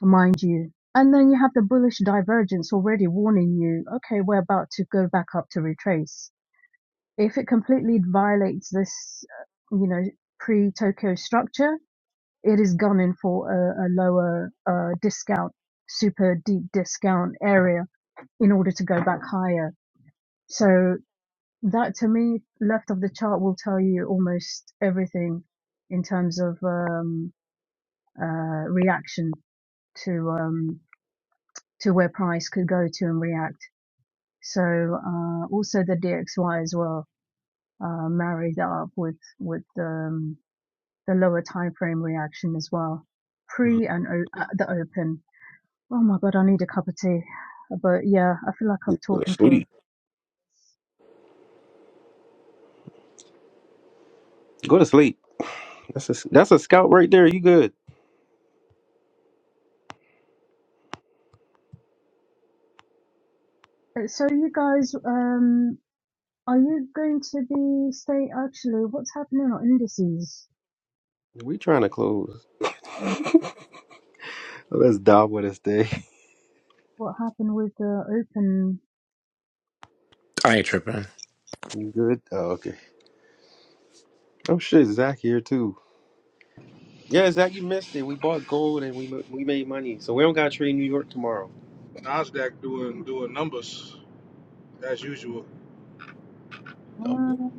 S3: mind you. And then you have the bullish divergence already warning you, okay, we're about to go back up to retrace. If it completely violates this, uh, you know, pre Tokyo structure, it is gunning for a, a lower uh, discount, super deep discount area in order to go back higher. So that to me, left of the chart will tell you almost everything in terms of um, uh, reaction to um, to where price could go to and react. So uh, also the DXY as well uh, marry up with with um, the lower time frame reaction as well,
S1: Go
S3: pre and o- at the open. Oh my god, I need a cup of tea. But yeah, I feel like I've
S1: to
S3: talking for.
S1: sleep. Go to sleep. That's a that's a scout right there. You good?
S3: So you guys, um, Are you going to be say actually what's happening on indices?
S1: We trying to close.
S3: Mm,
S1: Let's dive with us, day.
S3: What happened with the open?
S1: You good? Oh, okay. Oh shit, Zach here too. Yeah, Zach, you missed it. We bought gold and we we made money, so we don't gotta trade New York tomorrow.
S4: Nasdaq doing doing numbers as usual.
S1: No.
S3: Oh,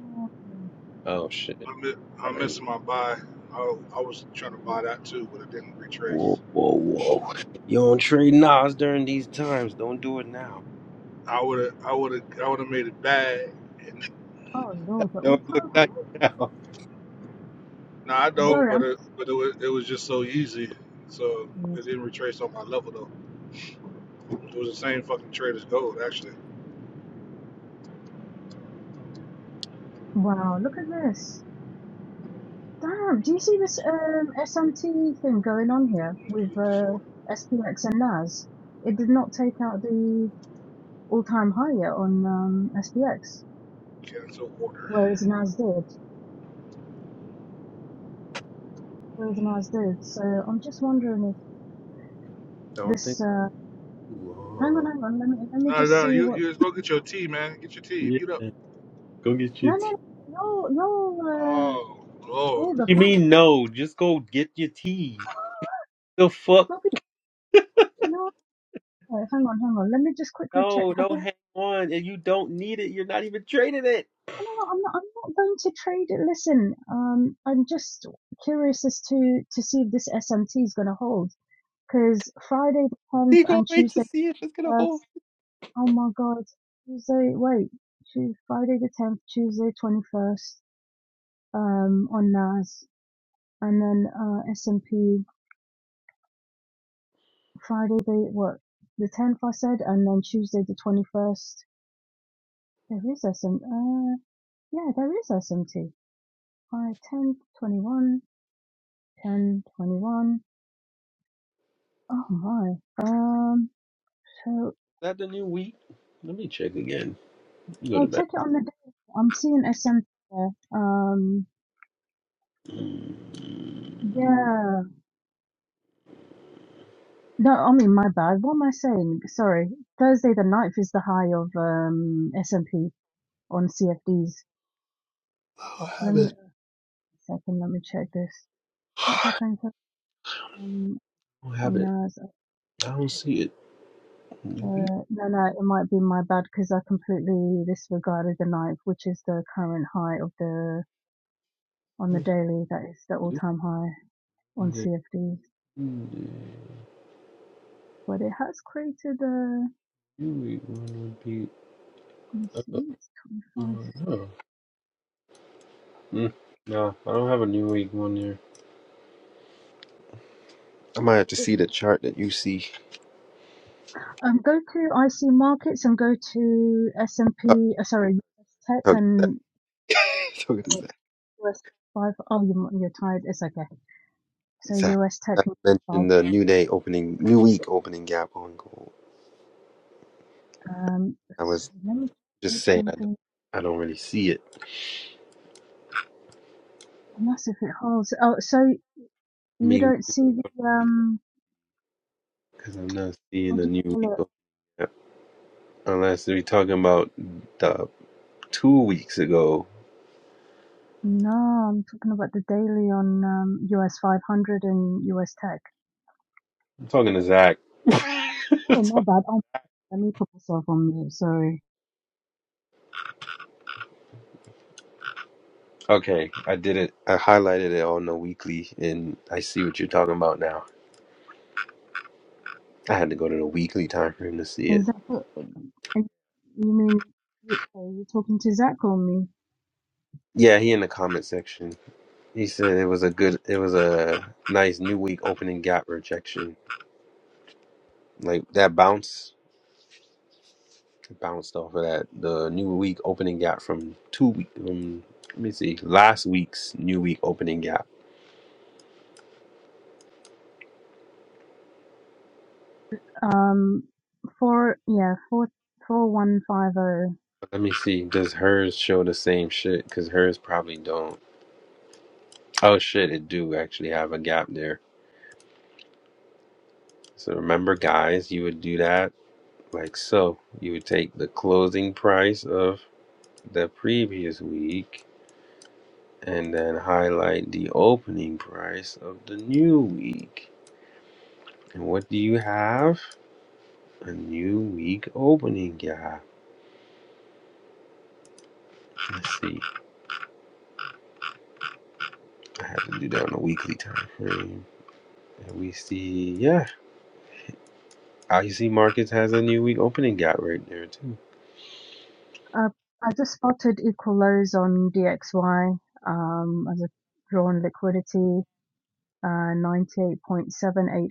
S1: Oh shit.
S4: I mi-
S1: All
S4: I
S1: right.
S4: missed my buy. I, I was trying to buy that too, but it didn't
S1: Whoa,
S4: retrace.
S1: whoa, whoa. You don't trade Nas during these times. Don't do it now.
S4: I would have I would have I would have made it bad. And
S3: oh Lord, the
S1: Don't look
S3: all-time
S1: nice
S3: high.
S1: now.
S4: no, I
S1: Don't,
S4: don't.
S3: Sorry,
S4: But
S3: I'm.
S4: it, but it was it was just so easy. So it didn't retrace on my level though. It was the same fucking trade as gold actually.
S3: Wow, look at this. Damn, do you see this um SMT thing going on here with
S4: Just
S3: uh
S4: order.
S3: SPX and NAS? It did not take out the all-time high yet on um SPX,
S4: Cancel order.
S3: whereas NAS did. Whereas NAS did. So I'm just wondering if
S1: don't think
S3: this uh
S1: too
S3: hang on,
S1: hard.
S3: hang on, let me let me
S4: No,
S3: just
S4: no,
S3: see
S4: you
S3: what
S4: you just go get your tea, man. Get your tea. Mute up.
S1: Yeah, go get your
S3: No, no,
S1: tea.
S3: no, no, no, uh,
S4: Oh
S3: all
S4: Lord.
S1: What
S3: the
S1: do you
S3: fun.
S1: mean no? Just go get your tea. The fuck?
S3: Probably, no, no, hang on, hang on. Let me just quickly check.
S1: No,
S3: Have
S1: no,
S3: we, no,
S1: hang on. And you don't need it. You're not even trading it.
S3: no, no, I'm not, I'm not going to trade it. Listen, um, I'm just curious as to, to see if this SMT is going to hold. Because Friday the 10th
S1: You go
S3: and
S1: wait to
S3: Tuesday
S1: see if it's
S3: the
S1: gonna hold.
S3: 1st, oh my God, Tuesday, wait, Tuesday, Friday the 10th, Tuesday 21st, um, on NAS, and then, uh, S&P. Friday the what? The tenth I said, and then Tuesday the twenty first. There is SM. Uh, yeah, there is SMT. Right, 10 21, 10 21. Oh my. Um. So
S1: Is that the new week? Let me check again. You go to
S3: well,
S1: bed.
S3: check it on the day. I'm seeing SMT there. Um. Yeah. No, I mean my bad. What am I saying? Sorry. Thursday the ninth is the high of um SMP on CFDs.
S1: I don't
S3: Let
S1: have
S3: me
S1: it.
S3: second. Let me check this. What
S1: I
S3: happened to, um
S1: don't have
S3: on
S1: it.
S3: NAS?
S1: I don't see it. New week?
S3: Uh, no, no, it might be my bad because I completely disregarded the ninth, which is the current high of the on the
S1: Let
S3: daily. That is the all-time high on
S1: me
S3: CFDs.
S1: see.
S3: But it has created a.
S1: New week one would be.
S3: Let's see, it's
S1: Oh,
S3: 21st.
S1: no. Mm, no, I don't have a new week one here. I might have to see the chart that you see.
S3: Um, go to IC markets and go to S&P. Uh, sorry, US Tech
S1: Sorry, talking to Zach.
S3: and
S1: Talking to
S3: uh,
S1: Zach.
S3: US five. Oh, you, you're tired. It's okay. So
S1: Zach,
S3: US Tech
S1: Zach
S3: and five.
S1: mentioned the new day opening, new week opening gap on gold.
S3: Um,
S1: I
S3: let's-
S1: was
S3: let me
S1: just
S3: check
S1: saying I don't,
S3: something.
S1: I don't really see it.
S3: Unless if it holds. Oh, so
S1: I
S3: You
S1: mean,
S3: don't see the um,
S1: because I'm not seeing
S3: what
S1: a
S3: do you
S1: new week
S3: call it?
S1: opening gap unless we're talking about the two weeks ago.
S3: No, I'm talking about the daily on um, US 500 and US Tech.
S1: I'm talking to Zach.
S3: Oh, my bad. Oh, let me put myself on mute. Sorry.
S1: Okay, I did it. I highlighted it on the weekly, and I see what you're talking about now. I had to go to the weekly time frame to see it.
S3: Is that what you mean? you- Are you talking to Zach or me?
S1: Yeah, he in the comment section. He said it was a good, it was a nice new week opening gap rejection. Like that bounce, it bounced off of that. The new week opening gap from two week. Um, let me see, last week's new week opening gap.
S3: Um, four yeah four four one five zero.
S1: Let me see, does hers show the same shit? Cause hers probably don't. Oh shit, it do actually have a gap there. So remember, guys, you would do that like so. You would take the closing price of the previous week and then highlight the opening price of the new week. And what do you have? A new week opening gap. Let's see. I have to do that on a weekly time frame. And we see, yeah, I see. Markets has a new week opening gap right there, too.
S3: Uh, I just spotted equal lows on DXY. Um, as a drawn liquidity. uh, 98.780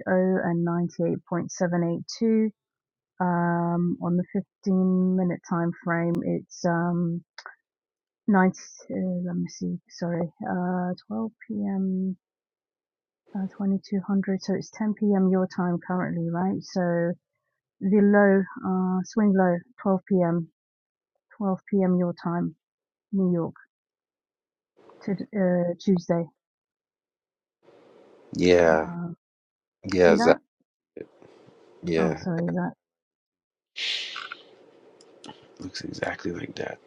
S3: and 98.782. Um, on the 15 minute time frame, it's um, 90, uh, let me see, sorry, uh, 12 p.m. Uh, 2200, so it's 10 p.m. your time currently, right? So the low, uh, swing low, 12 p.m., 12 p.m. your time, New York, to, uh, Tuesday.
S1: Yeah.
S3: Uh, you see
S1: Yeah,
S3: that?
S1: Zach.
S3: Oh,
S1: Yeah.
S3: sorry, that?
S1: Looks exactly like that.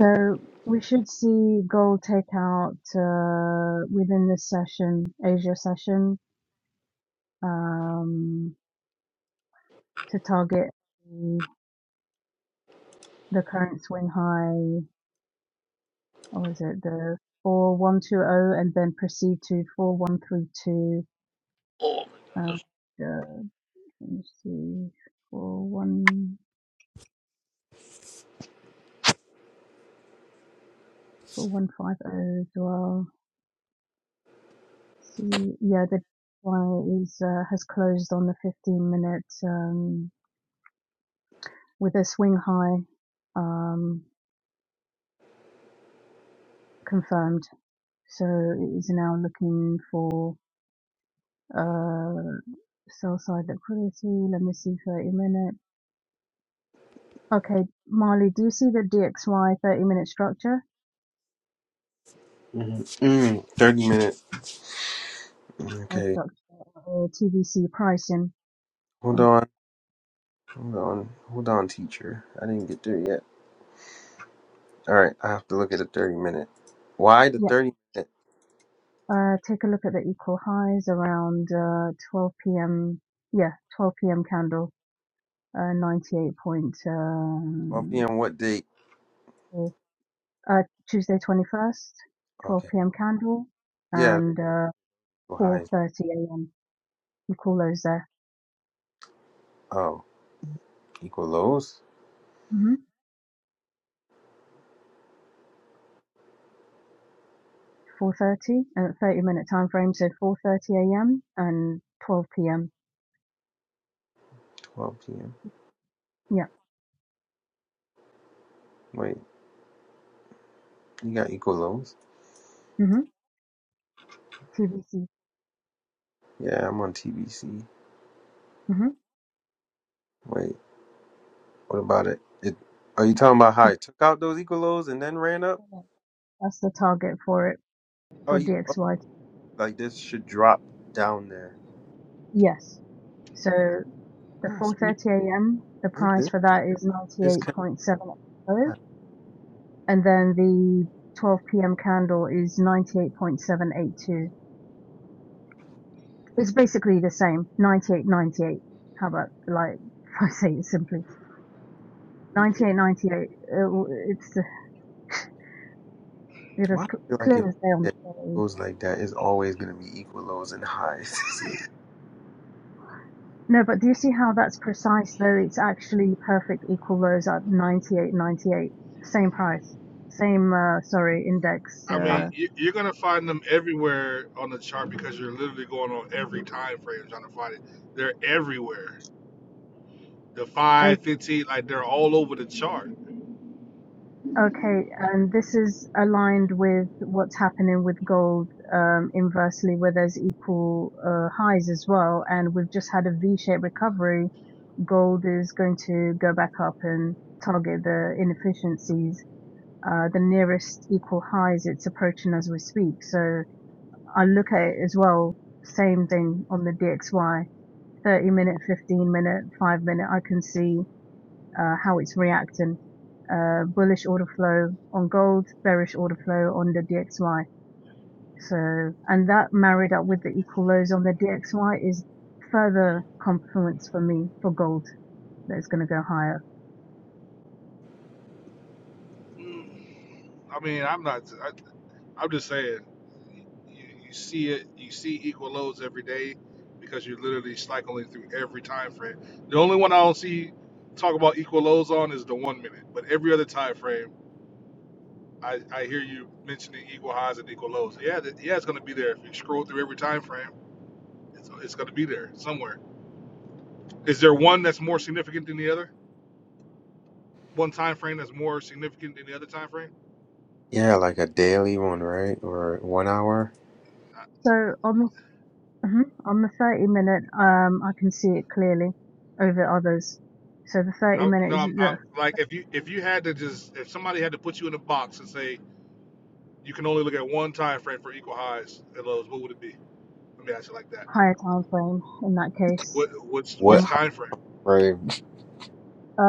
S3: So we should see gold take out uh, within this session, Asia session, um, to target the, the current swing high. What is it? The 4120 and then proceed to 4132.
S1: Oh.
S3: Uh, uh, let me see. four one four one five zero as well. See, yeah, the Y is, uh, has closed on the 15 minute, um, with a swing high. Um, confirmed. So it is now looking for uh sell side liquidity. Let me see 30 minute. Okay, Marley, do you see the DXY 30 minute structure
S1: Mhm. Mm, 30 minutes.
S3: or
S1: Okay.
S3: structure or TVC pricing?
S1: Hold
S3: On
S1: on. Hold on. Hold on, teacher. I didn't get there yet. All right. I have to look at the 30 minute. Why the
S3: yeah,
S1: 30 minute?
S3: uh, take a look at the equal highs around uh 12 p.m. Yeah, 12 p.m. candle, uh 98 point
S1: 12
S3: um,
S1: p.m. What date?
S3: four- uh Tuesday 21st, 12
S1: Okay.
S3: p.m. candle,
S1: Yeah.
S3: and uh
S1: Equal highs.
S3: 4:30 a.m. you call those there.
S1: Oh, equal lows?
S3: hmm 4.30, uh, 30 minute time frame, so 4.30 a.m. and 12 p.m.
S1: 12 p.m.
S3: Yeah.
S1: Wait. You got equal lows?
S3: hmm TVC.
S1: Yeah, I'm on TBC.
S3: hmm
S1: Wait. What about it? it are you talking about how it took out those equal lows and then ran up?
S3: That's the target for it,
S1: Oh,
S3: for
S1: you oh,
S3: DXY.
S1: like this should drop down there.
S3: Yes. So the
S1: Nah, it's-
S3: 4.30 a.m., the
S1: is it
S3: price
S1: this?
S3: for that is
S1: It's connected.
S3: 98.70. And then the 12 p.m. candle is 98.782. It's basically the same, 98.98. How about, like, if I say it simply. 98.98. uh, It's uh, it
S1: Why
S3: is
S1: I
S3: cl-
S1: feel like if
S3: clear as day on the
S1: it
S3: story.
S1: goes like that, it's always gonna be equal lows and highs.
S3: No, but do you see how that's precise though? It's actually perfect equal lows at 98.98, same price, same uh, sorry index.
S4: I
S1: Uh,
S4: mean,
S3: Uh,
S4: you- you're gonna find them everywhere on the chart because you're literally going on every time frame trying to find it. They're everywhere. The five, fifteen, like they're all over the chart.
S3: okay, and this is aligned with what's happening with gold um, inversely, where there's equal uh, highs as well, and we've just had a V-shaped recovery. Gold is going to go back up and target the inefficiencies Uh, the nearest equal highs, it's approaching as we speak. So I look at it as well, same thing on the DXY, 30 minute, 15 minute, 5 minute, I can see uh, how it's reacting. Uh, bullish order flow on gold, bearish order flow on the DXY. So, and that married up with the equal lows on the DXY is further confluence for me for gold that is going to go higher.
S4: Mm, I mean, I'm not. I, I'm just saying. You, you see it. You see equal lows every day because you're literally cycling through every time frame. The only one I don't see talk about equal lows on is the one minute, but every other time frame. I, I hear you mentioning equal highs and equal lows. Yeah, that, yeah, it's going to be there. If you scroll through every time frame, it's, it's going to be there somewhere. Is there one that's more significant than the other? One time frame that's more significant than the other time frame?
S1: yeah, like a daily one, right? Or one hour.
S4: I,
S3: So on the hmm On the 30 minute, um, I can see it clearly over others. So the 30
S4: I,
S3: minute
S4: no,
S3: is
S4: I'm, I'm
S3: the
S4: like if you if you had to just if somebody had to put you in a box and say you can only look at one time frame for equal highs and lows, what would it be? Let me ask you like that.
S3: higher time frame in that case.
S4: What what's
S1: What
S4: what's
S3: Um,
S1: high
S4: time frame?
S1: frame?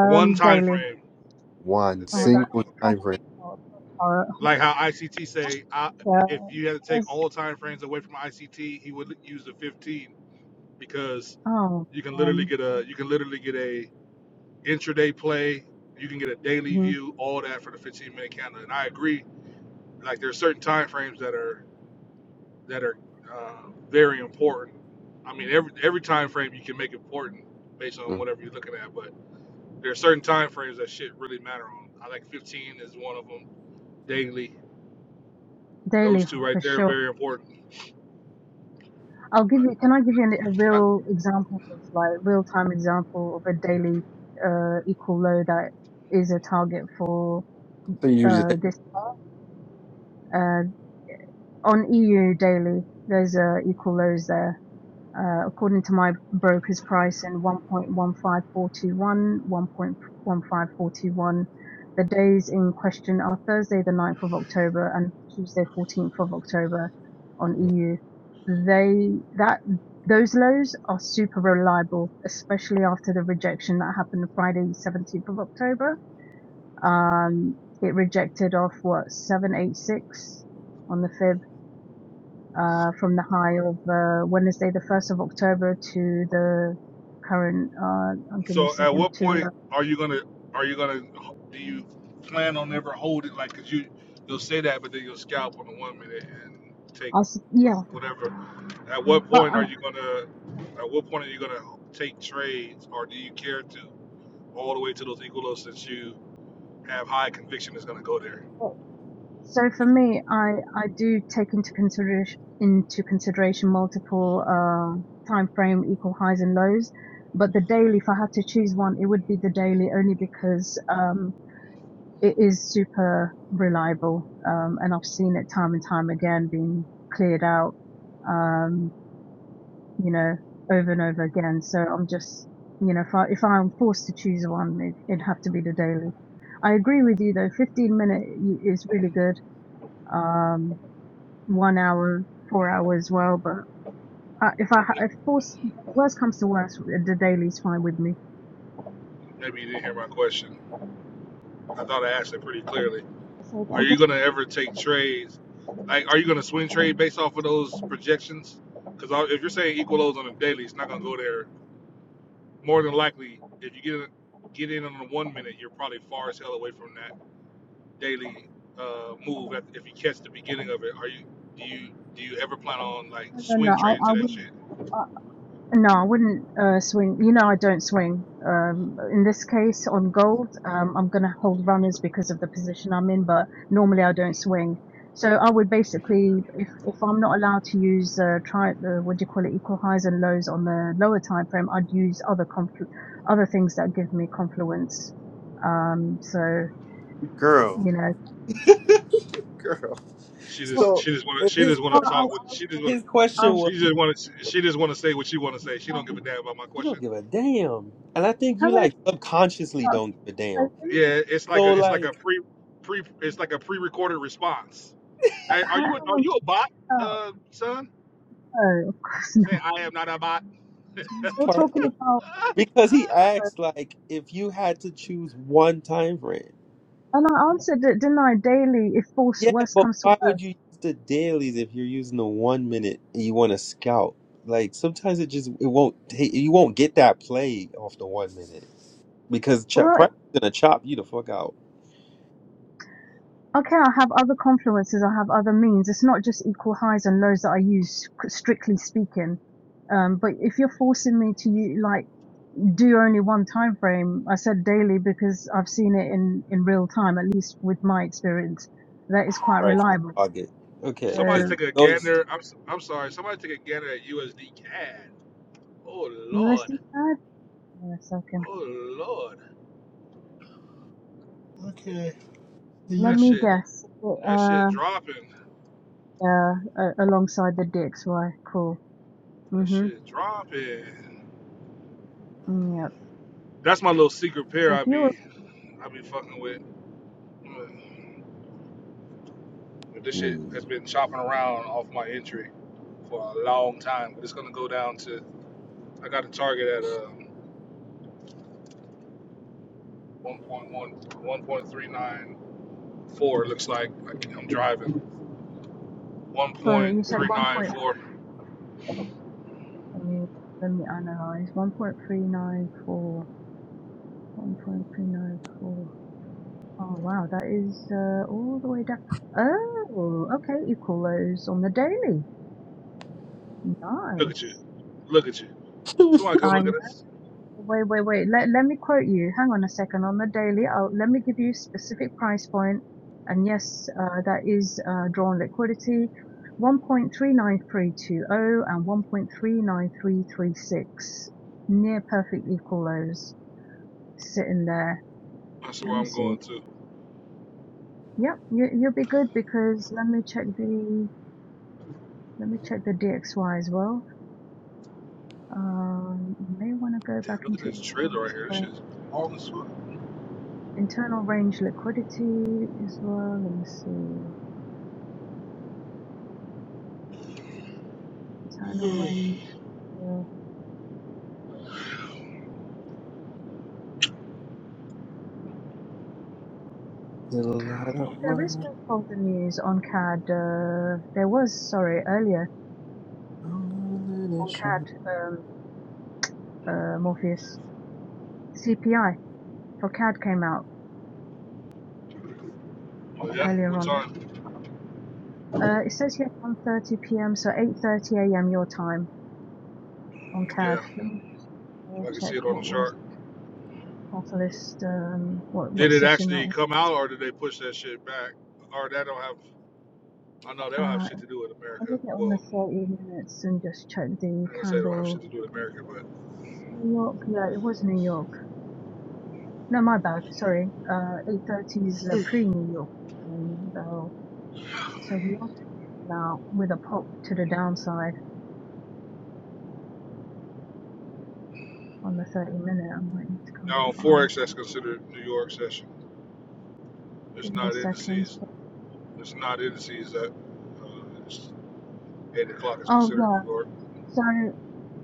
S4: One time
S3: daily.
S4: frame.
S1: One
S4: The
S3: Oh, that,
S4: daily.
S1: single
S3: that's
S1: time frame.
S3: oh, horror.
S4: like how ICT say, I, if
S3: Yeah,
S4: you had to take
S3: that's-
S4: all time frames away from ICT, he would use the 15 because
S3: oh,
S4: you can literally
S3: man.
S4: get a you can literally get a intraday play, you can get a daily
S3: Mhm.
S4: view, all that for the 15 minute candle. And I agree, like there's certain time frames that are that are uh, very important. I mean, every every time frame you can make important based on
S1: Mhm.
S4: whatever you're looking at, but there are certain time frames that shit really matter on. I like 15 is one of them. Daily,
S3: Daily
S4: those two right
S3: for
S4: there are
S3: sure.
S4: very important.
S3: I'll give you.
S4: But
S3: Can I give you an, a real example of like real time example of a daily uh, equal load that is a target for
S1: So you use
S3: uh,
S1: it,
S3: this? on EU daily, there's uh, equal lows there. Uh, according to my broker's price in one point one five four two one, one point one five four two one. The days in question are Thursday, the ninth of October and Tuesday, 14th of October on EU. They, that, those lows are super reliable, especially after the rejection that happened Friday, 17th of October. Um, it rejected off what, 786 on the 5th uh, from the high of uh, Wednesday, the 1st of October to the current, uh, oh, give me a
S4: So at
S3: second,
S4: what
S3: to
S4: point
S3: the,
S4: are you gonna are you gonna do you plan on ever hold it like cause you you'll say that but then you'll scalp on the one minute and take
S3: I s- yeah,
S4: whatever. At what
S3: but, uh,
S4: point are you gonna at what point are you gonna take trades or do you care to all the way to those equalos that you have high conviction is gonna go there?
S3: well, so for me, I, I do take into consideration, into consideration multiple, uh, time frame, equal highs and lows. But the daily, if I had to choose one, it would be the daily only because, um, it is super reliable. Um, and I've seen it time and time again being cleared out. Um, you know, over and over again. So I'm just, you know, if I if I'm forced to choose one, it, it'd have to be the daily. I agree with you though. 15 minute is really good. Um, one hour, four hour as well. But I, if I ha- if force worst comes to worst, the daily's fine with me.
S4: Maybe you didn't hear my question. I thought I asked it pretty clearly.
S3: So I
S4: Are you
S3: guess
S4: gonna ever take trades? Like, are you gonna swing trade based off of those projections? Because if you're saying equal lows on a daily, it's not gonna go there. More than likely, if you get get in on the one minute, you're probably far as hell away from that daily uh, move. if you catch the beginning of it, are you do you do you ever plan on like
S3: no, no, no,
S4: swing trading
S3: I,
S4: to
S3: I
S4: that shit?
S3: wouldn't. I No, I wouldn't uh, swing. You know, I don't swing. Um, in this case, on gold, um, I'm going to hold runners because of the position I'm in, but normally I don't swing. So I would basically, if, if I'm not allowed to use uh, try the what do you call it, equal highs and lows on the lower time frame, I'd use other conflu- other things that give me confluence. Um, so
S1: girl,
S3: you know,
S1: girl.
S4: She
S3: well,
S4: just
S1: So
S4: she just want
S1: if
S4: to she
S1: his
S4: just
S3: I,
S1: que-
S4: want to
S3: I,
S4: talk with she just want
S1: his
S3: I, I,
S1: question was,
S4: she just want she just want to say what she want to say. She
S3: I,
S4: don't give a damn about my
S1: you don't
S4: question.
S1: give a damn, and I think you
S3: how would I
S1: like subconsciously
S3: start?
S1: don't give a damn.
S4: Yeah, it's like
S1: So
S4: a it's like a
S1: like,
S4: pre pre it's like a pre-recorded response. Hey, are
S3: How,
S4: you a,
S3: how
S4: are
S3: would I
S4: you a bot,
S3: start?
S4: uh, son?
S3: Oh, of course not.
S4: Say I am not a bot.
S1: she's
S3: We're
S1: part.
S3: talking about
S1: Because he
S3: work.
S1: asked, like, if you had to choose one time frame.
S3: And I answered it, didn't I? Daily, if force
S1: Yeah,
S3: worse
S1: but
S3: comes to
S1: why would you
S3: worse.
S1: use the dailies if you're using the one minute and you want to scout? Like, sometimes it just it won't take you won't get that play off the one minute because ch-
S3: Well, if,
S1: price is gonna chop you the fuck out.
S3: okay, I have other confluences, I have other means. It's not just equal highs and lows that I use, c- strictly speaking. Um, but if you're forcing me to u- like do only one time frame, I said daily because I've seen it in in real time, at least with my experience, that is quite
S1: Price
S3: reliable.
S1: target.
S3: So
S1: Okay,
S4: Somebody
S1: because
S4: take a
S1: those.
S4: gander. I'm s- I'm sorry. Somebody take a gander at USD CAD. Oh
S3: USD
S4: lord.
S3: pad. Hang on a second.
S4: Oh lord.
S1: Okay. Do
S3: Let
S4: That
S1: you
S3: me
S4: shit.
S3: guess.
S4: That shit
S3: Uh,
S4: dropping.
S3: yeah, uh, alongside the DXY. Cool.
S4: That
S3: Mhm.
S4: shit dropping.
S3: Mm, Yep.
S4: That's my little secret pair.
S3: So
S4: I
S3: fuel,
S4: be I be fucking with. But This shit has
S1: Mm.
S4: been chopping around off my entry for a long time. But it's gonna go down to I got a target at uh, 1.1, 1.394. Looks like I- am driving.
S3: sorry, you said one point.
S4: 1.394.
S3: Let me let me analyze. One point three nine four. One point three nine four. Oh wow, that is uh, all the way down. Oh, okay, equal lows on the daily.
S4: Look at you.
S3: Nice.
S4: Look at you. Somebody come
S3: I.
S4: look at this.
S3: Wait, wait, wait. Let, let me quote you. Hang on a second. On the daily, I'll, let me give you specific price point. And yes, uh, that is uh, drawn liquidity 1.39320 and 1.39336. Near perfect equal lows sitting there.
S4: That's
S3: Let
S4: where
S3: me
S4: I'm
S3: see.
S4: going to.
S3: Yep, you, you'll be good because let me check the let me check the DXY as well. Um, you may want to go back
S4: Damn, look at
S3: into it.
S4: this trailer right here. This shit's all as fuck.
S3: Internal range liquidity as well. Let me see. Internal range. Uh,
S1: Little light
S3: oh,
S1: of
S3: there is
S1: mine,
S3: no folder news on CAD. Uh, there was, sorry, earlier
S1: don't let it
S3: on
S1: shine.
S3: CAD, um, uh, Morpheus. CPI for CAD came out
S4: Oh, yeah?
S3: earlier
S4: What
S3: on.
S4: time?
S3: Uh, it says here 1.30 p.m., so 8.30 a.m. your time on CAD.
S4: Yeah,
S3: Let me just
S4: I
S3: uh,
S4: can see
S3: check
S4: it on the
S3: what was
S4: chart.
S3: Catalyst, um, what, what
S4: Did it
S3: session that
S4: actually
S3: was.
S4: come out or did they push that shit back? Or that don't have, I know they don't have
S3: Uh,
S4: shit to do with
S3: let
S4: America.
S3: me get on the
S4: Well,
S3: 30 minutes and just check the
S4: I'm going to say they don't have
S3: candle
S4: shit to do with America, but
S3: It's New York. Yeah, it was New York. No, my bad. Sorry. Uh, 8:30 is uh, pre-New York. And, uh, so long now with a pop to the downside on the 30 minute. I might need to go on the
S4: now on
S3: five.
S4: Forex, that's considered New York session. It's
S3: Give me a
S4: not
S3: second.
S4: indices It's not in the seas that uh, it's eight o'clock is
S3: Oh
S4: considered
S3: yeah.
S4: New York.
S3: So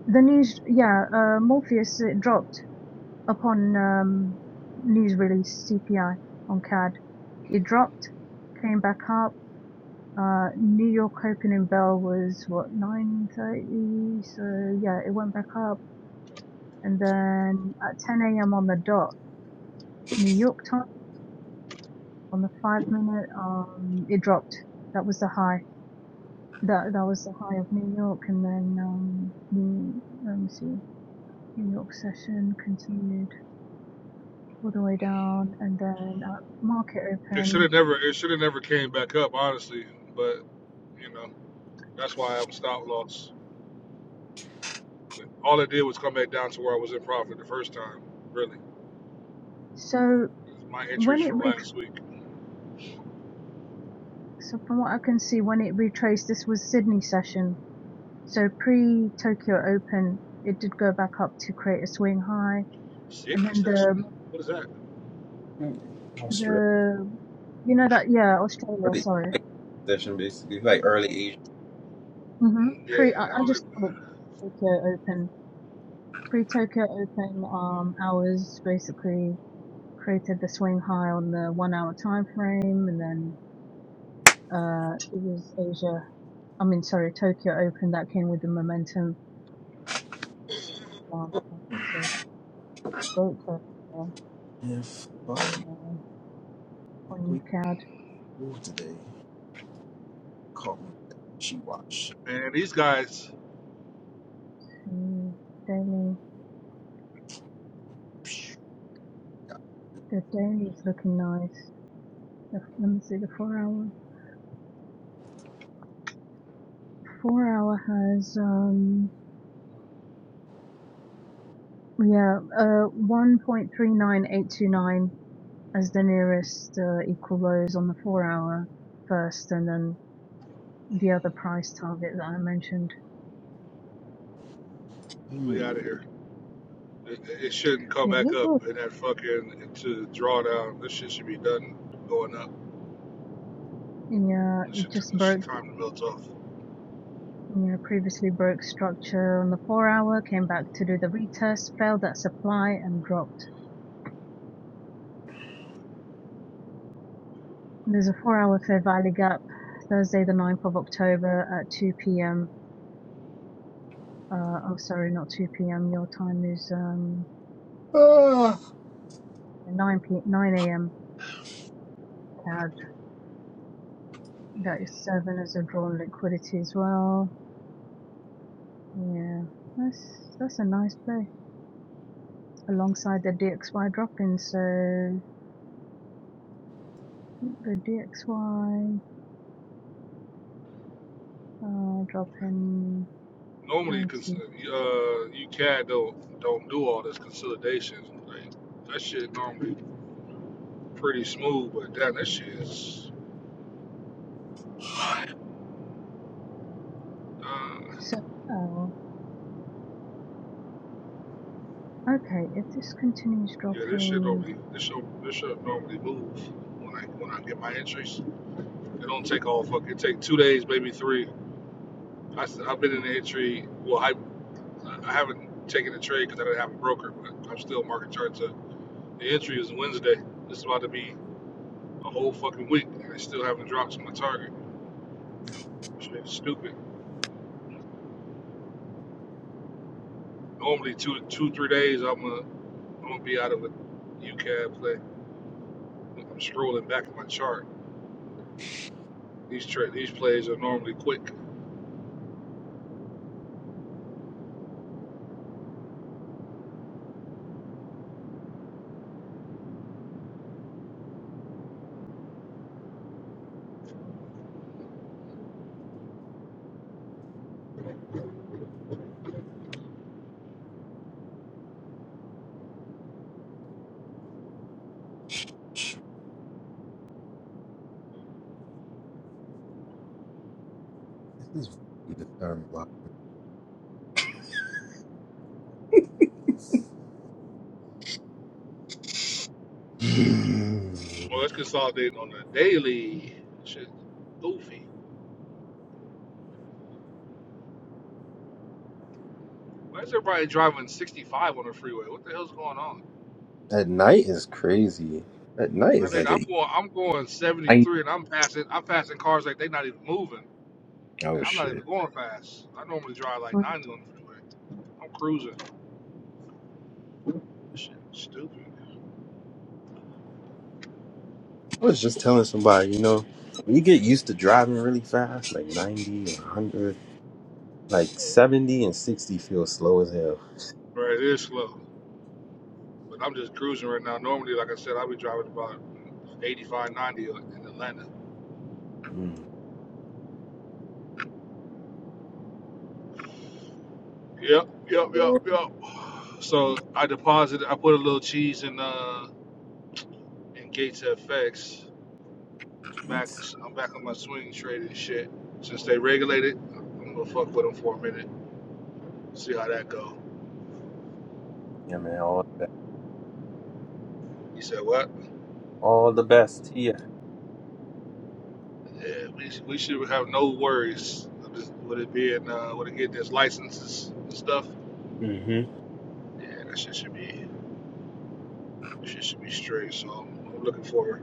S3: the news. Yeah. Uh, Morpheus it dropped upon um, news release CPI on CAD. It dropped, came back up Uh, New York opening bell was what 9:30, so yeah, it went back up, and then at 10 a.m. on the dot, New York time on the five minute, um, it dropped. That was the high. That that was the high of New York, and then um, the let me see, New York session continued all the way down, and then at market
S4: It should
S3: open.
S4: have never. It should have never came back up, honestly. But you know, that's why I have a stop loss. All it did was come back down to where I was in profit the first time. Really,
S3: So
S4: my entries
S3: when it
S4: from
S3: re-
S4: last week.
S3: so from what I can see, when it retraced, this was Sydney session So pre Tokyo Open, it did go back up to create a swing high, and
S4: Sydney
S3: then
S4: session.
S3: the
S4: What is that?
S1: Hmm, Australia.
S3: the you know that yeah Australia
S1: Early-
S3: sorry
S1: like Session basically like early Asian.
S3: hmm
S4: Yeah,
S3: pre I,
S4: I
S3: I
S4: don't.
S3: just
S4: even-
S3: call it Tokyo Open pre Tokyo Open um hours basically created the swing high on the one hour time frame, and then uh it was Asia I mean sorry Tokyo Open that came with the momentum. Um, so vote for, uh,
S1: If fuck, why
S3: on uh,
S1: we
S3: on
S1: could
S3: UK.
S1: move today? Caught me with that she watched.
S4: Man, these guys,
S3: The daily, the daily is looking nice. The, f- let me see the four hour. Four hour has um yeah uh one point three nine eight two nine as the nearest uh, equal lows on the four hour first, and then the other price target that I mentioned.
S4: we
S1: Hmm.
S4: out of here. It, it shouldn't come
S3: Yeah,
S4: back
S3: it broke-
S4: up in that fucking to drawdown. This shit should be done going up.
S3: yeah,
S4: This
S3: it
S4: shit,
S3: just
S4: this
S3: broke.
S4: time to melt off.
S3: Yeah, previously broke structure on the four hour, came back to do the retest, failed that supply, and dropped. There's a four-hour Fair Valley Gap, Thursday, the ninth of October at 2 p.m. Uh, oh, sorry, not 2 p.m. Your time is um,
S1: Ah,
S3: 9 p 9 a.m. CAD. That is serving as a drawn liquidity as well. Yeah, that's that's a nice play alongside the DXY drop in. So I think the DXY uh, in
S4: normally
S3: 90.
S4: cons- uh CAD don't don't do all this consolidation. Like that shit normally pretty smooth, but damn that shit is uh
S3: So oh, okay, if this continues
S4: yeah, this shit
S3: dropping,
S4: normally this shit this shit normally move when I when I get my entries. It don't take all fuck it take two days, maybe three. I have been in the entry well I I haven't taken a trade because I didn't have a broker, but I'm still market charts up. The entry is Wednesday. It's about to be a whole fucking week and I still haven't dropped to my target. Shit is stupid. Normally two two three days I'm gonna I'm gonna be out of a UCAD play. I'm strolling back in my chart. These tra- these plays are normally quick.
S1: this is really the time block. Hmm.
S4: Well, let's consolidate on the daily. Shit, goofy. Why is everybody driving 65 on the freeway? What the hell's going on?
S1: At night is crazy. At night
S4: I
S1: is
S4: think
S1: like a
S4: I'm going I'm going
S1: night.
S4: 73 and I'm passing I'm passing cars like they're not even moving.
S1: Oh
S4: I'm not
S1: shit!
S4: even going fast. I normally drive like
S3: for
S4: 90 on the freeway. I'm cruising. Shit, stupid.
S1: I was just telling somebody, you know, when you get used to driving really fast, like ninety and one hundred, like seventy and sixty feels slow as hell.
S4: Right, it is slow. But I'm just cruising right now. Normally, like I said, I'll be driving about 85, 90 in Atlanta.
S1: Mm.
S4: Yep, yep, yep, yep. So I deposited. I put a little cheese in uh in Gates FX. Back,
S1: Jeez.
S4: I'm back on my swing trade and shit. Since they regulated, I'm gonna fuck with them for a minute. See how that go.
S1: Yeah, man, all the best,
S4: He said what?
S1: all the best to you.
S4: Yeah, we, we should have no worries with it being uh with it getting this licenses and stuff.
S1: Mm-hmm.
S4: Yeah, that shit should be shit should be straight. So I'm looking forward.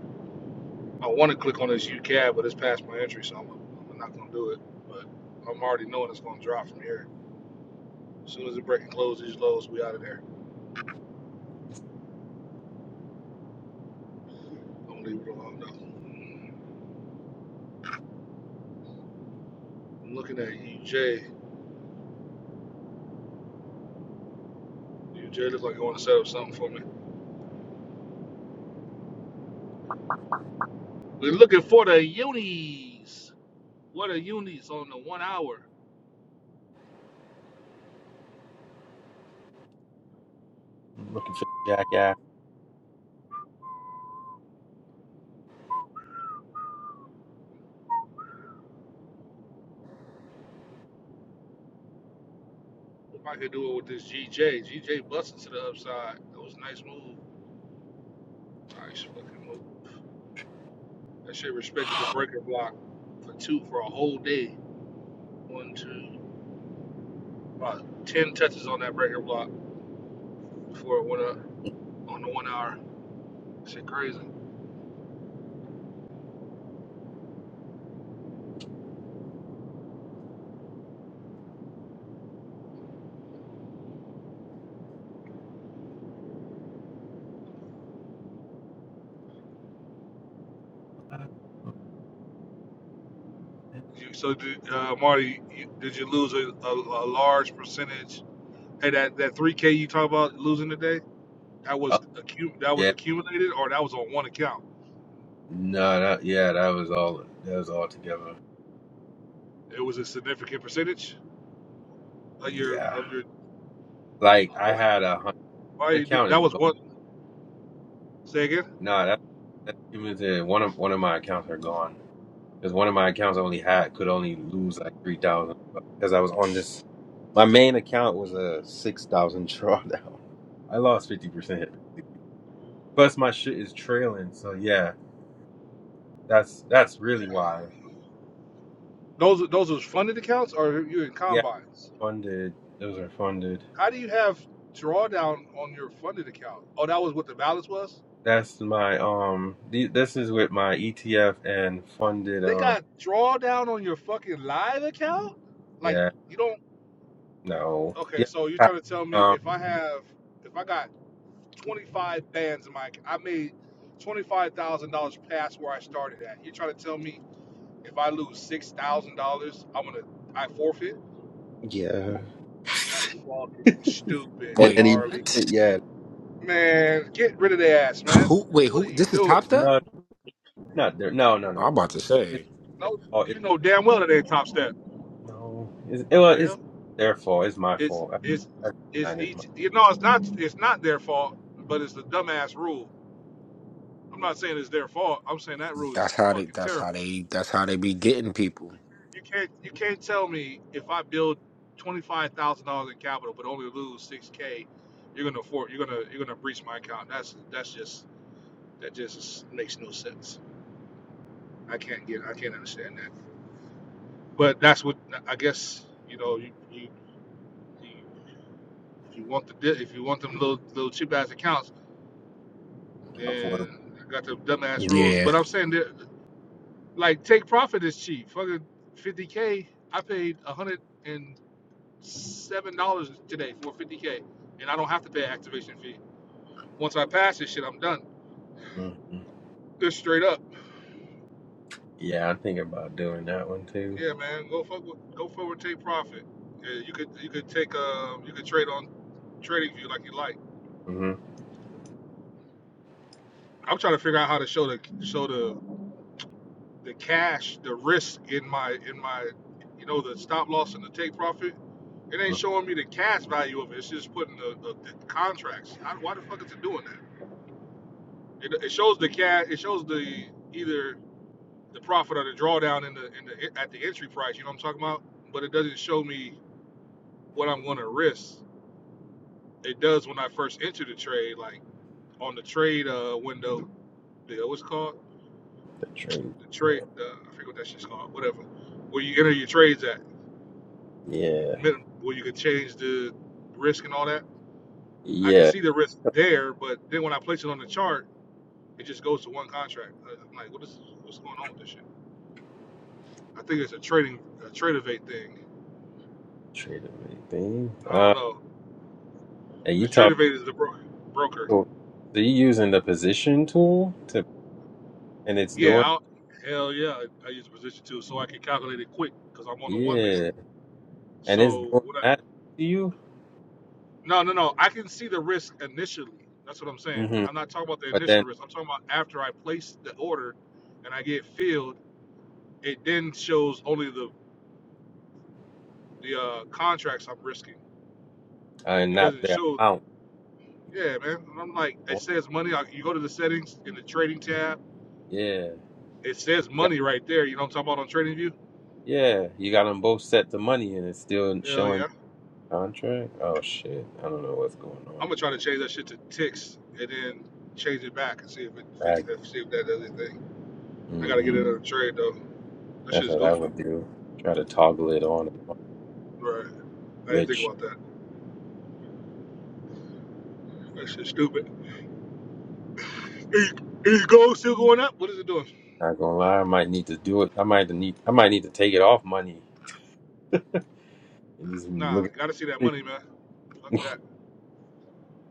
S4: I want to click on this UCAD, but it's past my entry, so I'm, I'm not going to do it. But I'm already knowing it's going to drop from here. As soon as the break and close these lows, we out of there. Don't leave it alone, though. I'm looking at U J. U J looks like you want to set up something for me. We're looking for the unis. What are unis on the one hour?
S1: I'm looking for the jackass.
S4: If I could do it with this G J, G J busted to the upside. That was a nice move. Nice fucking move. That shit respected the breaker block for two for a whole day. One, two, about 10 touches on that breaker block. before it went up on the one hour. Shit, crazy. You, so, did, uh, Marty, you, did you lose a, a, a large percentage? Hey, that that three k you talk about losing today, that was accu- that was
S1: Yeah,
S4: accumulated, or that was on one account.
S1: no, that yeah, that was all that was all together.
S4: It was a significant percentage of your
S1: Yeah,
S4: of your.
S1: like
S4: Uh,
S1: I
S4: why,
S1: had a hundred. one
S4: why you do
S1: account
S4: that
S1: is
S4: was
S1: gone.
S4: one. Say again.
S1: No, that that's cumulative. One of one of my accounts are gone because one of my accounts only had could only lose like three thousand because I was on this. My main account was a six thousand drawdown. I lost fifty percent. Plus my shit is trailing, so yeah, that's that's really why.
S4: Those those was funded accounts, or you in
S1: Yeah,
S4: combines?
S1: funded. Those are funded.
S4: How do you have drawdown on your funded account? Oh, that was what the balance was.
S1: That's my um. The, this is with my ETF and funded
S4: They
S1: um.
S4: got drawdown on your fucking live account? Like
S1: Yeah,
S4: you don't
S1: no.
S4: okay,
S1: Yeah.
S4: so you're
S1: I-
S4: trying to tell me
S1: Um.
S4: if I have if I got twenty five bands in my I made twenty five thousand dollars past where I started at. You're trying to tell me if I lose six thousand dollars I'm gonna I forfeit?
S1: Yeah.
S4: That's fucking stupid,
S1: At
S6: Wait,
S1: any moment.
S4: Harley.
S6: what?
S1: Yeah.
S4: Man, get rid of the ass, man.
S6: Who? Wait,
S4: What are
S6: who?
S4: you
S6: This is Top
S4: doing?
S6: Step.
S1: No, not there. No, no,
S6: I'm
S1: no, no.
S6: about to
S1: It's
S6: say
S1: their
S4: No
S1: fault.
S4: you
S1: It's,
S4: know damn well that ain't top step.
S1: no. It's, it, well,
S4: Yeah.
S1: it's not their fault. It's my
S4: it's
S1: fault.
S4: it's
S1: I, I
S4: it's
S1: manage my
S4: each you know it's not it's not their fault but it's the dumbass rule i'm not saying it's their fault i'm saying that rule is
S6: that's how they.
S4: fucking
S6: That's how
S4: terrible
S6: they. That's how they be getting people.
S4: you can't you can't tell me if i build $25000 in capital but only lose 6k you're gonna afford you're gonna you're gonna breach my account that's that's just that just is- makes no sense i can't get i can't understand that but that's what i guess you know you, you, you if you want the di- if you want them little little cheap ass accounts
S1: my affordable.
S4: Then I got the dumbass rules.
S6: Yeah,
S4: But I'm saying that like take profit is cheap. Fucking fifty K. I paid one hundred and seven dollars today for fifty K. And I don't have to pay an activation fee. Once I pass this shit, I'm done.
S1: hmm
S4: Just straight up.
S1: Yeah, I'm thinking about doing that one too.
S4: Yeah, man. Go fuck with, go forward, take profit. Yeah, you could you could take um you could trade on trading view like you like.
S1: Mm-hmm.
S4: I'm trying to figure out how to show the show the the cash, the risk in my in my you know the stop loss and the take profit. It
S1: Mm-hmm.
S4: ain't showing me the cash value of it. It's just putting the, the, the contracts. How, why the fuck is it doing that? It, it shows the cash. It shows the either the profit or the drawdown in the in the at the entry price. You know what I'm talking about? But it doesn't show me what I'm going to risk. It does when I first enter the trade, like on the trade uh, window. The what's it called
S1: The trade.
S4: the trade?
S1: uh,
S4: Uh, I forget what that shit's called. Whatever. Where you enter your trades at
S1: Yeah.
S4: minim- where you could change the risk and all that. I can
S1: Yeah.
S4: see the risk there, but then when I place it on the chart, it just goes to one contract. I- I'm like, what is what's going on with this shit? I think it's a trading a Tradevate thing.
S1: Trade of anything.
S4: I don't
S1: Uh,
S4: know
S1: and you
S4: because
S1: talk.
S4: Tradevate is the bro- broker.
S1: So so you using the position tool to, and it's
S4: Yeah,
S1: doing,
S4: I'll, hell yeah, I, I use a position too, so I can calculate it quick because I'm on the one minute.
S1: yeah, and it's
S4: So
S1: doing
S4: what? I,
S1: that to you.
S4: no, no, no. I can see the risk initially. That's what I'm saying.
S1: hmm
S4: I'm not talking about the
S1: But
S4: initial
S1: then,
S4: risk. I'm talking about after I place the order and I get filled It then shows only the the uh, contracts I'm risking.
S1: uh,
S4: It
S1: not
S4: doesn't
S1: the
S4: show.
S1: amount.
S4: Yeah, man. And I'm like, it
S1: huh?
S4: says money. I, you go to the settings in the trading tab.
S1: Yeah,
S4: It says
S1: you got,
S4: money right there. You know what I'm talking about on Trading View?
S1: yeah, you got them both set to money, and it's still
S4: Hell
S1: showing
S4: yeah.
S1: contract. Oh shit, I don't know what's going on.
S4: I'm gonna try to change that shit to ticks and then change it back and see if it fixed
S1: Right.
S4: that. See if that does anything. I gotta get
S1: hmm
S4: another trade though. That
S1: That's
S4: shit's
S1: what I
S4: goofy.
S1: would do. Try to toggle it on and off.
S4: Right. I didn't think
S1: Glitch.
S4: about that. That shit's stupid. Is, is gold still going up? What is it doing?
S1: Not gonna lie, I might need to do it. I might need, I might need to take it off money and just look.
S4: Nah,
S1: at
S4: gotta see that
S1: it.
S4: money, man. Fuck that.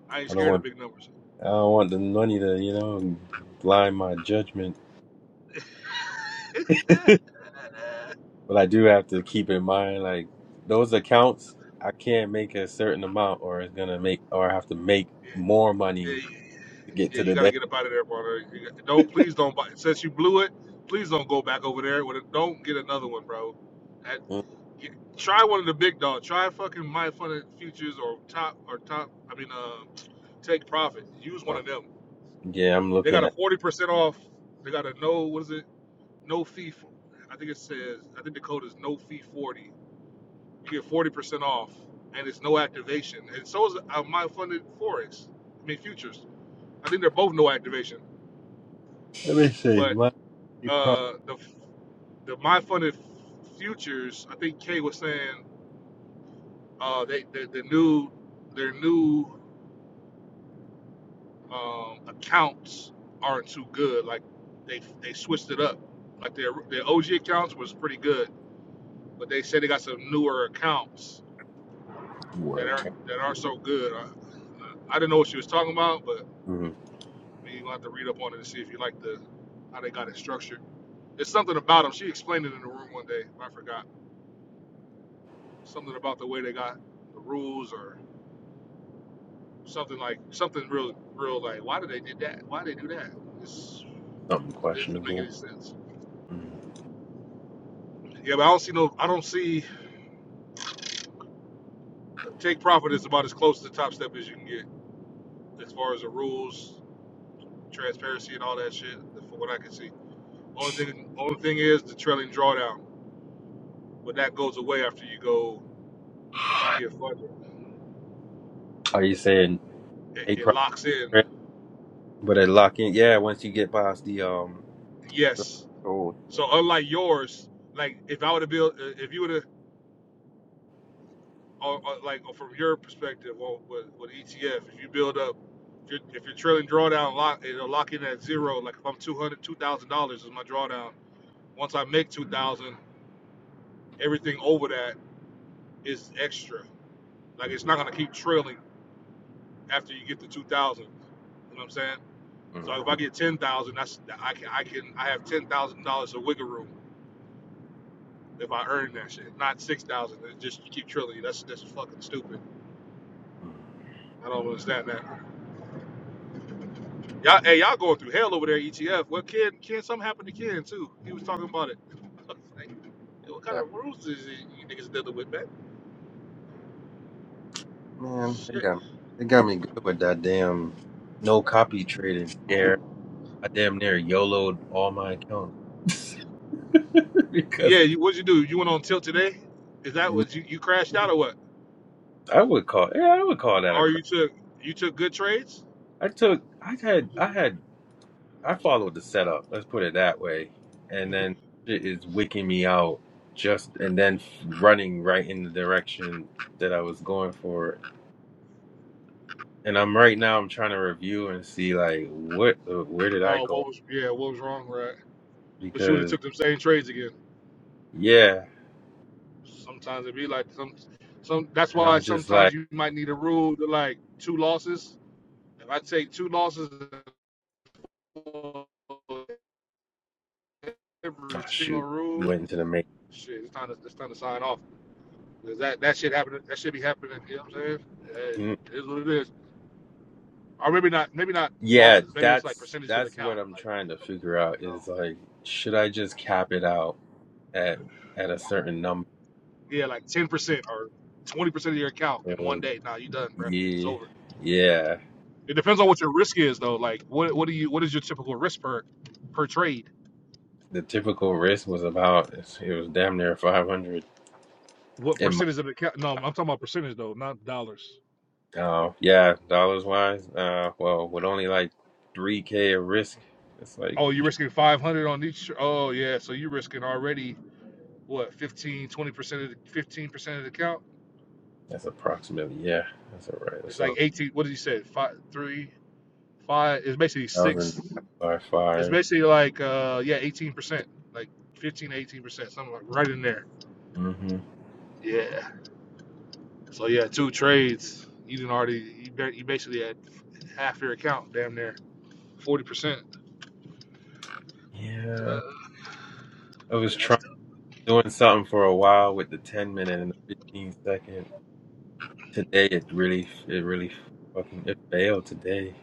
S4: I ain't
S1: I don't
S4: scared
S1: want
S4: of big numbers.
S1: I don't want the money to, you know, blind my judgment.
S4: yeah,
S1: But I do have to keep in mind, like those accounts, I can't make a certain amount, or it's gonna make, or I have to make
S4: yeah,
S1: more money
S4: yeah,
S1: to get
S4: Yeah,
S1: to
S4: you
S1: the
S4: got to
S1: day.
S4: get up out of there, brother. You got- don't please don't buy. Since you blew it, please don't go back over there. With it. Don't get another one, bro. That-
S1: Mm.
S4: get, try one of the big dogs. Try fucking my fun futures or top or top. I mean, uh, take profit. Use one of them.
S1: Yeah, I'm
S4: They got
S1: looking
S4: a
S1: at.
S4: forty percent off. They got a no. What is it? No fee. For, I think it says. I think the code is no fee forty. You get forty percent off, and it's no activation. And so is uh, my funded forex. I mean futures. I think they're both no activation.
S1: Let me see,
S4: But
S1: my profit
S4: uh, the the my funded futures, I think Kay was saying uh, they, they the new their new um, accounts aren't too good. Like they they switched it up. Like their their OG accounts was pretty good, but they said they got some newer accounts that
S1: work.
S4: aren't that aren't so good. I, I didn't know what she was talking about, but
S1: Mm,
S4: you gonna have to read up on it and see if you like the how they got it structured. It's something about them. She explained it in the room one day. I forgot Something about the way they got the rules or something like something real, real like why did they did that? Why did they do that? It's,
S1: something
S4: it doesn't make
S1: questionable.
S4: any sense.
S1: Mm.
S4: Yeah, but I don't see no. I don't see take profit is about as close to top step as you can get as far as the rules, transparency, and all that shit. From what I can see, only thing only thing is the trailing drawdown, but that goes away after you go after you get funded.
S1: Are you saying
S4: It,
S1: a
S4: it
S1: profit?
S4: locks in.
S1: trailing? But it lock in. Yeah, once you get past the um,
S4: Yes.
S1: threshold.
S4: So unlike yours, like if I would have built, if you would have or, or like or from your perspective, or with, with ETF, if you build up, if you're, if you're trailing drawdown, lock it'll lock in at zero. Like if I'm two hundred, two thousand dollars is my drawdown. Once I make two thousand, everything over that is extra. Like it's
S1: Mm-hmm,
S4: not gonna keep trailing after you get to two thousand. You know what I'm saying? So if
S1: mm-hmm,
S4: I get ten thousand, that's I can I can I have ten thousand dollars of wiggle room if I earn that shit, not six thousand. It just you keep trilling. That's that's fucking stupid.
S1: Mm-hmm.
S4: I don't understand that. Y'all, hey, y'all going through hell over there, ETF. Well, Ken, Ken, something happened to Ken too. He was talking about it. I was like, "Hey, what kind of rules is it you niggas dealing with, man?
S1: Man, they
S4: Shit.
S1: got me. They got me good with that damn no copy trading scare. I damn near YOLO'd all my accounts.
S4: Yeah,
S1: because
S4: you, what'd you do? You went on tilt today? Is that what you, you crashed out or what?
S1: I would call. Yeah, I would call that a
S4: Or you
S1: crap.
S4: took you took good trades?
S1: I took. I had. I had. I followed the setup. Let's put it that way. And then it is wicking me out. Just and then running right in the direction that I was going for. And I'm right now. I'm trying to review and see like what. the- Where did I
S4: Oh, what
S1: go?
S4: was yeah, what was wrong, right? But you would have
S1: Because
S4: took them same trades again.
S1: yeah.
S4: Sometimes it be like some some. That's
S1: and
S4: why
S1: I'm just
S4: sometimes
S1: like,
S4: you might need a rule to like two losses. If I take two losses in every
S1: oh,
S4: single
S1: shoot,
S4: rule,
S1: you went into the main.
S4: Shit, it's time to it's time to sign off. 'Cause that that shit happening. That should be happening. You know what I'm saying? Eh,
S1: Mm.
S4: It is what it is. Or maybe not. Maybe not
S1: Yeah,
S4: losses. Maybe it's like
S1: that's
S4: percentage of the
S1: that's what
S4: count.
S1: I'm
S4: Like
S1: trying to figure
S4: you
S1: out
S4: know,
S1: is like, should I just cap it out at at a certain number?
S4: yeah, like ten or twenty percent of your account in one day. Nah, you done, bro. It's
S1: Yeah,
S4: over.
S1: yeah.
S4: It depends on what your risk is though. Like what what do you what is your typical risk per per trade?
S1: The typical risk was about it was damn near 500
S4: What
S1: in my
S4: percentage of the account? No, I'm talking about percentage though, not dollars.
S1: uh yeah dollars wise uh well with only like 3k of risk it's like
S4: Oh, you're risking 500 on each. Oh yeah, so you're risking already what 15 20 percent of the 15 percent of the count
S1: that's approximately yeah that's all right that's
S4: It's
S1: a
S4: like 18. What did he say? Five, three, five. It's basically
S1: thousand
S4: six.
S1: by
S4: It's
S1: five
S4: basically like uh yeah, 18 percent, like 15 to 18 percent, something like right in there.
S1: mm-hmm
S4: Yeah. So yeah, two trades. You didn't already. You, you basically had half your account, damn near 40 percent.
S1: yeah
S4: Uh,
S1: I was
S4: yeah, that's.
S1: trying
S4: tough.
S1: doing something for a while with the 10 minute and the 15 second. Today it really it really fucking it failed today.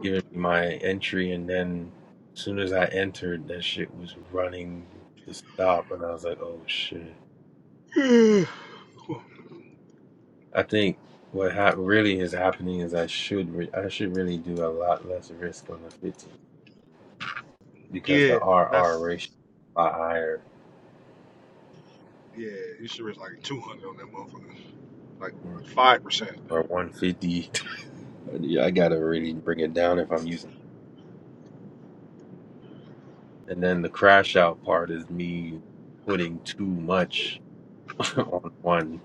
S1: Giving me my entry and then as soon as I entered that shit was running to stop and I was like, "Oh shit." I think what hap really is happening is I should re- I should really do a lot less risk on the fifty because the
S4: yeah,
S1: RR
S4: that's.
S1: ratio is a lot higher
S4: Yeah, you should risk like 200 on that motherfucker, like
S1: or,
S4: five percent.
S1: or 150. Yeah, I got to really bring it down if I'm using And then the crash out part is me putting too much on one.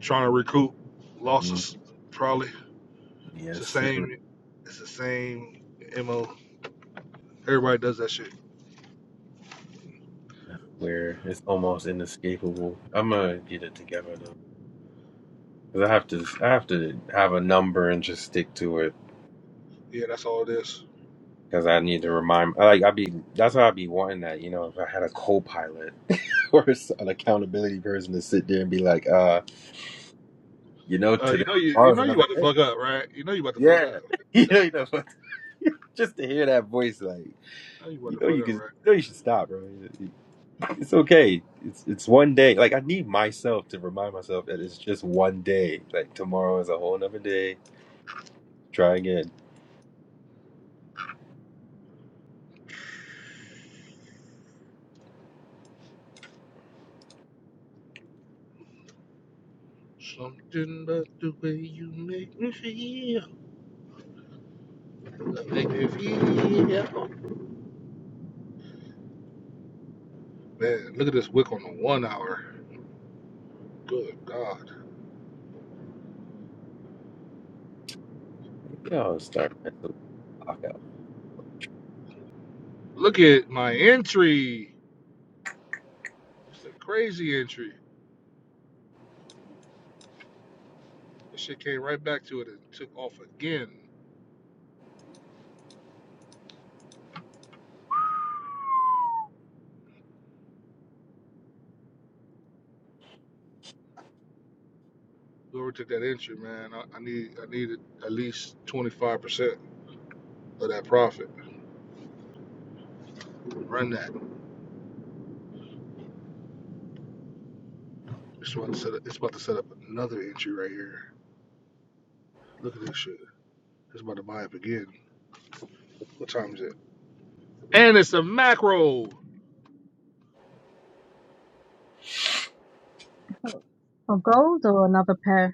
S4: Trying to recoup
S1: Mm,
S4: losses, probably. It's the
S1: Yes, sir.
S4: same. It's the same mo. Everybody does that shit.
S1: I swear it's almost inescapable. I'm gonna get it together though, cause I have to. I have to have a number and just stick to it,
S4: Yeah, that's all it is.
S1: cause I need to remind. Like I be. That's how I be wanting that. You know, if I had a co-pilot or s- an accountability person to sit there and be like, uh, you know,
S4: Uh, you
S1: today
S4: know you you
S1: tomorrow's
S4: know you
S1: another
S4: about to
S1: day.
S4: fuck up, right? You know you about to fuck
S1: Yeah,
S4: up.
S1: you know, you know, just to hear that voice, like.
S4: You know you
S1: you
S4: about to
S1: know
S4: fuck
S1: you
S4: up,
S1: can you
S4: right?
S1: know you should stop bro it's okay it's it's one day like i need myself to remind myself that it's just one day like tomorrow is a whole nother day try again
S4: Something about the way you make me feel. Make me feel. Man, look at this wick on the one hour. Good God.
S1: yeah i'll start messing with the clock out
S4: Look at my entry. It's a crazy entry. This shit came right back to it and took off again. Whoever took that entry, man, I, I need I needed at least twenty five percent of that profit. Run that. It's about to set up, it's about to set up another entry right here. Look at this shit. It's about to buy up again. What time is it? And it's a macro.
S3: gold or another pair.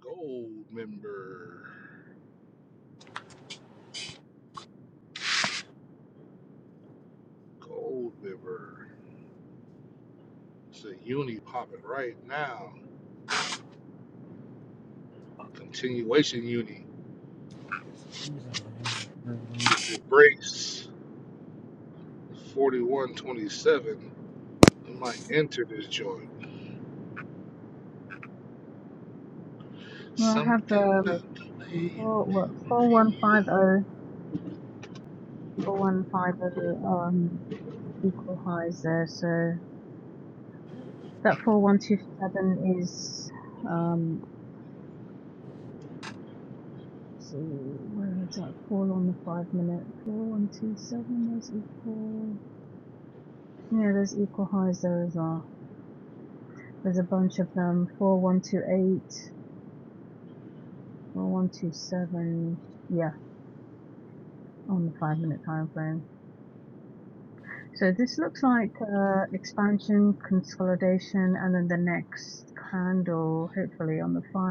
S4: Gold member. Gold member. It's a uni popping right now. Continuation uni. If it breaks 4127, I might enter this joint.
S3: Well, I have
S4: Something
S3: um
S4: about the way you
S3: four what
S4: make me
S3: four one five
S4: feel.
S3: oh four one five oh um equal highs there. So that four one two seven is um let's see where is that Four on the five minute four one two seven there's equal yeah there's equal highs there as well. There's a bunch of them four one two eight four one two seven yeah on the five minute time frame. So this looks like uh, expansion, consolidation, and then the next candle, hopefully on the 5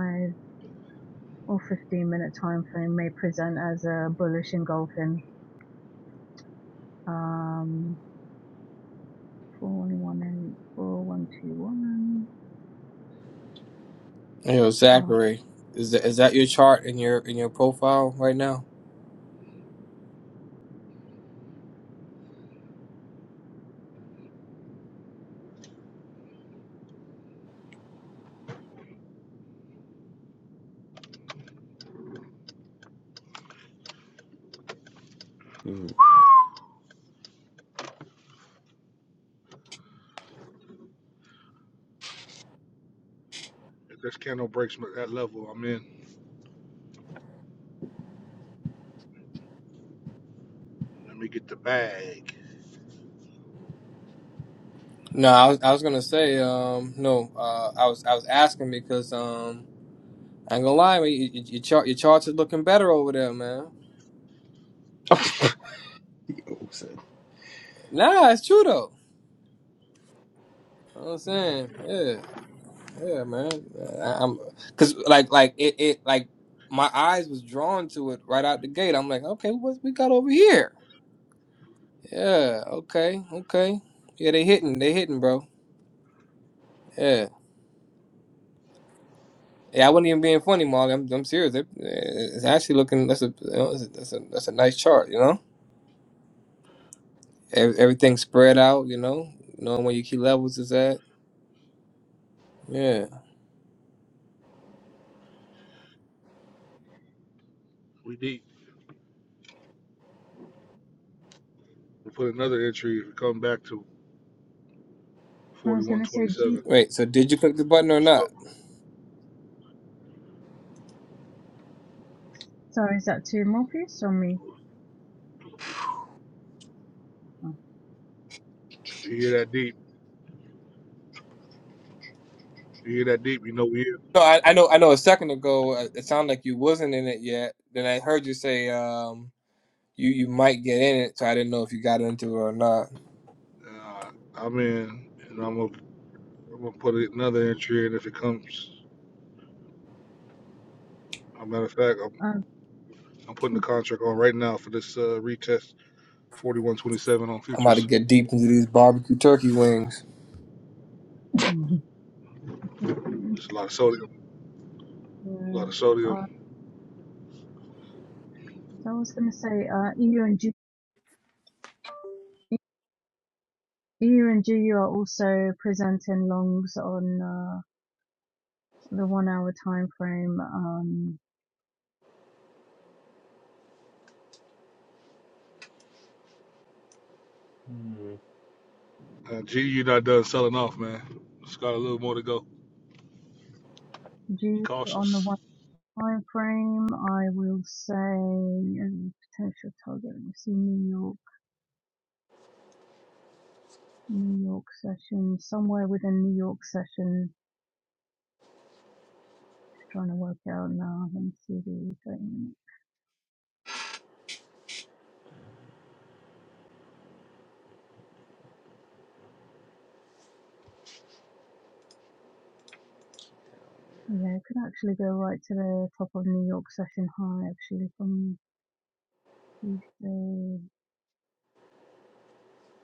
S3: or 15-minute time frame, may present as a bullish engulfing. Um, 4118,
S2: Yo,
S3: Oh,
S2: Zachary, is that, is that your chart in your in your profile right now?
S4: If this candle breaks that level I'm in, let me get the bag.
S2: No, I was, I was gonna say, um, no, uh, I was I was asking because um, I ain't gonna lie, man, you, you, your chart your charts is looking better over there, man.
S1: mm. Yo, son.
S2: Nah, it's true though. You know what I'm saying, yeah, yeah, man. I, I'm because like like it, it like my eyes was drawn to it right out the gate. I'm like, okay, what we got over here? Yeah, okay, okay. Yeah, they hitting, they hitting, bro. Yeah. Yeah, I wasn't even being funny, Mark. I'm, I'm serious. It, it's actually looking. That's a, you know, that's a that's a that's a nice chart, you know. Ev- Everything spread out, you know, knowing where your key levels is at. Yeah.
S4: We deep. We put another entry. If you come back to
S3: I was going to say, G-
S4: 4127,
S2: Wait. So did you click the button or
S4: let's go.
S2: not?
S3: sorry, is that to Morpheus or me?
S4: If you hear that deep, if you hear that deep, you know we here.
S2: No, I, I know. I know. A second ago, uh, it sounded like you wasn't in it yet. Then I heard you say um, you you might get in it, so I didn't know if you got into it or not.
S4: Uh, I'm in, and I'm gonna, I'm gonna put another entry in if it comes. As a matter of fact, I'm,
S3: Oh,
S4: I'm putting the contract on right now for this uh, retest 4127 on
S2: I'm about to
S4: futures.
S2: get deep into these barbecue turkey wings.
S3: uh,
S4: There's a lot of sodium, a lot
S3: Yeah.
S4: of
S3: Uh,
S4: sodium.
S3: so I was going to say, uh, EU and G, EU and GU are also presenting longs on uh, the one-hour time frame. Um,
S1: Mm.
S4: Uh, G, you're not done selling off, man. It's got a little more to go. Be
S3: GU on the
S4: cautious.
S3: one time frame, I will say um, potential target. Let me see New York, New York session somewhere within New York session. Trying to work it out now. Let me see the 30 minutes. Yeah, it could actually go right to the top of New York session high actually from Tuesday.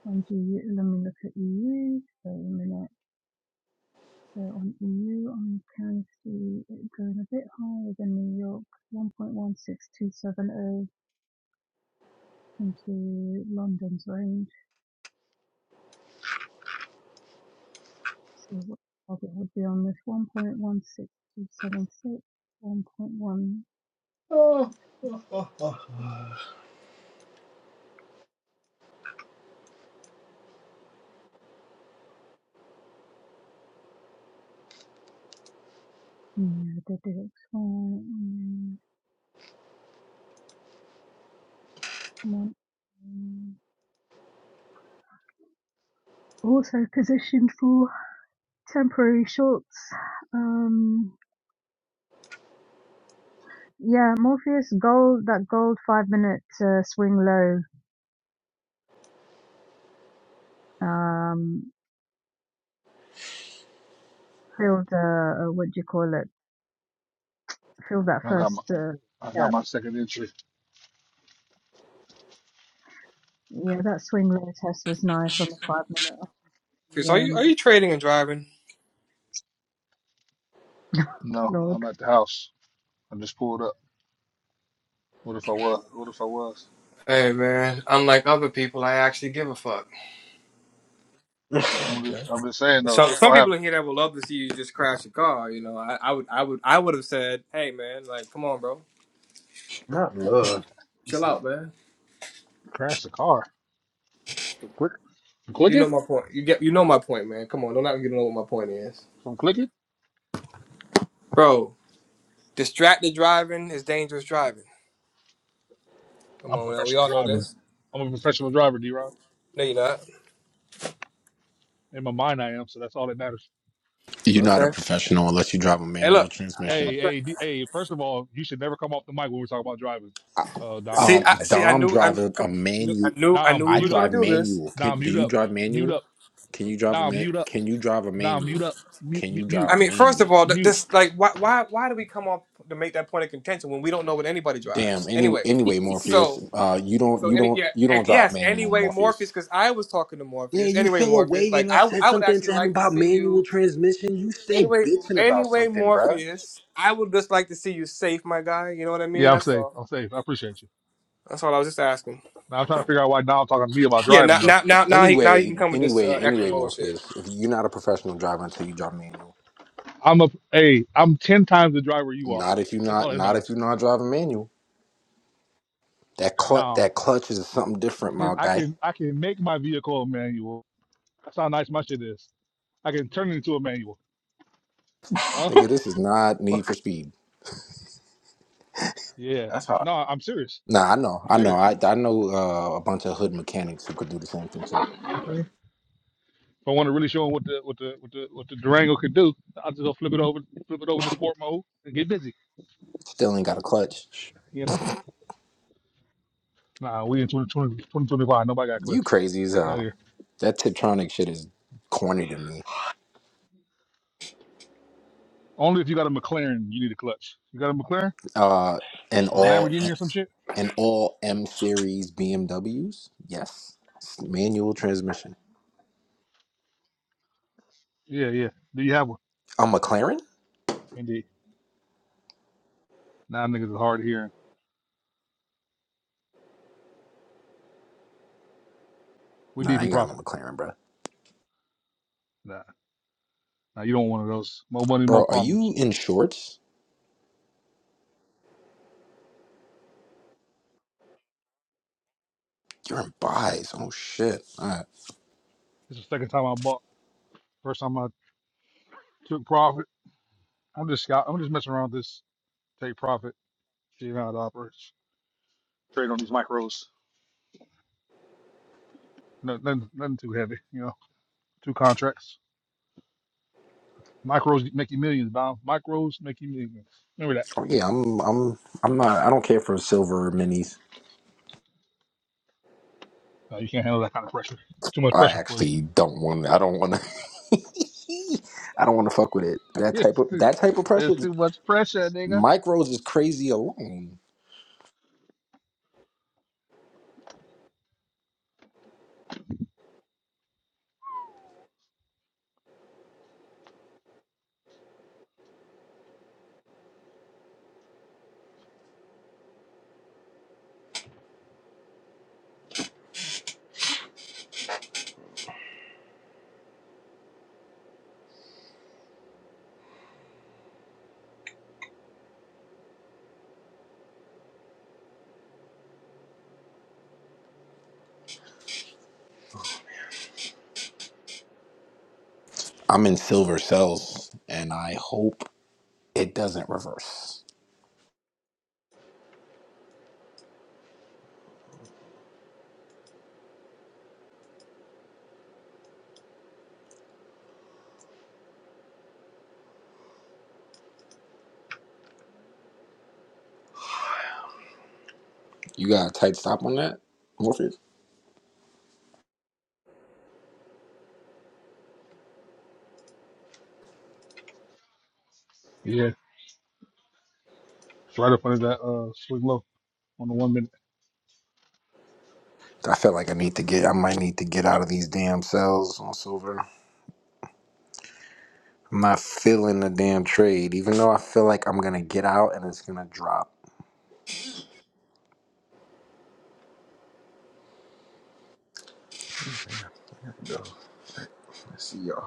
S3: On EU, let me look at EU. So a minute. So on EU, I can see it going a bit higher than New York, 1.16270 into London's range. So what target would be on this One point one six two seven six, one point one.
S1: Oh, oh, oh, oh,
S3: Yeah, they did it fine. one also positioned for temporary shorts. Um, Yeah, Morpheus gold that gold five minute uh, swing low um filled uh uh, what do you call it? Filled that
S4: I got my
S3: first uh,
S4: I got
S3: gap.
S4: my second entry.
S3: Yeah, that swing low test was nice on the five minute of the
S2: Chris, are you are
S3: um
S2: you trading and driving?
S4: No,
S3: Lord.
S4: I'm at the house. I just pulled up. What if I was? What if I was?
S2: Hey man, unlike other people, I actually give a fuck.
S1: oh.
S4: I'm
S2: No.
S4: just, I'm just saying though,
S2: Some
S4: what's
S2: some
S4: gonna
S2: people
S4: happen?
S2: in here that would love to see you just crash a car. You know, I, I would I would I would have said, hey man, like come on, bro.
S1: not
S4: Nah,
S1: love Be
S2: Chill
S1: somebody.
S2: out, man.
S4: crash the car. From
S2: You
S4: clicking?
S2: know my point. You get you know my point, man. Come on, don't act like you don't know what my point is.
S4: From clicking?
S2: Bro, distracted driving is dangerous driving. Come
S4: I'm a
S2: on now, we
S4: professional
S2: all know
S4: driver.
S2: this.
S4: I'm a professional driver, D Rock.
S2: No, you're not.
S4: In my mind I am, so that's all that matters.
S6: you're not a
S2: Okay.
S6: professional unless you drive a
S2: Hey
S6: manual
S2: look. I-
S6: transmission.
S4: Hey,
S2: I- I-
S4: hey, D- hey, first of all, you should never come off the mic when we are talking about driving. Uh Dom.
S2: See,
S6: Um,
S2: I see. I
S6: Dom
S2: knew, I
S6: drive a, a
S2: come- I knew, I
S6: manual.
S2: knew, I
S4: Dom,
S2: knew we
S6: I
S4: mute
S2: was
S4: up.
S2: gonna
S6: drive
S2: do this.
S6: manual.
S4: Dom,
S6: Can, do
S4: mute
S6: you
S4: up.
S6: drive
S4: Mute up.
S6: manual? Can you drive a
S4: Dom,
S6: man?
S4: mute up.
S6: Can you drive a
S4: Dom, mute
S6: manual?
S4: up. Mute
S6: Can
S4: mute
S6: you
S4: mute.
S6: drive
S2: I
S6: a
S2: mean, first of
S6: manual?
S2: all, th-
S4: mute.
S2: this like, why, why, why do we come up to make that point of contention when we don't know what anybody
S6: Damn.
S2: drives?
S6: Any
S2: Anyway,
S6: anyway, Morpheus.
S2: so
S6: Uh, you don't.
S2: so
S6: You
S2: any
S6: don't.
S2: yeah
S6: You
S2: eh,
S6: don't drive
S2: yes
S6: manual,
S2: anyway
S6: Morpheus.
S2: Morpheus because I was talking to
S6: Yeah,
S2: Morpheus
S6: you
S2: anyway
S6: fell
S2: Morpheus
S6: away,
S2: like
S6: and I
S2: I
S6: said
S2: I would
S6: something
S2: actually
S6: to him
S2: like to
S6: about
S2: see you
S6: manual transmission. You stay
S2: Anyway,
S6: bitching about
S2: anyway,
S6: something, bruh.
S2: Morpheus, I would just like to see you safe, my guy. You know what I mean?
S4: Yeah, I'm
S2: That's
S4: safe.
S2: all.
S4: I'm safe. I appreciate you.
S2: That's all I was just asking.
S4: Now I'm trying to figure out why Dom talking to me about
S2: Yeah, now,
S4: driving though.
S2: now, now, now he, now he can
S6: Anyway,
S2: come with this uh,
S6: anyway,
S2: extra
S6: anyway,
S2: bullshit.
S6: Morpheus, if you're not a professional driver until you drive manual,
S4: I'm a hey, I'm ten times the driver you are.
S6: not if you're
S4: That's all
S6: not,
S4: that
S6: not if
S4: matters.
S6: you're not driving manual. That clutch,
S4: Dom.
S6: that clutch is something
S4: I
S6: different,
S4: can
S6: my
S4: I
S6: guy.
S4: can I can make my vehicle a manual. That's how nice my shit is. I can turn it into a manual. Huh?
S6: Nigga, this is not Need for
S1: Fuck.
S6: Speed.
S4: Yeah.
S1: that's hot
S4: No, I'm serious.
S6: Nah, I know,
S4: I'm
S6: I know,
S4: serious.
S6: I I know uh, a bunch of hood mechanics who could do the same thing too.
S4: If I want to really show them what the what the what the what the Durango could do, I'll just go flip it over flip it over to sport mode and get busy.
S6: Still ain't got a clutch.
S4: You know? Nah, we in 2020, 2025. Nobody got
S6: You
S4: clutches.
S6: crazy as
S4: Get out of
S6: hell.
S4: here.
S6: That Tiptronic shit is corny to me.
S4: Only if you got a McLaren, you need a clutch. You got a McLaren
S6: Uh, and
S4: or a
S6: all.
S4: Lamborghini or some shit?
S6: and all M series BMWs. Yes, it's manual transmission.
S4: Yeah, yeah. Do you have one?
S6: A McLaren?
S4: Indeed. Nah, niggas is hard of hearing. We
S6: Nah,
S4: deep
S6: I
S4: in
S6: ain't got no
S4: profit.
S6: McLaren, bro.
S4: Nah. Nah, you don't want one of those. More money, more
S6: Bro, are
S4: problems.
S6: you in shorts? You're in buys. Oh shit. All right.
S4: It's the second time I bought. First time I took profit. I'm just scout. I'm just messing around with this. Take profit. See how it operates. Trade on these micros. No, nothing, nothing too heavy. You know, two contracts. Micros make you millions, Bob. Micros make you millions. Remember that.
S6: Oh yeah, I'm. I'm. I'm not. I don't care for silver minis.
S4: No, you can't handle that kind of pressure. It's too much
S6: I
S4: pressure for you.
S6: actually don't want. I don't want to. I don't want to fuck with it. That type
S4: It's
S6: of
S4: too,
S6: that type of pressure.
S4: it's too much pressure, nigga.
S6: Micros is crazy alone. I'm in silver cells, and I hope it doesn't reverse. You got a tight stop on that, Morpheus?
S4: Yeah, it's right up under that uh swing low on the one minute.
S6: I feel like I need to get. I might need to get out of these damn cells on silver. I'm not feeling the damn trade, even though I feel like I'm gonna get out and it's gonna drop.
S1: no. let's see y'all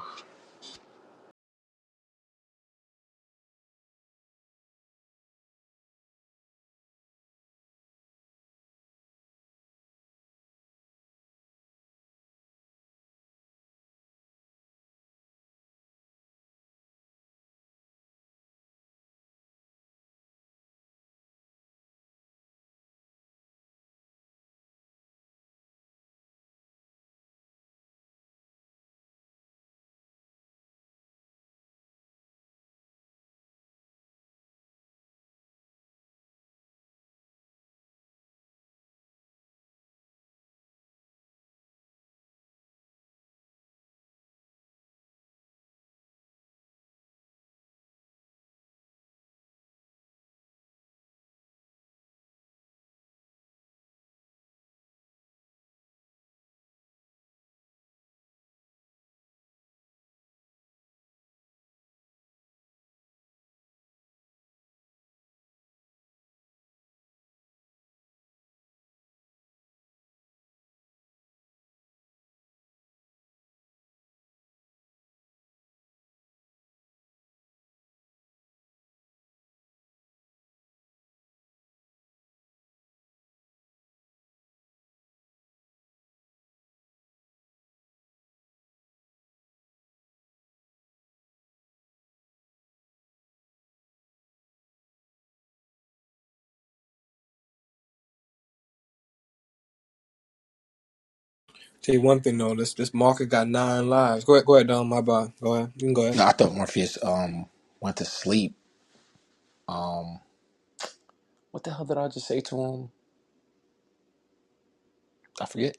S2: Tell you one thing though, this this market got nine lives. Go ahead, go ahead, Don. My bad. Go ahead. You can go ahead.
S6: No, I thought Morpheus um went to sleep. Um, what the hell did I just say to him? I forget.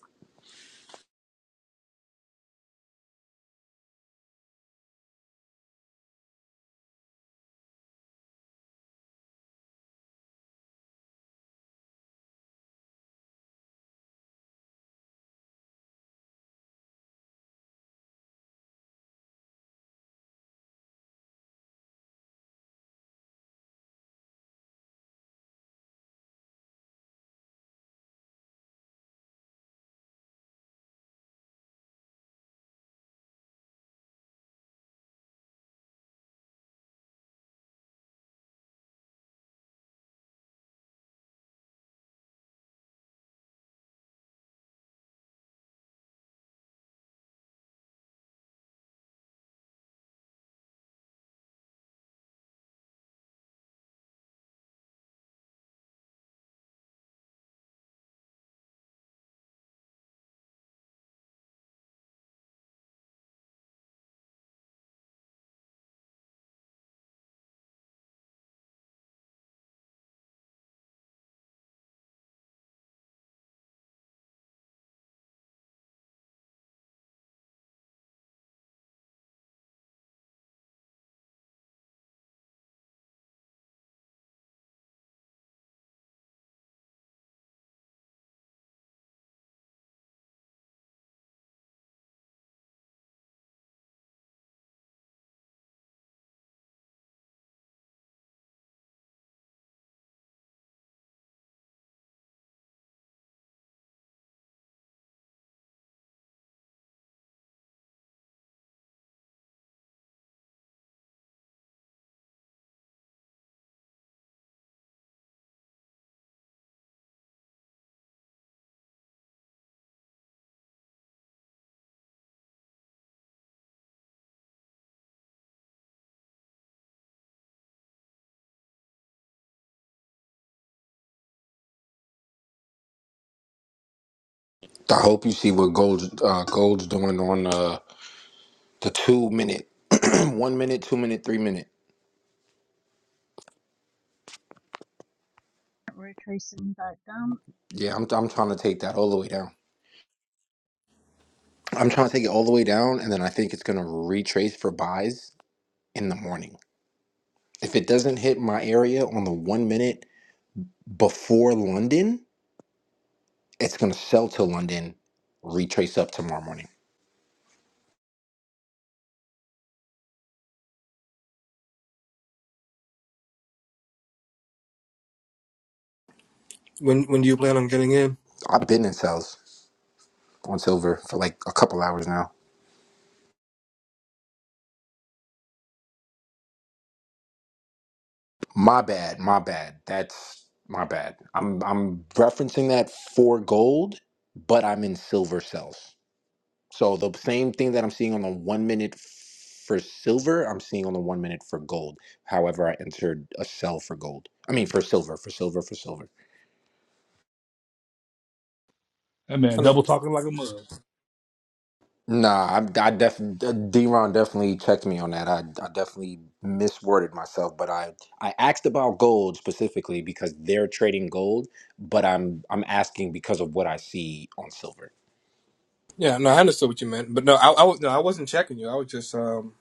S6: I hope you see what Gold's uh, Gold's doing on uh, the two minute, one minute, two minute, three minute.
S3: We're tracing back down.
S6: Yeah, I'm I'm trying to take that all the way down. I'm trying to take it all the way down, and then I think it's gonna retrace for buys in the morning. If it doesn't hit my area on the one minute before London, it's gonna sell to London, retrace up tomorrow morning.
S2: When when do you plan on getting in?
S6: I've been in sales on silver for like a couple hours now. My bad, my bad. That's my bad. I'm I'm referencing that for gold, but I'm in silver cells. So the same thing that I'm seeing on the one minute for silver, I'm seeing on the one minute for gold. However, I entered a sell for gold. I mean for silver, for silver, for silver.
S4: That man
S2: Under-
S4: double talking like a mug.
S6: Nah, I, I definitely Deron definitely checked me on that. I, I definitely misworded myself, but I I asked about gold specifically because they're trading gold, but I'm I'm asking because of what I see on silver.
S2: Yeah, no, I understood what you meant, but no, I, I was no, I wasn't checking you. I was just um,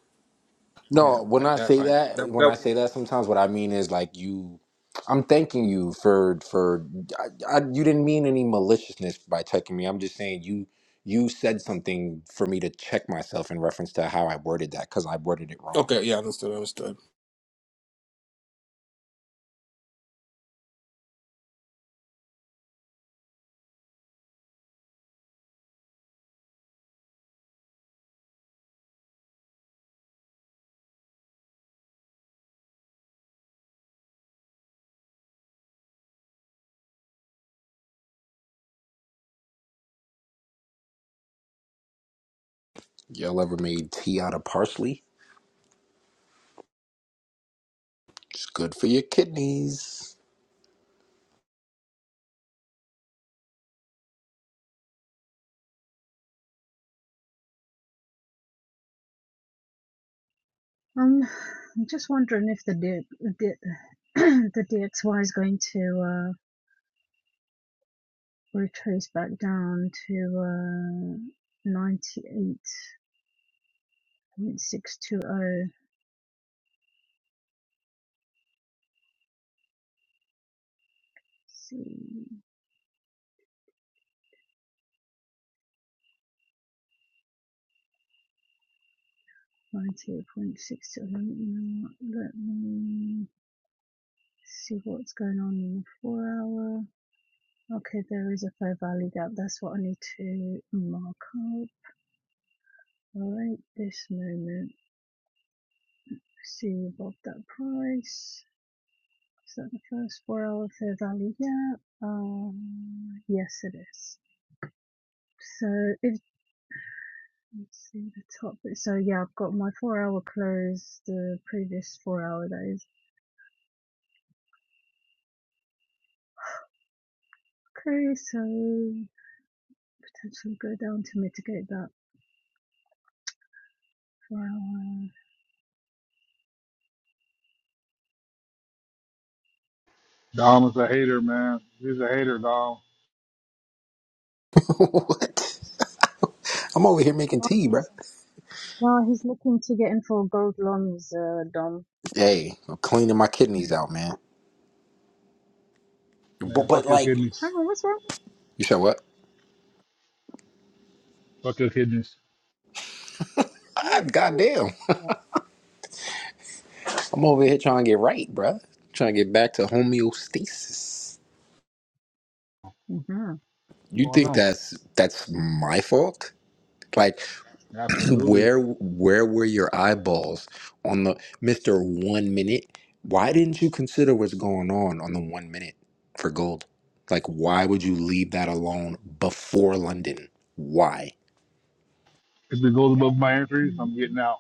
S2: yeah,
S6: No, when
S2: like
S6: I
S2: that,
S6: say
S2: like
S6: that,
S2: that.
S6: when
S2: that
S6: I say that, sometimes what I mean is like you. I'm thanking you for for I, I, you didn't mean any maliciousness by checking me. I'm just saying you you said something for me to check myself in reference to how I worded that because I worded it wrong.
S2: okay, yeah, understood, understood.
S6: Y'all ever made tea out of parsley? It's good for your kidneys.
S3: Um I'm just wondering if the D- the, the DXY is going to uh retrace back down to uh ninety eight point six two oh. See. Line two point six seven. Let me see what's going on in the four hour. Okay, there is a fair value gap. That's what I need to mark up. All right, this moment. See above that price. Is that the first four hour fair value gap? Um, yes, it is. So if let's see the top bit. So yeah, I've got my four hour close, the previous four hour that is. Okay, so potentially go down to mitigate that for our.
S4: Dom is a hater, man. He's a hater, Dom.
S6: what? I'm over here making
S3: Oh,
S6: tea, bruh.
S3: no, he's looking to get in for gold loans, uh, Dom.
S6: Hey, I'm cleaning my
S3: Mm.
S6: kidneys out, man.
S4: Man,
S6: But, but
S4: fuck your
S6: like,
S3: Hang
S4: kidneys.
S3: on, what's wrong?
S6: you said what?
S4: Fuck your kidneys.
S6: Ah,
S3: Wait, why?
S6: goddamn. I'm over here trying to get right, bruh. Trying to get back to homeostasis.
S3: Mhm.
S6: You
S4: What's going
S6: think
S4: on?
S6: that's that's my fault? Like,
S4: Absolutely.
S6: where where were your eyeballs on the Mr. 1 minute? Why didn't you consider what's going on on the 1 minute for gold? Like why would you leave that alone before London? Why?
S4: If it goes above my entries,
S3: Mm,
S4: I'm getting out.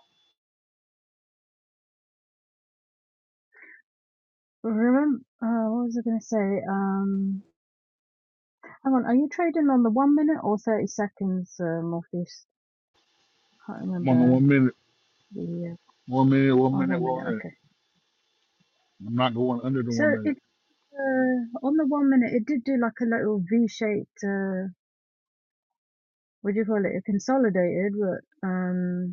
S3: Remember, uh, what was I going to say? Um, hang on, are you trading on the one minute or 30 seconds, uh, Morpheus? Can't
S4: I'm on the
S3: remember
S4: one minute,
S3: the,
S4: one minute, one
S3: uh, oh,
S4: minute,
S3: one
S4: one
S3: minute,
S4: minute.
S3: okay.
S4: I'm not going under the
S3: So
S4: one minute.
S3: it, uh, on the one minute, it did do like a little V-shaped, uh, what do you call it? It consolidated, but, um,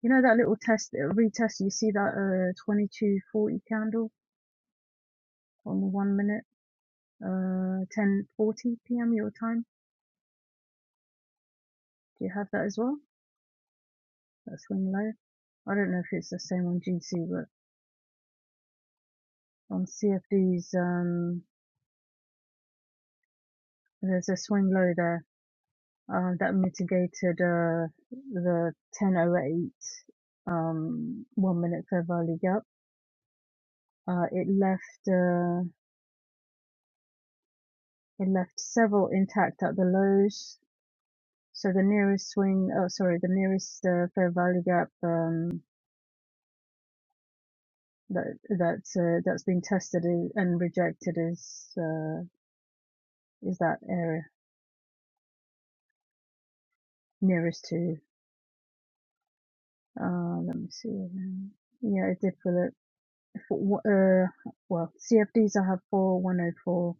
S3: You know that little test, uh, retest, you see that uh, 2240 candle on the one minute, uh, 1040 p.m. your time? Do you have that as well? That's swing low. I don't know if it's the same on GC, but on CFDs, um, there's a swing low there uh, that mitigated uh, the 1008 um, one minute fair value gap. Uh, it left uh, it left several intact at the lows, So the nearest swing, oh sorry, the nearest uh, fair value gap um, that that's uh, that's been tested is, and rejected is uh, is that area nearest to. Uh, let me see. now. Yeah, it did for the for, uh, well CFDs I have for 104.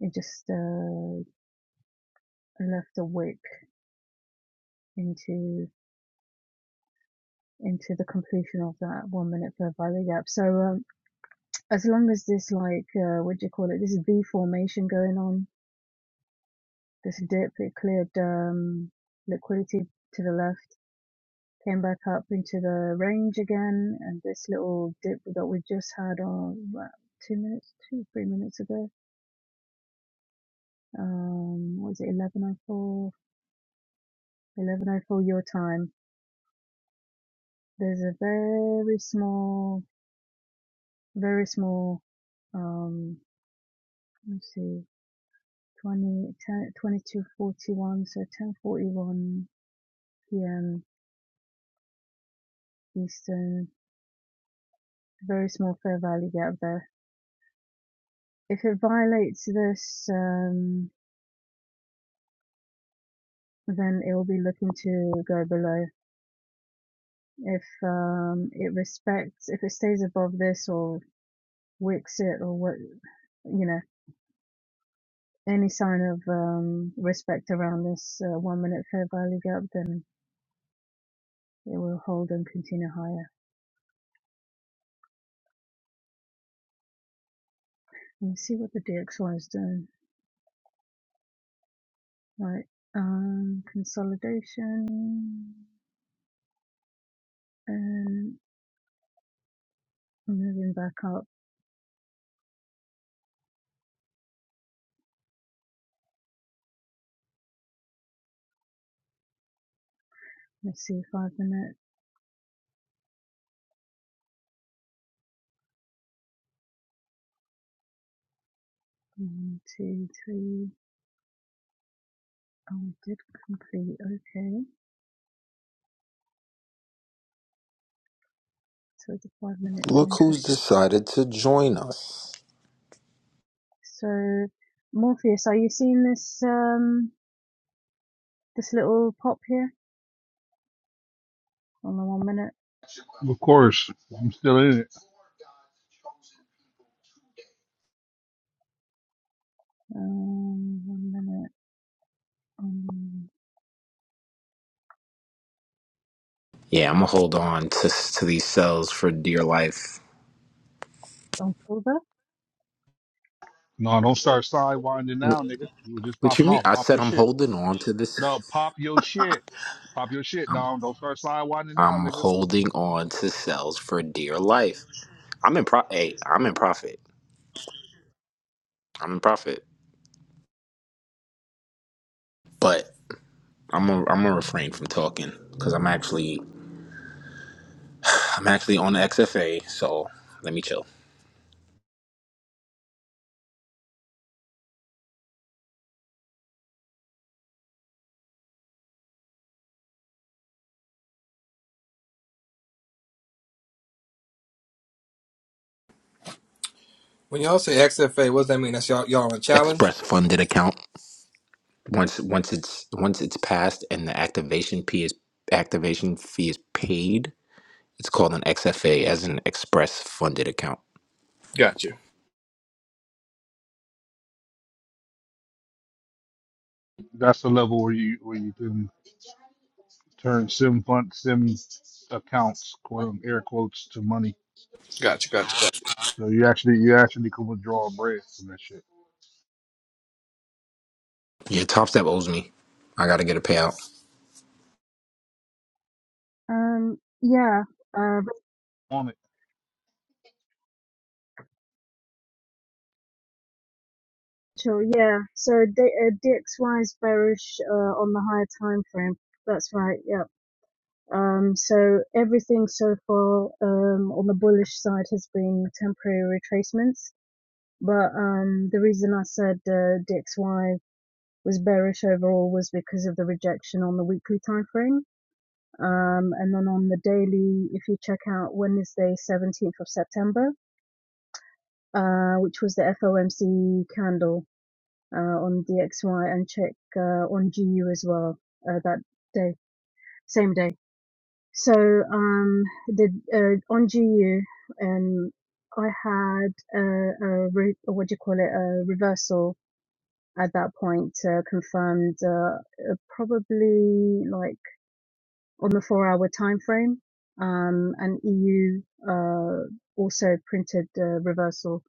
S3: It just uh, left a wick into into the completion of that one minute fair value gap. So um, as long as this like uh, what do you call it? This is V formation going on This dip, it cleared um, liquidity to the left, came back up into the range again, and this little dip that we just had uh, about two minutes, two three minutes ago. Um, what was it 11:04? 11:04 your time. There's a very small, very small. Um, let's see, 20, 22:41, so 10:41 p.m. Eastern. Very small fair value gap there If it violates this, um, then it will be looking to go below. If um, it respects, if it stays above this or wicks it or what, you know, any sign of um, respect around this uh, one minute fair value gap, then it will hold and continue higher. Let me see what the DXY is doing. Right, um, consolidation and moving back up. Let's see, five minute, one, two, three. Oh, we did complete. Okay. So the five minute is
S6: Look who's
S3: interesting.
S6: decided to join us.
S3: So Morpheus, are you seeing this um this little pop here on the one minute?
S4: Of course, I'm still in it.
S3: Um one minute on
S6: Yeah, I'm gonna hold on to to these cells for dear life.
S3: on silver.
S4: No, don't start sidewinding now, nigga. You were just
S6: What you
S4: popping
S6: mean?
S4: off.
S6: I
S4: Pop
S6: said
S4: your
S6: I'm
S4: shit.
S6: holding on to this.
S4: No, pop your shit. Pop your shit,
S6: I'm
S4: Dom. Don't start sidewinding now,
S6: I'm
S4: nigga.
S6: holding on to cells for dear life. I'm in pro. Hey, I'm in profit. I'm in profit. But. I'm gonna I'm gonna refrain from talking because I'm actually I'm actually on the XFA, so let me chill.
S2: When y'all say XFA, what does that mean? That's y'all y'all on a challenge?
S6: Express funded account. Once once it's once it's passed and the activation fee is activation fee is paid, it's called an XFA as an express funded account.
S2: Gotcha,
S4: That's the level where you where you can turn sim fund sim accounts, quote um, air quotes, to money.
S2: gotcha, gotcha.
S4: So you actually you actually can withdraw bread from that shit.
S6: Yeah, Top Step owes me. I gotta get a payout.
S3: Um yeah. Uh
S4: On it.
S3: Rachel, yeah. So D- uh, DXY is bearish uh, on the higher time frame. That's right, yeah. Um so everything so far um on the bullish side has been temporary retracements But um, the reason I said uh, DXY was bearish overall was because of the rejection on the weekly time frame. Um, and then on the daily, if you check out Wednesday, 17th of September, uh, which was the FOMC candle uh, on DXY, and check uh, on GU as well uh, that day, same day. So um, the uh, on GU, um, I had a, a re- what do you call it, a reversal at that point uh, confirmed uh, uh, probably like on the four hour time frame. Um, and EU uh, also printed uh, reversal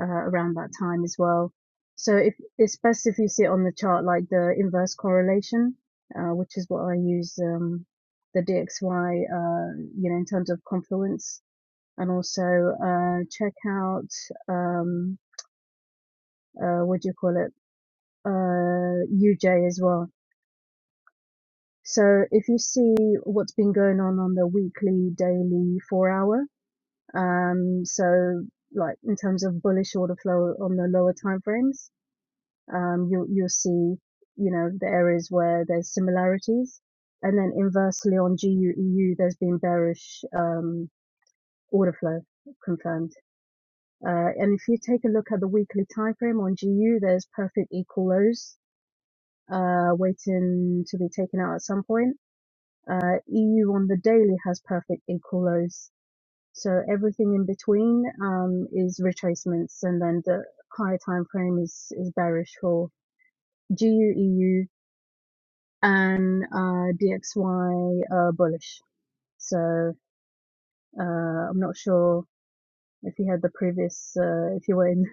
S3: uh, around that time as well. So if, it's best if you see it on the chart like the inverse correlation, uh, which is what I use um, the DXY, uh, you know, in terms of confluence. And also uh, check out um, uh, what do you call it? uh, UJ as well So if you see what's been going on on the weekly, daily, four hour, um, so like in terms of bullish order flow on the lower time frames, um, you'll you'll see you know the areas where there's similarities, and then inversely on GUEU, there's been bearish um, order flow confirmed. Uh, and if you take a look at the weekly time frame on GU, there's perfect equal lows uh, waiting to be taken out at some point Uh, EU on the daily has perfect equal lows. So everything in between um, is retracements, and then the higher time frame is is bearish for GU EU and uh, DXY uh, bullish. So uh, I'm not sure if you had the previous uh, if you were in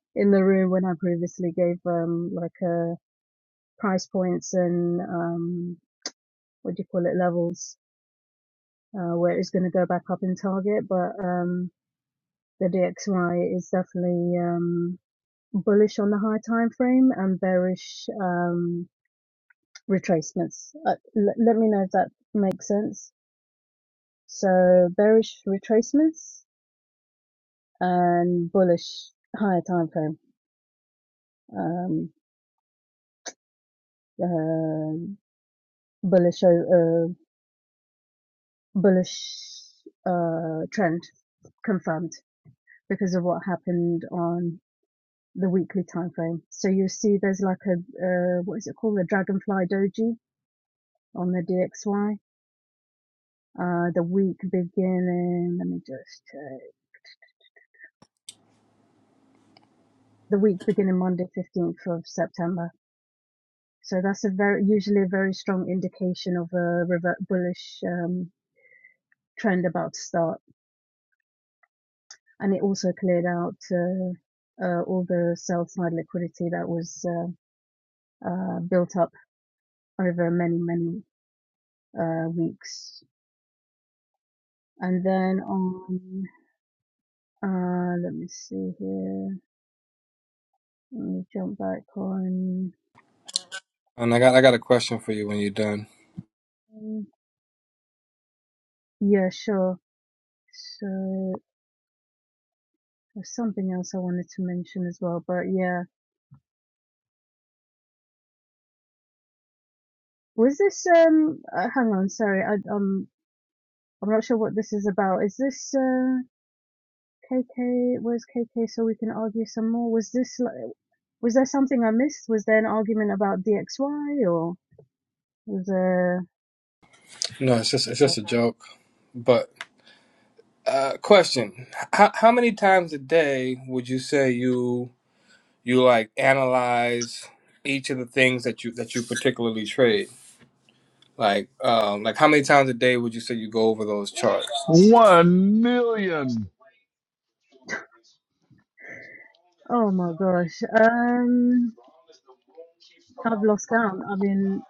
S3: in the room when I previously gave um, like a price points and um, what do you call it levels uh, where it's going to go back up in target, but. Um, the DXY is definitely um, bullish on the high time frame and bearish um, retracements. Uh, l- let me know if that makes sense. So bearish retracements and bullish higher time frame. Um, um bullish uh, bullish uh, trend confirmed because of what happened on the weekly time frame. So you see there's like a uh, what is it called? A dragonfly doji on the DXY. Uh, the week beginning, let me just check. The week beginning Monday, 15th of September. So that's a very, usually a very strong indication of a revert bullish, um, trend about to start. And it also cleared out, uh, uh, all the sell side liquidity that was, uh, uh, built up over many, many, uh, weeks. And then on, uh, let me see here. Let me jump back on.
S2: And I got I got a question for you when you're done.
S3: Yeah, sure. So there's something else I wanted to mention as well, but yeah, was this um? Uh, hang on, sorry, I um, I'm not sure what this is about. Is this uh, KK? Where's KK? So we can argue some more. Was this like was there something I missed? Was there an argument about DXY or was there?
S2: No, it's just it's just a joke. But uh question. How how many times a day would you say you you like analyze each of the things that you that you particularly trade? Like um like how many times a day would you say you go over those charts?
S4: One million.
S3: Oh my gosh, um, I've lost count. I mean,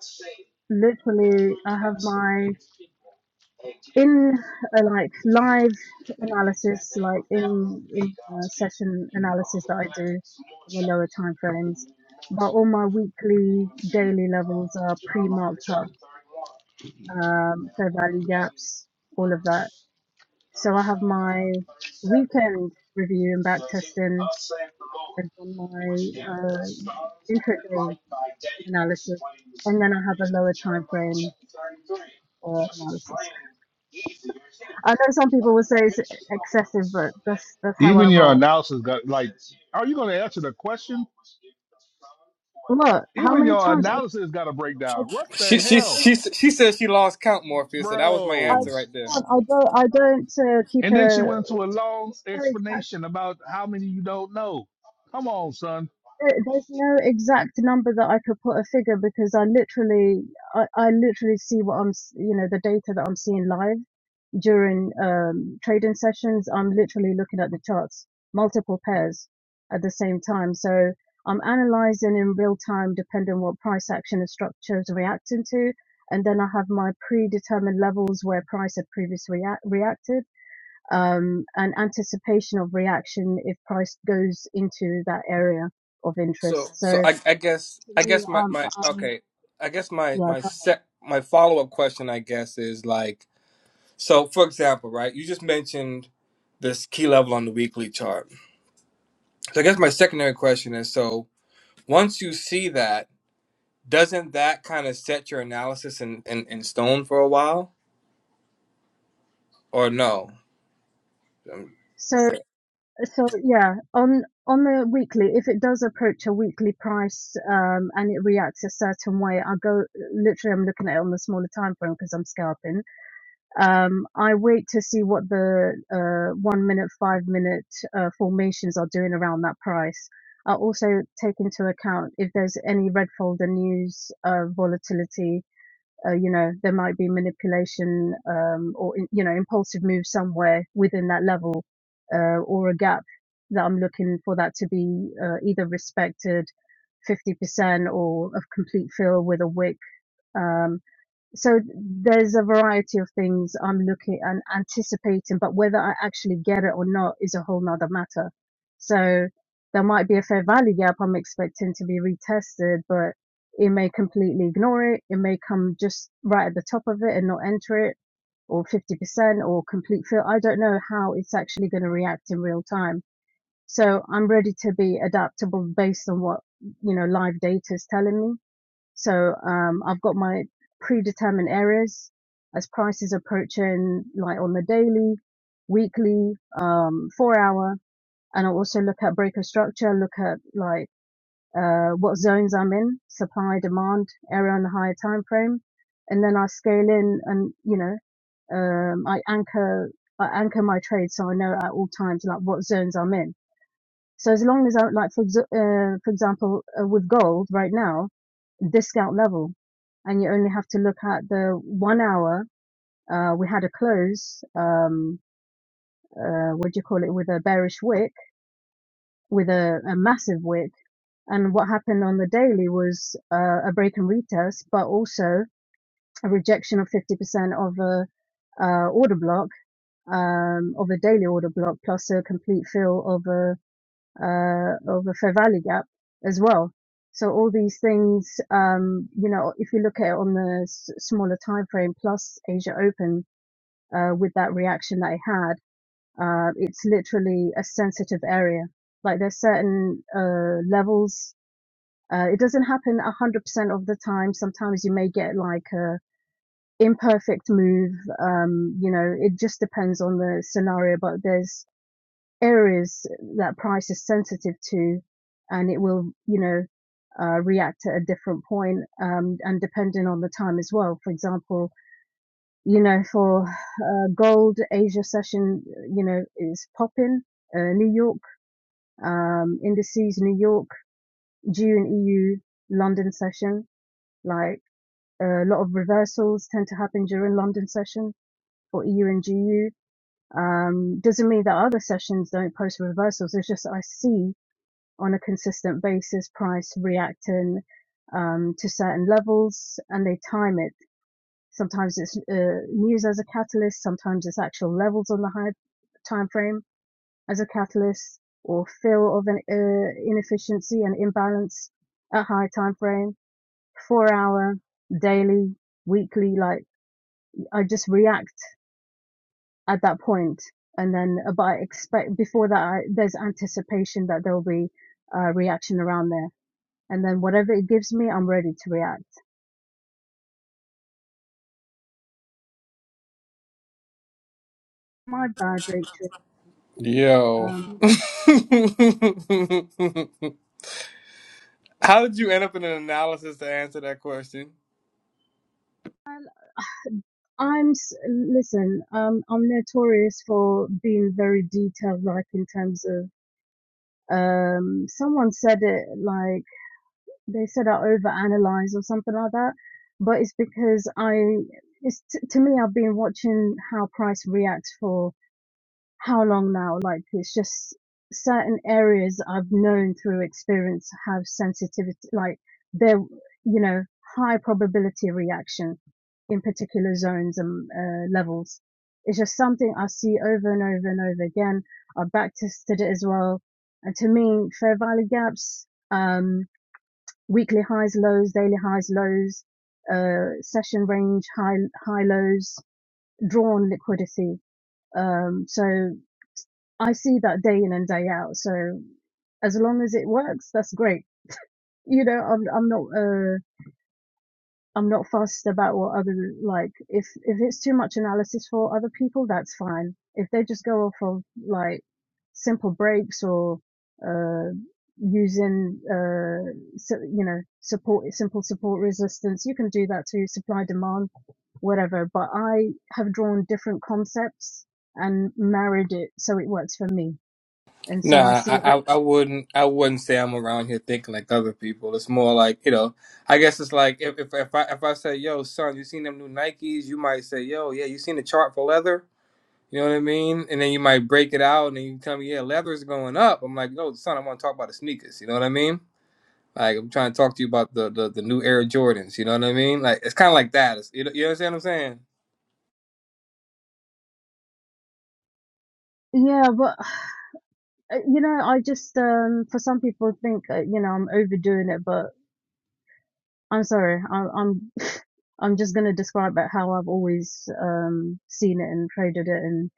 S3: literally, I have my In a, like, live analysis, like in in, uh, session analysis that I do in the lower timeframes, but all my weekly, daily levels are pre-marked up, um, fair value gaps, all of that. So I have my weekend review and back testing, and then my uh, intraday analysis, and then I have a lower time frame uh, analysis. I know some people will say it's excessive, but that's that's how I
S4: Even your
S3: roll.
S4: analysis got like, are you going to answer the question?
S3: Look, how
S4: Even
S3: many
S4: your
S3: times I
S4: analysis got a
S3: I
S4: breakdown. What
S2: She
S4: the
S3: I
S2: she
S4: hell,
S3: don't
S2: she she said she lost count Morpheus, so that was my
S3: I,
S2: answer
S4: bros?
S2: right there.
S3: I don't I don't uh, keep
S4: And then she
S3: a
S4: went into a long
S3: no exact
S4: explanation about how many you don't know. Come on, son.
S3: there- there's no exact number that I could put a figure because I literally I, I literally see what I'm s- you know the data that I'm seeing live during um, trading sessions, I'm literally looking at the charts, multiple pairs at the same time. So I'm analyzing in real time, depending on what price action the structure is reacting to. And then I have my predetermined levels where price had previously react- reacted, um, and anticipation of reaction if price goes into that area of
S2: So
S3: interest. So
S2: so I I guess I
S3: to me,
S2: guess my
S3: um,
S2: my
S3: um,
S2: okay, I guess my my
S3: yeah,
S2: set my follow-up question I guess is like So, for example, right, you just mentioned this key level on the weekly chart. So, I guess my secondary question is so once you see that, doesn't that kind of set your analysis in, in, in stone for a while or no? Um,
S3: So So yeah, on on the weekly, if it does approach a weekly price um, and it reacts a certain way, I go literally. I'm looking at it on the smaller time frame because I'm scalping. Um, I wait to see what the uh, one minute, five minute uh, formations are doing around that price. I also take into account if there's any red folder news, uh, volatility, uh, you know there might be manipulation um, or you know impulsive move somewhere within that level uh, or a gap that I'm looking for that to be uh, either respected 50% or of complete fill with a wick. Um, so there's a variety of things I'm looking and anticipating, but whether I actually get it or not is a whole nother matter. So there might be a fair value gap I'm expecting to be retested, but it may completely ignore it. It may come just right at the top of it and not enter it or 50% or complete fill. I don't know how it's actually going to react in real time. So I'm ready to be adaptable based on what, you know, live data is telling me so um, I've got my predetermined areas as prices approaching, like on the daily, weekly, um, four hour, and I also look at breaker structure, look at like uh, what zones I'm in, supply demand area on the higher time frame, and then I scale in and you know um, I anchor I anchor my trade so I know at all times like what zones I'm in so as long as I, like for uh, for example uh, with gold right now, discount level, and you only have to look at the one hour. Uh, we had a close. Um, uh, what do you call it? With a bearish wick, with a, a massive wick. And what happened on the daily was uh, a break and retest, but also a rejection of 50% of a uh, order block, um, of a daily order block, plus a complete fill of a uh, of the fair value gap as well. So all these things, um, you know, if you look at it on the s- smaller time frame plus Asia Open, uh, with that reaction that it had, uh, it's literally a sensitive area. Like there's certain, uh, levels, uh, it doesn't happen 100% of the time. Sometimes you may get like a imperfect move. Um, you know, it just depends on the scenario, but there's areas that price is sensitive to and it will you know uh, react at a different point um, and depending on the time as well for example you know for uh, gold asia session you know is popping uh, new york um, indices new york june eu london session like a lot of reversals tend to happen during london session for eu and gu um, doesn't mean that other sessions don't post reversals. It's just I see on a consistent basis, price reacting um, to certain levels, and they time it. Sometimes it's uh, news as a catalyst, sometimes it's actual levels on the high time frame as a catalyst, or fill of an uh, inefficiency and imbalance at high time frame, four hour, daily, weekly. Like I just react at that point, and then uh, but I expect before that I, there's anticipation that there will be uh, reaction around there and then whatever it gives me, I'm ready to react. My bad, Rachel.
S2: Yo.
S3: Um,
S2: How did you end up in an analysis to answer that question?
S3: well, I'm listen. Um, I'm notorious for being very detailed, like in terms of um, someone said it like they said I overanalyze or something like that, but it's because I it's t- to me I've been watching how price reacts for how long now? Like it's just certain areas I've known through experience have sensitivity, like they're, you know, high probability of reaction in particular zones and uh, levels. It's just something I see over and over and over again. I've back tested it as well. And to me, Fair value gaps, um, weekly highs, lows, daily highs, lows, uh, session range, high, high lows, drawn liquidity. Um, so I see that day in and day out. So as long as it works, that's great. You know, I'm I'm not uh I'm not fussed about what other like if if it's too much analysis for other people, that's fine. If they just go off of like simple breaks or uh using uh so, you know support simple support resistance, you can do that too. Supply demand, whatever. But I have drawn different concepts and married it so it works for me. And so I
S2: Nah,
S3: see it
S2: I, I I wouldn't I wouldn't say I'm around here thinking like other people. It's more like you know, I guess it's like if if, if I if I say yo son, you seen them new Nikes? You might say yo yeah, you seen the chart for leather? You know what I mean? And then you might break it out and then you tell me yeah, leather's going up. I'm like no son, I want to talk about the sneakers. You know what I mean? Like I'm trying to talk to you about the the, the new Air Jordans. You know what I mean? Like it's kind of like that. It's, you know, you understand what I'm saying?
S3: Yeah, but uh, you know, I just um for some people think uh, you know I'm overdoing it, but I'm sorry, I'm I'm I'm just gonna describe it how I've always um seen it and traded it, and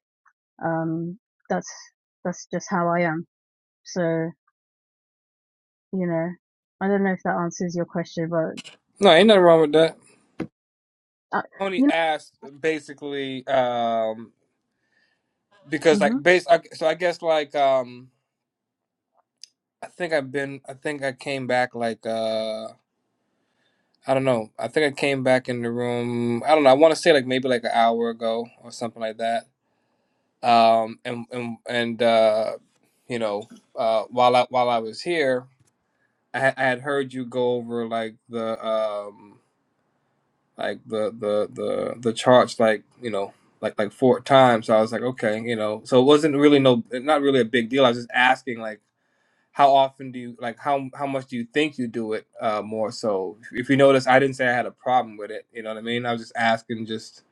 S3: um that's that's just how I am. So you know, I don't know if that answers your question, but
S2: No, ain't nothing wrong with that.
S3: uh, you
S2: Only asked basically. um
S3: know,
S2: because
S3: hmm
S2: like base I, so i guess like um i think i've been i think i came back like uh i don't know i think i came back in the room i don't know i want to say like maybe like an hour ago or something like that um and and and uh you know uh while i while i was here i, had- I had heard you go over like the um like the the the the charts like you know like like four times so i was like okay you know so it wasn't really no not really a big deal i was just asking like how often do you like how how much do you think you do it uh more so if you notice i didn't say i had a problem with it you know what i mean i was just asking just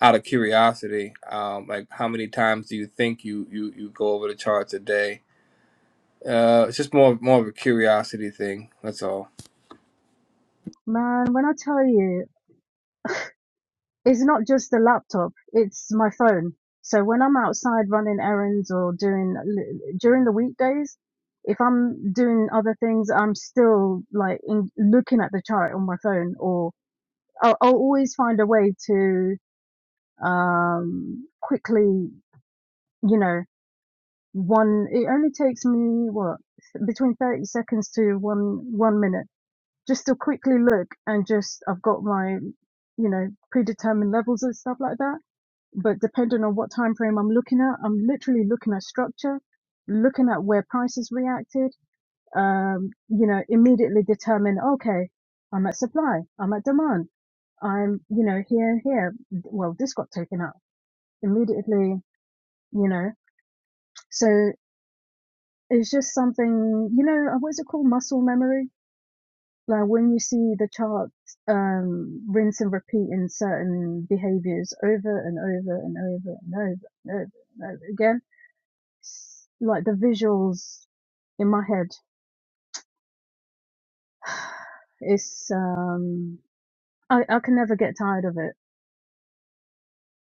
S2: out of curiosity um like how many times do you think you you you go over the charts a day uh it's just more more of a curiosity thing that's all
S3: man, when I tell you. it's not just the laptop, it's my phone. So when I'm outside running errands or doing during the weekdays, if I'm doing other things, I'm still like in, looking at the chart on my phone or I'll, I'll always find a way to um quickly, you know, one it only takes me what between 30 seconds to one one minute just to quickly look and just I've got my you know predetermined levels and stuff like that but depending on what time frame I'm looking at, I'm literally looking at structure, looking at where prices reacted, um, you know, immediately determine, okay, I'm at supply, I'm at demand, I'm, you know, here and here. Well, this got taken out immediately, you know. So it's just something, you know, uh, what is it called? Muscle memory. Like when you see the chart, um, rinse and repeat in certain behaviors over and over and over and over and over, and over, and over again like the visuals in my head it's um I, I can never get tired of it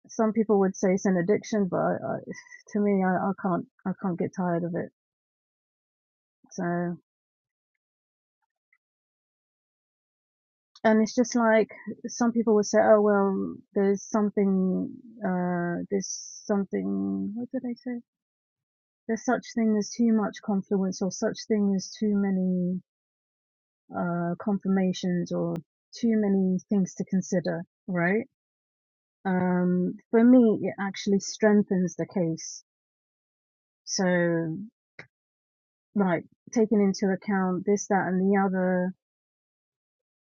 S3: some people would say it's an addiction but I, I, to me I, I can't i can't get tired of it so and it's just like some people would say oh well there's something uh there's something what did they say there's such thing as too much confluence or such thing as too many uh confirmations or too many things to consider right um, for me, it actually strengthens the case. So, like, taking into account this, that, and the other,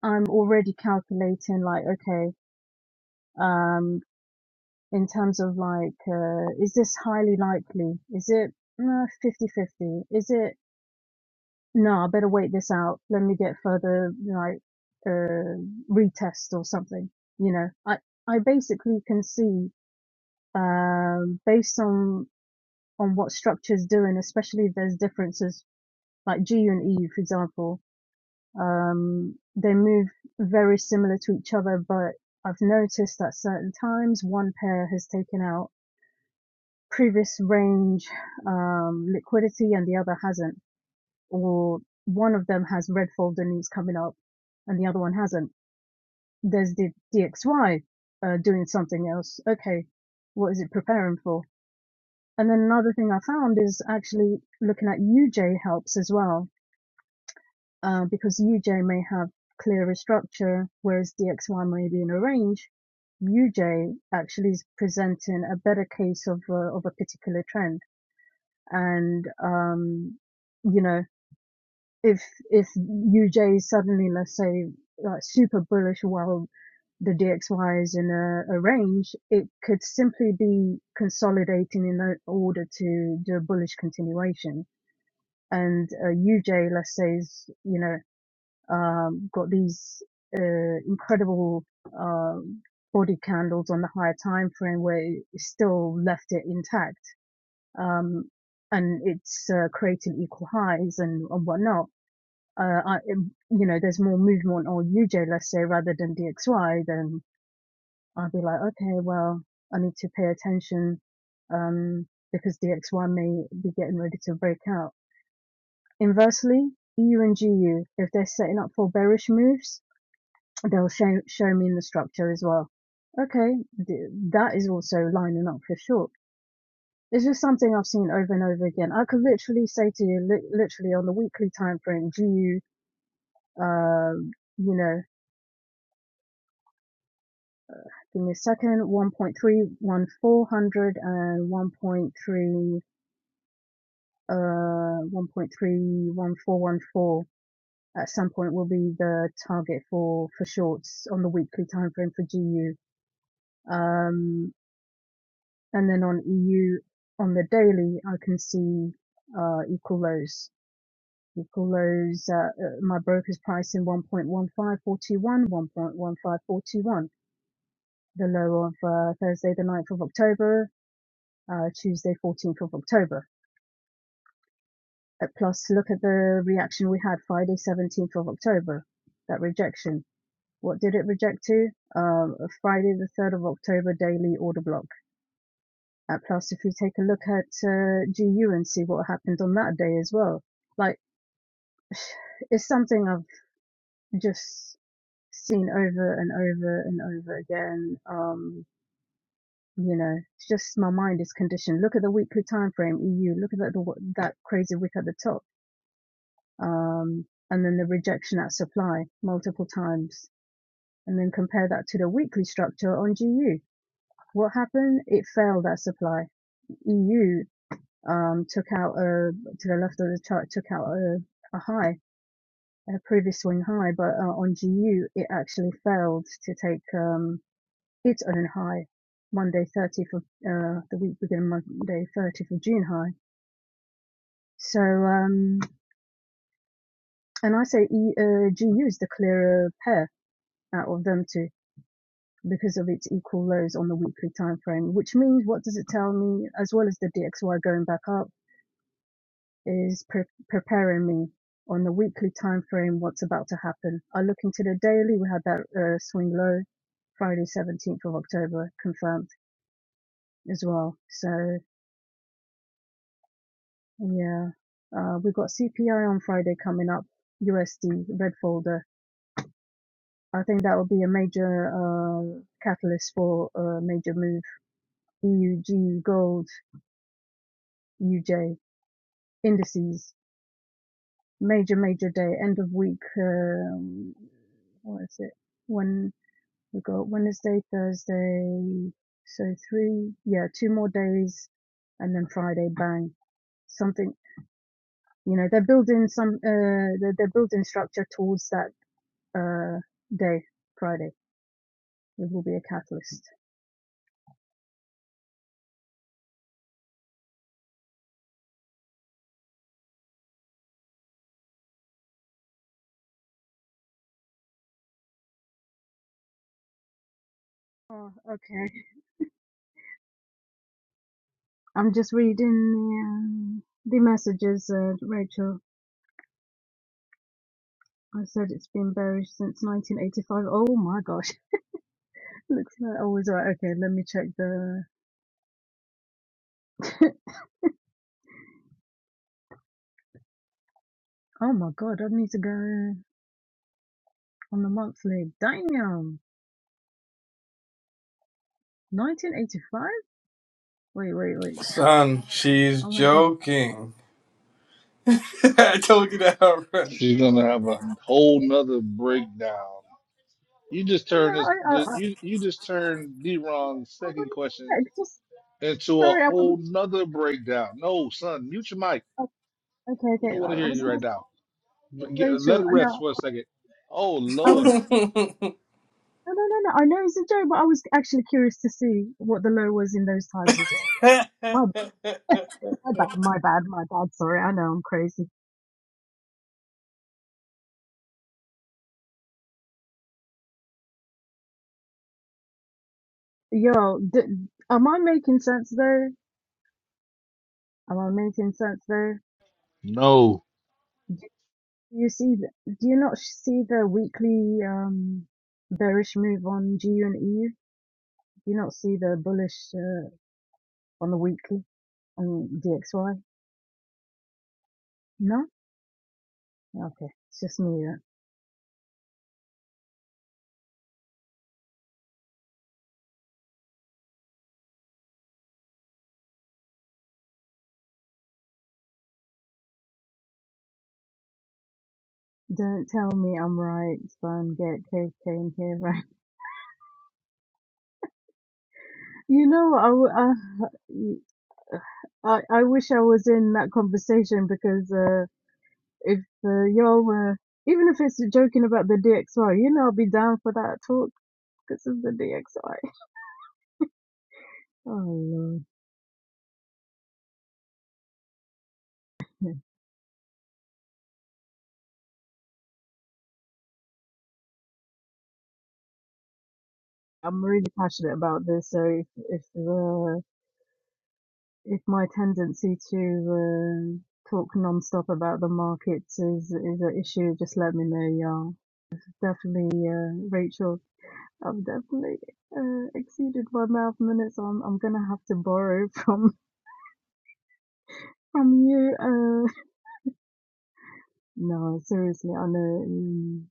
S3: I'm already calculating, like, okay, um, in terms of like, uh, is this highly likely? Is it uh, 50-50? Is it, no, I better wait this out. Let me get further, like, uh, retest or something. You know, I, I basically can see, um, based on on what structures is doing, especially if there's differences like GU and EU, for example. Um, they move very similar to each other, but I've noticed that certain times one pair has taken out previous range um, liquidity and the other hasn't, or one of them has red folder needs coming up and the other one hasn't. There's the DXY uh, doing something else. Okay, what is it preparing for? And then another thing I found is actually looking at UJ helps as well, uh, because UJ may have clearer structure, whereas DXY may be in a range. UJ actually is presenting a better case of a, of a particular trend. And, um, you know, if, if UJ is suddenly, let's say, like super bullish while the DXY is in a, a range, it could simply be consolidating in order to do a bullish continuation and uh, UJ, let's say, is you know um, got these uh, incredible um body candles on the higher time frame where it still left it intact, um, and it's uh, created equal highs and, and whatnot. Uh, I, um, you know, there's more movement on UJ, let's say, rather than DXY. Then I'll be like, okay, well, I need to pay attention um, because DXY may be getting ready to break out Inversely, EU and GU, if they're setting up for bearish moves, they'll show, show me in the structure as well. Okay, that is also lining up for short. It's just something I've seen over and over again. I could literally say to you, li- literally on the weekly time frame, GU, um, you know, give me a second, one point three one four hundred and one point three uh, one and uh, 1.31414. at some point will be the target for for shorts on the weekly time frame for GU. Um, and then on EU on the daily, I can see uh, equal lows. Equal lows. Uh, uh, my broker's price in one point one five four two one, one point one five four two one. The low of uh, Thursday the ninth of October, uh, Tuesday 14th of October. Uh, plus, look at the reaction we had Friday 17th of October. That rejection. What did it reject to? Um, Friday the 3rd of October daily order block. Uh, plus, if you take a look at uh, GU and see what happened on that day as well, like it's something I've just seen over and over and over again. Um, you know, it's just my mind is conditioned. Look at the weekly time frame EU. Look at that that crazy wick at the top, um, and then the rejection at supply multiple times, and then compare that to the weekly structure on GU What happened? It failed that supply. EU um, took out a to the left of the chart took out a, a high, a previous swing high, but uh, on GU it actually failed to take um, its own high, Monday 30th of uh, the week beginning Monday 30th of June high. So um, and I say e, uh, GU is the clearer pair out of them two because of its equal lows on the weekly time frame, which means what does it tell me as well as the DXY going back up? Is pre- preparing me on the weekly time frame what's about to happen. I look into the daily. We had that uh, swing low Friday, 17th of October, confirmed as well. So yeah, uh, we've got CPI on Friday coming up, USD red folder. I think that will be a major uh, catalyst for a major move. EU, gold, UJ indices, major major day, end of week. Um, what is it? When We've got Wednesday, Thursday, so three, yeah, two more days, and then Friday, bang, something. You know, they're building some, uh, they're, they're building structure towards that uh day, Friday. It will be a catalyst. Oh, okay. I'm just reading the, um, the messages, uh, Rachel. I said it's been bearish since 1985. Oh my gosh. Looks like always right. Okay, let me check the. oh my god, I need to go on the monthly. Damn. 1985? Wait, wait, wait.
S2: Son, she's
S3: I'm having.
S2: joking. I told you that already.
S4: She's gonna have a whole nother breakdown. You just
S3: No, no,
S4: turn this.
S3: I, I, I,
S4: You you just turn D-Ron's
S3: I
S4: second
S3: wouldn't.
S4: question.
S3: yeah, Just
S4: into a
S3: sorry, I
S4: whole
S3: wouldn't.
S4: nother breakdown. No, son, mute your mic.
S3: uh, Okay,
S4: We
S3: okay.
S4: don't want to
S3: I I
S4: hear
S3: was
S4: you
S3: going
S4: right
S3: to
S4: now.
S3: say
S4: Get,
S3: Rachel.
S4: let it
S3: uh,
S4: rest
S3: No,
S4: for a second. Oh
S3: I was.
S4: Lord,
S3: No, no, no, no. I know it's a joke, but I was actually curious to see what the low was in those times as well. My, my bad, my bad, my bad. Sorry, I know I'm crazy. Yo, d am I making sense there? Am I making sense there?
S4: no.
S3: Do you see? The, do you not see the weekly um bearish move on GU and EU? You not see the bullish uh, on the weekly on DXY? No? Okay. It's just me. That. Don't tell me I'm right, Spam. Get KK in here, right? You know, I I I wish I was in that conversation because uh, if uh, y'all were, even if it's joking about the DXY, you know, I'll be down for that talk because of the DXY. Oh, Lord. I'm really passionate about this, so if, if uh, if my tendency to uh, talk non-stop about the markets is is an issue, just let me know, y'all. Definitely, uh, Rachel, I've definitely uh, exceeded my mouth minutes. So I'm I'm gonna have to borrow from from you. Uh, no, seriously, I know. mm,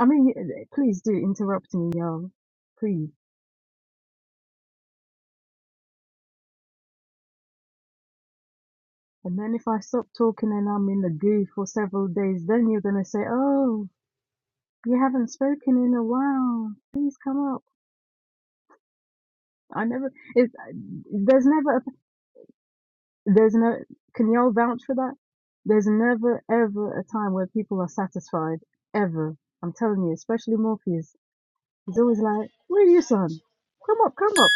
S3: I mean, please do interrupt me, y'all. Please. And then if I stop talking and I'm in the goo for several days, then you're gonna say, "Oh, you haven't spoken in a while. Please come up." I never. It's there's never a, there's no. Can y'all vouch for that? There's never ever a time where people are satisfied ever. I'm telling you, especially Morpheus. He's always like, "Where are you, son? Come up, come up,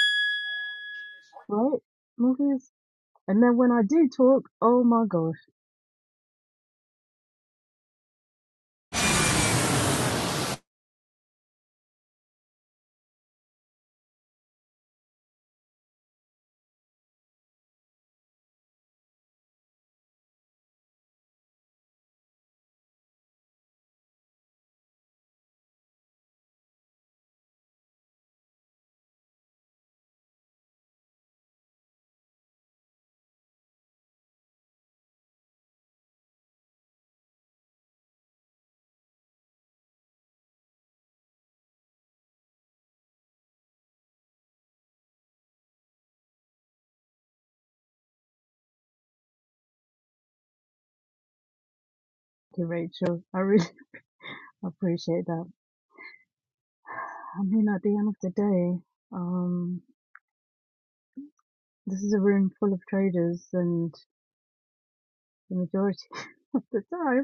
S3: right, Morpheus." And then when I do talk, oh my gosh, okay, Rachel, I really appreciate that. I mean, at the end of the day, um, this is a room full of traders, and the majority of the time.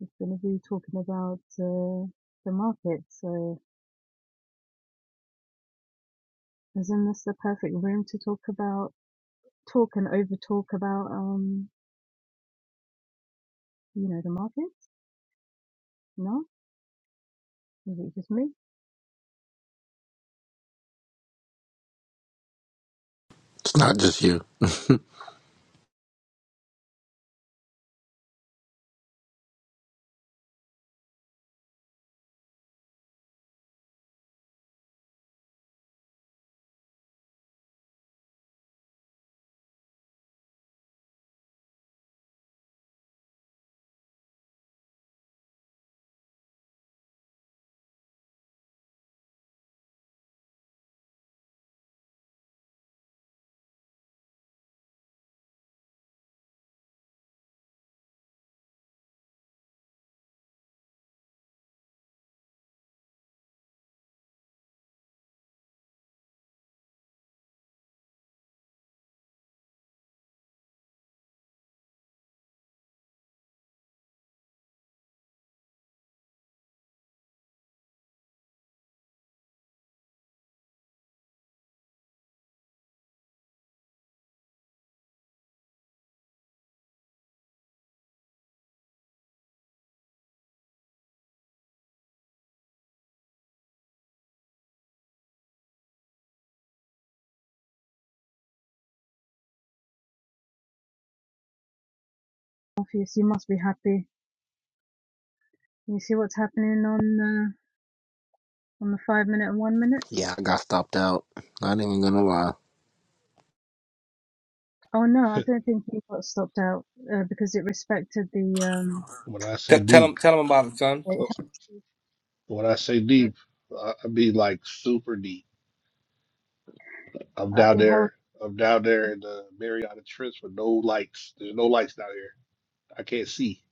S3: is going to be talking about uh, the market. So, isn't this the perfect room to talk about, talk and over talk about, um, you know, the market? No, is it just me?
S6: It's not just you.
S3: Morpheus, you must be happy. You see what's happening on uh, on the five minute and one minute.
S6: yeah, I got stopped out. Not even gonna lie.
S3: Oh no, I don't think he got stopped out uh, because it respected the um,
S4: When I
S2: T-
S4: say
S2: tell him
S4: deep,
S2: tell him about it son
S3: it held,
S4: when I say
S3: it,
S4: deep, I I mean like super deep. I'm
S3: uh,
S4: down
S3: it held
S4: there. I'm down there in the Mariana Trench with no lights. There's no lights down here. I can't see.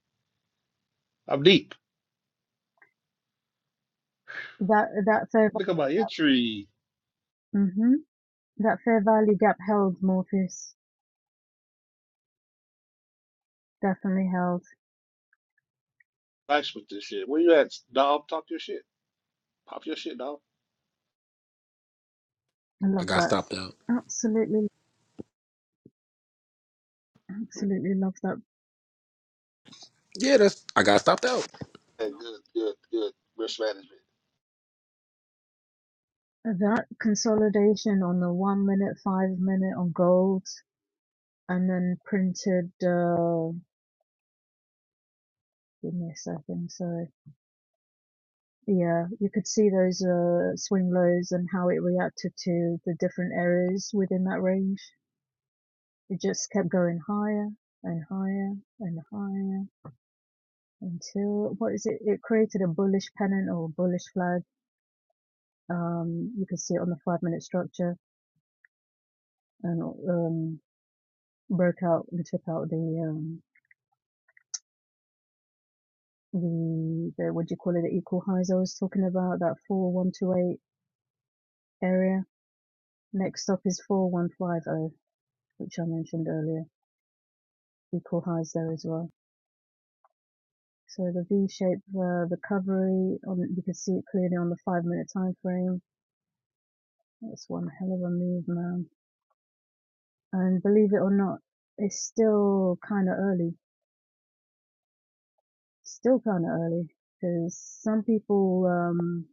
S4: I'm deep.
S3: that that fair
S4: Look at my entry.
S3: mm-hmm, that fair value gap held Morpheus definitely held.
S4: Flash with this shit. Where you at, Dom? Talk your shit.
S3: I
S6: I
S3: love
S6: got
S3: that.
S6: stopped out.
S3: Absolutely, absolutely love that.
S6: Yeah, that's I got stopped out.
S3: That consolidation on the one minute, five minute on gold, and then printed. Uh, give me a second. Sorry. Yeah, you could see those uh, swing lows and how it reacted to the different areas within that range. It just kept going higher and higher and higher until what is it? It created a bullish pennant or bullish flag. Um, you can see it on the five minute structure and um, broke out and took out the um the, the what do you call it the equal highs I was talking about that four one two eight area. Next up is four one five zero, which I mentioned earlier. equal highs there as well. So the V-shaped uh, recovery on you can see it clearly on the five minute time frame. That's one hell of a move, man. And believe it or not, it's still kind of early. Still kind of early because some people um,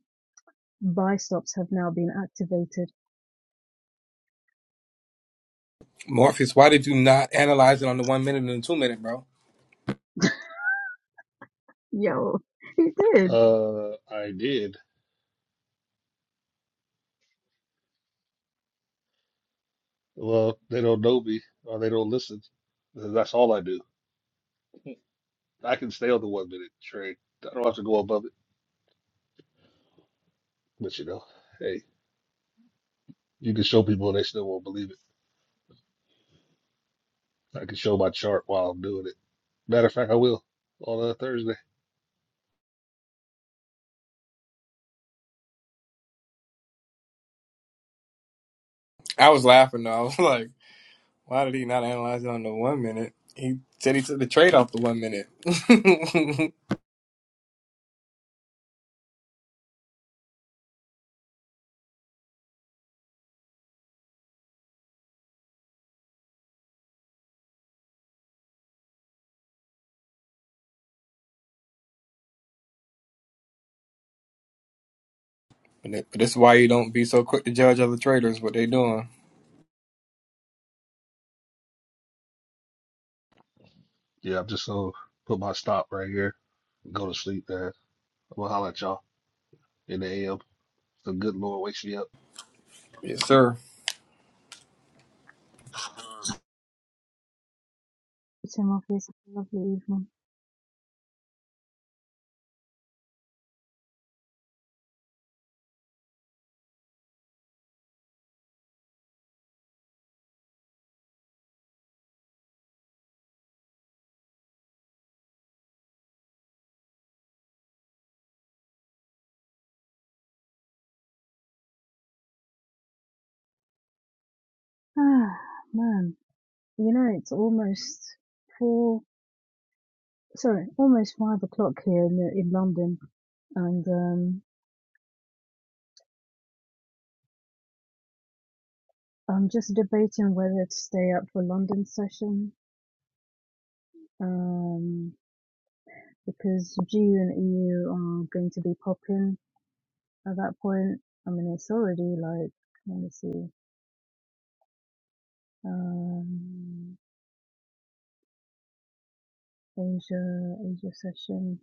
S3: buy stops have now been activated
S2: morpheus why did you not analyze it on the one minute and the two minute bro
S3: Yo, he did.
S4: Uh, I did. Well, they don't know me or they don't listen. That's all I do. I can stay on the one minute train. I don't have to go above it. But you know, hey, you can show people and they still won't believe it. I can show my chart while I'm doing it. Matter of fact, I will on uh, Thursday.
S2: I was laughing though. I was Like. Why did he not analyze it on the one minute? He said he took the trade off the one minute. but this is why you don't be so quick to judge other traders what they doing.
S4: Yeah, I'm just gonna put my stop right here. Go to sleep, man. I'm gonna holler at y'all in the AM. The good Lord wakes me up.
S2: Yes, sir.
S3: Tim Office, lovely evening. Ah, man, you know it's almost four. Sorry, almost five o'clock here in in London, and um, I'm just debating whether to stay up for London session. Um, because G and EU are going to be popping at that point. I mean, it's already like let me see, um, Asia Asia session.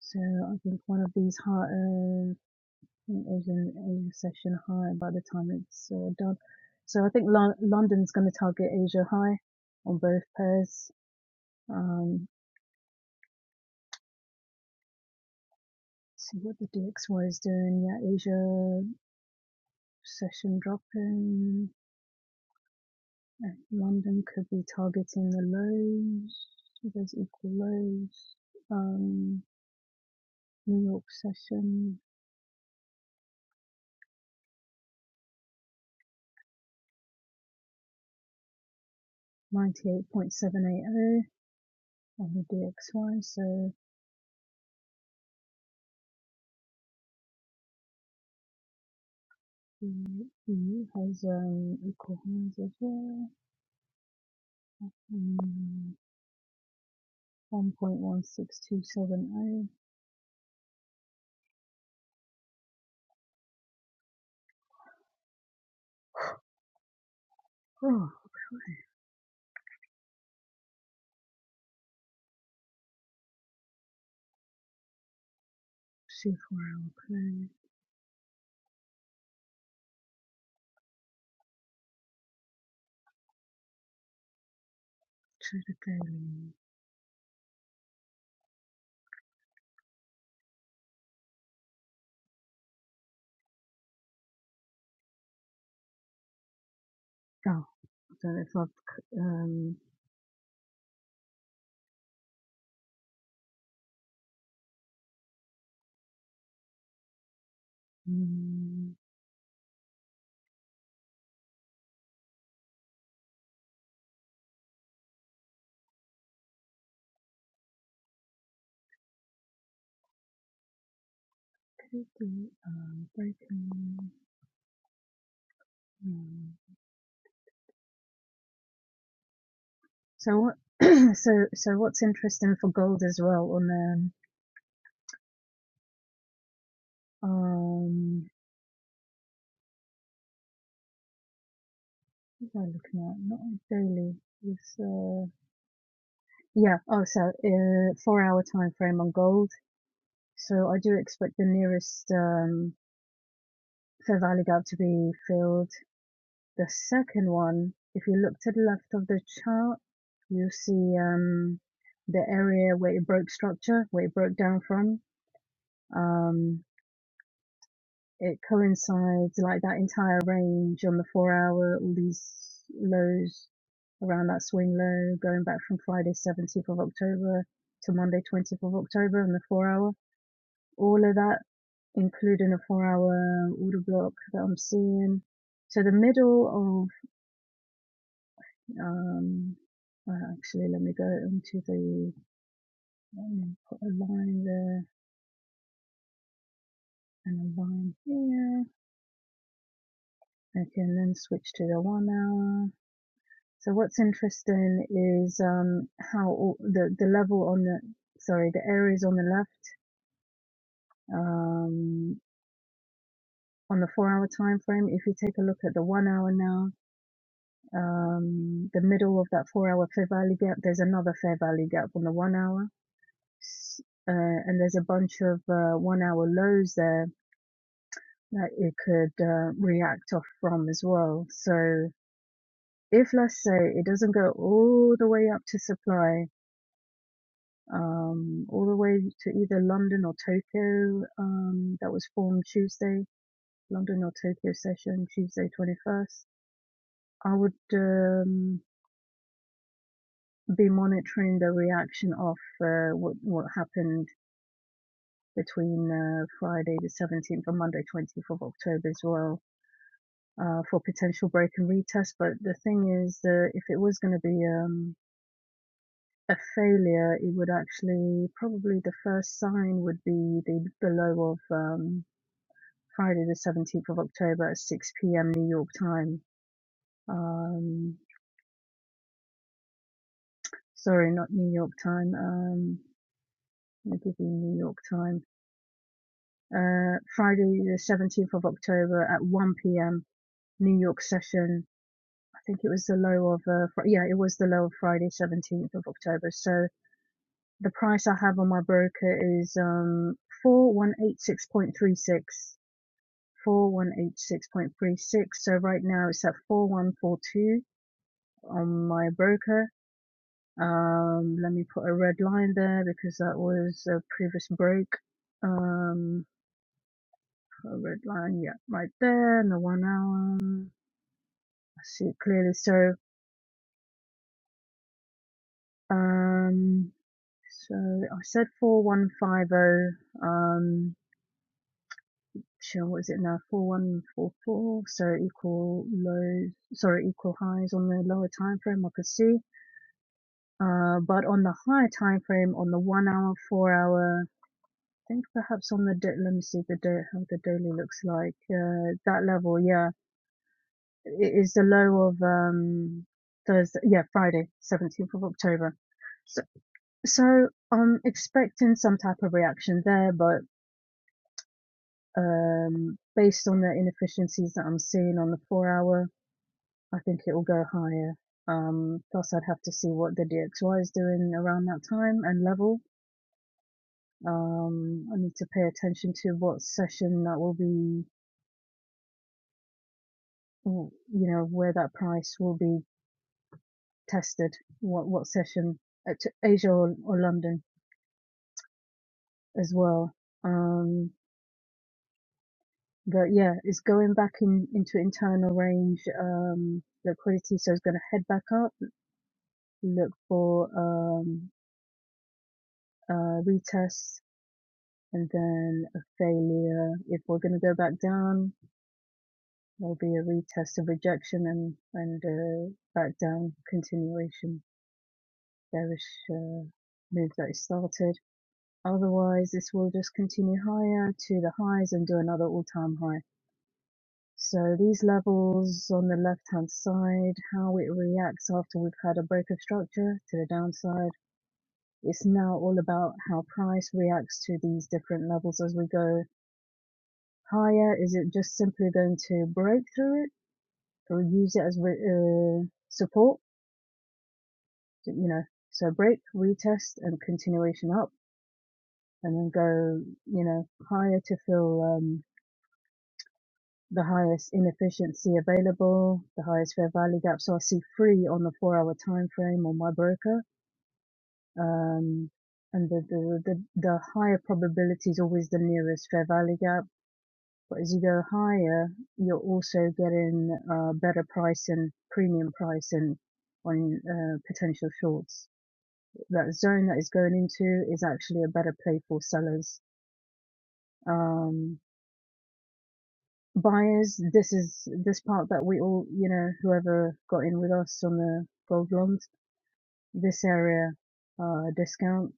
S3: So I think one of these heart. uh, think there's an session high by the time it's uh, done. So I think Lon- London's going to target Asia high on both pairs. Um, see what the DXY is doing. Yeah, Asia session dropping. Uh, London could be targeting the lows. So there's equal lows. Um, New York session 98.780 on the DXY. So the EU has um, equal highs as well. Mm, 1.1627. Oh, see if where I'll play to the daily. Oh, I don't know if I've, um, mm, could be, um, breaking. Um, so what, so, so what's interesting for gold as well on, um, um, what am I looking at? Not on daily. It's, uh, yeah, oh, so, uh, four hour time frame on gold. So I do expect the nearest, um so valid out to be filled. The second one, if you look to the left of the chart, you see um, the area where it broke structure, where it broke down from. Um, it coincides like that entire range on the four hour, all these lows around that swing low, going back from Friday 17th of October to Monday 20th of October on the four hour. All of that, including a four hour order block that I'm seeing. So the middle of Um, well, actually, let me go into the let me put a line there and a line here. Okay, and then switch to the one hour. So what's interesting is um, how all, the the level on the sorry the areas on the left um, on the four hour time frame. If you take a look at the one hour now, um, the middle of that four hour fair value gap, there's another fair value gap on the one hour, S- uh, and there's a bunch of uh, one hour lows there that it could uh, react off from as well. So if let's say it doesn't go all the way up to supply, um, all the way to either London or Tokyo, um, that was formed Tuesday, London or Tokyo session, Tuesday 21st, I would um, be monitoring the reaction of uh, what, what happened between uh, Friday the 17th and Monday 20th of October as well uh, for potential break and retest. But the thing is that if it was going to be um, a failure, it would actually probably the first sign would be the, the low of um, Friday the 17th of October at 6 p.m. New York time. Um, sorry, not New York time. Um, let me give you New York time. Uh, Friday the 17th of October at 1 p.m. New York session. I think it was the low of, uh, Fri yeah, it was the low of Friday 17th of October. So, The price I have on my broker is um four one eight six point three six. Four one eight six point three six. So right now it's at four one four two on my broker. Um let me put a red line there because that was a previous break. Um a red line, yeah, right there and the one hour. I see it clearly. So um so I said four one five oh. Um shell, what is it now, 4144, so equal lows, sorry, equal highs on the lower time frame, I could see. Uh, but on the higher time frame, on the one hour, four hour, I think perhaps on the day, let me see the day, how the daily looks like, uh, that level, yeah, it is the low of, um, Thursday, yeah, Friday, 17th of October. So, so I'm expecting some type of reaction there, but, um, based on the inefficiencies that I'm seeing on the four hour, I think it will go higher. Um, plus, I'd have to see what the DXY is doing around that time and level. Um, I need to pay attention to what session that will be, you know, where that price will be tested, what what session at Asia or, or London as well. Um, but yeah, it's going back in into internal range um, liquidity, so it's going to head back up, look for um, uh, retests and then a failure. If we're going to go back down, there'll be a retest of rejection and and uh, back down continuation bearish uh, move that is started. Otherwise, this will just continue higher to the highs and do another all-time high. So these levels on the left-hand side, how it reacts after we've had a break of structure to the downside. It's now all about how price reacts to these different levels as we go higher? Is it just simply going to break through it or use it as re- uh, support? You know, so break, retest, and continuation up, and then go, you know, higher to fill um, the highest inefficiency available, the highest fair value gap. So I see three on the four-hour time frame on my broker. Um, and the, the, the, the higher probability is always the nearest fair value gap But as you go higher, you're also getting uh, better pricing, premium pricing on uh, potential shorts. That zone that is going into is actually a better play for sellers. Um, buyers, this is this part that we all, you know, whoever got in with us on the gold longs. this area uh, discount.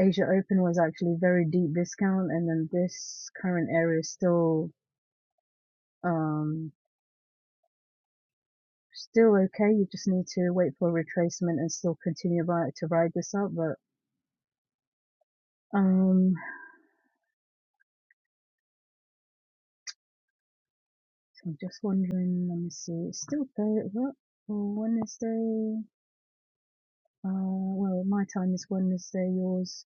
S3: Asia Open was actually very deep discount, and then this current area is still um, still okay. You just need to wait for retracement and still continue ri- to ride this out. But um, so I'm just wondering. Let me see. It's still there? What? Well, Wednesday. Uh, well, my time is Wednesday. Yours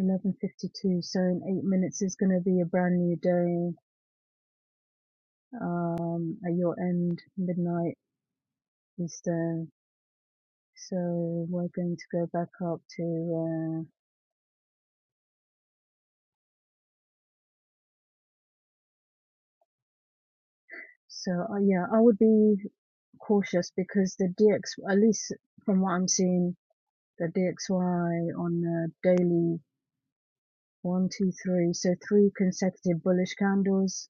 S3: 11:52. So in eight minutes is going to be a brand new day. Um, at your end, midnight Eastern. So we're going to go back up to. uh, So uh, yeah, I would be cautious because the DX, at least from what I'm seeing, the DXY on the daily one, two, three, so three consecutive bullish candles.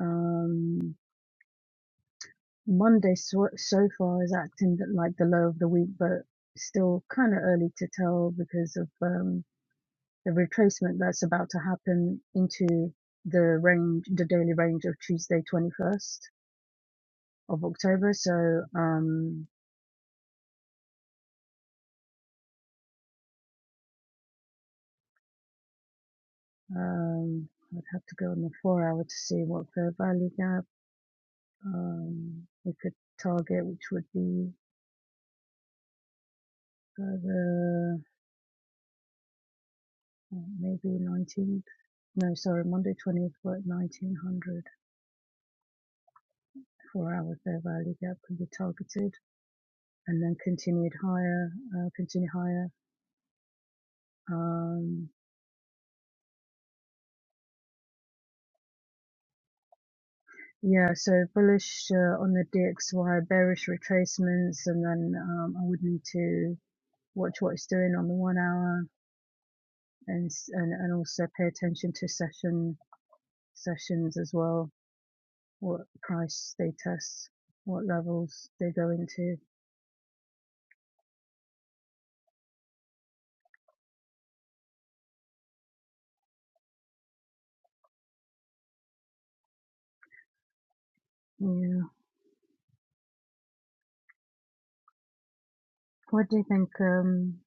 S3: Um, Monday so, so far is acting like the low of the week, but still kind of early to tell because of um, the retracement that's about to happen into the range, the daily range of Tuesday, 21st of October. So, um, Um, I would have to go on the four hour to see what fair value gap um, we could target, which would be uh, the uh, maybe 19th. No, sorry, Monday 20th, but 1900 four hour fair value gap can be targeted and then continued higher, uh, continue higher. Um, yeah, so bullish uh, on the DXY, bearish retracements, and then um, I would need to watch what it's doing on the one hour and and and also pay attention to session sessions as well. What price they test, what levels they go into. Yeah. What do you think, um,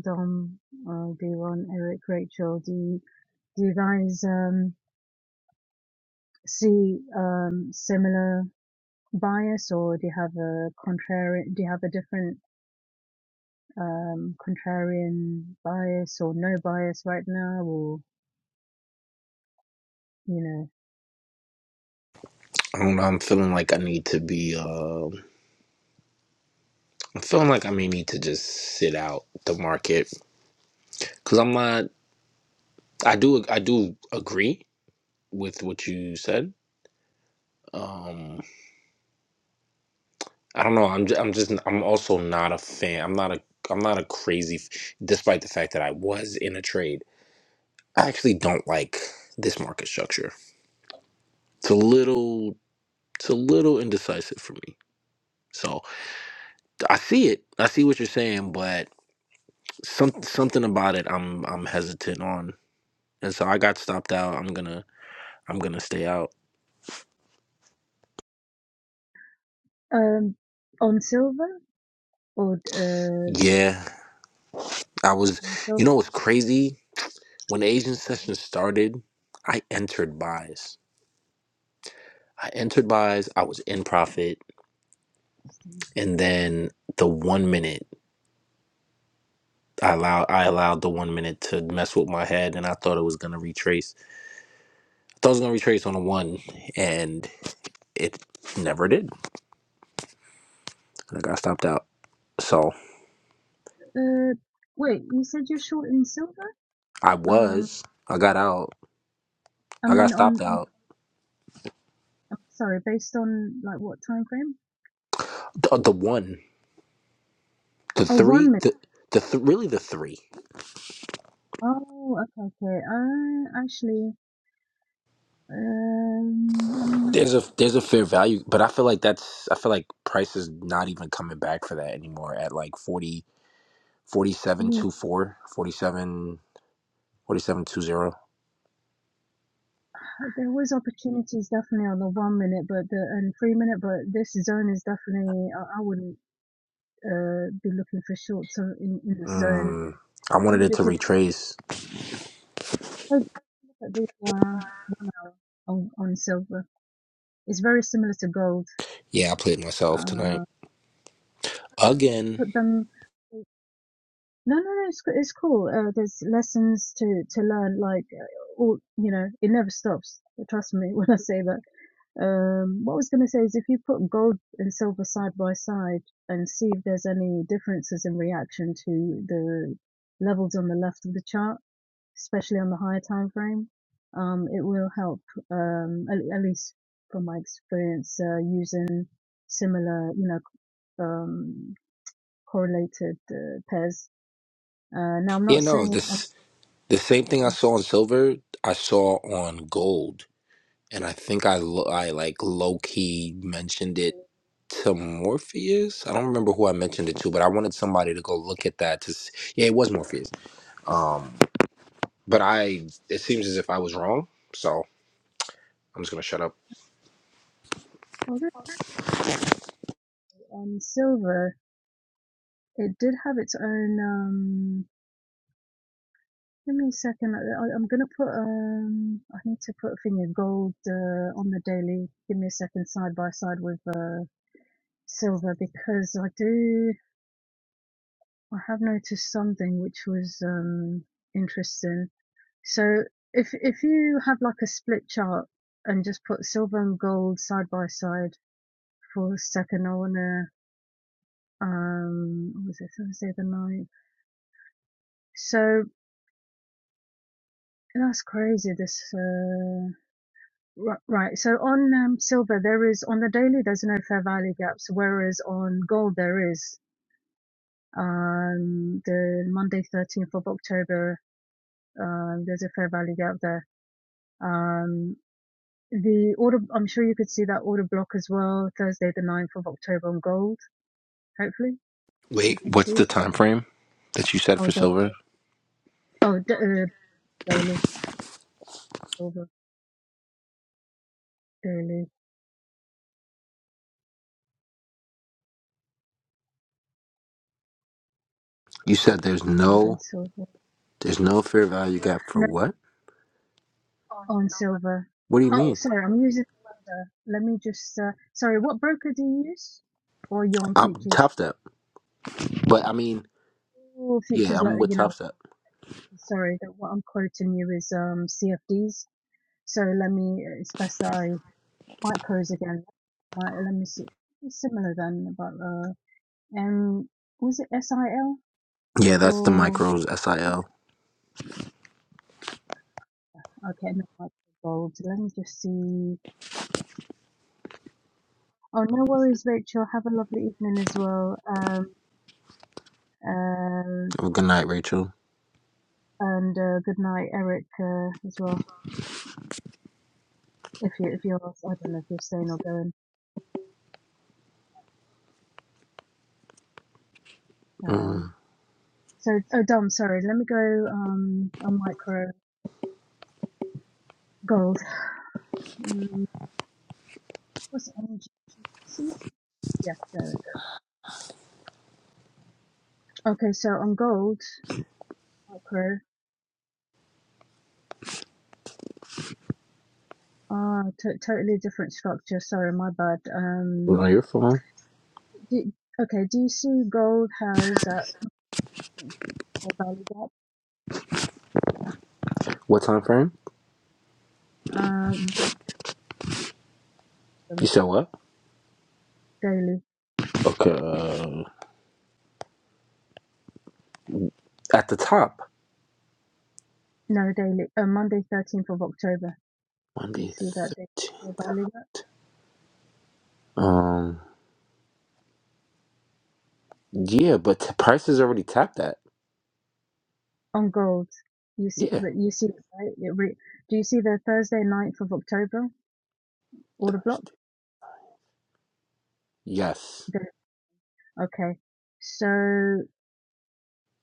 S3: Dom, uh, Devon, Eric, Rachel? Do you, do you guys um see um similar bias, or do you have a contrarian? Do you have a different um contrarian bias or no bias right now, or you
S6: I don't know. I'm feeling like I need to be. Uh, I'm feeling like I may need to just sit out the market because I'm not. I do. I do agree with what you said. Um, I don't know. I'm. Just, I'm just. I'm also not a fan. I'm not a. I'm not a crazy. f- Despite the fact that I was in a trade, I actually don't like this market structure. It's a little. It's a little indecisive for me. So I see it. I see what you're saying, but some something about it. I'm. I'm hesitant on, and so I got stopped out. I'm gonna. I'm gonna stay out.
S3: know, um, on silver? or uh,
S6: Yeah, I was.
S3: And
S6: You
S3: silver.
S6: know what's crazy? When the Asian session started, I entered buys. I entered buys. I was in profit, and then the one minute I allowed, I allowed the one minute to mess with my head, and I thought it was gonna retrace. I thought it was gonna retrace on a one, and it never did. I got stopped out. So
S3: Uh, wait, you said you're short in silver?
S6: I
S3: Um,
S6: was. I got out.
S3: I
S6: I got
S3: mean, on,
S6: stopped
S3: on
S6: out.
S3: I'm sorry, based on like what time frame?
S6: The, the one, the
S3: Oh, one
S6: three,
S3: minute.
S6: the the th- really the three.
S3: Oh, okay, okay. Uh, actually, um, I mean, you did,
S6: There's a there's a fair value, but I feel like that's I feel like price is not even coming back for that anymore at like forty forty seven
S3: you,
S6: two four forty seven forty seven two zero.
S3: there was opportunities definitely on the one minute, but the and three minute, but this zone is definitely I, I wouldn't uh be looking for shorts on, in in this zone
S6: Mm, I wanted
S3: only
S6: it to
S3: because
S6: retrace.
S3: look at the uh on on silver. It's very similar to gold.
S6: Yeah, I played myself tonight.
S3: Uh.
S6: Again,
S3: put them no, no, no. It's it's cool. Uh, there's lessons to to learn. Like uh, all you know, it never stops. Trust me when I say that. Um, what I was gonna say is if you put gold and silver side by side and see if there's any differences in reaction to the levels on the left of the chart, especially on the higher time frame, um, it will help. Um, at, at least from my experience, uh, using similar, you know, um, correlated uh, pairs uh, now I'm
S6: Yeah,
S3: not
S6: no,
S3: saying okay,
S6: this the same thing I
S3: is
S6: saw on silver, I saw on gold, and I think I lo- I like low key mentioned it to Morpheus. I don't remember who I mentioned it to, but I wanted somebody to go look at that to s- yeah, it was Morpheus Um, but I it seems as if I was wrong, so I'm just gonna shut up.
S3: although silver it did have its own. Um, give me a second. I, I'm gonna put. Um, I need to put a thing of gold uh, on the daily. Give me a second, side by side with uh, silver because I do. I have noticed something which was um, interesting. So if if you have like a split chart and just put silver and gold side by side for a second, I wanna Um, what was it Thursday the ninth. So that's crazy. This uh, right. So on um, silver there is on the daily there's no fair value gaps, whereas on gold there is. Um, the Monday 13th of October, um, there's a fair value gap there. Um, the order, I'm sure you could see that order block as well. Thursday the ninth of October on gold. Hopefully you
S6: Wait,
S3: can see
S6: what's the
S3: it.
S6: time frame that you said
S3: Oh,
S6: for
S3: da-
S6: silver?
S3: oh, da- uh, daily silver, daily
S6: You said there's
S3: gold and
S6: no
S3: silver.
S6: there's no fair value gap for what?
S3: On silver.
S6: What do you
S3: Oh,
S6: mean?
S3: sorry, I'm using the Let me just, uh, sorry, what broker do you use? Or you're on
S6: I'm
S3: futures?
S6: top step, but I mean,
S3: Oh,
S6: yeah,
S3: futures, like,
S6: I'm with
S3: you know,
S6: top step.
S3: sorry, that what I'm quoting you is um CFDs. So let me, uh, it's best that I micros again. My, let me see. It's similar then, but uh, um, was it SIL
S6: Yeah, that's the
S3: or
S6: micros SIL.
S3: okay, no, micro gold. Let me just see. Oh, no worries, Rachel. Have a lovely evening as well. Um, uh,
S6: Oh, good night, Rachel.
S3: And uh, good night, Eric, uh, as well. If you if you're, I don't know if you're staying or going. Um,
S6: Mm,
S3: so oh, Dom, sorry. Let me go. Um, on micro gold. Um, what's it? MGC? Yeah, there we go. Okay, so on gold micro, ah, to totally different structure. Sorry, my bad.
S6: you
S3: Um,
S6: on your phone?
S3: do, okay, do you see gold has uh, a value gap?
S6: What time frame?
S3: Um,
S6: You
S3: um,
S6: said what?
S3: daily.
S6: Okay, uh, at the top,
S3: No, daily. Uh, Monday, 13th of October. You
S6: Monday,
S3: see that daily
S6: thirteenth.
S3: value gap?
S6: Um, yeah, but t- price is already tapped at.
S3: On Gold. You see,
S6: Yeah.
S3: but you see, it, right? It re do you see the Thursday, 9th of October order block?
S6: Yes.
S3: The, okay. So,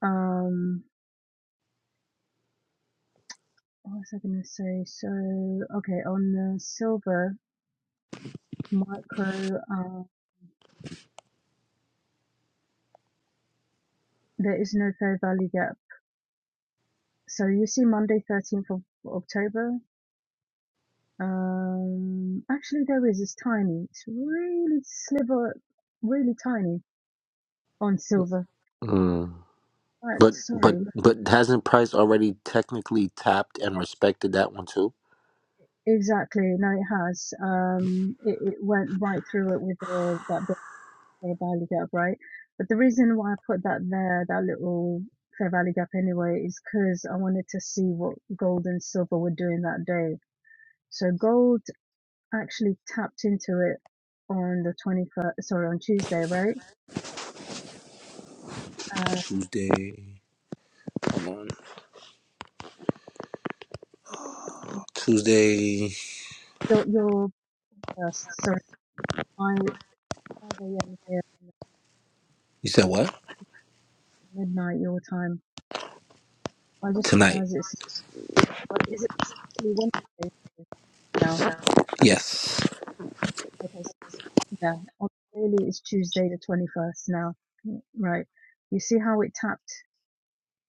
S3: um, what was I gonna say? So, okay, on the silver micro, uh, there is no fair value gap. So you see Monday, 13th of October. Um, actually there is, it's tiny. It's really sliver, really tiny on silver.
S6: Mm.
S3: Right,
S6: But but
S3: sorry,
S6: but hasn't Price already technically tapped and respected that one too?
S3: Exactly. No, it has. Um, it, it went right through it with the, that big Fair Valley Gap, right? But the reason why I put that there, that little Fair Valley Gap anyway, is because I wanted to see what gold and silver were doing that day. So gold actually tapped into it on the 21st, sorry, on Tuesday, right? Uh,
S6: Tuesday. Come on. Tuesday.
S3: your, your first, sorry, I, 5 a.m. here, and
S6: You said what?
S3: midnight your time. I just
S6: Tonight.
S3: realized it's, what is it particularly Wednesday? now?
S6: Yes.
S3: Okay, s- yeah, on daily is Tuesday the 21st now, Mm, right? You see how it tapped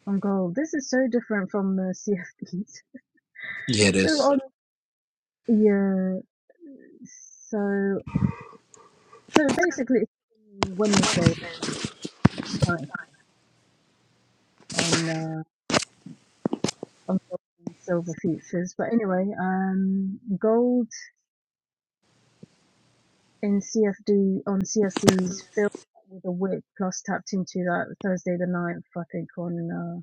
S3: on gold. This is so different from the CFDs.
S6: Yeah, it
S3: So
S6: is.
S3: on, yeah, so, so basically it's Wednesday right, on, uh, on gold and silver futures. But anyway, um, gold in CFD, on CFDs filled with a wick plus tapped into that Thursday the 9th, I think on, uh,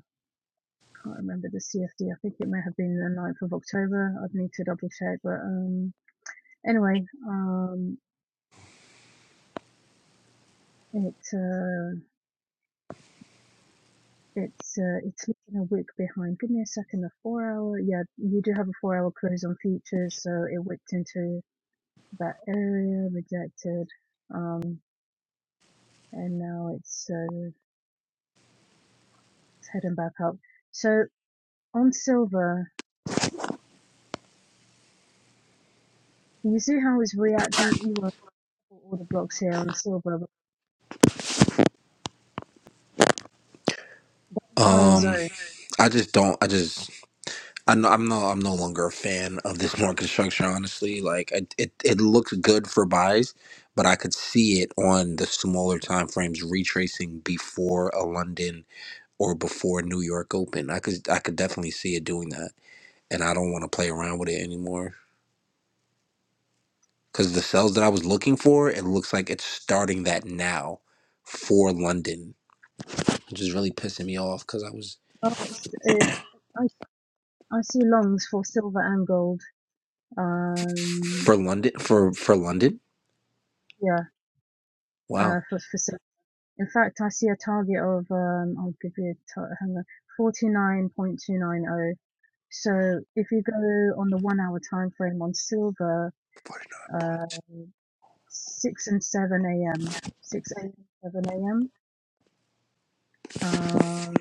S3: can't remember the CFD. I think it may have been the ninth of October. I'd need to double check. But um, anyway, um, it uh, it's uh, it's leaving a week behind. Give me a second. A four hour. Yeah, you do have a four hour close on futures, so it whipped into that area, rejected, um, and now it's uh, it's heading back up. So on silver, you see how it's reacting. You were all the blocks here on silver, but the entire
S6: Um,
S3: zone.
S6: I just don't. I just. I know. I'm no. I'm no longer a fan of this market structure. Honestly, like I, it. It looks good for buys, but I could see it on the smaller time frames retracing before a London or before New York Open. I could I could definitely see it doing that, and I don't want to play around with it anymore because the sales that I was looking for, it looks like it's starting that now for London, which is really pissing me off because I was
S3: Oh, it's, uh, I see longs for silver and gold. Um,
S6: for London for for London.
S3: yeah, uh,
S6: Wow,
S3: for for sil- In fact, I see a target of um, I'll give you a tar- hang on, forty nine point two nine zero. So if you go on the one hour time frame on silver,
S6: forty nine
S3: uh,
S6: points.
S3: six and seven a.m. six a.m. seven a.m. Um,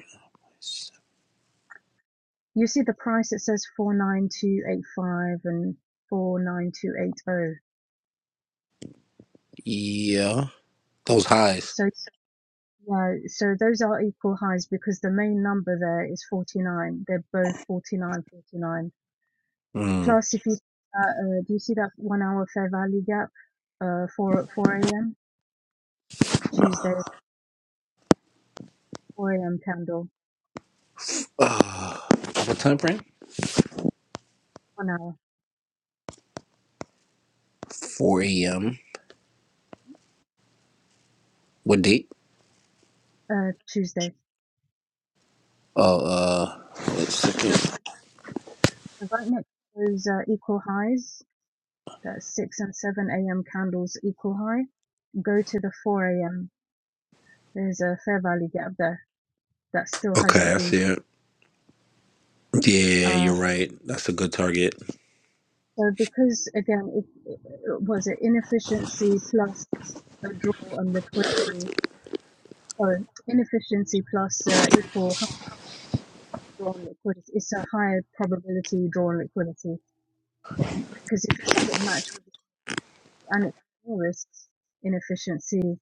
S3: you see the price. It says four nine two eight five and four nine two eight zero.
S6: Yeah, those highs.
S3: So No, so those are equal highs because the main number there is 49. They're both 49, 49.
S6: Mm.
S3: Plus, if you see uh, do you see that one hour fair value gap, uh, 4, 4 a.m. Tuesday, 4 a.m. candle,
S6: Uh, what time frame?
S3: one hour,
S6: Four a.m. What date?
S3: uh, Tuesday.
S6: Uh, uh, let's
S3: So
S6: see.
S3: right right next to those uh, equal highs, that's 6 and 7 a.m. candles equal high, go to the 4 a.m. There's a fair value gap there that still
S6: Okay,
S3: hasn't
S6: I
S3: been.
S6: see it. Yeah,
S3: Uh,
S6: you're right. That's a good target.
S3: So because again, it, it was an inefficiency plus a draw on liquidity, or inefficiency plus uh, equal high draw on liquidity. It's a higher probability draw on liquidity because if you have it match with the and it's risk, inefficiency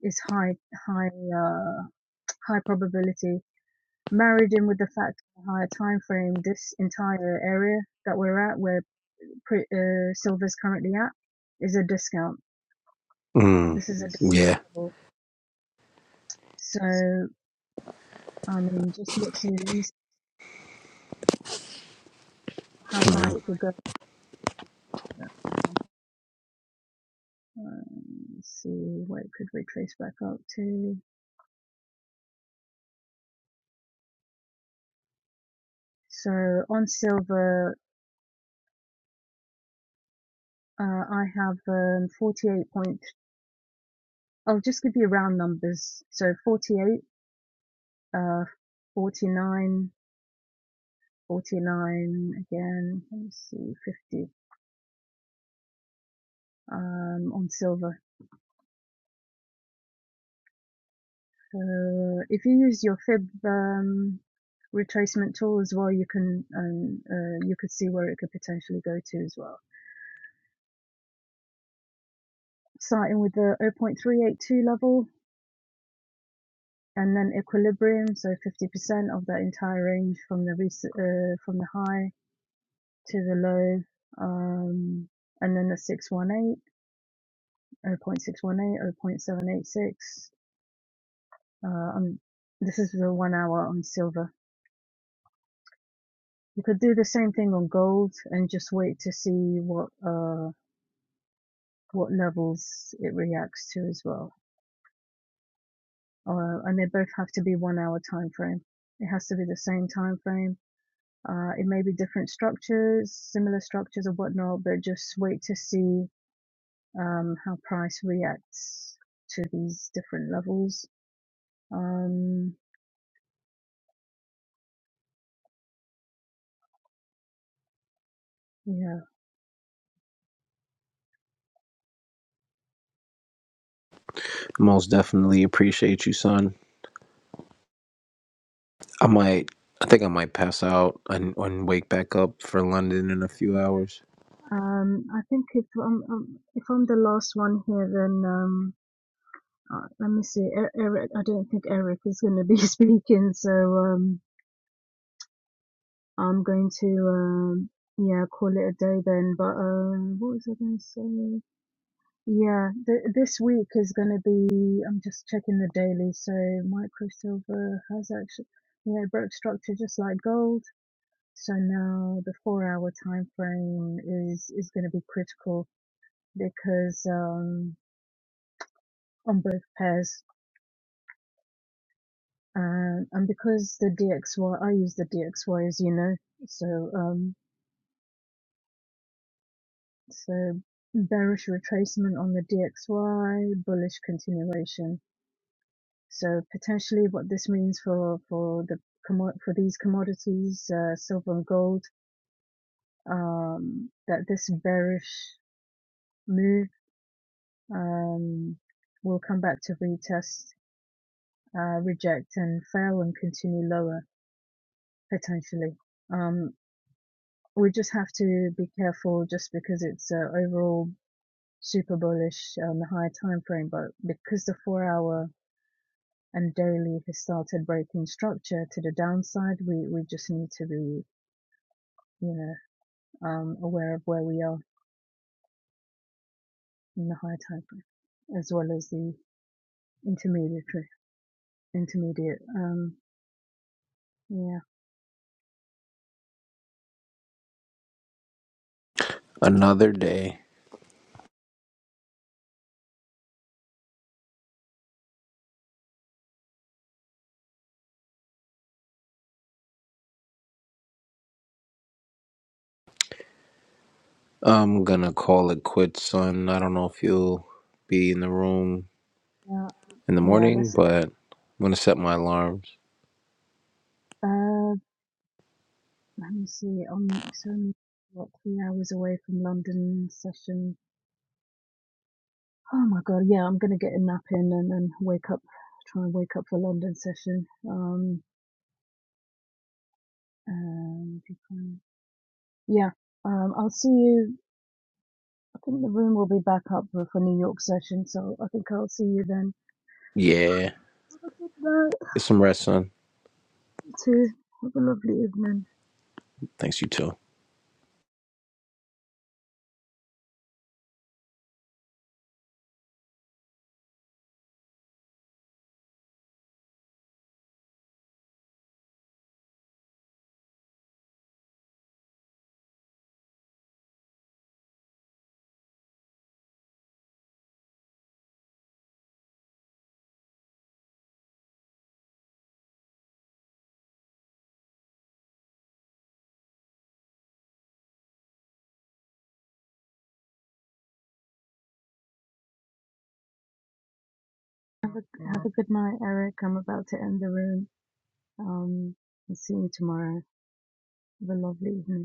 S3: is high, high, uh, high probability. Married in with the fact of a higher time frame, this entire area that we're at, where pre- uh, silver's currently at, is a discount.
S6: Mm,
S3: This is a
S6: yeah,
S3: discount level So, I mean, just literally, let me see how high it could go. Um, see what it could retrace back up to. So on silver, uh, I have um, 48 point. I'll just give you round numbers. So 48, uh, 49, 49 again. Let me see, 50 um, on silver. Uh, if you use your fib um, retracement tool as well, you can um, uh, you could see where it could potentially go to as well. Starting with the 0.382 level and then equilibrium, so 50% of that entire range from the uh, from the high to the low, um, and then the 618, 0.618, 0.786. Uh, um, this is the one hour on silver. You could do the same thing on gold and just wait to see what. uh, what levels it reacts to as well. Uh, and they both have to be one hour time frame. It has to be the same time frame. Uh, it may be different structures, similar structures or whatnot, but just wait to see um, how price reacts to these different levels. Um, yeah,
S6: Milan. I might. I think I might pass out and, and wake back up for London in a few hours.
S3: um, I think if I'm um, if I'm the last one here, then um, uh, let me see. E- Eric, I don't think Eric is going to be speaking, so um, I'm going to um yeah call it a day then. But um, what was I going to say? Yeah, th- this week is going to be. I'm just checking the daily. So micro silver has actually yeah it broke structure just like gold. So now the four hour time frame is is going to be critical because um on both pairs. Um, and because the DXY, I use the DXY as you know, so um, So bearish retracement on the DXY, bullish continuation. So potentially what this means for for the commo- for these commodities, uh, silver and gold, um, that this bearish move um, will come back to retest, uh, reject and fail and continue lower potentially. Um, we just have to be careful just because it's uh, overall super bullish on the higher time frame, but because the four hour and Dolly has started breaking structure to the downside, we, we just need to be, you know, um, aware of where we are in the high tide group, as well as the intermediate, intermediate. Um, yeah,
S6: Another day. I'm gonna call it quits, son. I don't know if you'll be in the room
S3: uh,
S6: in the
S3: yeah.
S6: morning,
S3: Let's.
S6: but I'm gonna set my alarms.
S3: Uh, let me see. Um, it's only what three hours away from London session. Oh my god. Yeah, I'm gonna get a nap in and then wake up. Try and wake up for London session. Um, um, yeah. Um, I'll see you I think the room will be back up for New York session, so I think I'll see you then.
S6: Yeah,
S3: Good night.
S6: get some rest, son.
S3: too. Have a lovely evening.
S6: Thanks you too.
S3: Have a have a good night, Eric. I'm about to end the room. Um, I'll see you tomorrow. Have a lovely evening.